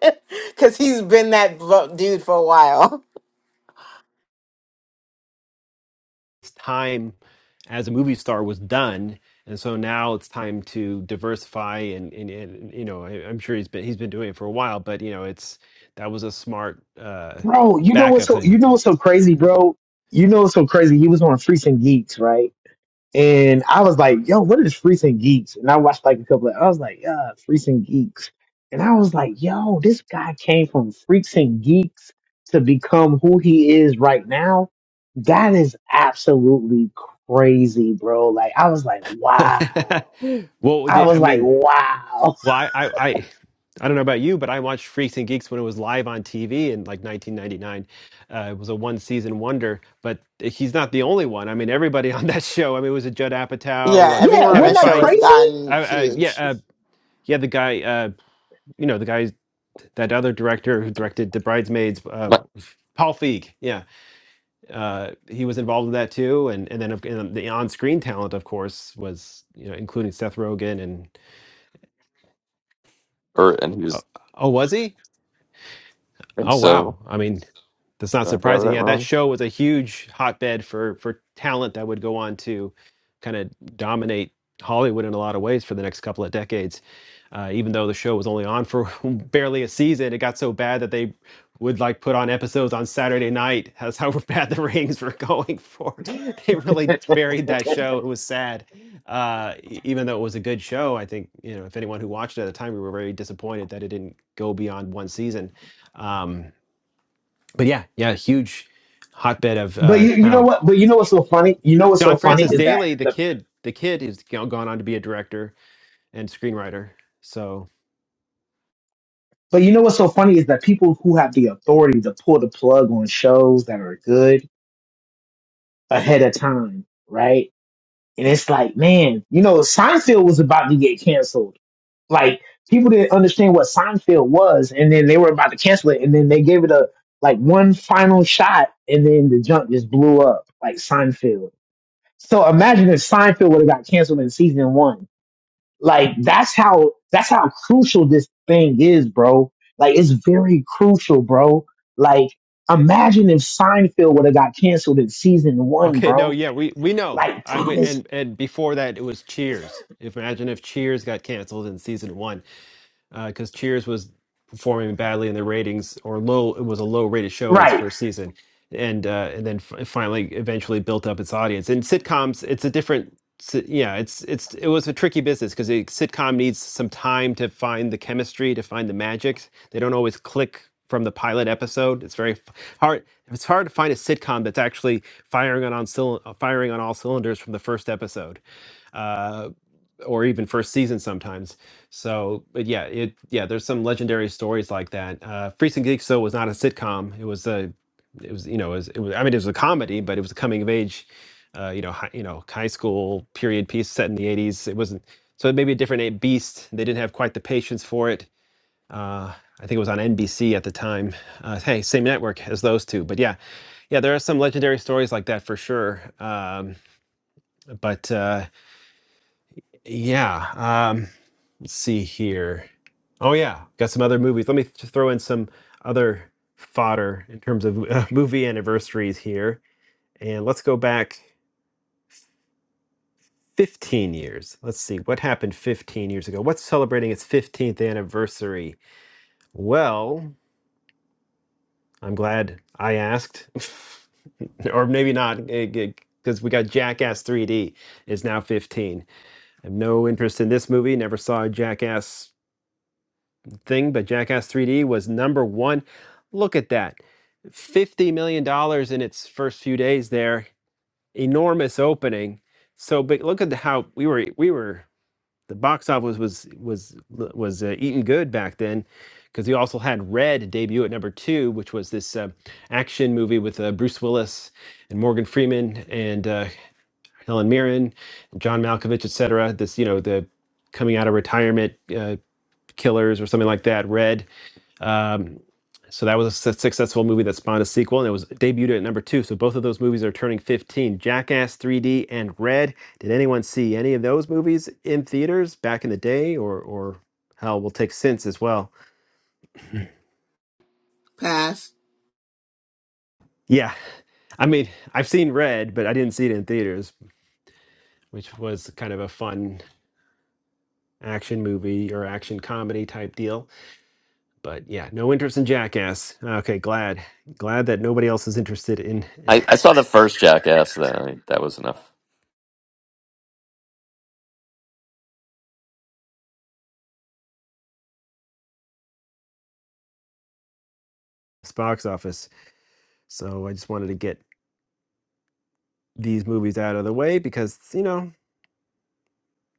Speaker 3: Because he's been that blo- dude for a while.
Speaker 1: His time as a movie star was done, and so now it's time to diversify. And, and, and you know, I, I'm sure he's been he's been doing it for a while, but you know, it's that was a smart uh,
Speaker 12: bro. You know what's
Speaker 1: backup
Speaker 12: so you
Speaker 1: thing.
Speaker 12: know what's so crazy, bro. You know what's so crazy? He was on Freaks and Geeks, right? And I was like, yo, what is Freaks and Geeks? And I watched like a couple of, I was like, yeah, Freaks and Geeks. And I was like, yo, this guy came from Freaks and Geeks to become who he is right now. That is absolutely crazy, bro. Like, I was like, wow.
Speaker 1: well, we
Speaker 12: I
Speaker 1: did- I
Speaker 12: was like,
Speaker 1: mean,
Speaker 12: wow.
Speaker 1: well, I, I, I, I don't know about you, but I watched Freaks and Geeks when it was live on TV in like 1999. Uh, it was a one season wonder, but he's not the only one. I mean, everybody on that show. I mean, it was a Judd
Speaker 3: Yeah,
Speaker 1: Apatow, uh,
Speaker 12: Yeah,
Speaker 3: everyone on
Speaker 1: Kevin
Speaker 12: wasn't
Speaker 3: that
Speaker 12: that
Speaker 3: show has
Speaker 1: Feige,
Speaker 12: crazy?
Speaker 1: uh,
Speaker 3: gotten
Speaker 1: uh, yeah,
Speaker 3: huge.
Speaker 1: uh, yeah, the guy, uh, you know, the guy, that other director who directed The Bridesmaids. Uh,
Speaker 8: But,
Speaker 1: Paul Feig, yeah, uh, he was involved in that too, and and then of- and the on-screen talent, of course, was you know including Seth Rogen and
Speaker 8: or and he
Speaker 1: Oh,
Speaker 8: was
Speaker 1: oh, was he?
Speaker 8: I think
Speaker 1: Oh,
Speaker 8: so.
Speaker 1: wow. I mean, that's not
Speaker 8: Did I have
Speaker 1: surprising.
Speaker 8: that
Speaker 1: Yeah, that
Speaker 8: wrong?
Speaker 1: show was a huge hotbed for for talent that would go on to kind of dominate Hollywood in a lot of ways for the next couple of decades. Uh, even though the show was only on for barely a season, it got so bad that they would like put on episodes on Saturday night. That's how bad the ratings were going for. They really buried that show. It was sad, uh, e- even though it was a good show. I think you know if anyone who watched it at the time, we were very disappointed that it didn't go beyond one season. Um, but yeah, yeah, huge hotbed of
Speaker 12: But
Speaker 1: uh,
Speaker 12: you, you know
Speaker 1: talent.
Speaker 12: what? But you know what's so funny? You know what's
Speaker 1: John
Speaker 12: so funny
Speaker 1: Francis
Speaker 12: is that
Speaker 1: Daley, the
Speaker 12: the
Speaker 1: kid, the kid is go- gone on to be a director and screenwriter. So
Speaker 12: but you know what's so funny is that people who have the authority to pull the plug on shows that are good ahead of time, right? And it's like, man, you know, Seinfeld was about to get canceled. Like people didn't understand what Seinfeld was, and then they were about to cancel it, and then they gave it a like one final shot, and then the junk just blew up like Seinfeld. So imagine if Seinfeld would have got canceled in season one. Like that's how that's how crucial this thing is, bro. Like it's very crucial, bro. Like imagine if Seinfeld would have got canceled in season one,
Speaker 1: okay, no,
Speaker 12: bro
Speaker 1: yeah, we we know.
Speaker 12: like
Speaker 1: I went
Speaker 12: Thomas.
Speaker 1: and and before that, it was Cheers. If imagine if Cheers got canceled in season one, because uh, Cheers was performing badly in the ratings or low. It was a low rated show in its
Speaker 12: Right.
Speaker 1: first season, and uh, and then f- finally eventually built up its audience. And sitcoms, it's a different. si- Yeah, it's it's it was a tricky business because a sitcom needs some time to find the chemistry, to find the magic. They don't always click from the pilot episode. It's very f- hard. It's hard to find a sitcom that's actually firing on on cyl- firing on all cylinders from the first episode uh, or even first season sometimes. So, but yeah, it yeah, there's some legendary stories like that. Uh, Freaks and Geeks though was not a sitcom. It was a it was you know it was, it was I mean it was a comedy, but it was a coming of age, uh, you know high, you know high school period piece set in the 80s. It wasn't so it may be a different a- beast. They didn't have quite the patience for it. Uh, I think it was on NBC at the time. Uh, hey, same network as those two, but yeah, yeah, there are some legendary stories like that for sure. Um, but uh, yeah. Um, Let's see here. Oh yeah, got some other movies. Let me just throw in some other fodder in terms of uh, movie anniversaries here, and let's go back 15 years. Let's see what happened 15 years ago. What's celebrating its 15th anniversary? Well, I'm glad I asked, or maybe not, because we got Jackass 3D is now 15. I have no interest in this movie. Never saw Jackass thing, but Jackass 3D was number one. Look at that. $50 million dollars in its first few days there. Enormous opening. So but look at the, how we were we were the box office was was was uh, eating good back then because you also had Red debut at number 2 which was this uh, action movie with uh, Bruce Willis and Morgan Freeman and uh, Helen Mirren, and John Malkovich, etc. This you know the coming out of retirement uh, killers or something like that. Red um, so that was a successful movie that spawned a sequel, and it was debuted at number two. So both of those movies are turning 15. Jackass 3D and Red. Did anyone see any of those movies in theaters back in the day, or or hell, we'll take since as well?
Speaker 3: Pass.
Speaker 1: Yeah, I mean, I've seen Red, but I didn't see it in theaters, which was kind of a fun action movie or action comedy type deal. But yeah, no interest in Jackass. Okay, glad glad that nobody else is interested in
Speaker 8: I, I saw the first Jackass. That I, that was enough.
Speaker 1: this box office. So I just wanted to get these movies out of the way because you know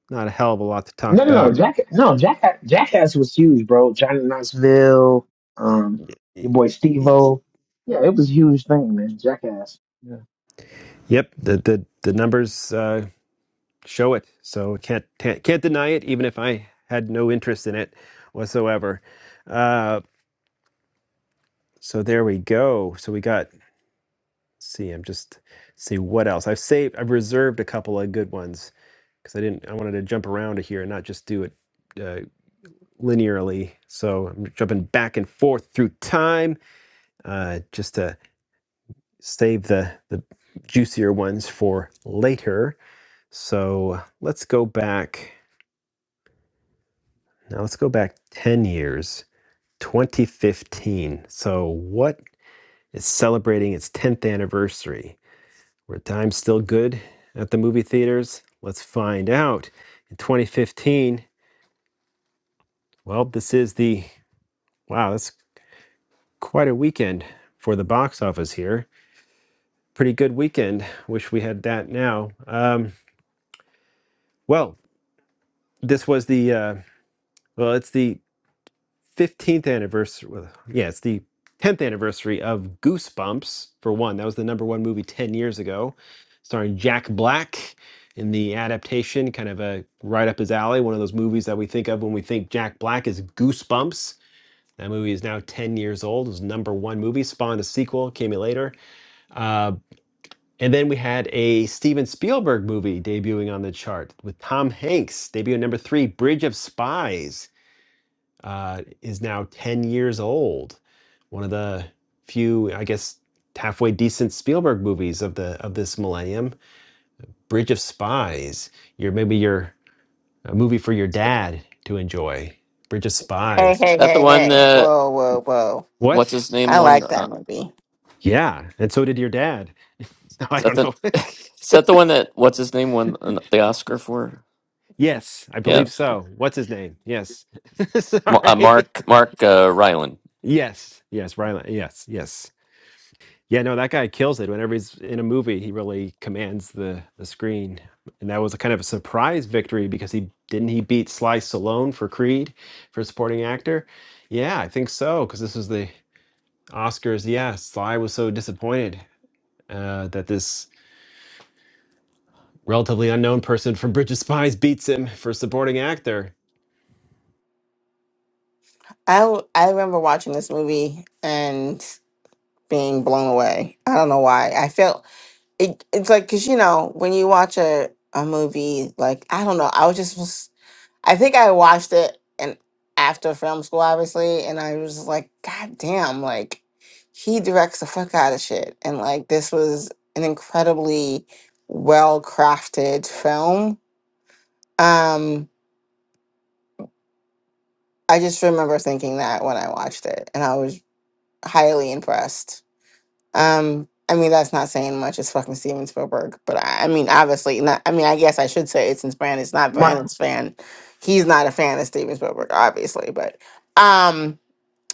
Speaker 1: not a hell of a lot to talk
Speaker 12: No, no, no.
Speaker 1: about.
Speaker 12: Jack, no, Jack, Jackass was huge, bro. Johnny Knoxville, um, your boy Steve-O. Yeah, it was a huge thing, man. Jackass. Yeah.
Speaker 1: Yep, the the the numbers uh, show it, so can't can't can't deny it, even if I had no interest in it whatsoever. Uh, so there we go. So we got. Let's See, I'm just see what else I've saved. I've reserved a couple of good ones because I didn't. I wanted to jump around here and not just do it uh, linearly. So I'm jumping back and forth through time uh, just to save the, the juicier ones for later. So let's go back. Now let's go back 10 years, 2015. So what is celebrating its 10th anniversary? Were times still good at the movie theaters? Let's find out. In 2015, well, this is the wow, that's quite a weekend for the box office here. Pretty good weekend. Wish we had that now. Um, well, this was the uh, well, it's the 15th anniversary. well, Yeah, it's the 10th anniversary of Goosebumps for one. That was the number one movie 10 years ago, starring Jack Black in the adaptation, kind of a right up his alley. One of those movies that we think of when we think Jack Black is Goosebumps. That movie is now 10 years old. It was number one movie, spawned a sequel, came in later. Uh, and then we had a Steven Spielberg movie debuting on the chart with Tom Hanks, debuting number three, Bridge of Spies uh, is now 10 years old. One of the few, I guess, halfway decent Spielberg movies of the of this millennium. Bridge of Spies. Your maybe your a movie for your dad to enjoy. Bridge of
Speaker 3: Hey,
Speaker 1: Spies.
Speaker 8: Is
Speaker 3: hey,
Speaker 8: that the
Speaker 3: hey,
Speaker 8: one
Speaker 3: hey!
Speaker 8: that
Speaker 3: Whoa, whoa, whoa!
Speaker 8: what's
Speaker 1: What?
Speaker 8: his name
Speaker 3: I
Speaker 8: won?
Speaker 3: like
Speaker 8: Uh,
Speaker 3: that movie.
Speaker 1: Yeah, and so did your dad. No,
Speaker 8: is
Speaker 1: I
Speaker 8: that
Speaker 1: don't
Speaker 8: the
Speaker 1: know.
Speaker 8: is that the one that what's his name won an- the Oscar for?
Speaker 1: yes, I
Speaker 8: Yeah,
Speaker 1: believe so. What's his name? Yes.
Speaker 8: Ma- uh,
Speaker 1: Sorry.
Speaker 8: Mark Mark uh, Ryland.
Speaker 1: Yes, yes, Rylan. Yes, yes. Yeah, no, that guy kills it. Whenever he's in a movie, he really commands the the screen. And that was a kind of a surprise victory because he didn't he beat Sly Stallone for Creed for supporting actor. Yeah, I think so because this was the Oscars. Yeah, Sly was so disappointed uh, that this relatively unknown person from Bridge of Spies beats him for supporting actor.
Speaker 3: I I remember watching this movie and being blown away. I don't know why. I felt it, it's like because you know when you watch a, a movie like i don't know i was just was- i think i watched it and after film school obviously and i was just like god damn like he directs the fuck out of shit and like this was an incredibly well crafted film um i just remember thinking that when i watched it and i was highly impressed Um, I mean, that's not saying much. It's fucking Steven Spielberg. But I, I mean, obviously, not. I mean, I guess I should say it's in Brandon. It's not
Speaker 12: Mar-
Speaker 3: Brandon's fan. He's not a fan of Steven Spielberg, obviously. But um,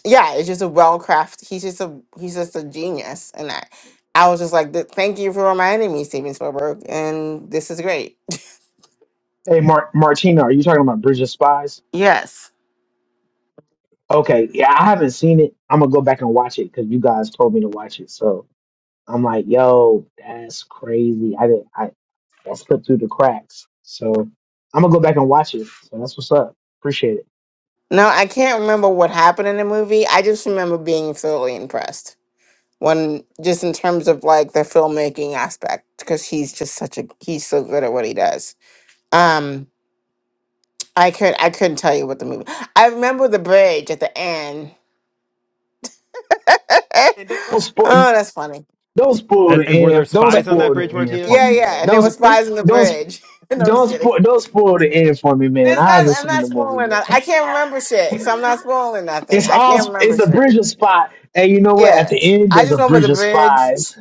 Speaker 3: yeah, it's just a well crafted. He's just a he's just a genius, and I, I was just like, "Th- thank you for reminding me, Steven Spielberg, and this is great.
Speaker 12: hey, Mar- Martina, are you talking about Bridge of Spies?
Speaker 3: Yes.
Speaker 12: Okay. Yeah, I haven't seen it. I'm gonna go back and watch it because you guys told me to watch it. So I'm like, yo, that's crazy. I didn't. I that slipped through the cracks. So I'm gonna go back and watch it. So that's what's up. Appreciate it.
Speaker 3: No, I can't remember what happened in the movie. I just remember being thoroughly impressed. when just in terms of like the filmmaking aspect because he's just such a he's so good at what he does um i could i couldn't tell you what the movie i remember the bridge at the end oh
Speaker 12: No, spo-
Speaker 3: that's funny
Speaker 12: Don't spoil
Speaker 1: And,
Speaker 12: the
Speaker 1: and were there
Speaker 12: end. Don't
Speaker 1: spies
Speaker 3: but
Speaker 1: on that
Speaker 12: spoil the
Speaker 1: bridge,
Speaker 12: end
Speaker 1: Martina?
Speaker 12: for
Speaker 3: yeah
Speaker 12: me, man.
Speaker 3: yeah and it
Speaker 12: Don't
Speaker 3: was
Speaker 12: sp-
Speaker 3: spies in the
Speaker 12: don't sp-
Speaker 3: bridge no i'm just
Speaker 12: don't
Speaker 3: kidding
Speaker 12: spoil don't spoil the end for me, man.
Speaker 3: there's
Speaker 12: I
Speaker 3: not
Speaker 12: haven't
Speaker 3: i'm
Speaker 12: seen
Speaker 3: not
Speaker 12: the movie,
Speaker 3: spoiling that
Speaker 12: man.
Speaker 3: i can't remember shit so i'm not spoiling nothing
Speaker 12: It's
Speaker 3: i
Speaker 12: all
Speaker 3: can't
Speaker 12: sp-
Speaker 3: remember
Speaker 12: it's a
Speaker 3: shit
Speaker 12: bridge of spies, and you know what? At
Speaker 3: yeah
Speaker 12: the end,
Speaker 3: i
Speaker 12: there's
Speaker 3: just
Speaker 12: a
Speaker 3: remember
Speaker 12: bridge
Speaker 3: the
Speaker 12: of
Speaker 3: bridge
Speaker 12: spies,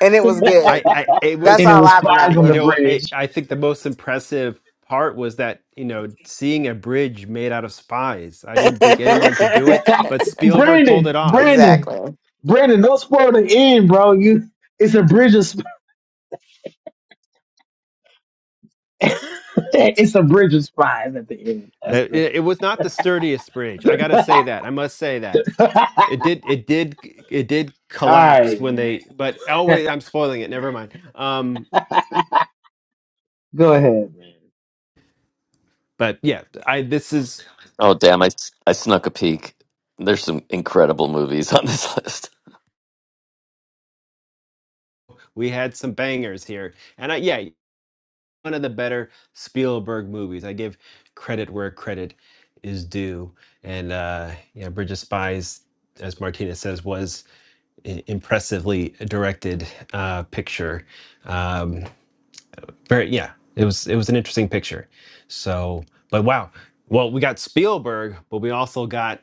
Speaker 3: and it was
Speaker 1: I,
Speaker 3: good
Speaker 1: I it
Speaker 3: that's
Speaker 12: and it
Speaker 1: was
Speaker 3: all
Speaker 12: was
Speaker 3: i
Speaker 12: spies on
Speaker 1: you
Speaker 12: the
Speaker 3: remember
Speaker 1: know I,
Speaker 12: bridge.
Speaker 1: I think the most impressive part was that you know seeing a bridge made out of spies i didn't think anyone could do it but spielberg pulled
Speaker 12: Brandon,
Speaker 1: it off
Speaker 12: Brandon,
Speaker 3: exactly
Speaker 12: Brandon, don't spoil the end, bro. You, it's a bridge of sp- it's a bridge of spies at the end.
Speaker 1: Uh,
Speaker 12: That's the
Speaker 1: it, it was not the sturdiest bridge i gotta say that i must say that
Speaker 12: all
Speaker 1: it did it did it did collapse
Speaker 12: right,
Speaker 1: when
Speaker 12: man.
Speaker 1: they but oh wait i'm spoiling it never mind um
Speaker 12: Go ahead, man.
Speaker 1: but yeah i this is
Speaker 8: Oh damn, I s- I snuck a peek. There's some incredible movies on this list.
Speaker 1: we had some bangers here and i yeah one of the better Spielberg movies. I give credit where credit is due. And uh, yeah, Bridge of Spies, as Martinez says, was an impressively directed uh, picture. Um, very yeah, it was it was an interesting picture. So, but wow, well we got Spielberg, but we also got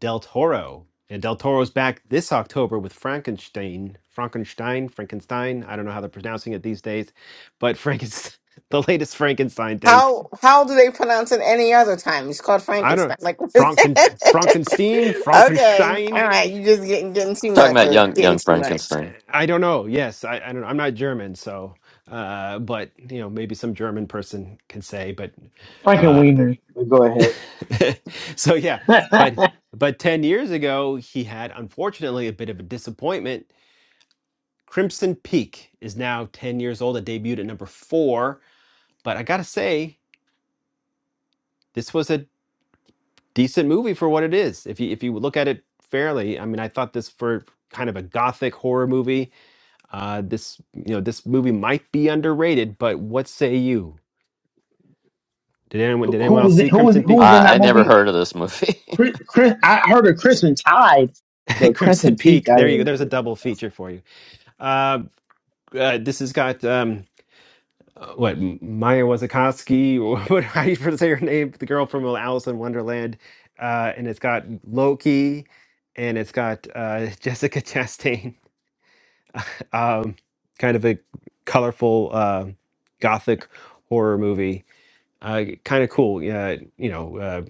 Speaker 1: Del Toro. And Del Toro's back this October with Frankenstein, Frankenstein, Frankenstein. I don't know how they're pronouncing it these days, but Frankenstein, the latest Frankenstein thing.
Speaker 3: How how do they pronounce it any other time? He's called
Speaker 1: I don't
Speaker 3: Frankenstein. Like Okay.
Speaker 1: Franken Frankenstein,
Speaker 3: All
Speaker 1: Frankenstein.
Speaker 3: right. You just getting getting too
Speaker 8: Talking
Speaker 3: much
Speaker 8: about
Speaker 3: or
Speaker 8: young
Speaker 3: getting
Speaker 8: young
Speaker 3: too much.
Speaker 8: Frankenstein.
Speaker 1: I don't know. Yes, I, I don't know. I'm not German, so uh, but you know maybe some German person can say. But
Speaker 12: Frank and
Speaker 1: uh,
Speaker 12: Wiener, but go
Speaker 1: so yeah,
Speaker 12: ahead.
Speaker 1: but but ten years ago he had unfortunately a bit of a disappointment Crimson Peak is now 10 years old. It debuted at number four, but I gotta say, this was a decent movie for what it is. If you if you look at it fairly, I mean, I thought this for kind of a gothic horror movie. Uh, this you know this movie might be underrated, but what say you? Did anyone did
Speaker 12: Who
Speaker 1: anyone else
Speaker 12: was
Speaker 1: see
Speaker 12: who was
Speaker 1: Crimson
Speaker 12: who was
Speaker 1: Peak?
Speaker 12: in
Speaker 8: I,
Speaker 12: that
Speaker 8: I never
Speaker 12: movie?
Speaker 8: heard of this movie.
Speaker 12: Chris, Chris I heard of Crimson Tide, but
Speaker 1: Crimson
Speaker 12: Crimson Peak,
Speaker 1: Peak.
Speaker 12: I
Speaker 1: There you go.
Speaker 12: didn't
Speaker 1: There's a
Speaker 12: hear
Speaker 1: double
Speaker 12: about that.
Speaker 1: feature for you. Uh, uh, this has got um, uh, what Maya Wasikowski, or what how you say her name? The girl from well, Alice in Wonderland, uh, and it's got Loki, and it's got uh, Jessica Chastain. Um, kind of a colorful uh, gothic horror movie. Uh, kind of cool. Yeah, you know. uh,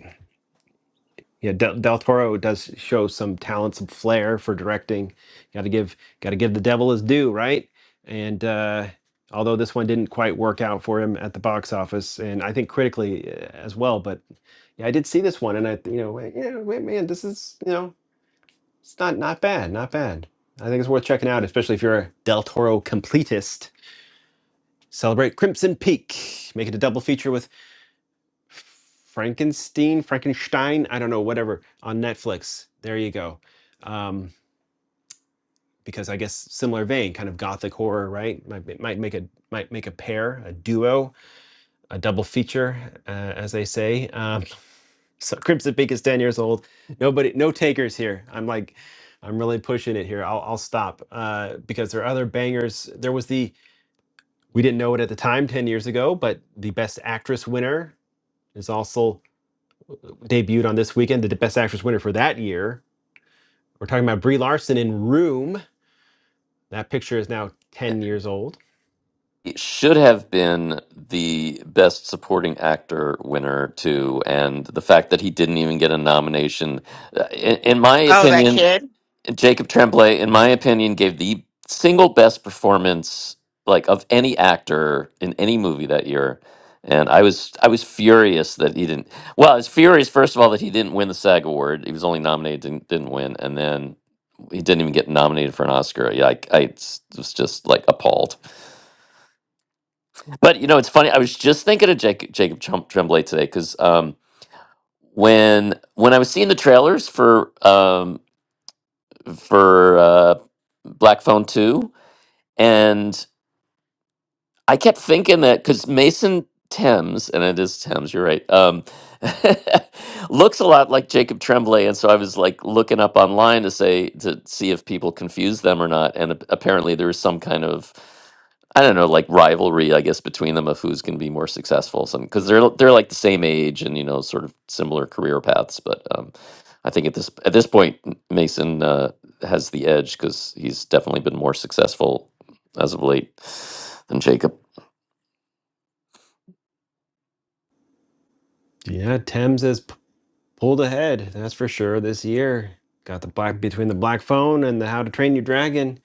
Speaker 1: yeah, Del, Del Toro does show some talent, some flair for directing. Got to give, got to give the devil his due, right? And uh, although this one didn't quite work out for him at the box office, and I think critically uh, as well, but yeah, I did see this one, and I, you know, went, yeah, wait, man, this is, you know, it's not not bad, not bad. I think it's worth checking out, especially if you're a Del Toro completist. Celebrate Crimson Peak, make it a double feature with Frankenstein, Frankenstein, I don't know, whatever, on Netflix. There you go. Um, because I guess similar vein, kind of gothic horror, right? Might, might make a might make a pair, a duo, a double feature, uh, as they say. Um, so Crimson Peak is ten years old. Nobody, no takers here. I'm like, I'm really pushing it here. I'll I'll stop uh, because there are other bangers. There was the we didn't know it at the time ten years ago, but the Best Actress winner is also debuted on this weekend, the Best Actress winner for that year. We're talking about Brie Larson in Room. That picture is now 10 years old.
Speaker 8: it should have been the best supporting actor winner too, and the fact that he didn't even get a nomination, uh, in, in my
Speaker 3: Oh, that
Speaker 8: opinion,
Speaker 3: kid?
Speaker 8: Jacob Tremblay, in my opinion, gave the single best performance like of any actor in any movie that year. And I was I was furious that he didn't. Well, I was furious first of all that he didn't win the SAG award. He was only nominated, didn't didn't win, and then he didn't even get nominated for an Oscar. Yeah, I, I s- was just like appalled. But you know, it's funny. I was just thinking of Jacob, Jacob Trem- Tremblay today because um, when when I was seeing the trailers for um, for uh, Black Phone Two, and I kept thinking that because Mason Thames, and it is Thames, you're right, um, looks a lot like Jacob Tremblay, and so I was like looking up online to say to see if people confuse them or not, and ap- apparently there was some kind of I don't know, like rivalry, I guess, between them of who's going to be more successful. Some because they're they're like the same age and you know sort of similar career paths, but um, I think at this at this point M- Mason uh, has the edge because he's definitely been more successful as of late than Jacob.
Speaker 1: Yeah, Thames has pulled ahead, that's for sure, this year. Got the black between the black phone and the How to Train Your Dragon.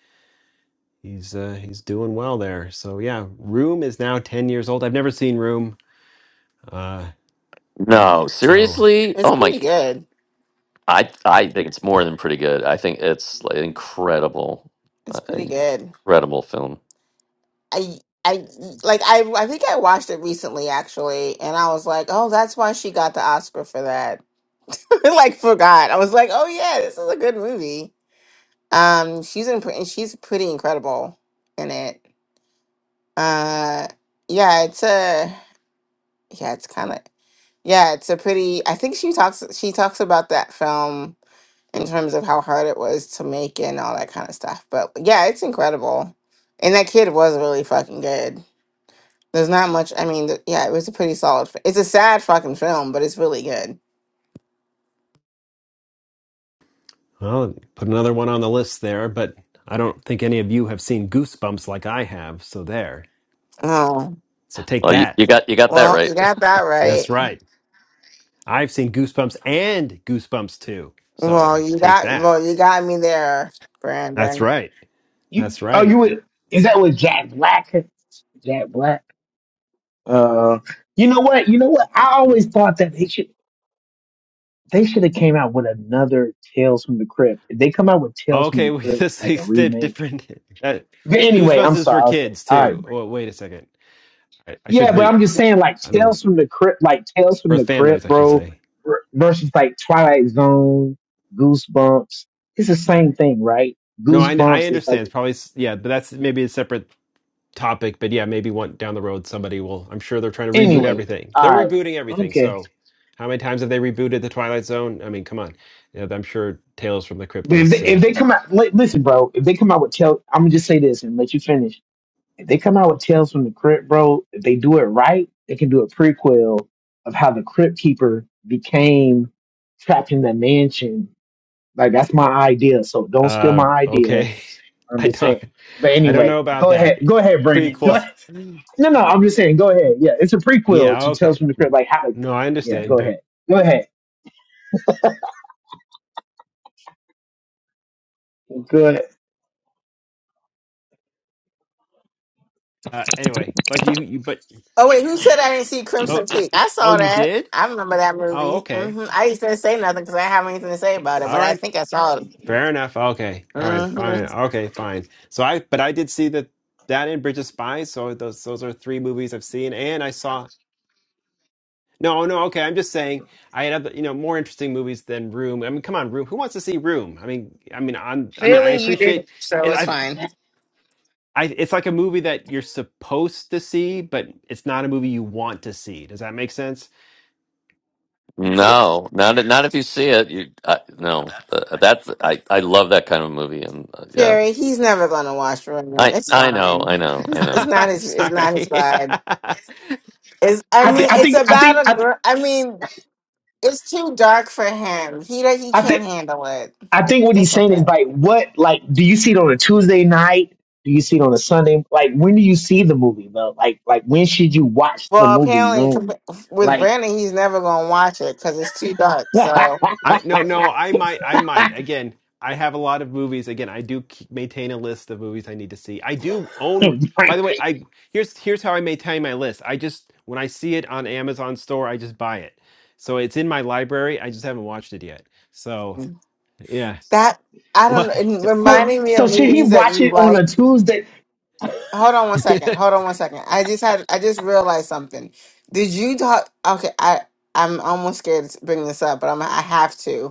Speaker 1: He's uh, he's doing well there. So yeah, Room is now 10 years old. I've never seen Room. Uh,
Speaker 8: No,
Speaker 1: so
Speaker 8: seriously?
Speaker 3: It's
Speaker 8: Oh my,
Speaker 3: pretty good.
Speaker 8: I I think it's more than pretty good. I think it's like incredible, uh,
Speaker 3: It's pretty good.
Speaker 8: incredible film.
Speaker 3: I I like I I think I watched it recently actually and I was like, "Oh, that's why she got the Oscar for that." like forgot. I was like, "Oh yeah, this is a good movie." Um she's in and she's pretty incredible in it. Uh yeah, it's a yeah, it's kind of. Yeah, it's a pretty. I think she talks. She talks about that film in terms of how hard it was to make it and all that kind of stuff. But yeah, it's incredible, and that kid was really fucking good. There's not much. I mean, th- yeah, it was a pretty solid. fi- It's a sad fucking film, but it's really good.
Speaker 1: Well, put another one on the list there, but I don't think any of you have seen Goosebumps like I have. So there.
Speaker 3: Oh
Speaker 1: So take
Speaker 8: Well, you,
Speaker 1: that.
Speaker 8: you got you got that
Speaker 3: well,
Speaker 8: right.
Speaker 3: you got that
Speaker 1: That's
Speaker 3: right.
Speaker 1: right. I've seen Goosebumps and Goosebumps too.
Speaker 3: Well,
Speaker 1: So
Speaker 3: you
Speaker 1: take
Speaker 3: got
Speaker 1: that.
Speaker 3: well, you got me there,
Speaker 1: That's
Speaker 3: Brandon.
Speaker 1: right.
Speaker 12: You
Speaker 1: That's
Speaker 12: oh
Speaker 1: right.
Speaker 12: you would is that with Jack Black? Jack Black. Uh, you know what? You know what? I always thought that they should they should have came out with another Tales from the Crypt. If They come out with Tales from
Speaker 1: Okay,
Speaker 12: the
Speaker 1: we
Speaker 12: Crypt
Speaker 1: this
Speaker 12: like a
Speaker 1: is di-
Speaker 12: remake.
Speaker 1: different. Uh,
Speaker 12: But anyway,
Speaker 1: Goosebumps
Speaker 12: I'm
Speaker 1: is for
Speaker 12: sorry. Okay.
Speaker 1: kids
Speaker 12: All
Speaker 1: too.
Speaker 12: right,
Speaker 1: Oh, wait a second. I, I should
Speaker 12: Yeah, but
Speaker 1: read.
Speaker 12: I'm just saying, like
Speaker 1: I don't know.
Speaker 12: Tales from the Crypt, like Tales from
Speaker 1: For
Speaker 12: the
Speaker 1: families,
Speaker 12: Crypt,
Speaker 1: I should
Speaker 12: bro,
Speaker 1: say.
Speaker 12: r- versus like Twilight Zone, Goosebumps. It's the same thing, right?
Speaker 1: No, I I
Speaker 12: Goosebumps is like
Speaker 1: understand. It's probably s- yeah, but that's maybe a separate topic, but yeah, maybe one down the road somebody will. I'm sure they're trying to reboot
Speaker 12: anyway.
Speaker 1: everything.
Speaker 12: All
Speaker 1: They're
Speaker 12: right,
Speaker 1: rebooting everything.
Speaker 12: okay.
Speaker 1: So how many times have they rebooted the Twilight Zone? I mean, come on. Yeah, I'm sure Tales from the Crypt
Speaker 12: But if they,
Speaker 1: is uh,
Speaker 12: if they come out, li- listen, bro. If they come out with Tales, I'm gonna just say this and let you finish. If they come out with Tales from the Crypt, bro, if they do it right, they can do a prequel of how the Crypt Keeper became trapped in the mansion. Like that's my idea. So don't steal
Speaker 1: uh,
Speaker 12: my idea
Speaker 1: okay.
Speaker 12: I'm
Speaker 1: I
Speaker 12: just
Speaker 1: don't
Speaker 12: saying. But
Speaker 1: I don't
Speaker 12: anyway,
Speaker 1: know about
Speaker 12: go
Speaker 1: that
Speaker 12: ahead. Go ahead, Brandon. Go
Speaker 1: prequel.
Speaker 12: ahead. No, no, I'm just saying. Go ahead. Yeah, it's a prequel
Speaker 1: Yeah,
Speaker 12: to Tales
Speaker 1: okay.
Speaker 12: from the Crypt. Like how?
Speaker 1: No, I
Speaker 12: Yeah,
Speaker 1: understand,
Speaker 12: go
Speaker 1: but
Speaker 12: ahead. Go ahead. Go ahead.
Speaker 1: uh, anyway, but you, you but
Speaker 3: Oh wait, who said I didn't see
Speaker 1: oh
Speaker 3: Crimson Peak? I
Speaker 1: oh
Speaker 3: saw
Speaker 1: you
Speaker 3: that.
Speaker 1: did?
Speaker 3: I remember that
Speaker 1: Oh,
Speaker 3: movie.
Speaker 1: okay.
Speaker 3: hmm I used to say nothing because I didn't have anything to say about it,
Speaker 1: All
Speaker 3: but I
Speaker 1: right.
Speaker 3: think I saw it.
Speaker 1: Fair enough. Okay. All right. Fine.
Speaker 3: Mhm.
Speaker 1: Okay. Fine. So I, but I did see that that and Bridge of Spies. So those those are three movies I've seen, and I saw. No, no. Okay. I'm just saying I had other, you know, more interesting movies than Room. I mean, come on, Room. Who wants to see Room? I mean, I mean, I'm. I mean, I
Speaker 3: Clearly, you did
Speaker 1: appreciate.
Speaker 3: so
Speaker 1: It,
Speaker 3: it's
Speaker 1: I,
Speaker 3: fine.
Speaker 1: I. It's like a movie that you're supposed to see, but it's not a movie you want to see. Does that make sense?
Speaker 3: Yes.
Speaker 8: No, not if- not if you see it. You I, no, uh, that's I I love that kind of movie and uh, yeah.
Speaker 3: Jerry, he's never going to watch Room.
Speaker 8: I
Speaker 3: It's
Speaker 8: I know,
Speaker 3: fine.
Speaker 8: I know,
Speaker 3: It's,
Speaker 8: I
Speaker 3: it's
Speaker 8: know.
Speaker 3: not
Speaker 1: I'm
Speaker 3: his. It's not his
Speaker 1: sorry.
Speaker 3: vibe. It's. I
Speaker 12: I
Speaker 3: mean,
Speaker 12: think. I
Speaker 3: it's
Speaker 12: think. I think.
Speaker 3: about a
Speaker 12: I, th-
Speaker 3: girl. I mean, it's too dark for him. He don't- he
Speaker 12: I
Speaker 3: can't
Speaker 12: think.
Speaker 3: handle it.
Speaker 12: I think what he's
Speaker 3: It's
Speaker 12: saying
Speaker 3: okay.
Speaker 12: is like, what? Like, do you see it on a Tuesday night? Do you see it on a Sunday? Like, when do you see the movie though? Like, like when should you watch the
Speaker 3: Well,
Speaker 12: movie
Speaker 3: apparently,
Speaker 12: Room?
Speaker 3: compa- with
Speaker 12: Like,
Speaker 3: Brandon, he's never going to watch it because it's too dark.
Speaker 12: Brandon.
Speaker 3: So
Speaker 1: I no no I might I might again I have a lot of movies again I do keep, maintain a list of movies I need to see I do own by the way I here's here's how I maintain my list I just when I see it on Amazon store I just buy it so it's in my library I just haven't watched it yet so yeah
Speaker 3: That I don't.
Speaker 1: what
Speaker 3: It
Speaker 12: So,
Speaker 3: reminding me of
Speaker 12: so should he
Speaker 3: movies that
Speaker 12: watch
Speaker 3: you
Speaker 12: it on a
Speaker 3: like.
Speaker 12: Tuesday?
Speaker 3: Hold on one second. Hold on one second. I just had. I just realized something. Did you talk? Okay. I. I'm almost scared to bring this up, but I'm. I have to.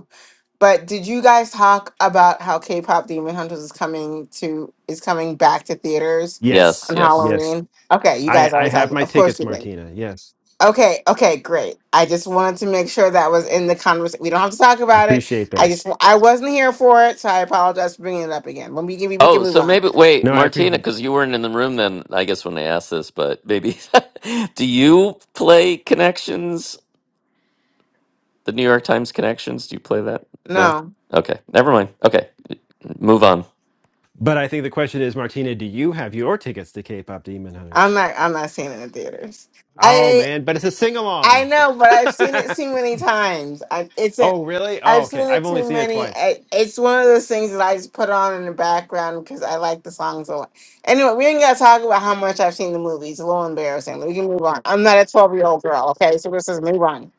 Speaker 3: But did you guys talk about how K-pop Demon Hunters is coming to is coming back to theaters
Speaker 8: Yes,
Speaker 1: yes
Speaker 3: on
Speaker 8: yes.
Speaker 1: yes
Speaker 3: Halloween? Okay, you
Speaker 1: I
Speaker 3: guys
Speaker 1: I
Speaker 3: always
Speaker 1: have
Speaker 3: talk.
Speaker 1: my
Speaker 3: Of course
Speaker 1: tickets
Speaker 3: you did.
Speaker 1: Martina yes
Speaker 3: Okay, okay, great. I just wanted to make sure that was in the conversation. We don't have to talk
Speaker 1: I
Speaker 3: about it.
Speaker 1: appreciate
Speaker 3: I
Speaker 1: that
Speaker 3: just I wasn't here for it, so I apologize for bringing it up again. When we can we can
Speaker 8: Oh,
Speaker 3: move
Speaker 8: so
Speaker 3: on.
Speaker 8: maybe wait,
Speaker 1: no I
Speaker 8: Martina,
Speaker 1: appreciate
Speaker 8: because you weren't in the room then, I guess when I asked this, but maybe do you play Connections? The New York Times Connections? Do you play that? No?
Speaker 3: No,
Speaker 8: Okay. Never mind. Okay. Move on.
Speaker 1: but I think the question is Martina do you have your tickets to K-pop Demon Hunters
Speaker 3: I'm not. I'm not seeing it in theaters.
Speaker 1: Oh man, but it's a sing
Speaker 3: I
Speaker 1: along.
Speaker 3: know, but I've seen it too many times. I it's a,
Speaker 1: oh really? Oh
Speaker 3: I've
Speaker 1: okay.
Speaker 3: seen it
Speaker 1: I've only
Speaker 3: too
Speaker 1: seen it
Speaker 3: many.
Speaker 1: twice.
Speaker 3: I, it's one of those things that I just put on in the background because I like the songs a lot. Anyway, we ain't gotta talk about how much I've seen the movies. It's a little embarrassing. We can move on. I'm not a 12 year old girl. Okay, so this is move on.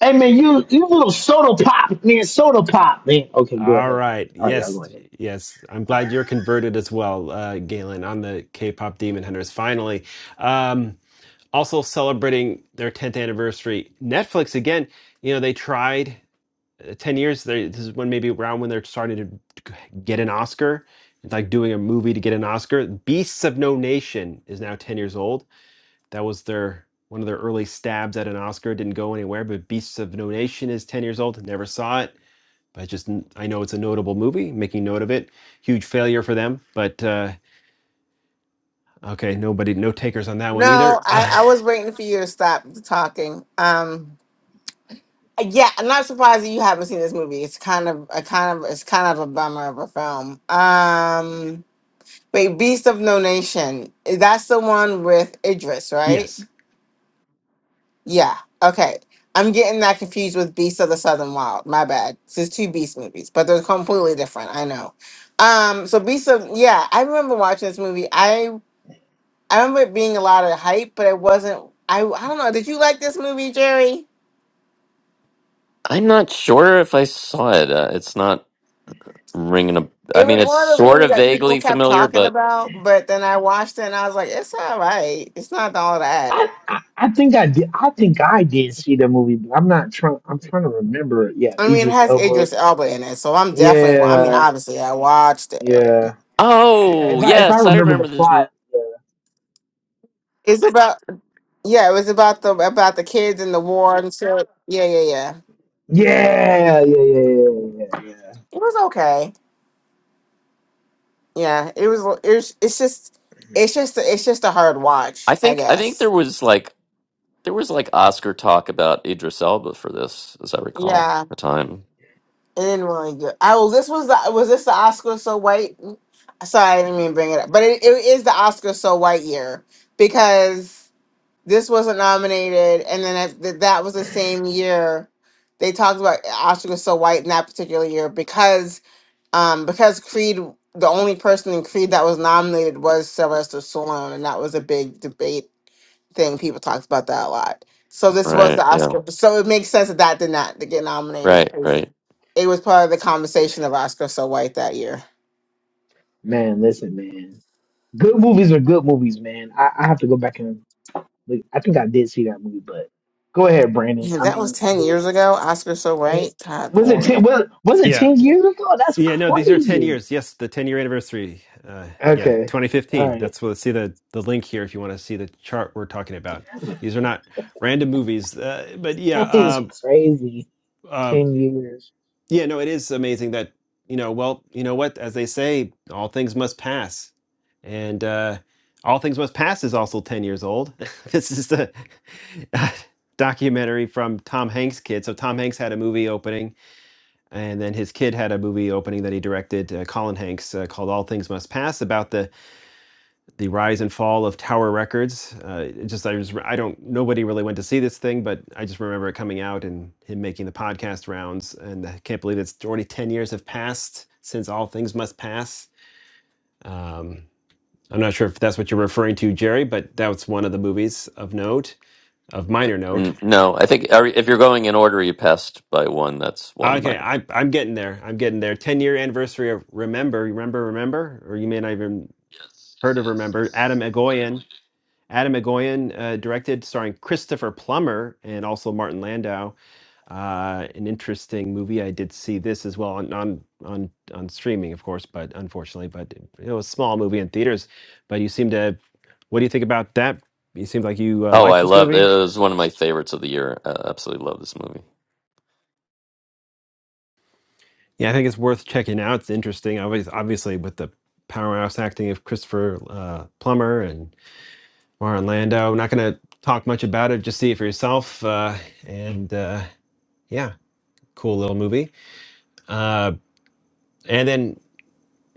Speaker 12: Hey man, you you little soda pop, man, soda pop, man. Okay, go
Speaker 1: All
Speaker 12: ahead.
Speaker 1: right.
Speaker 12: All right, y'all
Speaker 1: Yes,
Speaker 12: go ahead.
Speaker 1: yes. I'm glad you're converted as well, uh, Galen, on the K-pop Demon Hunters. Finally, um, also celebrating their 10th anniversary. Netflix again. You know they tried uh, 10 years. They, this is when maybe around when they're starting to get an Oscar. It's like doing a movie to get an Oscar. Beasts of No Nation is now 10 years old That was their one of their early stabs at an Oscar. Didn't go anywhere. But Beasts of No Nation is ten years old. Never saw it, but just I know it's a notable movie. Making note of it. Huge failure for them. But uh, okay, nobody, no takers on that one
Speaker 3: No,
Speaker 1: either.
Speaker 3: I,
Speaker 1: Uh,
Speaker 3: I was waiting for you to stop the talking. Um, yeah, I'm not surprised that you haven't seen this movie. It's kind of a kind of it's kind of a bummer of a film. Um. Wait, Beast of No Nation. That's the one with Idris, right?
Speaker 1: yes.
Speaker 3: Yeah. Okay. I'm getting that confused with Beast of the Southern Wild. My bad. This is two Beast movies, but they're completely different. I know. Um, so Beast of yeah, I remember watching this movie. I I remember it being a lot of hype, but it wasn't I I don't know. Did you like this movie, Jerry?
Speaker 8: I'm not sure if I saw it. Uh, it's not ringing a.
Speaker 3: It
Speaker 8: I
Speaker 3: was
Speaker 8: mean, it's
Speaker 3: one of those
Speaker 8: sort
Speaker 3: movies
Speaker 8: of
Speaker 3: that people
Speaker 8: vaguely
Speaker 3: kept
Speaker 8: familiar,
Speaker 3: talking
Speaker 8: but
Speaker 3: about, but then I watched it and I was like, it's all right. It's not all that.
Speaker 12: I, I, I think I did. I think I did see the movie. But I'm not trying. I'm trying to remember. Yeah,
Speaker 3: I mean, it
Speaker 12: Idris
Speaker 3: has
Speaker 12: Elba.
Speaker 3: Idris Elba in it, so I'm definitely. I mean,
Speaker 12: Yeah,
Speaker 3: obviously, I watched it.
Speaker 12: yeah, yeah.
Speaker 8: oh
Speaker 12: If I if I
Speaker 8: yes, I
Speaker 12: remember the
Speaker 8: remember this
Speaker 12: plot.
Speaker 8: movie.
Speaker 3: It's about yeah, it was about the about the kids in the war and shit. Yeah, yeah, yeah.
Speaker 12: Yeah, yeah, yeah, yeah, yeah. yeah. yeah.
Speaker 3: It was okay. Yeah, it was. It was, it's just, it's just, it's just a hard
Speaker 8: I
Speaker 3: watch, I
Speaker 8: think I think there
Speaker 3: guess.
Speaker 8: was like there was like Oscar talk about Idris Elba for this, as I recall,
Speaker 3: Yeah,
Speaker 8: at the time.
Speaker 3: it didn't really good. I well, this was the was this the Oscar so white? Sorry, I didn't mean to bring it up, but it, it is the Oscar so white year because this wasn't nominated, and then I, th- that was the same year they talked about Oscar was so white in that particular year because um because Creed the only person in Creed that was nominated was Sylvester Stallone, and that was a big debate thing. People talked about that a lot. So this was
Speaker 8: Right?
Speaker 3: the
Speaker 8: Yeah.
Speaker 3: Oscar, so it makes sense that that did not get nominated
Speaker 8: Right.
Speaker 3: because
Speaker 8: Right.
Speaker 3: it was part of the conversation of Oscar so white that year.
Speaker 12: Man, listen, man. Good movies are good movies, man. I, I have to go back and look. I think I did see that movie, but go ahead, Brandon.
Speaker 3: Yeah,
Speaker 12: I
Speaker 3: that was
Speaker 12: mean, I
Speaker 3: ten
Speaker 12: guess.
Speaker 3: years ago. Oscar so
Speaker 12: It,
Speaker 3: white, God
Speaker 12: was it
Speaker 3: Lord.
Speaker 12: ten? Was, was it
Speaker 1: Yeah.
Speaker 12: ten years ago? That's
Speaker 1: Yeah, no, these are 10
Speaker 12: crazy.
Speaker 1: years. Yes, the 10 year anniversary. Uh, yeah,
Speaker 12: Okay, all
Speaker 1: 2015.
Speaker 12: right.
Speaker 1: That's what, see the, the link here if you want to see the chart we're talking about. These are not random movies. Uh, but yeah,
Speaker 12: That is
Speaker 1: um,
Speaker 12: crazy.
Speaker 1: uh,
Speaker 12: Ten years,
Speaker 1: Yeah, no, it is amazing that, you know, well, you know what, as they say, all things must pass. And uh All Things Must Pass is also 10 years old. this is the uh, documentary from Tom Hanks' kid. So Tom Hanks had a movie opening and then his kid had a movie opening that he directed, uh, Colin Hanks, uh, called All Things Must Pass about the the rise and fall of Tower Records. Uh, it just I just I don't nobody really went to see this thing, but I just remember it coming out and him making the podcast rounds, and I can't believe it's already ten years have passed since All Things Must Pass. Um, I'm not sure if that's what you're referring to, Jerry, but that was one of the movies of note, of minor note.
Speaker 8: Mm, No, I think are- if you're going in order, you passed by one. That's one. Of my,
Speaker 1: Okay, I, I'm getting there. I'm getting there. 10 year anniversary of Remember, Remember, Remember, or you may not even heard of Remember. Adam Egoyan Adam McGoyan uh, directed, starring Christopher Plummer and also Martin Landau. Uh, an interesting movie. I did see this as well on on on, on streaming, of course, but unfortunately, but it was a small movie in theaters. But you seem to. What do you think about that? You seem like you uh,
Speaker 8: oh,
Speaker 1: liked
Speaker 8: I
Speaker 1: this
Speaker 8: love it
Speaker 1: movie.
Speaker 8: was one of my favorites of the year. I absolutely love this movie.
Speaker 1: Yeah, I think it's worth checking out. It's interesting. Obviously, obviously with the powerhouse acting of Christopher uh, Plummer and Martin Landau. I'm not going to talk much about it. Just see it for yourself. Uh, and uh, yeah, cool little movie. Uh, and then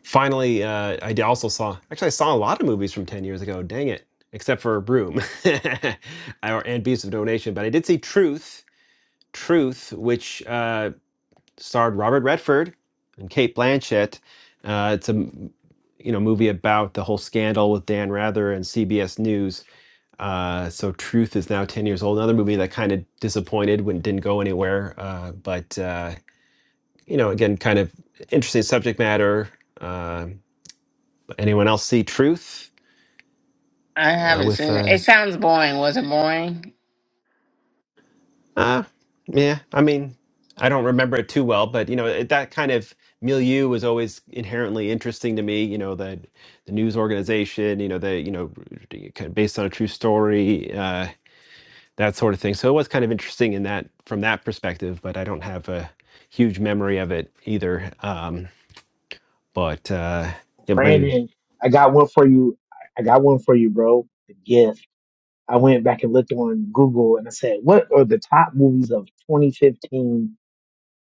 Speaker 1: finally, uh, I d- also saw actually I saw a lot of movies from ten years ago. Dang it, except for Broom I- or and Beast of Donation. But I did see Truth, Truth, which uh, starred Robert Redford and Kate Blanchett. Uh, it's a m- you know movie about the whole scandal with Dan Rather and CBS News. Uh, so Truth is now ten years old. Another movie that kind of disappointed when it didn't go anywhere. Uh, but uh, you know, again, kind of interesting subject matter. Uh, anyone else see Truth
Speaker 3: I
Speaker 1: uh, with? Uh, uh, yeah, I mean, I don't remember it too well, but you know, it, that kind of milieu was always inherently interesting to me. You know, the the news organization, you know, the you know, kind of based on a true story, uh, that sort of thing. So it was kind of interesting in that from that perspective, but I don't have a huge memory of it either. Um, but uh, yeah, I mean,
Speaker 12: Brandon. I got one for you. I got one for you, bro. The gift. I went back and looked on Google and I said, "What are the top movies of 2015?"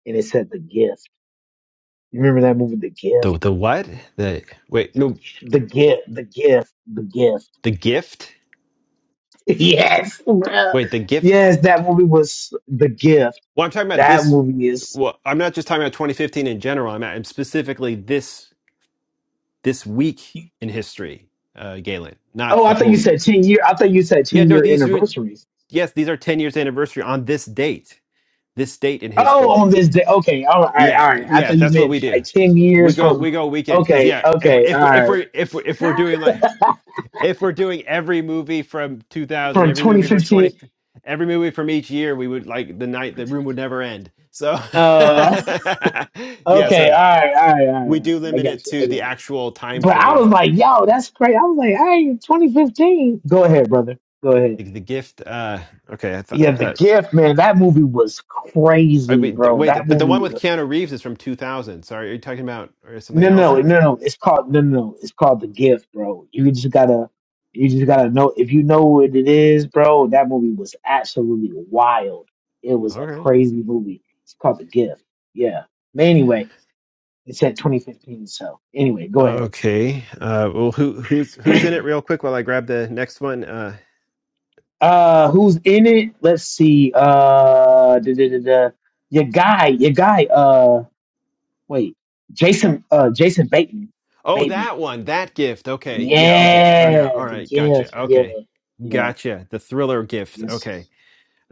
Speaker 12: And it said The Gift. You remember that movie, The
Speaker 1: the
Speaker 12: Gift?
Speaker 1: the what the wait no
Speaker 12: The Gift. The Gift. The Gift.
Speaker 1: The Gift.
Speaker 12: yes, bro.
Speaker 1: Wait, The Gift.
Speaker 12: Yes, that movie was The Gift.
Speaker 1: Well, I'm talking about
Speaker 12: That
Speaker 1: this.
Speaker 12: movie is
Speaker 1: Well, I'm not just talking about 2015 in general. I'm, I'm specifically this this week in history, uh, Galen,
Speaker 12: Oh,
Speaker 1: not the
Speaker 12: I thought you
Speaker 1: whole.
Speaker 12: said ten year. I thought you said
Speaker 1: Yeah,
Speaker 12: ten
Speaker 1: no,
Speaker 12: year
Speaker 1: these are
Speaker 12: anniversaries.
Speaker 1: yes, these are 10 years anniversary on this date. This date in
Speaker 12: Oh,
Speaker 1: history.
Speaker 12: on this day. Okay, all right, all right.
Speaker 1: Yeah,
Speaker 12: all right. I
Speaker 1: yeah,
Speaker 12: thought you
Speaker 1: that's what
Speaker 12: meant
Speaker 1: we do.
Speaker 12: like ten
Speaker 1: We
Speaker 12: years
Speaker 1: go
Speaker 12: from.
Speaker 1: we go weekend because
Speaker 12: Okay,
Speaker 1: yeah, if
Speaker 12: okay, all
Speaker 1: if if
Speaker 12: right.
Speaker 1: we're if we're, if we're doing like if we're doing every movie from 2000
Speaker 12: From
Speaker 1: every movie from
Speaker 12: 2015.
Speaker 1: 20 every movie from each year we would like the night the room would never end so
Speaker 12: Uh,
Speaker 1: yeah
Speaker 12: okay,
Speaker 1: so
Speaker 12: all right, all right, all
Speaker 1: we do
Speaker 12: right. I
Speaker 1: limit it
Speaker 12: got you. I
Speaker 1: to the
Speaker 12: got you.
Speaker 1: actual time
Speaker 12: But I was
Speaker 1: frame
Speaker 12: like, yo, that's great. I was like, hey, 2015. Go ahead, brother. Go ahead.
Speaker 1: the, the gift uh okay i thought
Speaker 12: Yeah, The
Speaker 1: uh,
Speaker 12: Gift, man. That movie was
Speaker 1: I
Speaker 12: crazy,
Speaker 1: mean, th-
Speaker 12: bro. That
Speaker 1: wait but the
Speaker 12: movie
Speaker 1: one with
Speaker 12: was.
Speaker 1: keanu reeves is from 2000 sorry are you talking about or something
Speaker 12: No,
Speaker 1: else
Speaker 12: no, no, no. It's called no, no. no. It's called the gift, bro. You just gotta, you just gotta know if you know what it is, bro. That movie was absolutely wild. It was a
Speaker 1: okay
Speaker 12: crazy movie. It's called the gift. Yeah. But anyway, it said 2015. So anyway, go ahead.
Speaker 1: okay uh well who who's who's in it real quick while i grab the next one Uh,
Speaker 12: Uh, who's in it? Let's see. Uh, da, da, da, da. your guy, your guy. Uh, wait, Jason. Uh, Jason Bateman.
Speaker 1: Oh,
Speaker 12: Bateman.
Speaker 1: that one, that gift. Okay, yeah, okay. Or
Speaker 12: Yeah,
Speaker 1: now, all
Speaker 12: the
Speaker 1: right, gotcha.
Speaker 12: gift. Yeah,
Speaker 1: Okay,
Speaker 12: yeah.
Speaker 1: gotcha. The thriller gift.
Speaker 12: Yes,
Speaker 1: Okay.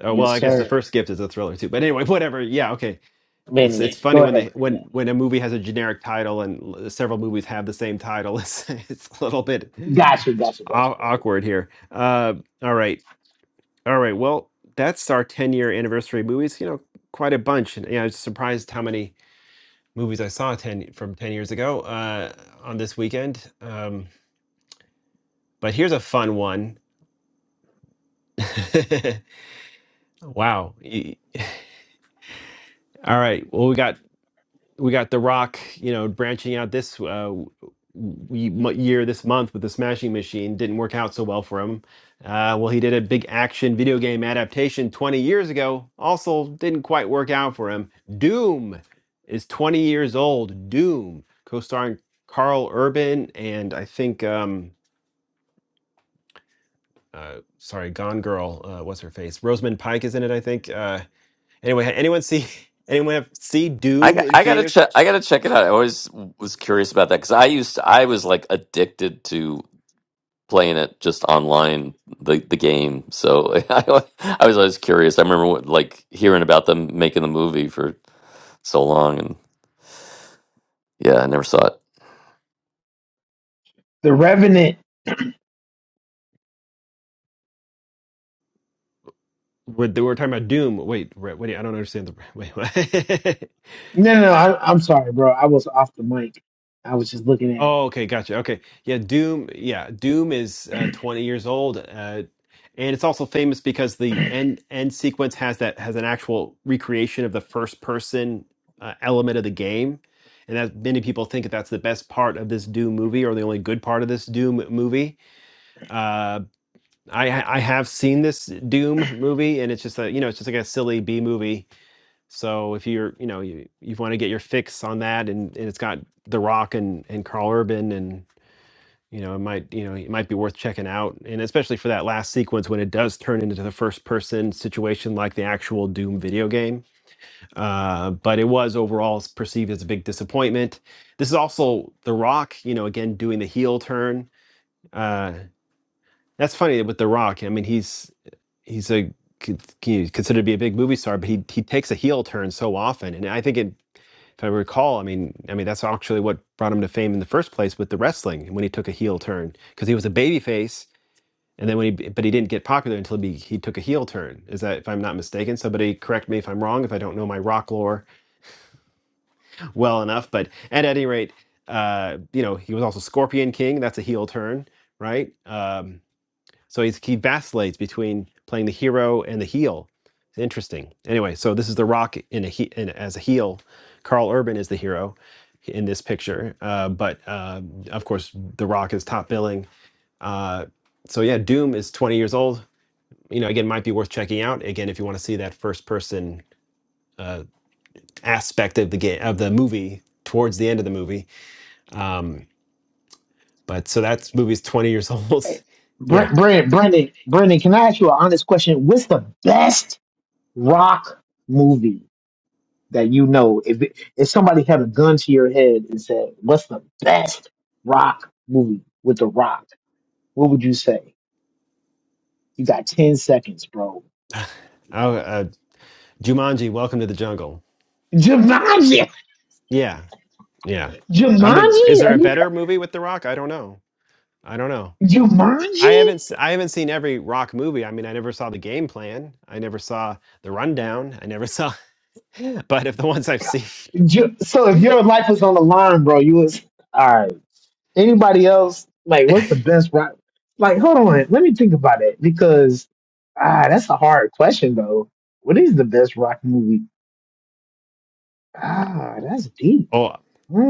Speaker 1: Oh, well,
Speaker 12: Yes,
Speaker 1: I guess the
Speaker 12: sir.
Speaker 1: first gift is a thriller too. But anyway, whatever. Yeah, okay.
Speaker 12: But
Speaker 1: It's
Speaker 12: anyway,
Speaker 1: it's funny
Speaker 12: go
Speaker 1: when they
Speaker 12: ahead.
Speaker 1: when
Speaker 12: Yeah.
Speaker 1: when a movie has a generic title and l- several movies have the same title. It's it's a little bit
Speaker 12: Gotcha, gotcha, gotcha,
Speaker 1: aw-
Speaker 12: gotcha.
Speaker 1: awkward here. Uh, all right, all right. Well, that's our ten year anniversary movies. You know, quite a bunch. And yeah, I was surprised how many movies I saw ten from ten years ago uh, on this weekend. Um, But here's a fun one. wow. Y- All right. Well, we got we got The Rock, you know, branching out this uh, w- w- mo- year, this month with the Smashing Machine. Didn't work out so well for him. Uh, well, he did a big action video game adaptation 20 years ago. Also, didn't quite work out for him. Doom is 20 years old. Doom, co-starring Carl Urban and I think um, uh, sorry, Gone Girl. Uh, what's her face? Rosamund Pike is in it, I think. Uh, Anyway, had anyone see anyone have see
Speaker 8: I
Speaker 1: Doom
Speaker 8: got,
Speaker 1: in
Speaker 8: I gotta
Speaker 1: theaters?
Speaker 8: check. I gotta check it out. I always was curious about that because I used to- I was like addicted to playing it just online the the game. So I, wa- I was always curious. I remember what, like hearing about them making the movie for so long, and yeah, I never saw it.
Speaker 12: The Revenant.
Speaker 1: We're, we're talking about Doom. Wait, wait, wait, I don't understand the wait. What?
Speaker 12: No, no, no. I, I'm sorry, bro. I was off the mic. I was just looking at.
Speaker 1: oh, okay, gotcha. Okay, yeah, Doom. Yeah, Doom is uh, twenty years old, uh, and it's also famous because the end end sequence has that has an actual recreation of the first person uh, element of the game, and that many people think that that's the best part of this Doom movie or the only good part of this Doom movie Uh, I I have seen this Doom movie, and it's just a you know it's just like a silly B movie. So if you're you know you you want to get your fix on that, and, and it's got The Rock and and Carl Urban, and you know it might you know it might be worth checking out, and especially for that last sequence when it does turn into the first person situation like the actual Doom video game. Uh, but it was overall s- perceived as a big disappointment. This is also The Rock, you know, again doing the heel turn. Uh, that's funny with The Rock. I mean, he's he's a he's considered to be a big movie star, but he he takes a heel turn so often, and I think it. If I recall, I mean, I mean that's actually what brought him to fame in the first place with the wrestling when he took a heel turn because he was a babyface, and then when he but he didn't get popular until he he took a heel turn. Is that if I'm not mistaken? Somebody correct me if I'm wrong if I don't know my rock lore well enough. But at any rate, uh, you know, he was also Scorpion King. That's a heel turn, right? Um, so he's, he vacillates between playing the hero and the heel. It's interesting. Anyway, so this is The Rock in a he, in, as a heel. Karl Urban is the hero in this picture, uh, but uh, of course, The Rock is top billing. Uh, so yeah, Doom is 20 years old. You know, again, might be worth checking out. Again, if you want to see that first person uh, aspect of the game of the movie towards the end of the movie. Um, but so that movie's 20 years old.
Speaker 12: Hey,
Speaker 1: yeah.
Speaker 12: Brent, Brent, Brendan, Brendan. Can I ask you an honest question? What's the best rock movie that you know? If it, if somebody had a gun to your head and said, "What's the best rock movie with the Rock?" What would you say? You got ten seconds, bro. You got
Speaker 1: Oh, uh, Jumanji, Welcome to the Jungle.
Speaker 12: Jumanji.
Speaker 1: Yeah. Yeah. I mean, is
Speaker 12: Jumanji?
Speaker 1: there
Speaker 12: Are
Speaker 1: a
Speaker 12: you
Speaker 1: better movie with The Rock? I don't know. I don't know. I haven't
Speaker 12: Jumanji?
Speaker 1: s- I haven't seen every Rock movie. I mean, I never saw The Game Plan. I never saw The Rundown. I never saw but if the ones I've seen
Speaker 12: Ju- so if your life was on the line, bro, you was all right. Anybody else? Like, what's the best route? Like, hold on, let me think about it because ah, that's a hard question though. What is the best rock movie? Ah, that's deep.
Speaker 1: Oh,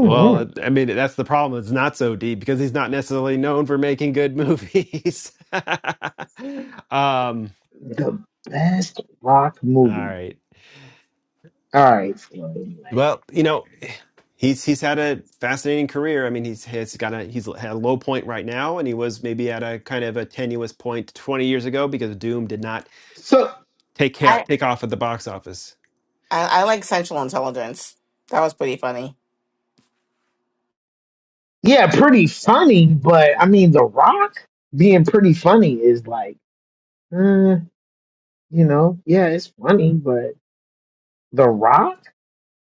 Speaker 1: well, it- I mean, that's the problem. It's not so deep because he's not necessarily known for making good movies. um
Speaker 12: The best rock
Speaker 1: all
Speaker 12: movie.
Speaker 1: right.
Speaker 12: All right. So anyway,
Speaker 1: Well, you
Speaker 12: all right.
Speaker 1: know, he's he's had a fascinating career. I mean, he's he's got a he's had a low point right now, and he was maybe at a kind of a tenuous point 20 years ago because Doom did not
Speaker 12: So
Speaker 1: take
Speaker 3: I
Speaker 1: care, take off at the box office.
Speaker 3: I, I like Central Intelligence. That was pretty funny.
Speaker 12: yeah, pretty funny, but I mean, The Rock being pretty funny is like, uh, you know, yeah, it's funny, but. The Rock?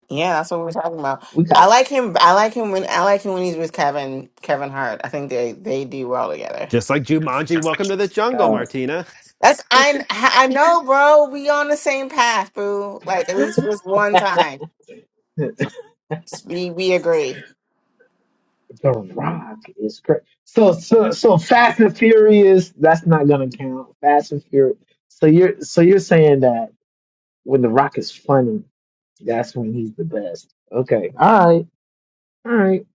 Speaker 3: Yeah, that's what we were talking about.
Speaker 12: We
Speaker 3: I
Speaker 12: got
Speaker 3: like him. I like him when I like him when he's with Kevin Kevin Hart. I think they they do well together.
Speaker 1: Just like Jumanji, Welcome to the Jungle,
Speaker 12: uh
Speaker 1: Martina.
Speaker 3: That's I I know, bro. We on the same path, boo. Like at least for this one time,
Speaker 12: The
Speaker 3: we we agree.
Speaker 12: Rock is great. So so so Fast and Furious, that's not gonna count. Fast and Furious. So you're so you're saying that when The Rock is funny, that's when he's the best. Okay. All right. All right.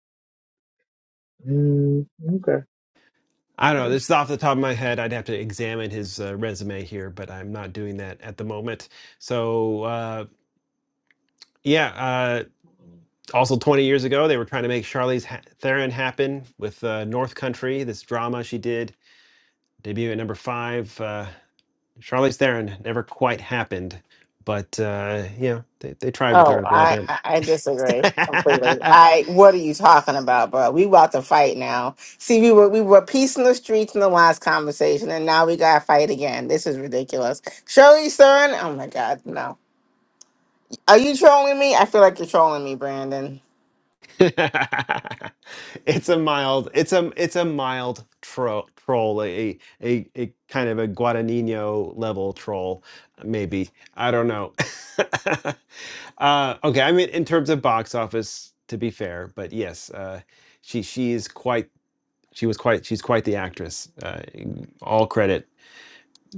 Speaker 12: Mm, okay.
Speaker 1: I don't
Speaker 12: All
Speaker 1: know.
Speaker 12: right.
Speaker 1: This is off the top of my head. I'd have to examine his uh, resume here, but I'm not doing that at the moment. So uh, yeah, uh, also 20 years ago they were trying to make charlize theron happen with uh, north country this drama she did debut at number five uh, charlize theron never quite happened but uh, you know they, they tried with her
Speaker 3: Oh,
Speaker 1: a little
Speaker 3: I,
Speaker 1: bit
Speaker 3: I I disagree completely. I what are you talking about, bro? We about to fight now. See, we were we were peace in the streets in the last conversation, and now we gotta fight again. This is ridiculous. Shirley Stern, oh my god, no. Are you trolling me? I feel like you're trolling me, Brandon.
Speaker 1: it's a mild it's a it's a mild tro- troll a, a a kind of a guadagnino level troll maybe i don't know uh okay i mean in terms of box office to be fair but yes uh she she is quite she was quite she's quite the actress uh, all credit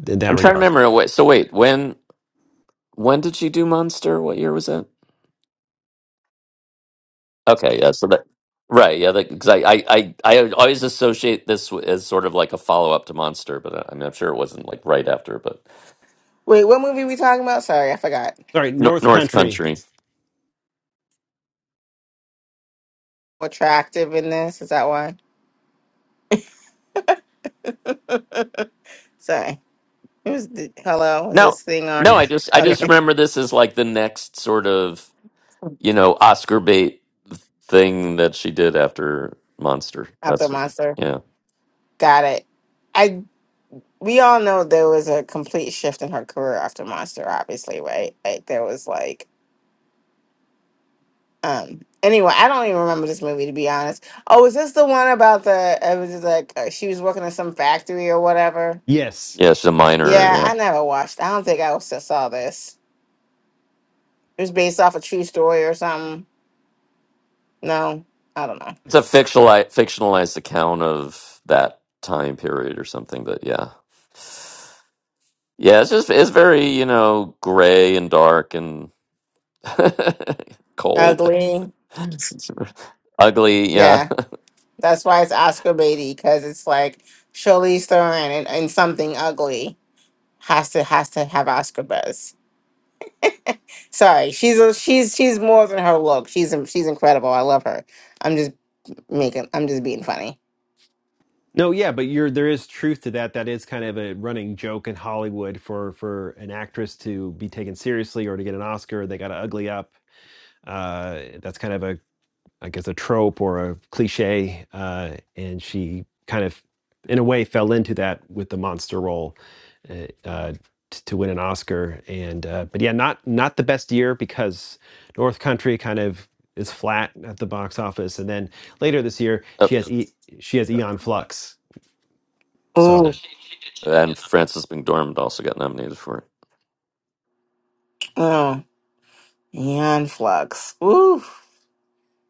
Speaker 1: in that
Speaker 8: I'm trying to
Speaker 1: regard
Speaker 8: remember. Wait, so wait, when when did she do Monster? What year was that? Okay, yeah. So that, right, yeah. Because I, I, I, I always associate this w- as sort of like a follow up to Monster, but I, I mean, I'm sure it wasn't like right after, but
Speaker 3: Wait, what movie we talking about? Sorry, I forgot.
Speaker 1: sorry
Speaker 8: Nor
Speaker 1: north
Speaker 8: North
Speaker 1: country
Speaker 8: Country.
Speaker 3: Attractive in this? Is that why? Sorry. It was the, hello, is
Speaker 8: No,
Speaker 3: this thing
Speaker 8: no.
Speaker 3: on?
Speaker 8: I just, I
Speaker 3: Okay.
Speaker 8: just remember this as like the next sort of you know Oscar bait thing that she did after Monster.
Speaker 3: After
Speaker 8: That's
Speaker 3: Monster.
Speaker 8: yeah,
Speaker 3: Got it. I. we all know there was a complete shift in her career after Monster, obviously, right? Like there was like um anyway, I don't even remember this movie to be honest. Oh, was this the one about the it was just like uh, she was working in some factory or whatever?
Speaker 1: yes
Speaker 8: yeah. She's a minor.
Speaker 3: Yeah,
Speaker 8: Yeah,
Speaker 3: I never watched. I don't think I also saw this. It was based off a true story or something. No, I don't know.
Speaker 8: it's a fictionalized, fictionalized account of that time period or something. But yeah, yeah. It's just, it's very you know gray and dark and Cold.
Speaker 3: Ugly.
Speaker 8: It's ugly, yeah.
Speaker 3: Yeah. That's why it's Oscar Beatty because it's like Charlize Theron and, and something ugly has to has to have Oscar buzz. Sorry, she's a, she's she's more than her look. She's in- she's incredible. I love her. I'm just making. I'm just being funny.
Speaker 1: No, yeah, but you're there is truth to that. That is kind of a running joke in Hollywood for for an actress to be taken seriously or to get an Oscar, they got to ugly up. Uh, that's kind of a I guess a trope or a cliche, uh, and she kind of, in a way, fell into that with the monster role uh, uh, t- to win an Oscar. And uh, but yeah, not not the best year because North Country kind of is flat at the box office, and then later this year
Speaker 8: Oh,
Speaker 1: she has e- she has Eon Flux so She,
Speaker 3: Ooh,
Speaker 1: she did. She did get
Speaker 8: and
Speaker 1: knocked.
Speaker 8: Francis McDormand also got nominated for it.
Speaker 3: oh, Neon Flux. Ooh,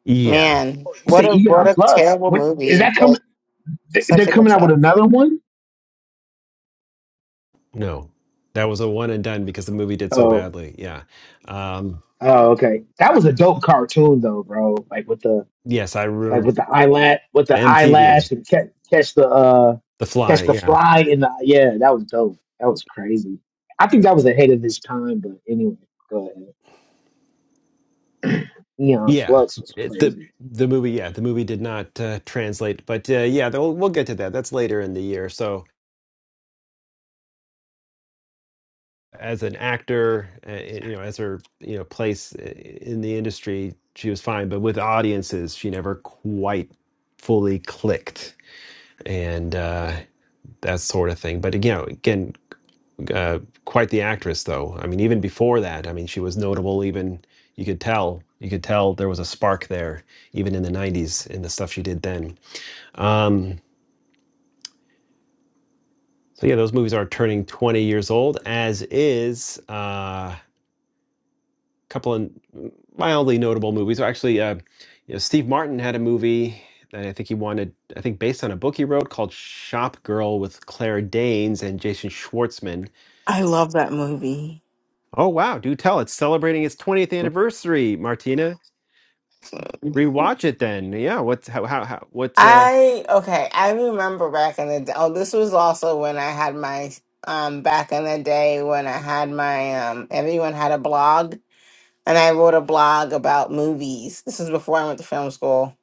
Speaker 1: yeah,
Speaker 3: man,
Speaker 12: Oh, you
Speaker 3: what
Speaker 12: say
Speaker 3: a what
Speaker 12: Eon
Speaker 3: a
Speaker 12: Flux?
Speaker 3: terrible
Speaker 12: When is
Speaker 3: movie,
Speaker 12: that
Speaker 3: but
Speaker 12: coming? th-
Speaker 3: such
Speaker 12: They're
Speaker 3: a good
Speaker 12: coming out with
Speaker 3: show.
Speaker 12: another one?
Speaker 1: no, that was a one and done because the movie did so
Speaker 12: Oh.
Speaker 1: badly. Yeah. Um,
Speaker 12: Oh, okay. That was a dope cartoon though, bro. Like with the
Speaker 1: yes, I
Speaker 12: like
Speaker 1: remember
Speaker 12: with the eyelash, with the
Speaker 1: MTV,
Speaker 12: eyelash and catch, catch the uh
Speaker 1: The Fly.
Speaker 12: catch the
Speaker 1: Yeah,
Speaker 12: fly in the yeah, that was dope. That was crazy. I think that was ahead of his time, but anyway, go ahead. Neon
Speaker 1: yeah.
Speaker 12: Flux was
Speaker 1: It, the
Speaker 12: crazy.
Speaker 1: the movie, yeah, the movie did not uh, translate, but uh, yeah, though we'll get to that. That's later in the year. So as an actor, uh, you know, as her you know place i- in the industry, she was fine, but with audiences, she never quite fully clicked, and uh, that sort of thing. But again, again. Uh, quite the actress, though. I mean, even before that, I mean, she was notable. Even you could tell, you could tell there was a spark there, even in the '90s, in the stuff she did then. Um, so yeah, those movies are turning 20 years old, as is uh, a couple of mildly notable movies. Actually, uh, you know, Steve Martin had a movie that I think he wanted, I think based on a book he wrote called Shop Girl with Claire Danes and Jason Schwartzman.
Speaker 3: I love that movie.
Speaker 1: Oh wow, do tell! It's celebrating its 20th anniversary, Martina. Rewatch it then. Yeah, what's how how, how what's uh
Speaker 3: I okay, I remember back in the day. Oh, this was also when I had my um back in the day when I had my um everyone had a blog and I wrote a blog about movies. This is before I went to film school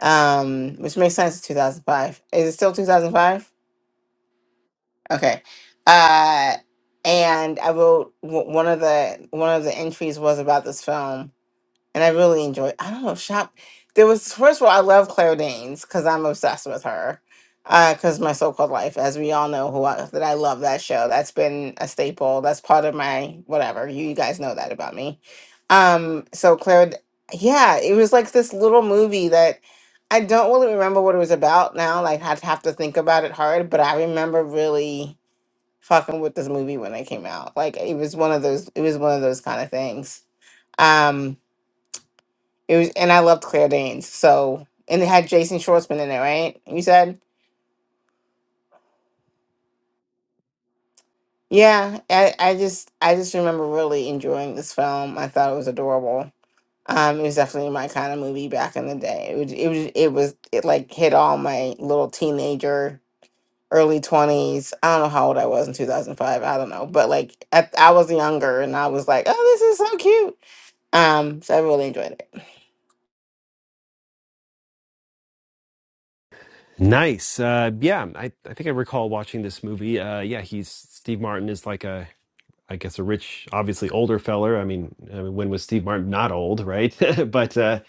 Speaker 3: um, which makes sense. Two thousand five. Is it still two thousand five? Okay. Uh, and I wrote w- one of the one of the entries was about this film, and I really enjoy. I don't know shop. There was first of all, I love Claire Danes because I'm obsessed with her. Because my so-called life, as we all know, who I, that I love that show. That's been a staple. That's part of my whatever. You guys know that about me. Um. So Claire, D- yeah, it was like this little movie that I don't really remember what it was about now. Like I'd have to think about it hard, but I remember really fucking with this movie when it came out. Like it was one of those. It was one of those kind of things. Um it was, and I loved Claire Danes. So, and it had Jason Schwartzman in it, right? You said, yeah. I, I just, I just remember really enjoying this film. I thought it was adorable. Um, it was definitely my kind of movie back in the day. It was, it was, it was, it like hit all my little teenager, early twenties. I don't know how old I was in two thousand five. I don't know, but like, at, I was younger, and I was like, oh, this is so cute. Um, so I really enjoyed it.
Speaker 1: nice. Uh yeah, I I think I recall watching this movie. Uh yeah, he's Steve Martin is like a I guess a rich, obviously older feller. I mean, I mean when was Steve Martin not old, right? but uh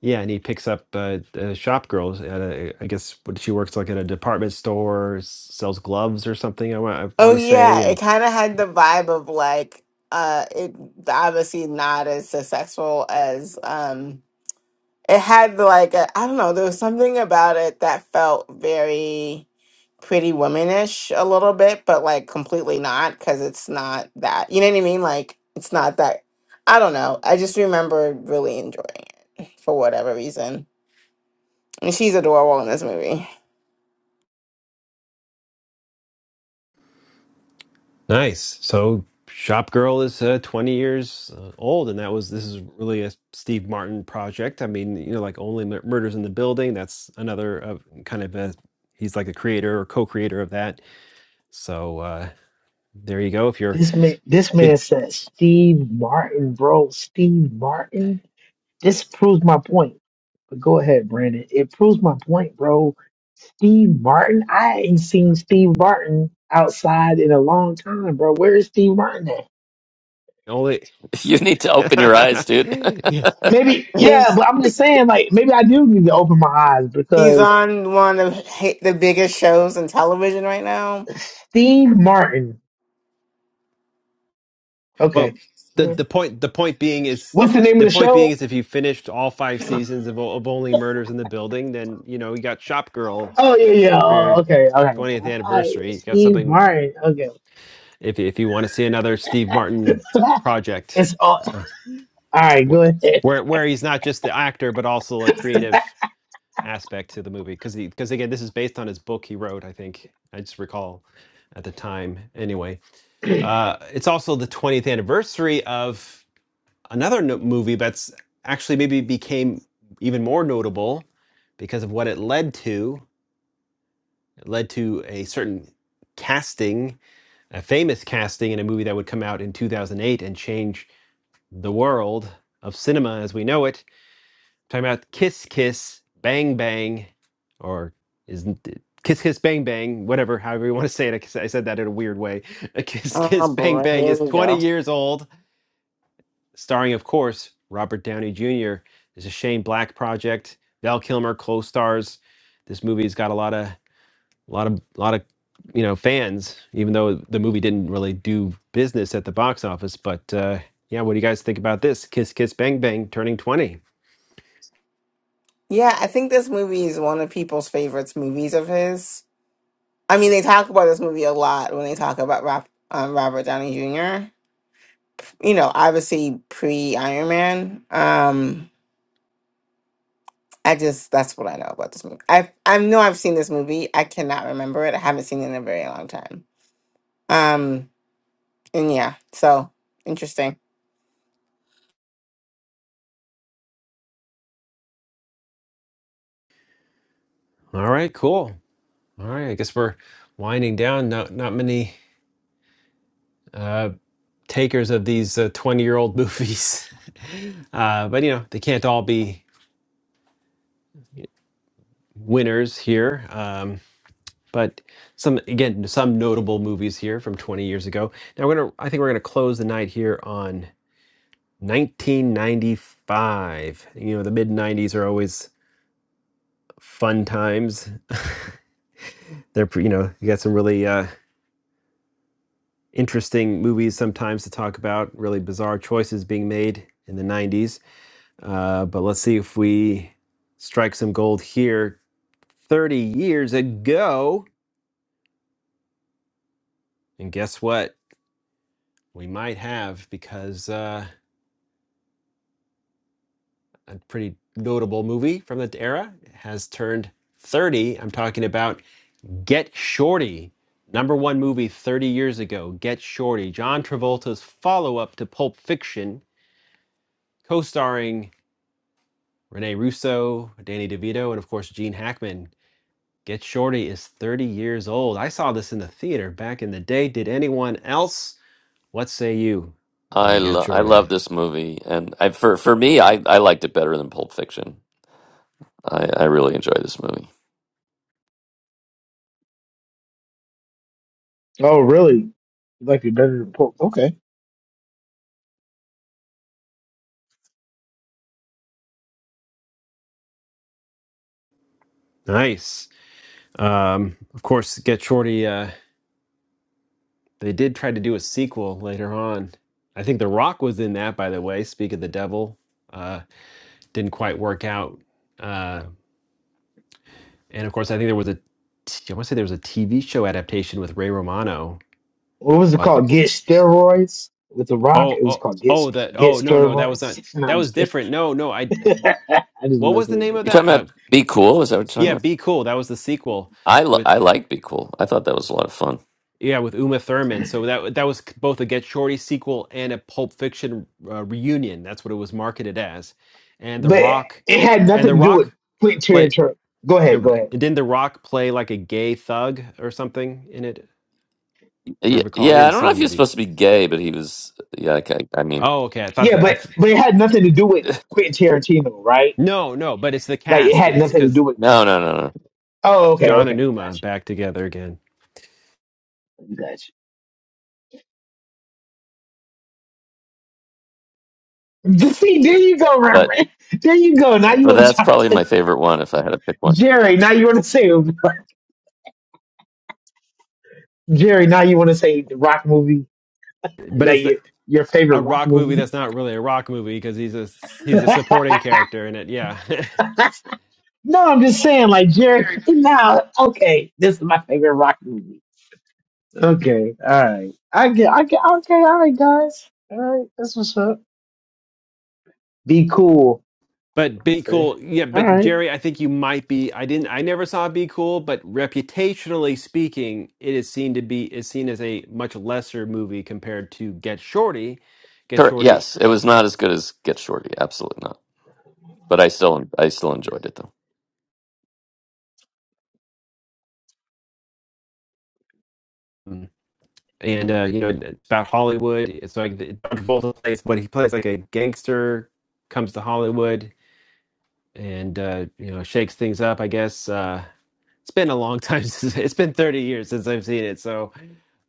Speaker 1: yeah, and he picks up uh, uh shop girls at a I guess what she works like at a department store, s- sells gloves or something I, wa- I
Speaker 3: Oh
Speaker 1: want to
Speaker 3: yeah,
Speaker 1: say
Speaker 3: it
Speaker 1: and
Speaker 3: kind of had the vibe of like uh it obviously not as successful as um it had the, like I I don't know, there was something about it that felt very pretty womanish a little bit, but like completely not because it's not that. You know what I mean? Like it's not that I don't know. I just remember really enjoying it for whatever reason. And she's adorable in this movie.
Speaker 1: Nice. So Shop Girl is uh, 20 years uh, old, and that was this is really a Steve Martin project. I mean, you know, like Only Mur- Murders in the Building. That's another uh, kind of a he's like a creator or co-creator of that. So uh, there you go. If you're
Speaker 12: This man,
Speaker 1: it,
Speaker 12: this
Speaker 1: it
Speaker 12: man said Steve Martin, bro. Steve Martin. This proves my point. But go ahead, Brandon. It proves my point, bro. Steve Martin. I ain't seen Steve Martin outside in a long time, bro. Where is Steve Martin at?
Speaker 1: only
Speaker 8: You need to open your eyes, dude.
Speaker 1: yes.
Speaker 12: Maybe, yeah,
Speaker 3: He's
Speaker 12: but I'm just saying, like, maybe I do need to open my eyes
Speaker 3: he's
Speaker 12: because
Speaker 3: on one of hi- the biggest shows in television right now
Speaker 12: Steve Martin. Okay.
Speaker 1: Well, the the point the point being is.
Speaker 12: What's the name of
Speaker 1: The
Speaker 12: the
Speaker 1: point being
Speaker 12: show?
Speaker 1: is, if you finished all five seasons of, O- of Only Murders in the Building, then you know you got Shop Girl
Speaker 12: Oh, yeah, yeah.
Speaker 1: for
Speaker 12: Oh,
Speaker 1: your
Speaker 12: okay, all right.
Speaker 1: 20th
Speaker 12: All right.
Speaker 1: anniversary. You got
Speaker 12: Steve
Speaker 1: something
Speaker 12: Martin. Okay.
Speaker 1: if if you want to see another Steve Martin project,
Speaker 12: it's all, all
Speaker 1: uh,
Speaker 12: right, go ahead.
Speaker 1: where where he's not just the actor but also a creative aspect to the movie, because because again, this is based on his book he wrote. I think I just recall at the time. Anyway, uh, it's also the 20th anniversary of another no- movie that's actually maybe became even more notable because of what it led to. It led to a certain casting, a famous casting in a movie that would come out in 2008 and change the world of cinema as we know it. I'm talking about Kiss Kiss Bang Bang, or isn't it? Kiss Kiss Bang Bang, whatever, however you want to say it. I I said that in a weird way. Kiss
Speaker 3: Oh
Speaker 1: Kiss Bang
Speaker 3: boy,
Speaker 1: Bang
Speaker 3: here
Speaker 1: is
Speaker 3: we
Speaker 1: 20
Speaker 3: go.
Speaker 1: years old, starring, of course, Robert Downey Jr. It's a Shane Black project. Val Kilmer co-stars. This movie's got a lot of a lot of a lot of you know fans even though the movie didn't really do business at the box office but uh yeah what do you guys think about this kiss kiss bang bang turning 20
Speaker 3: Yeah, I think this movie is one of people's favorites movies of his. I mean, they talk about this movie a lot when they talk about Rob, um, Robert Downey Jr. You know, obviously pre Iron Man. Um, I just that's what I know about this movie. I I know I've seen this movie. I cannot remember it. I haven't seen it in a very long time. Um, and yeah, so interesting.
Speaker 1: all right cool all right i guess we're winding down not not many uh takers of these uh, 20 year old movies. uh, but, you know, they can't all be winners here. Um, but some, again, some notable movies here from 20 years ago. Now, we're gonna, I think we're going to close the night here on 1995. You know, the mid 90s are always fun times. They're, pre- you know, you got some really uh, interesting movies sometimes to talk about, really bizarre choices being made in the 90s. Uh, but let's see if we strike some gold here. 30 years ago, and guess what? We might have because uh, a pretty notable movie from that era has turned 30. I'm talking about Get Shorty, number one movie 30 years ago. Get Shorty, John Travolta's follow up to Pulp Fiction, co starring Rene Russo, Danny DeVito, and of course Gene Hackman. Get Shorty is 30 years old. I saw this in the theater back in the day. Did anyone else? What say you
Speaker 8: I
Speaker 1: on Get
Speaker 8: lo- I
Speaker 1: Shorty?
Speaker 8: love this movie, and I, for for me, I, I liked it better than Pulp Fiction. I, I really enjoyed this movie.
Speaker 12: Oh, really? You might be better than Pope. Okay.
Speaker 1: Nice. Um, of course, Get Shorty, uh, they did try to do a sequel later on. I think The Rock was in that, by the way. Speak of the Devil. Uh, didn't quite work out. Uh, and of course, I think there was a, t- I want to say there was a TV show adaptation with Ray Romano.
Speaker 12: What was it
Speaker 1: Like,
Speaker 12: called? Get Steroids with The Rock?
Speaker 1: oh,
Speaker 12: It was
Speaker 1: oh,
Speaker 12: called Get
Speaker 1: oh,
Speaker 12: St-
Speaker 1: that,
Speaker 12: Get
Speaker 1: oh, no, no, that was not,
Speaker 12: Steroids. No,
Speaker 1: that
Speaker 12: I'm
Speaker 1: was
Speaker 12: just kidding.
Speaker 1: different. No, no, I
Speaker 12: I just
Speaker 1: What was
Speaker 12: mess
Speaker 1: the
Speaker 12: with
Speaker 1: name
Speaker 12: you.
Speaker 1: of
Speaker 8: You
Speaker 1: that?
Speaker 8: talking
Speaker 1: Uh,
Speaker 8: about Be Cool? Is that what you're talking
Speaker 1: yeah,
Speaker 8: about?
Speaker 1: Be Cool. That was the sequel
Speaker 8: I li-
Speaker 1: with
Speaker 8: I liked Be Cool. I thought that was a lot of fun.
Speaker 1: yeah with Uma Thurman. So that that was both a Get Shorty sequel and a Pulp Fiction uh, reunion. That's what it was marketed as. And The
Speaker 12: But
Speaker 1: Rock,
Speaker 12: it had
Speaker 1: and
Speaker 12: nothing
Speaker 1: The
Speaker 12: to do
Speaker 1: Rock
Speaker 12: with Quentin
Speaker 1: play
Speaker 12: Tarantino. Go ahead, go
Speaker 1: and
Speaker 12: ahead.
Speaker 1: didn't The Rock play like a gay thug or something in it? If I
Speaker 8: Yeah,
Speaker 1: recall, I
Speaker 8: yeah. I
Speaker 1: didn't
Speaker 8: don't
Speaker 1: see
Speaker 8: know
Speaker 1: the
Speaker 8: if he was
Speaker 1: movie.
Speaker 8: supposed to be gay, but he was. Yeah, I, I mean,
Speaker 1: Oh, okay. I thought
Speaker 12: Yeah,
Speaker 1: that I
Speaker 12: but
Speaker 1: th-
Speaker 12: but it had nothing to do with Quentin Tarantino, right?
Speaker 1: no no, but it's the
Speaker 12: Like it
Speaker 1: cast.
Speaker 12: had
Speaker 1: It's
Speaker 12: nothing to
Speaker 1: because
Speaker 12: do with.
Speaker 8: no, no, no, no.
Speaker 12: Oh, okay,
Speaker 1: John and
Speaker 12: okay,
Speaker 1: Uma
Speaker 12: gotcha,
Speaker 1: back together again.
Speaker 12: gotcha. See, there you go,
Speaker 8: But
Speaker 12: Reverend. There you go. Now you
Speaker 8: but
Speaker 12: want to
Speaker 8: that's
Speaker 12: talk
Speaker 8: probably
Speaker 12: to
Speaker 8: my favorite one if I had to pick one.
Speaker 12: Jerry. Now you want to say Jerry. Now you want to say the rock movie,
Speaker 1: But it's
Speaker 12: like
Speaker 1: the
Speaker 12: your your favorite
Speaker 1: a
Speaker 12: rock
Speaker 1: rock movie
Speaker 12: movie.
Speaker 1: that's not really a rock movie because he's a he's
Speaker 12: no,
Speaker 1: a supporting character in it. Yeah.
Speaker 12: I'm just saying, like Jerry. Now, okay, this is my favorite rock movie. Okay, all right. I get. I get. Okay, all right, guys. All right, that's what's up. Be cool.
Speaker 1: But Be
Speaker 12: Okay.
Speaker 1: Cool, yeah,
Speaker 12: All
Speaker 1: but
Speaker 12: right.
Speaker 1: Jerry, I think you might be. I didn't, I never saw Be Cool, but reputationally speaking, it is seen to be is seen as a much lesser movie compared to Get Shorty. Get
Speaker 8: Correct.
Speaker 1: Shorty,
Speaker 8: Yes, it was not as good as Get Shorty. Absolutely not. But I still, I still enjoyed it though.
Speaker 1: um, and uh, you know it's about Hollywood. It's like the- John Travolta plays, but he plays like a gangster, comes to Hollywood, and uh, you know shakes things up, I guess. Uh, it's been a long time since it's been 30 years since I've seen it. So,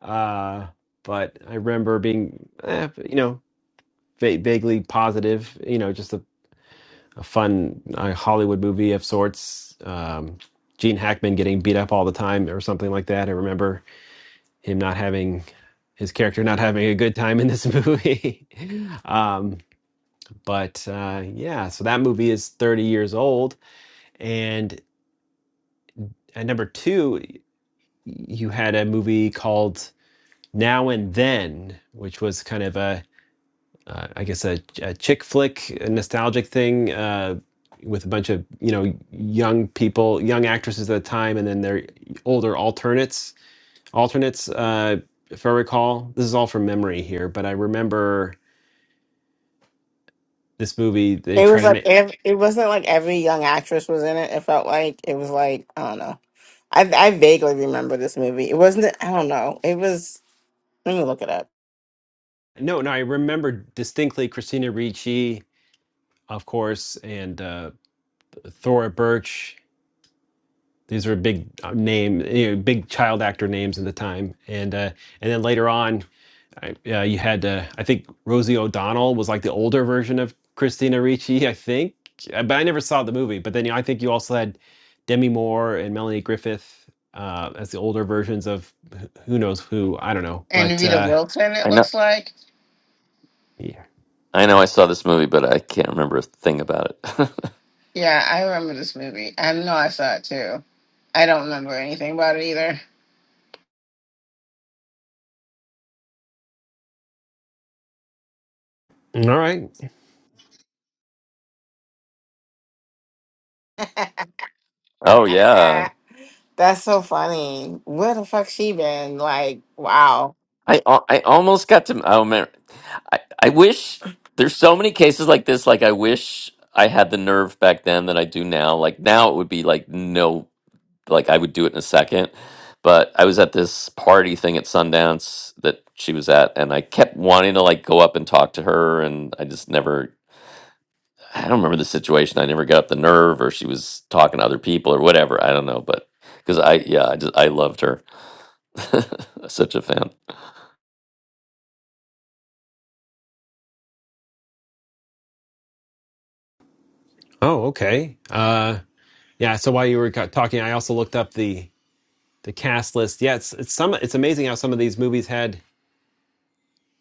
Speaker 1: uh, but I remember being, eh, you know, va- vaguely positive, you know, just a, a fun uh, Hollywood movie of sorts. Um, Gene Hackman getting beat up all the time or something like that. I remember him not having his character not having a good time in this movie. um, but uh, yeah, so that movie is 30 years old. And at number two, you had a movie called Now and Then, which was kind of a, uh, I guess a, a chick flick, a nostalgic thing uh, with a bunch of you know young people, young actresses at the time, and then their older alternates. Alternates, uh, if I recall, this is all from memory here, but I remember this movie. They
Speaker 3: It
Speaker 1: try
Speaker 3: was
Speaker 1: to
Speaker 3: like
Speaker 1: make
Speaker 3: ev- it wasn't like every young actress was in it. It felt like it was like I don't know. I I vaguely remember this movie. It wasn't. I don't know. It was. Let me look it up.
Speaker 1: no, no. I remember distinctly Christina Ricci, of course, and uh, Thora Birch These were big uh, name, you know, big child actor names at the time, and uh, and then later on, I, uh, you had uh, I think Rosie O'Donnell was like the older version of Christina Ricci, I think, Uh, but I never saw the movie. But then you know, I think you also had Demi Moore and Melanie Griffith uh, as the older versions of wh- who knows who. I don't know,
Speaker 3: And
Speaker 1: but
Speaker 3: Rita
Speaker 1: uh,
Speaker 3: Wilson. It
Speaker 8: I know,
Speaker 3: looks like.
Speaker 1: yeah.
Speaker 8: I know. I saw this movie, but I can't remember a thing about it.
Speaker 3: Yeah, I remember this movie. I know I saw it too. I don't remember anything about it either.
Speaker 1: All right.
Speaker 8: oh yeah,
Speaker 3: That's so funny. Where the fuck she been? Like, wow.
Speaker 8: I, al- I almost got to. Oh man, I, I wish there's so many cases like this. Like I wish I had the nerve back then that I do now. Like now, it would be like no. like I would do it in a second. But I was at this party thing at Sundance that she was at, and I kept wanting to like go up and talk to her, and I just never. I don't remember the situation. I never got up the nerve, or she was talking to other people, or whatever. I don't know, but because I, yeah, I just I loved her. Such a fan.
Speaker 1: Oh, okay. Uh, yeah. So while you were ca- talking, I also looked up the the cast list. Yeah, it's, it's some. It's amazing how some of these movies had.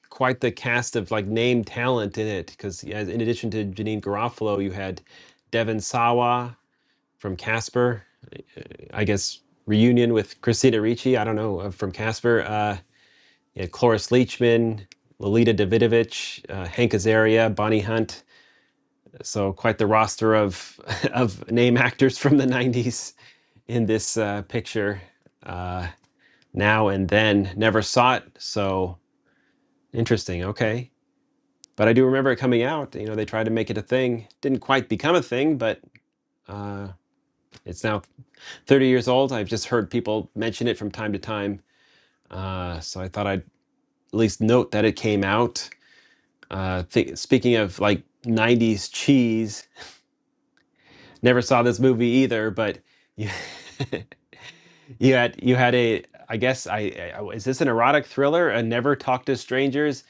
Speaker 1: quite the cast of like name talent in it because in addition to Janine Garofalo, you had Devon Sawa from Casper, I guess reunion with Christina Ricci, I don't know, uh, from Casper, uh, you had Cloris Leachman, Lolita Davidovich, uh, Hank Azaria, Bonnie Hunt. So quite the roster of of name actors from the '90s in this uh, picture. Uh, now and then, never saw it. So interesting. Okay, but I do remember it coming out. You know, they tried to make it a thing. Didn't quite become a thing, but uh, it's now 30 years old. I've just heard people mention it from time to time. Uh, so I thought I'd at least note that it came out. Uh, th- speaking of like 90s cheese, never saw this movie either, but you, you had you had a I guess I, I I- is this an erotic thriller? A Never Talk to Strangers.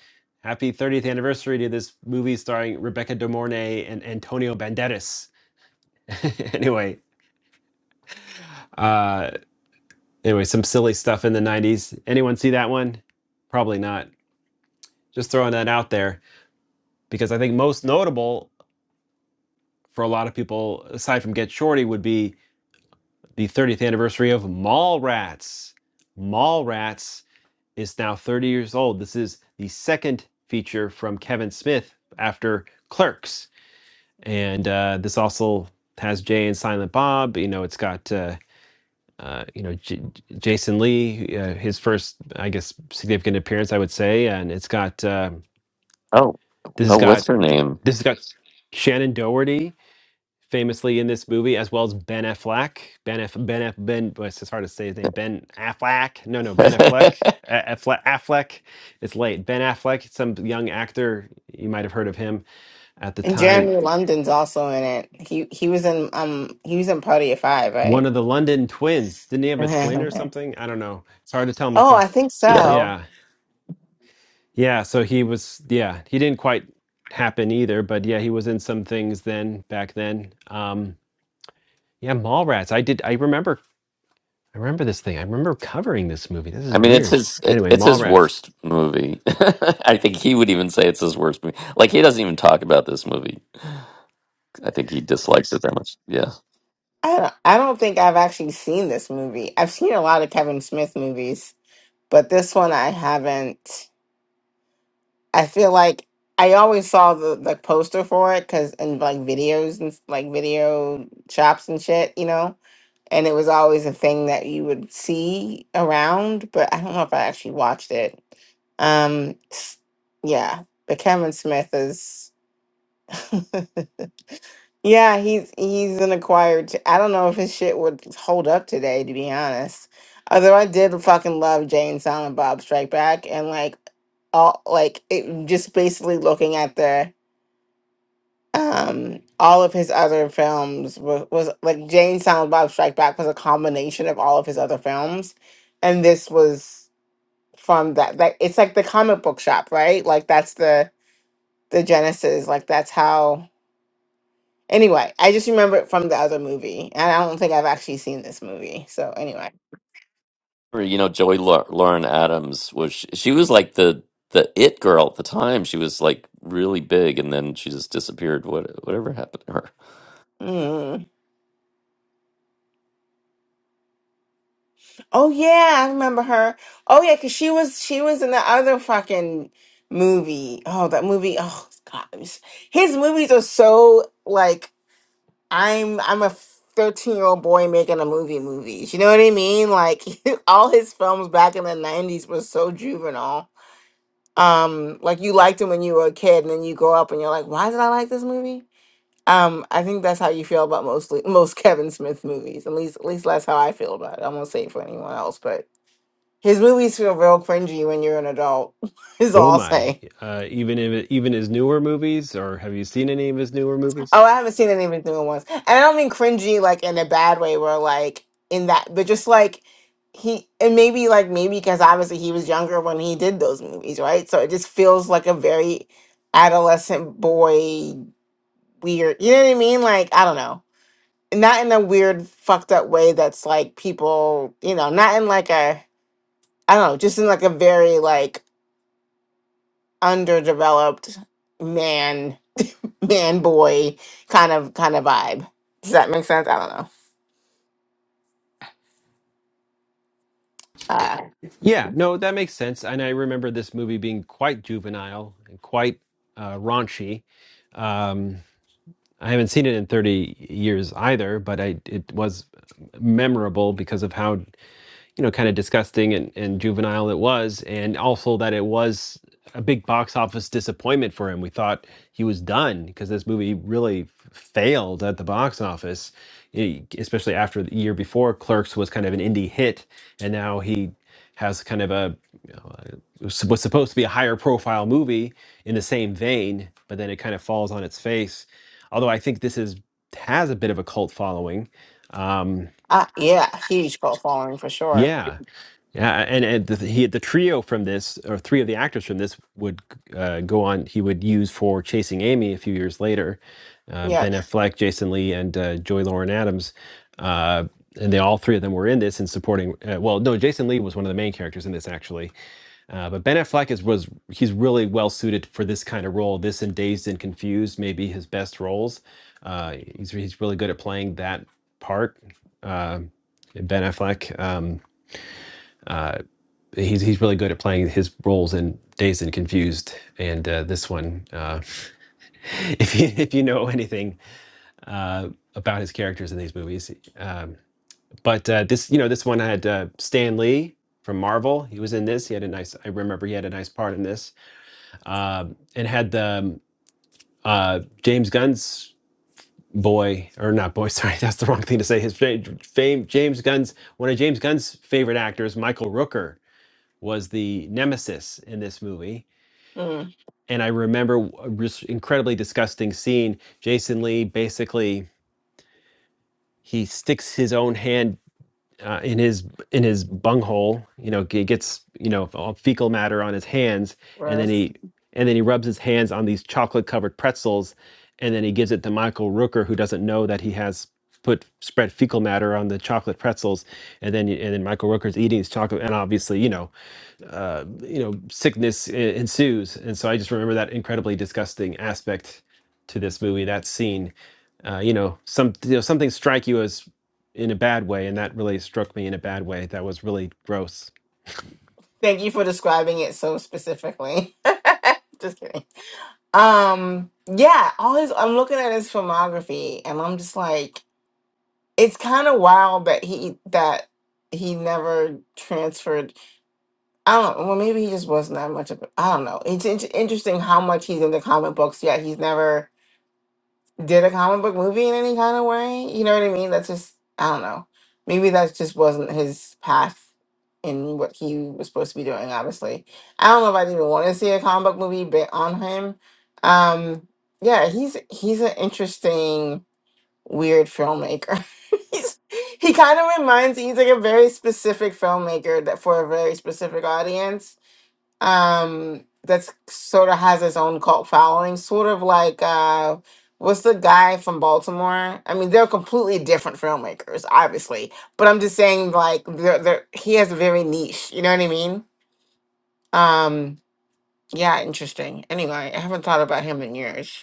Speaker 1: Happy 30th anniversary to this movie starring Rebecca De Mornay and Antonio Banderas anyway, uh, anyway, some silly stuff in the '90s. Anyone see that one? Probably not. Just throwing that out there because I think most notable for a lot of people, aside from Get Shorty, would be the 30th anniversary of Mallrats. Mallrats is now 30 years old. This is the second feature from Kevin Smith after Clerks, and uh, this also has Jay and Silent Bob. You know, it's got uh, uh, you know, J- Jason Lee, uh, his first, I guess, significant appearance, I would say, and it's got um
Speaker 8: Oh,
Speaker 1: this has
Speaker 8: oh, what's
Speaker 1: got
Speaker 8: her name?
Speaker 1: this has got Shannon Doherty, famously in this movie, as well as Ben Affleck. Ben F, Ben F, Ben. boy, It's hard to say his name. Ben Affleck. No, no, Ben Affleck. A- Affleck. Affleck. It's late. Ben Affleck, some young actor you might have heard of him at the
Speaker 3: And
Speaker 1: time.
Speaker 3: Jeremy London's also in it. He he was in um he was in Party of Five,
Speaker 1: One
Speaker 3: right?
Speaker 1: of the London twins. Didn't he have a twin or
Speaker 3: oh,
Speaker 1: something? I don't know. It's hard to tell him apart.
Speaker 3: I think
Speaker 8: yeah,
Speaker 3: so.
Speaker 1: Yeah. Yeah, so he was, yeah, he didn't quite happen either, but yeah, he was in some things then back then. Um, yeah, Mallrats. I did. I remember. I remember this thing. I remember covering this movie. This
Speaker 8: I
Speaker 1: is
Speaker 8: mean it's
Speaker 1: weird.
Speaker 8: his it,
Speaker 1: Anyway,
Speaker 8: it's his
Speaker 1: Mallrats.
Speaker 8: worst movie. I think he would even say it's his worst movie. Like he doesn't even talk about this movie I think he dislikes it that much. Yeah.
Speaker 3: I don't, I don't think I've actually seen this movie. I've seen a lot of Kevin Smith movies, but this one I haven't. I feel like I always saw the, the poster for it because in like videos and s- like video shops and shit, you know. and it was always a thing that you would see around, but I don't know if I actually watched it. Um, s- yeah, but Kevin Smith is, yeah, he's he's an acquired. t- I don't know if his shit would hold up today, to be honest. Although I did fucking love Jane Silent Bob Strike Back, and like all like it just basically looking at the um all of his other films was, was like Jane Silent Bob Strike Back was a combination of all of his other films and this was from that That it's like the comic book shop right like that's the the genesis like that's how anyway I just remember it from the other movie and I don't think I've actually seen this movie so anyway
Speaker 8: Or, You know, Joey Lau- Lauren Adams was she, was like the the it girl at the time. She was like really big, and then she just disappeared. What whatever happened to her?
Speaker 3: Mm. oh yeah I remember her oh yeah because she was she was in the other fucking movie oh that movie oh god it was- his movies are so like I'm I'm a 13 year old boy making a movie movies. You know what I mean? Like all his films back in the 90s were so juvenile. Um, like you liked him when you were a kid, and then you grow up and you're like, why did I like this movie? Um, I think that's how you feel about mostly most Kevin Smith movies. At least at least that's how I feel about it. I won't say it for anyone else, but his movies feel real cringy when you're an adult, is
Speaker 1: Oh
Speaker 3: all I'll
Speaker 1: my!
Speaker 3: say.
Speaker 1: Uh, even if even his newer movies, or have you seen any of his newer
Speaker 3: Oh, I
Speaker 1: movies?
Speaker 3: haven't seen any of his newer ones. And I don't mean cringy like in a bad way where like in that but just like he and maybe like maybe because obviously he was younger when he did those movies, right? So it just feels like a very adolescent boy weird you know what I mean? Like I don't know. Not in a weird fucked up way that's like people, you know, not in like a I don't know, just in like a very like underdeveloped man man boy kind of kind of vibe. Does that make sense? I don't know. Uh,
Speaker 1: Yeah, no, that makes sense. And I remember this movie being quite juvenile and quite uh, raunchy. Um, I haven't seen it in 30 years either, but I it was memorable because of how you know kind of disgusting and, and juvenile it was and also that it was a big box office disappointment for him we thought he was done because this movie really f- failed at the box office e- especially after the year before clerks was kind of an indie hit and now he has kind of a you know, a- s- was supposed to be a higher profile movie in the same vein but then it kind of falls on its face although i think this is has a bit of a cult following um
Speaker 3: uh, yeah, huge cult following for sure.
Speaker 1: yeah yeah, and, and the, he the trio from this, or three of the actors from this, would uh, go on. He would use for Chasing Amy a few years later. Uh, ben
Speaker 3: Yep.
Speaker 1: Affleck, Jason Lee, and uh, Joy Lauren Adams, uh, and they all three of them were in this and supporting. Uh, well, no, Jason Lee was one of the main characters in this actually, uh, but Ben Affleck is was he's really well suited for this kind of role. This and Dazed and Confused may be his best roles. Uh, he's he's really good at playing that part. Uh, Ben Affleck. Um, uh, he's he's really good at playing his roles in Dazed and Confused, and uh, this one. Uh, if you if you know anything uh, about his characters in these movies, um, but uh, this you know this one had uh, Stan Lee from Marvel. He was in this. He had a nice. I remember he had a nice part in this, uh, and had the um, uh, James Gunn's boy or not boy sorry that's the wrong thing to say his fame james gunn's one of james gunn's favorite actors michael rooker was the nemesis in this movie
Speaker 3: Mm,
Speaker 1: and I remember a just incredibly disgusting scene. Jason Lee basically he sticks his own hand uh, in his in his bunghole. You know, he gets you know all fecal matter on his hands, and then
Speaker 3: gross.
Speaker 1: he and then he rubs his hands on these chocolate covered pretzels, and then he gives it to Michael Rooker, who doesn't know that he has put spread fecal matter on the chocolate pretzels, and then and then Michael Rooker's eating his chocolate, and obviously you know uh, you know sickness e- ensues and so i just remember that incredibly disgusting aspect to this movie that scene uh, you know some you know something strike you as in a bad way and that really struck me in a bad way that was really gross
Speaker 3: Thank you for describing it so specifically. just kidding. Um, yeah, all his I'm looking at his filmography and I'm just like, it's kind of wild that he that he never transferred. I don't know. Well, maybe he just wasn't that much of. a- I don't know. It's, it's interesting how much he's into comic books. yet he's never did a comic book movie in any kind of way. You know what I mean? That's just I don't know. Maybe that just wasn't his path in what he was supposed to be doing. Obviously, I don't know if I'd even want to see a comic book movie bit on him. Um, yeah, he's he's an interesting weird filmmaker. he's, he kind of reminds he's like a very specific filmmaker that for a very specific audience um that's sort of has its own cult following sort of like uh what's the guy from baltimore i mean they're completely different filmmakers obviously but i'm just saying like they're, they're, he has a very niche you know what i mean um yeah interesting anyway i haven't thought about him in years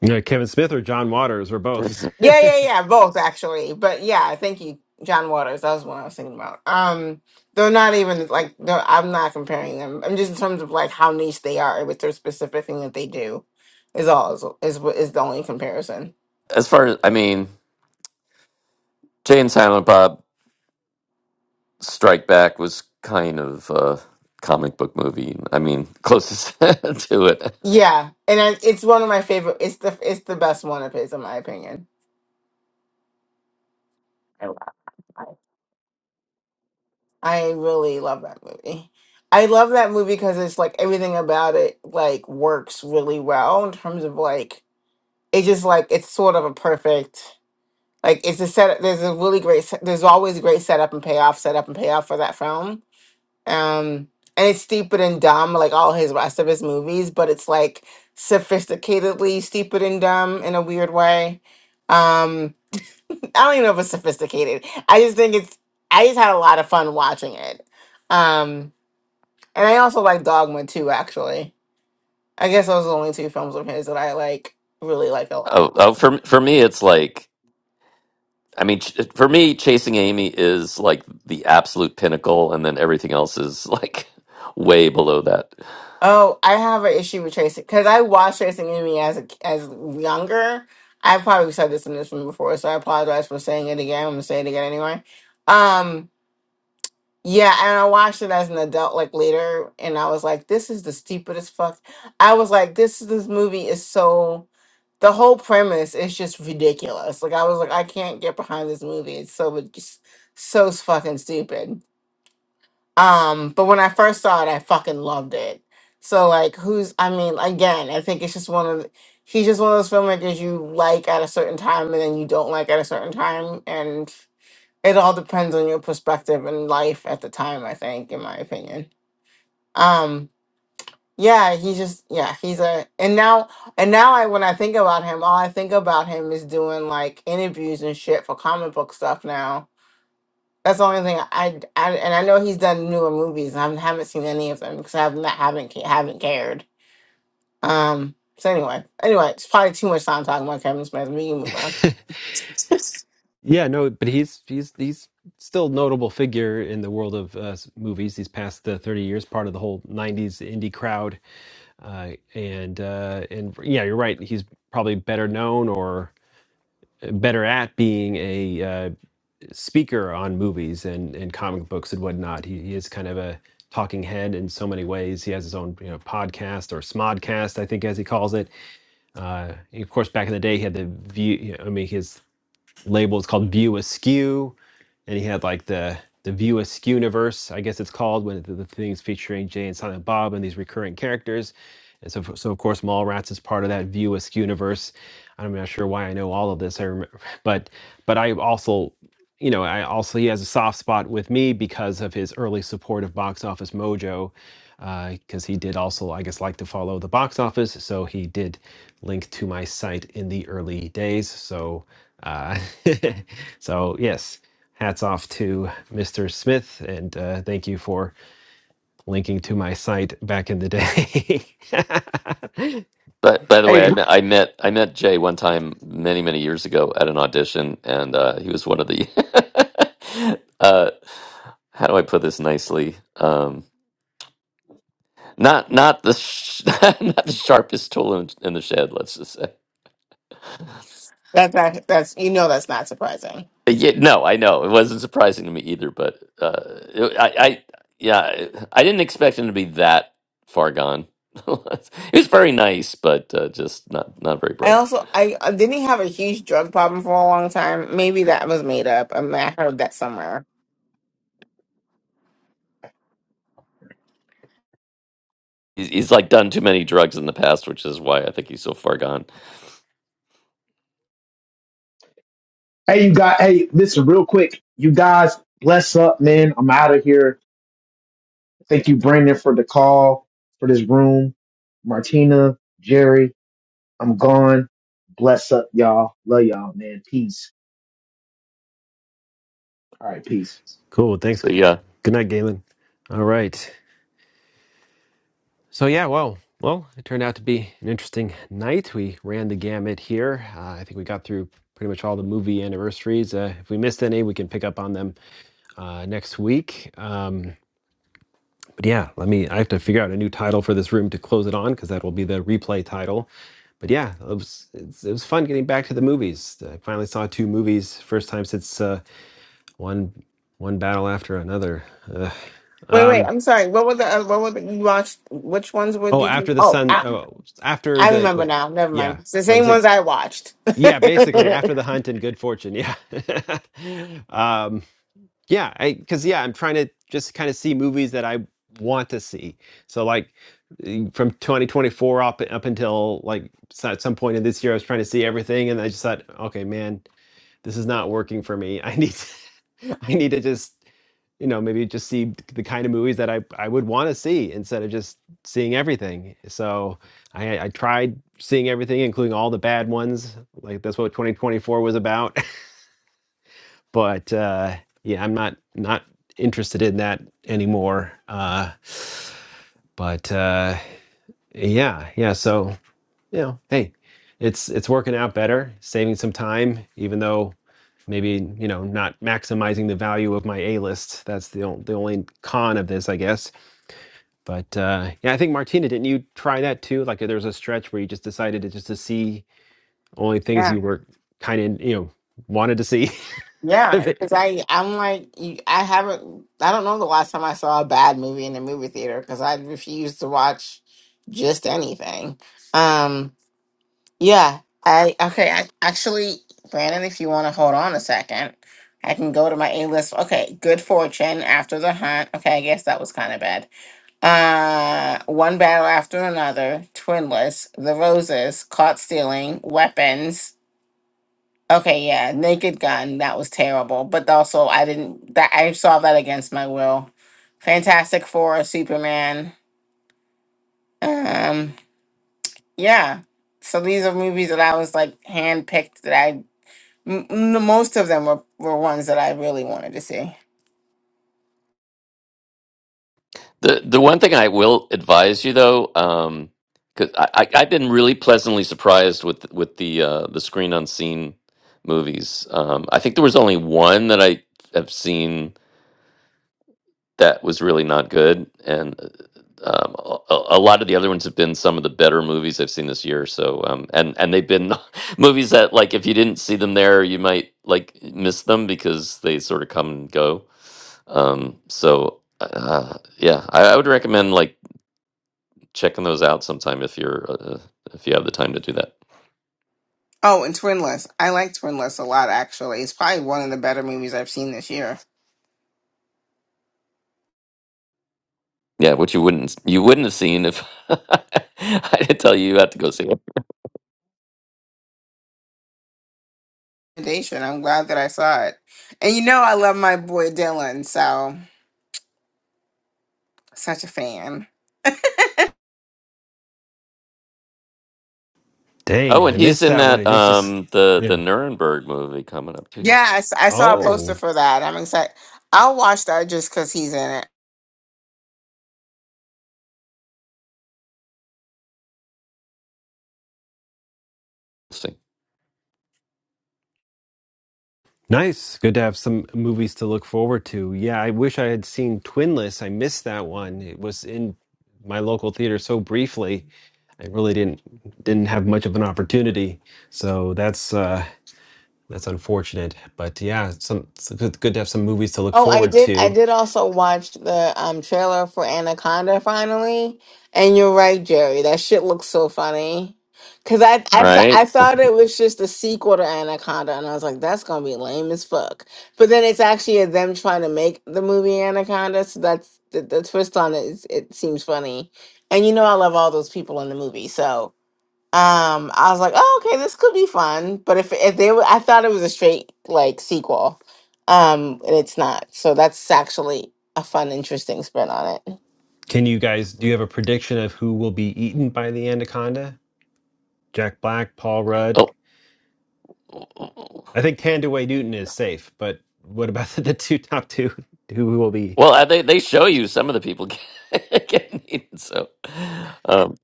Speaker 1: You know, Kevin Smith or John Waters or both.
Speaker 8: Yes.
Speaker 3: Yeah, yeah, yeah, both actually. But yeah, thank you, John Waters. That was what I was thinking about. Um, they're not even like they're, I'm not comparing them. I'm just in terms of like how niche they are with their specific thing that they do is all is is, what- is the only comparison.
Speaker 8: As far as I mean, Jay and Silent Bob Strike Back was kind of a comic book movie. I mean, closest to it.
Speaker 3: Yeah, and I, it's one of my favorite. It's the it's the best one of his in my opinion. I love it. I really love that movie. I love that movie because it's like everything about it like works really well in terms of like it just like it's sort of a perfect Like it's a set. There's a really great. set- There's always a great setup and payoff, setup and payoff for that film. Um, and it's stupid and dumb, like all his rest of his movies, but it's like sophisticatedly stupid and dumb in a weird way. Um, I don't even know if it's sophisticated. I just think it's. I just had a lot of fun watching it. Um, and I also like Dogma too. Actually, I guess those are the only two films of his that I like really like a lot.
Speaker 8: Oh, oh, for for me, it's like I mean, ch- for me, Chasing Amy is like the absolute pinnacle, and then everything else is like way below that.
Speaker 3: Oh, I have an issue with Tracy because I watched Tracing Enemy as a, as younger. I probably said this in this room before, so I apologize for saying it again. I'm gonna say it again anyway. Um, yeah, and I watched it as an adult, like later, and I was like, "This is the stupidest fuck." I was like, "This this movie is so." The whole premise is just ridiculous. Like I was like, I can't get behind this movie. It's so just so fucking stupid. Um, but when I first saw it, I fucking loved it. So like, who's? I mean, again, I think it's just one of the, he's just one of those filmmakers you like at a certain time and then you don't like at a certain time, and it all depends on your perspective and life at the time. I think, in my opinion. Um, yeah, he's just yeah, he's a and now and now I when I think about him, all I think about him is doing like interviews and shit for comic book stuff now that's the only thing I, I and I know he's done newer movies. and I haven't seen any of them because I've not haven't ca- haven't cared. Um. So anyway, anyway, it's probably too much time talking about Kevin Smith. We can move on.
Speaker 1: yeah, no, but he's he's he's still a notable figure in the world of uh, movies. He's past the thirty years, part of the whole '90s indie crowd, uh, and uh, and yeah, you're right. He's probably better known or better at being a uh, speaker on movies and and comic books and whatnot. He, he is kind of a talking head in so many ways. He has his own you know, podcast or smodcast, I think, as he calls it Uh, of course, back in the day, he had the view. you know, I mean, his label is called View Askew, and he had like the the View Askew universe, I guess it's called, when the, the things featuring Jay and Silent Bob and these recurring characters. And so, f- so of course, Mallrats is part of that View Askew universe. I'm not sure why I know all of this. I remember, but but I also, you know, I also he has a soft spot with me because of his early support of Box Office Mojo because uh, he did also, I guess, like to follow the box office. So he did link to my site in the early days. So, uh, so yes, hats off to Mr. Smith, and uh, thank you for linking to my site back in the day.
Speaker 8: But by the way, I
Speaker 12: Hey,
Speaker 8: met, I met I met Jay one time many many years ago at an audition, and uh, he was one of the. uh, how do I put this nicely? Um, not not the sh- not the sharpest tool in, in the shed. Let's just say.
Speaker 3: That's not, that's you know that's not surprising.
Speaker 8: yeah, no, I know it wasn't surprising to me either. But uh, it, I, I yeah, I didn't expect him to be that far gone. he was very nice, but uh, just not not very
Speaker 3: I
Speaker 8: bright.
Speaker 3: also I uh, didn't he have a huge drug problem for a long time. Maybe that was made up. I, mean, I heard that somewhere.
Speaker 8: he's, he's like done too many drugs in the past, which is why I think he's so far gone.
Speaker 12: hey, you got. Hey, listen, real quick. You guys, bless up, man. I'm out of here. Thank you, Brandon, for the call for this room. Martina, Jerry, I'm gone. Bless up, y'all. Love y'all, man. Peace. All right, peace.
Speaker 1: cool. Thanks.
Speaker 8: So yeah,
Speaker 1: Good night, Galen. All right. So yeah, well, well, it turned out to be an interesting night. We ran the gamut here. Uh, I think we got through pretty much all the movie anniversaries. Uh, if we missed any, we can pick up on them uh, next week. Um, but yeah, let me. I have to figure out a new title for this room to close it on because that will be the replay title. But yeah, it was it's, it was fun getting back to the movies. I finally saw two movies first time since uh, one one battle after another. Ugh.
Speaker 3: Wait, wait.
Speaker 1: Um,
Speaker 3: I'm sorry. What was the uh, what was the, you watched? Which ones were
Speaker 1: oh,
Speaker 3: did you?
Speaker 1: after the
Speaker 3: Oh,
Speaker 1: sun.
Speaker 3: I,
Speaker 1: Oh, after
Speaker 3: I
Speaker 1: the
Speaker 3: remember
Speaker 1: wait,
Speaker 3: now. Never mind.
Speaker 1: yeah.
Speaker 3: It's the
Speaker 1: What
Speaker 3: same
Speaker 1: is it?
Speaker 3: ones I watched.
Speaker 1: Yeah, basically after the hunt and good fortune. Yeah. um, yeah, I because yeah, I'm trying to just kind of see movies that I want to see. So like eh, from 2024 up up until like s- at some point in this year, I was trying to see everything, and I just thought, okay, man, this is not working for me. I need to, I need to just you know maybe just see the kind of movies that I I would want to see instead of just seeing everything. So I I tried seeing everything, including all the bad ones. Like that's what 2024 was about. But uh, yeah, I'm not not interested in that anymore. Uh, but uh, yeah, yeah. So you know, hey, it's it's working out better, saving some time, even though maybe you know not maximizing the value of my A list. That's the on- the only con of this, I guess But uh, yeah, I think Martina, didn't you try that too? Like there was a stretch where you just decided to just to see only things
Speaker 3: yeah.
Speaker 1: you were kind of you know wanted to see.
Speaker 3: Yeah, because I I'm like you, I haven't I don't know the last time I saw a bad movie in a movie theater because I refuse to watch just anything. Um, yeah, I okay. I actually, Brandon, if you want to hold on a second, I can go to my A list. Okay, Good Fortune, After the Hunt. Okay, I guess that was kind of bad. Uh, one battle after another, Twinless, The Roses, Caught Stealing, Weapons. Okay, yeah, Naked Gun, that was terrible. But also, I didn't that I saw that against my will. Fantastic Four, Superman. Um, yeah. So these are movies that I was like handpicked that I m- m- most of them were were ones that I really wanted to see.
Speaker 8: the the one thing I will advise you though, um, because I, I I've been really pleasantly surprised with with the uh, the screen unseen movies. Um, I think there was only one that I have seen that was really not good. And uh, um, a, a a lot of the other ones have been some of the better movies I've seen this year. So, um, and and they've been movies that like if you didn't see them there, you might like miss them because they sort of come and go. Um, so, uh, yeah, I, I would recommend like checking those out sometime if you're uh, if you have the time to do that.
Speaker 3: Oh, and Twinless. I like Twinless a lot actually. It's probably one of the better movies I've seen this year.
Speaker 8: Yeah, which you wouldn't you wouldn't have seen if I didn't tell you you had to go see it.
Speaker 3: Recommendation, I'm glad that I saw it. And you know I love my boy Dylan, so such a fan.
Speaker 8: Oh,
Speaker 1: Dang, I
Speaker 8: and he's
Speaker 1: missed
Speaker 8: in
Speaker 1: that one. It
Speaker 8: that
Speaker 1: just just-
Speaker 8: um the the
Speaker 1: yeah.
Speaker 8: Nuremberg movie coming up too.
Speaker 3: Yeah, I, s- I saw a
Speaker 1: Oh,
Speaker 3: poster for that. I'm excited. I'll watch that just because he's in it.
Speaker 8: thing,
Speaker 1: nice. Good to have some movies to look forward to. Yeah, I wish I had seen Twinless. I missed that one. It was in my local theater so briefly. I really didn't didn't have much of an opportunity. So that's uh That's unfortunate, but yeah, some it's good, good to have some movies to look
Speaker 3: Oh, I
Speaker 1: forward
Speaker 3: did. I
Speaker 1: to.
Speaker 3: did also watch the um trailer for Anaconda finally, and you're right, Jerry. That shit looks so funny. Cause I I th- I
Speaker 8: right?
Speaker 3: thought it was just a sequel to Anaconda, and I was like, that's gonna be lame as fuck. But then it's actually them trying to make the movie Anaconda, so that's the, the twist on it. Is, it seems funny, and you know I love all those people in the movie, so Um, I was like, oh, okay, this could be fun. But if if they were, I thought it was a straight like sequel. Um, and it's not. So that's actually a fun, interesting spin on it.
Speaker 1: Can you guys do you have a prediction of who will be eaten by the anaconda? Jack Black, Paul Rudd.
Speaker 8: Oh, oh, oh, oh.
Speaker 1: I think Tandaway Newton is safe, but what about the two top two? Who will be?
Speaker 8: well, uh, they they show you some of the people get- getting eaten. So, um,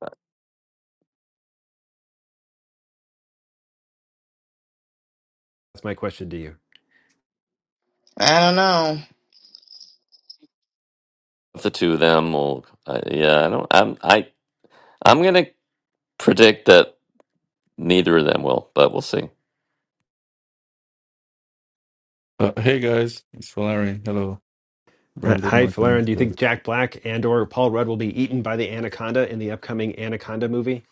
Speaker 1: That's my question to you.
Speaker 3: I don't know.
Speaker 8: if the two of them will, uh, yeah, I don't. I'm I I'm gonna predict that neither of them will, but we'll see.
Speaker 14: Uh, hey guys, it's Valerian. Hello,
Speaker 1: Hi,
Speaker 14: Brandon
Speaker 1: hi,
Speaker 14: Martin.
Speaker 1: Do you think Jack Black and or Paul Rudd will be eaten by the anaconda in the upcoming Anaconda movie?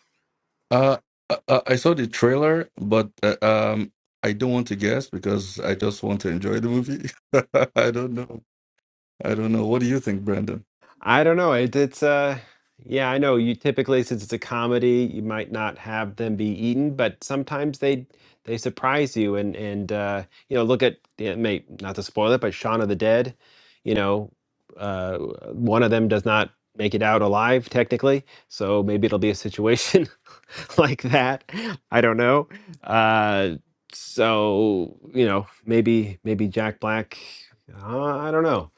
Speaker 14: Uh, I, I I saw the trailer, but uh, um, I don't want to guess because I just want to enjoy the movie. I don't know. I don't know. What do you think, Brandon?
Speaker 1: I don't know. It, it's uh, yeah, I know. You typically, since it's a comedy, you might not have them be eaten, but sometimes they they surprise you. And and uh, you know, look at yeah, may, not to spoil it, but Shaun of the Dead. You know, uh, one of them does not make it out alive technically, so maybe it'll be a situation like that. I don't know. Uh, so you know, maybe maybe Jack Black. Uh, I don't know.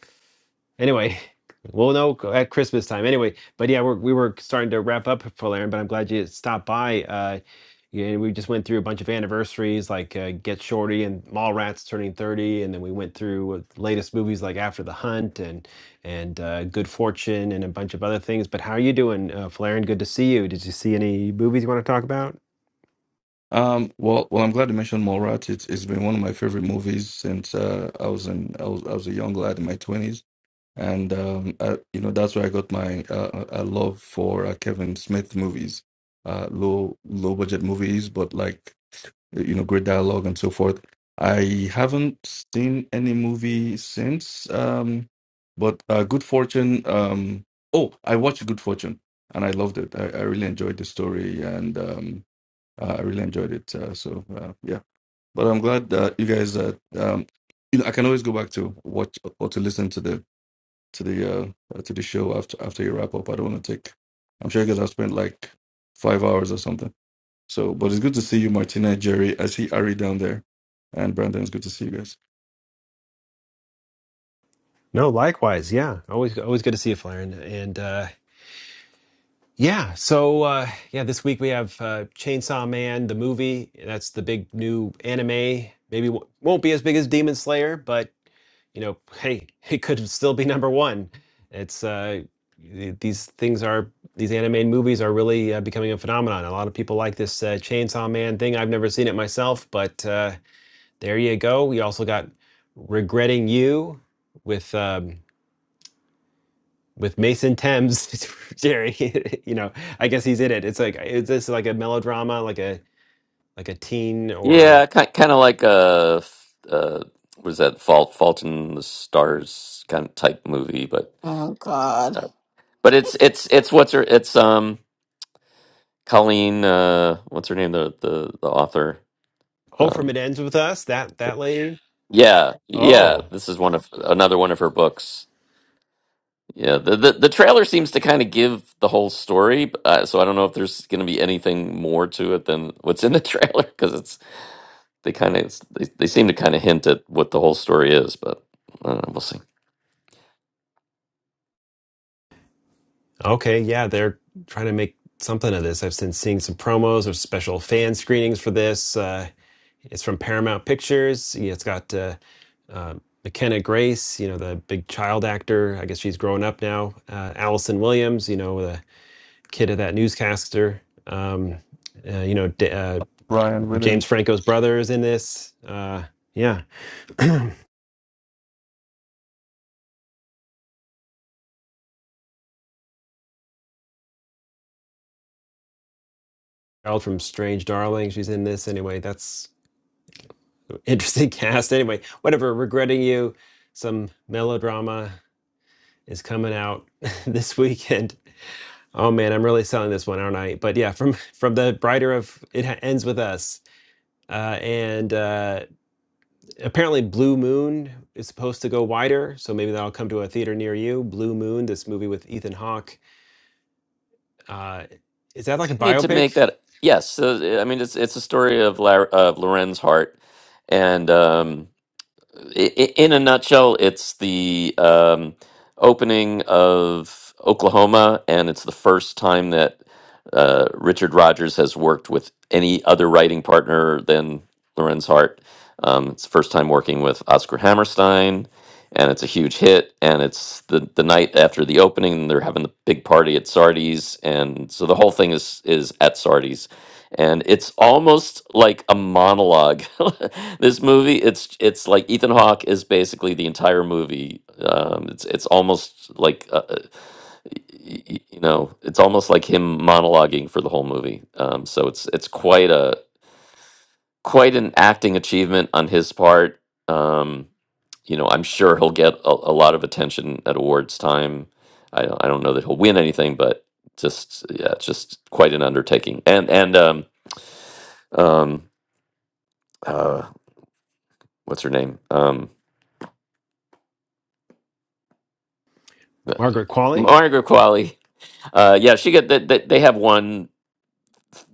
Speaker 1: Anyway, we'll know at Christmas time. Anyway, but yeah, we're, we were starting to wrap up for Aaron, but I'm glad you stopped by. Uh, yeah, we just went through a bunch of anniversaries like uh, Get Shorty and Mallrats turning 30, and then we went through uh, latest movies like After the Hunt and and uh, good fortune and a bunch of other things. But how are you doing, uh, Flaren? Good to see you. Did you see any movies you want to talk about?
Speaker 14: Um, well, well, I'm glad you mentioned Mallrats. It's it's been one of my favorite movies since uh, I was in I was I was a young lad in my twenties, and um, I, you know that's where I got my uh, uh, love for uh, Kevin Smith movies, uh, low low budget movies, but like you know, great dialogue and so forth. I haven't seen any movie since, um, but uh, Good Fortune. Um, oh, I watched Good Fortune and I loved it. I, I really enjoyed the story and um, uh, I really enjoyed it. Uh, so uh, yeah, but I'm glad uh, you guys. Uh, um, you know, I can always go back to watch or to listen to the to the uh, uh, to the show after after you wrap up. I don't want to take. I'm sure you guys have spent like five hours or something. So, but it's good to see you, Martina, Jerry. I see Ari down there, and Brandon. It's good to see you guys.
Speaker 1: No, likewise. Yeah, always always good to see you, Flaren. And uh, Yeah. So, uh, yeah, this week we have uh, Chainsaw Man, the movie. That's the big new anime. Maybe w- won't be as big as Demon Slayer, but you know, hey, it could still be number one. It's uh, th- these things are these anime movies are really uh, becoming a phenomenon. A lot of people like this uh, Chainsaw Man thing. I've never seen it myself, but uh, there you go. We also got Regretting You with. Um, with Mason Thames, Jerry, you know, I guess he's in it. It's like is this like a melodrama, like a like a teen or
Speaker 8: Yeah, kind kind of like a uh, was that Fault Fault in the Stars kind of type movie, but
Speaker 3: Oh God,
Speaker 8: uh, but it's it's it's what's her it's um Colleen uh what's her name the the the author
Speaker 1: Oh From
Speaker 8: um.
Speaker 1: It Ends With Us? That that lady?
Speaker 8: Yeah, yeah.
Speaker 1: Oh.
Speaker 8: This is one of another one of her books. Yeah, the the, the trailer seems to kind of give the whole story, but, uh, so I don't know if there's going to be anything more to it than what's in the trailer because it's they kind of they, they seem to kind of hint at what the whole story is, but I don't know, we'll see.
Speaker 1: Okay, yeah, they're trying to make something of this. I've been seeing some promos or special fan screenings for this. Uh it's from Paramount Pictures. Yeah, It's got uh, uh, McKenna Grace, you know, the big child actor. I guess she's grown up now. Uh, Allison Williams, you know, the kid of that newscaster. Um, uh, you know, D- uh,
Speaker 14: Brian,
Speaker 1: James
Speaker 14: William,
Speaker 1: Franco's brother is in this. Uh, yeah, Harold from Strange Darling, she's in this. Anyway, that's an interesting cast. Anyway, whatever. Regretting you, some melodrama is coming out this weekend. Oh man, I'm really selling this one, aren't I? But yeah, from from the writer of it ends with us, uh, and uh, apparently Blue Moon is supposed to go wider, so maybe that'll come to a theater near you. Blue Moon, this movie with Ethan Hawke. Uh, is that like a
Speaker 8: Need to make
Speaker 1: biopic?
Speaker 8: that yes. So, I mean, it's it's a story of La- of Loren's heart, and um, i- i- in a nutshell, it's the um, opening of Oklahoma, and it's the first time that uh, Richard Rodgers has worked with any other writing partner than Lorenz Hart. Um, it's the first time working with Oscar Hammerstein, and it's a huge hit. And it's the, the night after the opening, and they're having the big party at Sardi's, and so the whole thing is is at Sardi's and it's almost like a monologue. this movie, it's it's like Ethan Hawke is basically the entire movie. Um, it's it's almost like uh, uh, y- y- you know, it's almost like him monologuing for the whole movie. Um, so it's it's quite a quite an acting achievement on his part. Um, you know, I'm sure he'll get a, a lot of attention at awards time. I don't, I don't know that he'll win anything, but just yeah, it's just quite an undertaking. And and um, um, uh, what's her name? Um, uh,
Speaker 1: Margaret Qualley?
Speaker 8: Margaret Qualley. Uh, yeah, she got that. They, they have one,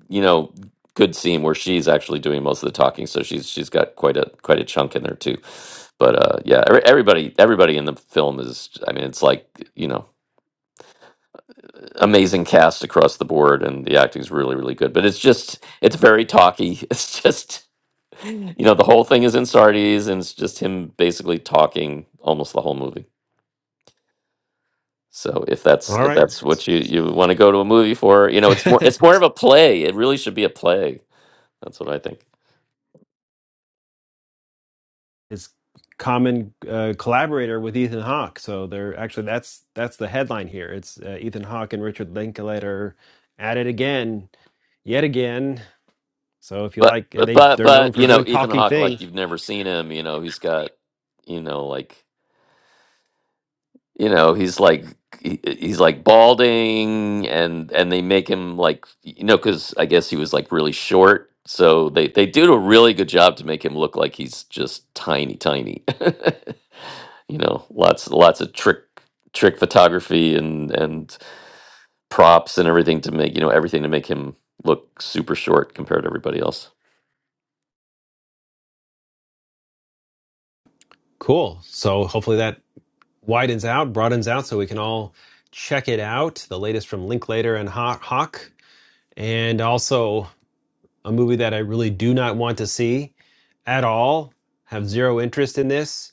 Speaker 8: you know, good scene where she's actually doing most of the talking, so she's she's got quite a quite a chunk in there too. But uh, yeah, every, everybody everybody in the film is. I mean, it's like you know, amazing cast across the board, and the acting's really really good. But it's just it's very talky. It's just you know the whole thing is in Sardis, and it's just him basically talking almost the whole movie. So if that's
Speaker 1: All
Speaker 8: if
Speaker 1: right.
Speaker 8: that's what you you want to go to a movie for, you know, it's more it's more of a play. It really should be a play. That's what I think.
Speaker 1: His common uh, collaborator with Ethan Hawke. So they're actually that's that's the headline here. It's uh, Ethan Hawke and Richard Linklater at it again, yet again. So if you
Speaker 8: But
Speaker 1: like, and
Speaker 8: but
Speaker 1: they
Speaker 8: but
Speaker 1: they're known
Speaker 8: but,
Speaker 1: for
Speaker 8: you know,
Speaker 1: doing
Speaker 8: Ethan
Speaker 1: talky
Speaker 8: Hawke, like
Speaker 1: things.
Speaker 8: you've never seen him. You know, he's got you know like you know he's like he- he's like balding and and they make him like you know because I guess he was like really short. So they they do a really good job to make him look like he's just tiny tiny. you know, lots lots of trick trick photography and and props and everything to make you know everything to make him look super short compared to everybody else.
Speaker 1: Cool. So hopefully that widens out, broadens out, so we can all check it out. The latest from Linklater and Hawke, and also a movie that I really do not want to see at all. Have zero interest in this.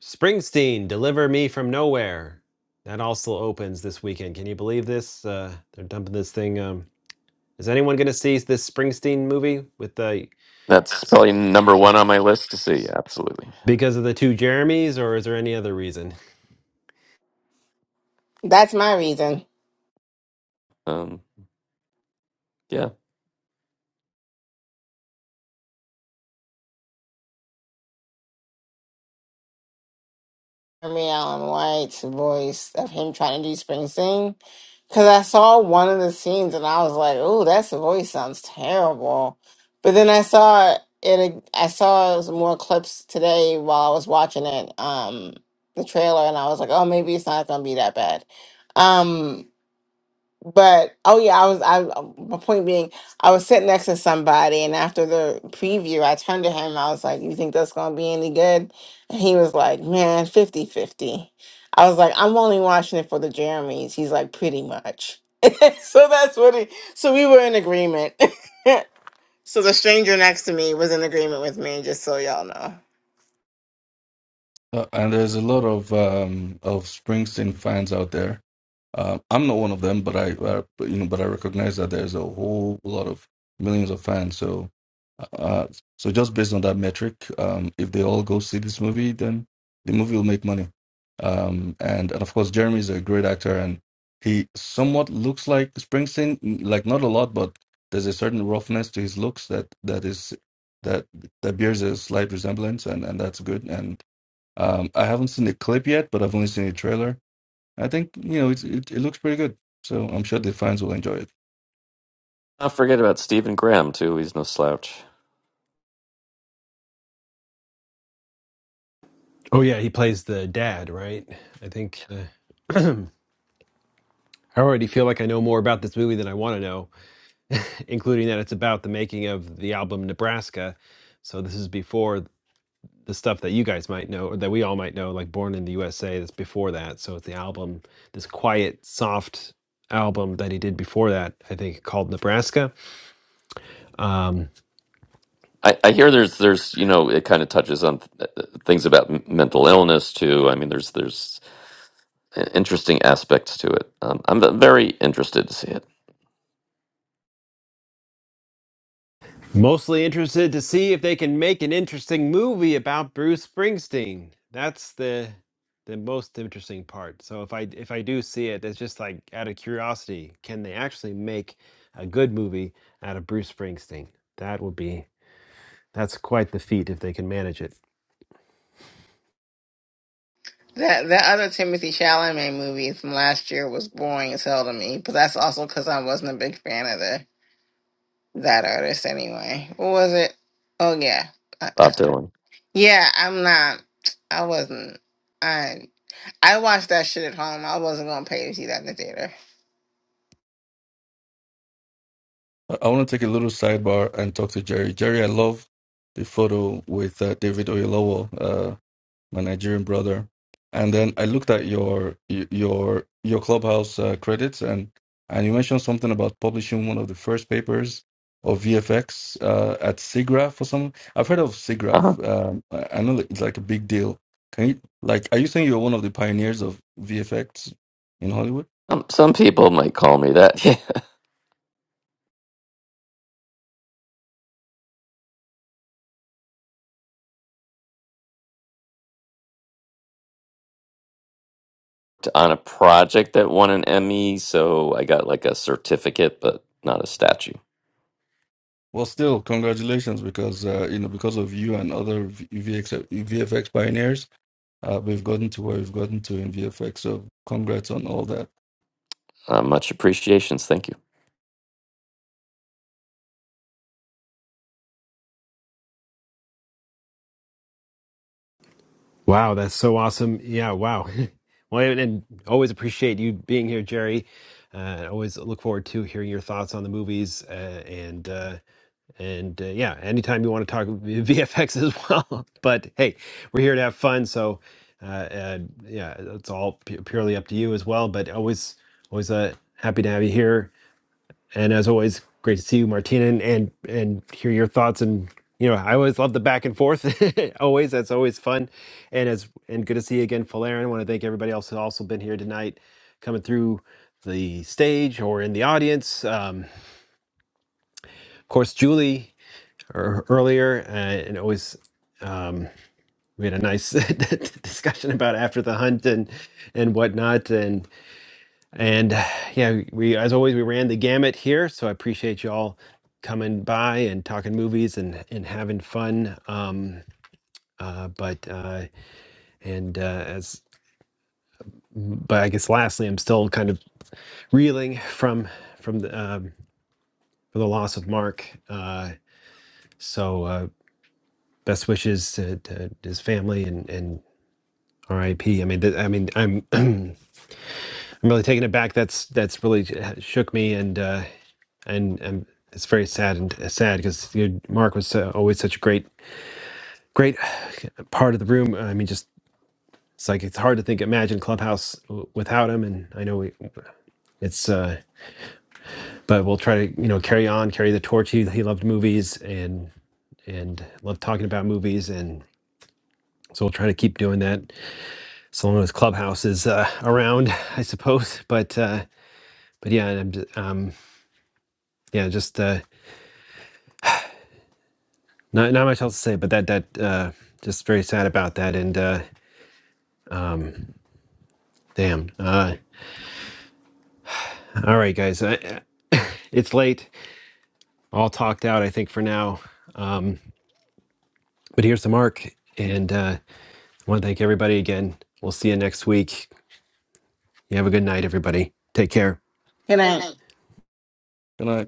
Speaker 1: Springsteen, Deliver Me from Nowhere. That also opens this weekend. Can you believe this? Uh, they're dumping this thing. Um, is anyone going to see this Springsteen movie with the
Speaker 8: That's probably number one on my list to see. Absolutely.
Speaker 1: because of the two Jeremys, or is there any other reason?
Speaker 3: that's my reason.
Speaker 8: Um, yeah.
Speaker 3: Jeremy Allen White's voice of him trying to do spring sing, Because I saw one of the scenes and I was like, "Oh, that voice sounds terrible," but then I saw it. I saw some more clips today while I was watching it, um, the trailer, and I was like, "Oh, maybe it's not going to be that bad." Um, but oh yeah, I was I um, my point being I was sitting next to somebody and after the preview I turned to him, I was like, You think that's gonna be any good? And he was like, Man, 50 fifty I was like, I'm only watching it for the Jeremys. He's like, pretty much. so that's what he so we were in agreement. so the stranger next to me was in agreement with me, just so y'all know.
Speaker 14: uh, and there's a lot of um of Springsteen fans out there. Uh, I'm not one of them, but I, uh, but, you know, but I recognize that there's a whole lot of millions of fans. So, uh, so just based on that metric, um, if they all go see this movie, then the movie will make money. Um, and and of course, Jeremy is a great actor, and he somewhat looks like Springsteen, like not a lot, but there's a certain roughness to his looks that that is that that bears a slight resemblance, and and that's good. And um, I haven't seen the clip yet, but I've only seen the trailer I think you know it's, it it looks pretty good, so I'm sure the fans will enjoy it.
Speaker 8: Not forget about Stephen Graham too. He's no slouch.
Speaker 1: Oh yeah, he plays the dad, right? I think. Uh, I already feel like I know more about this movie than I want to know, including that it's about the making of the album Nebraska. So this is before the stuff that you guys might know or that we all might know, like Born in the USA. That's before that. So it's the album, this quiet, soft album that he did before that. I think called Nebraska. Um,
Speaker 8: I, I hear there's there's you know it kind of touches on th- things about m- mental illness too. I mean there's there's interesting aspects to it. Um, I'm very interested to see it.
Speaker 1: Mostly interested to see if they can make an interesting movie about Bruce Springsteen. That's the the most interesting part. So if I if I do see it, it's just like out of curiosity, can they actually make a good movie out of Bruce Springsteen? That would be that's quite the feat if they can manage it.
Speaker 3: That that other Timothy Chalamet movie from last year was boring as hell to me, but that's also because I wasn't a big fan of it. that artist anyway. What was it? Oh yeah, I, I,
Speaker 8: Bob Dylan.
Speaker 3: yeah. I'm not. I wasn't. I I watched that shit at home. I wasn't gonna pay to see that in the theater.
Speaker 14: I, I want to take a little sidebar and talk to Jerry. Jerry, I love the photo with uh, David Oyelowo, uh, my Nigerian brother. And then I looked at your y- your your clubhouse uh, credits, and and you mentioned something about publishing one of the first papers of VFX uh, at SIGGRAPH or something. I've heard of
Speaker 8: Uh huh.
Speaker 14: SIGGRAPH. Um, I, I know that it's like a big deal. Can you like? Are you saying you're one of the pioneers of VFX in Hollywood?
Speaker 8: Um, some people might call me that. Yeah. on a project that won an Emmy, so I got like a certificate, but not a statue.
Speaker 14: Well, still, congratulations because uh, you know because of you and other V- VX, VFX pioneers, uh, we've gotten to where we've gotten to in VFX. So, congrats on all that.
Speaker 8: Uh, much appreciations. Thank you.
Speaker 1: Wow, that's so awesome. Yeah, wow. Well, and, and always appreciate you being here, Jerry. Uh, always look forward to hearing your thoughts on the movies. Uh, and uh, and uh, yeah, anytime you want to talk VFX as well. But hey, we're here to have fun. So uh, uh, yeah, it's all pu- purely up to you as well. But always, always uh, happy to have you here. And as always, great to see you, Martina, and and, and hear your thoughts. And you know, I always love the back and forth. always, that's always fun. And as and good to see you again, Falaren. I want to thank everybody else who's also been here tonight, coming through the stage or in the audience. Um, of course, Julie or earlier, uh, and always. Um, we had a nice discussion about after the hunt and and whatnot, And yeah, we as always we ran the gamut here, so I appreciate you all coming by and talking movies and and having fun. Um, uh, but uh, and uh, as but I guess lastly, I'm still kind of reeling from from the um, for the loss of Mark. Uh, so uh, best wishes to, to his family and and R.I.P. I P. I mean, th- I mean, I'm I'm really taken aback. That's that's really j- shook me, and uh, and and it's very sad and uh, sad because Mark was uh, always such a great great part of the room. I mean, just it's like it's hard to think imagine Clubhouse w- without him. And I know we, it's uh, but we'll try to you know carry on, carry the torch. He he loved movies and and loved talking about movies and. So we'll try to keep doing that so long as Clubhouse is uh, around, I suppose. But uh, but yeah, and I'm j- um, yeah, just uh, not not much else to say. But that that uh, just very sad about that. And uh, Um, damn. Uh, all right, guys. I, it's late. All talked out, I think, for now. Um, but here's the mark. And uh, I want to thank everybody again. We'll see you next week. You have a good night, everybody. Take care.
Speaker 3: Good night.
Speaker 14: Can I?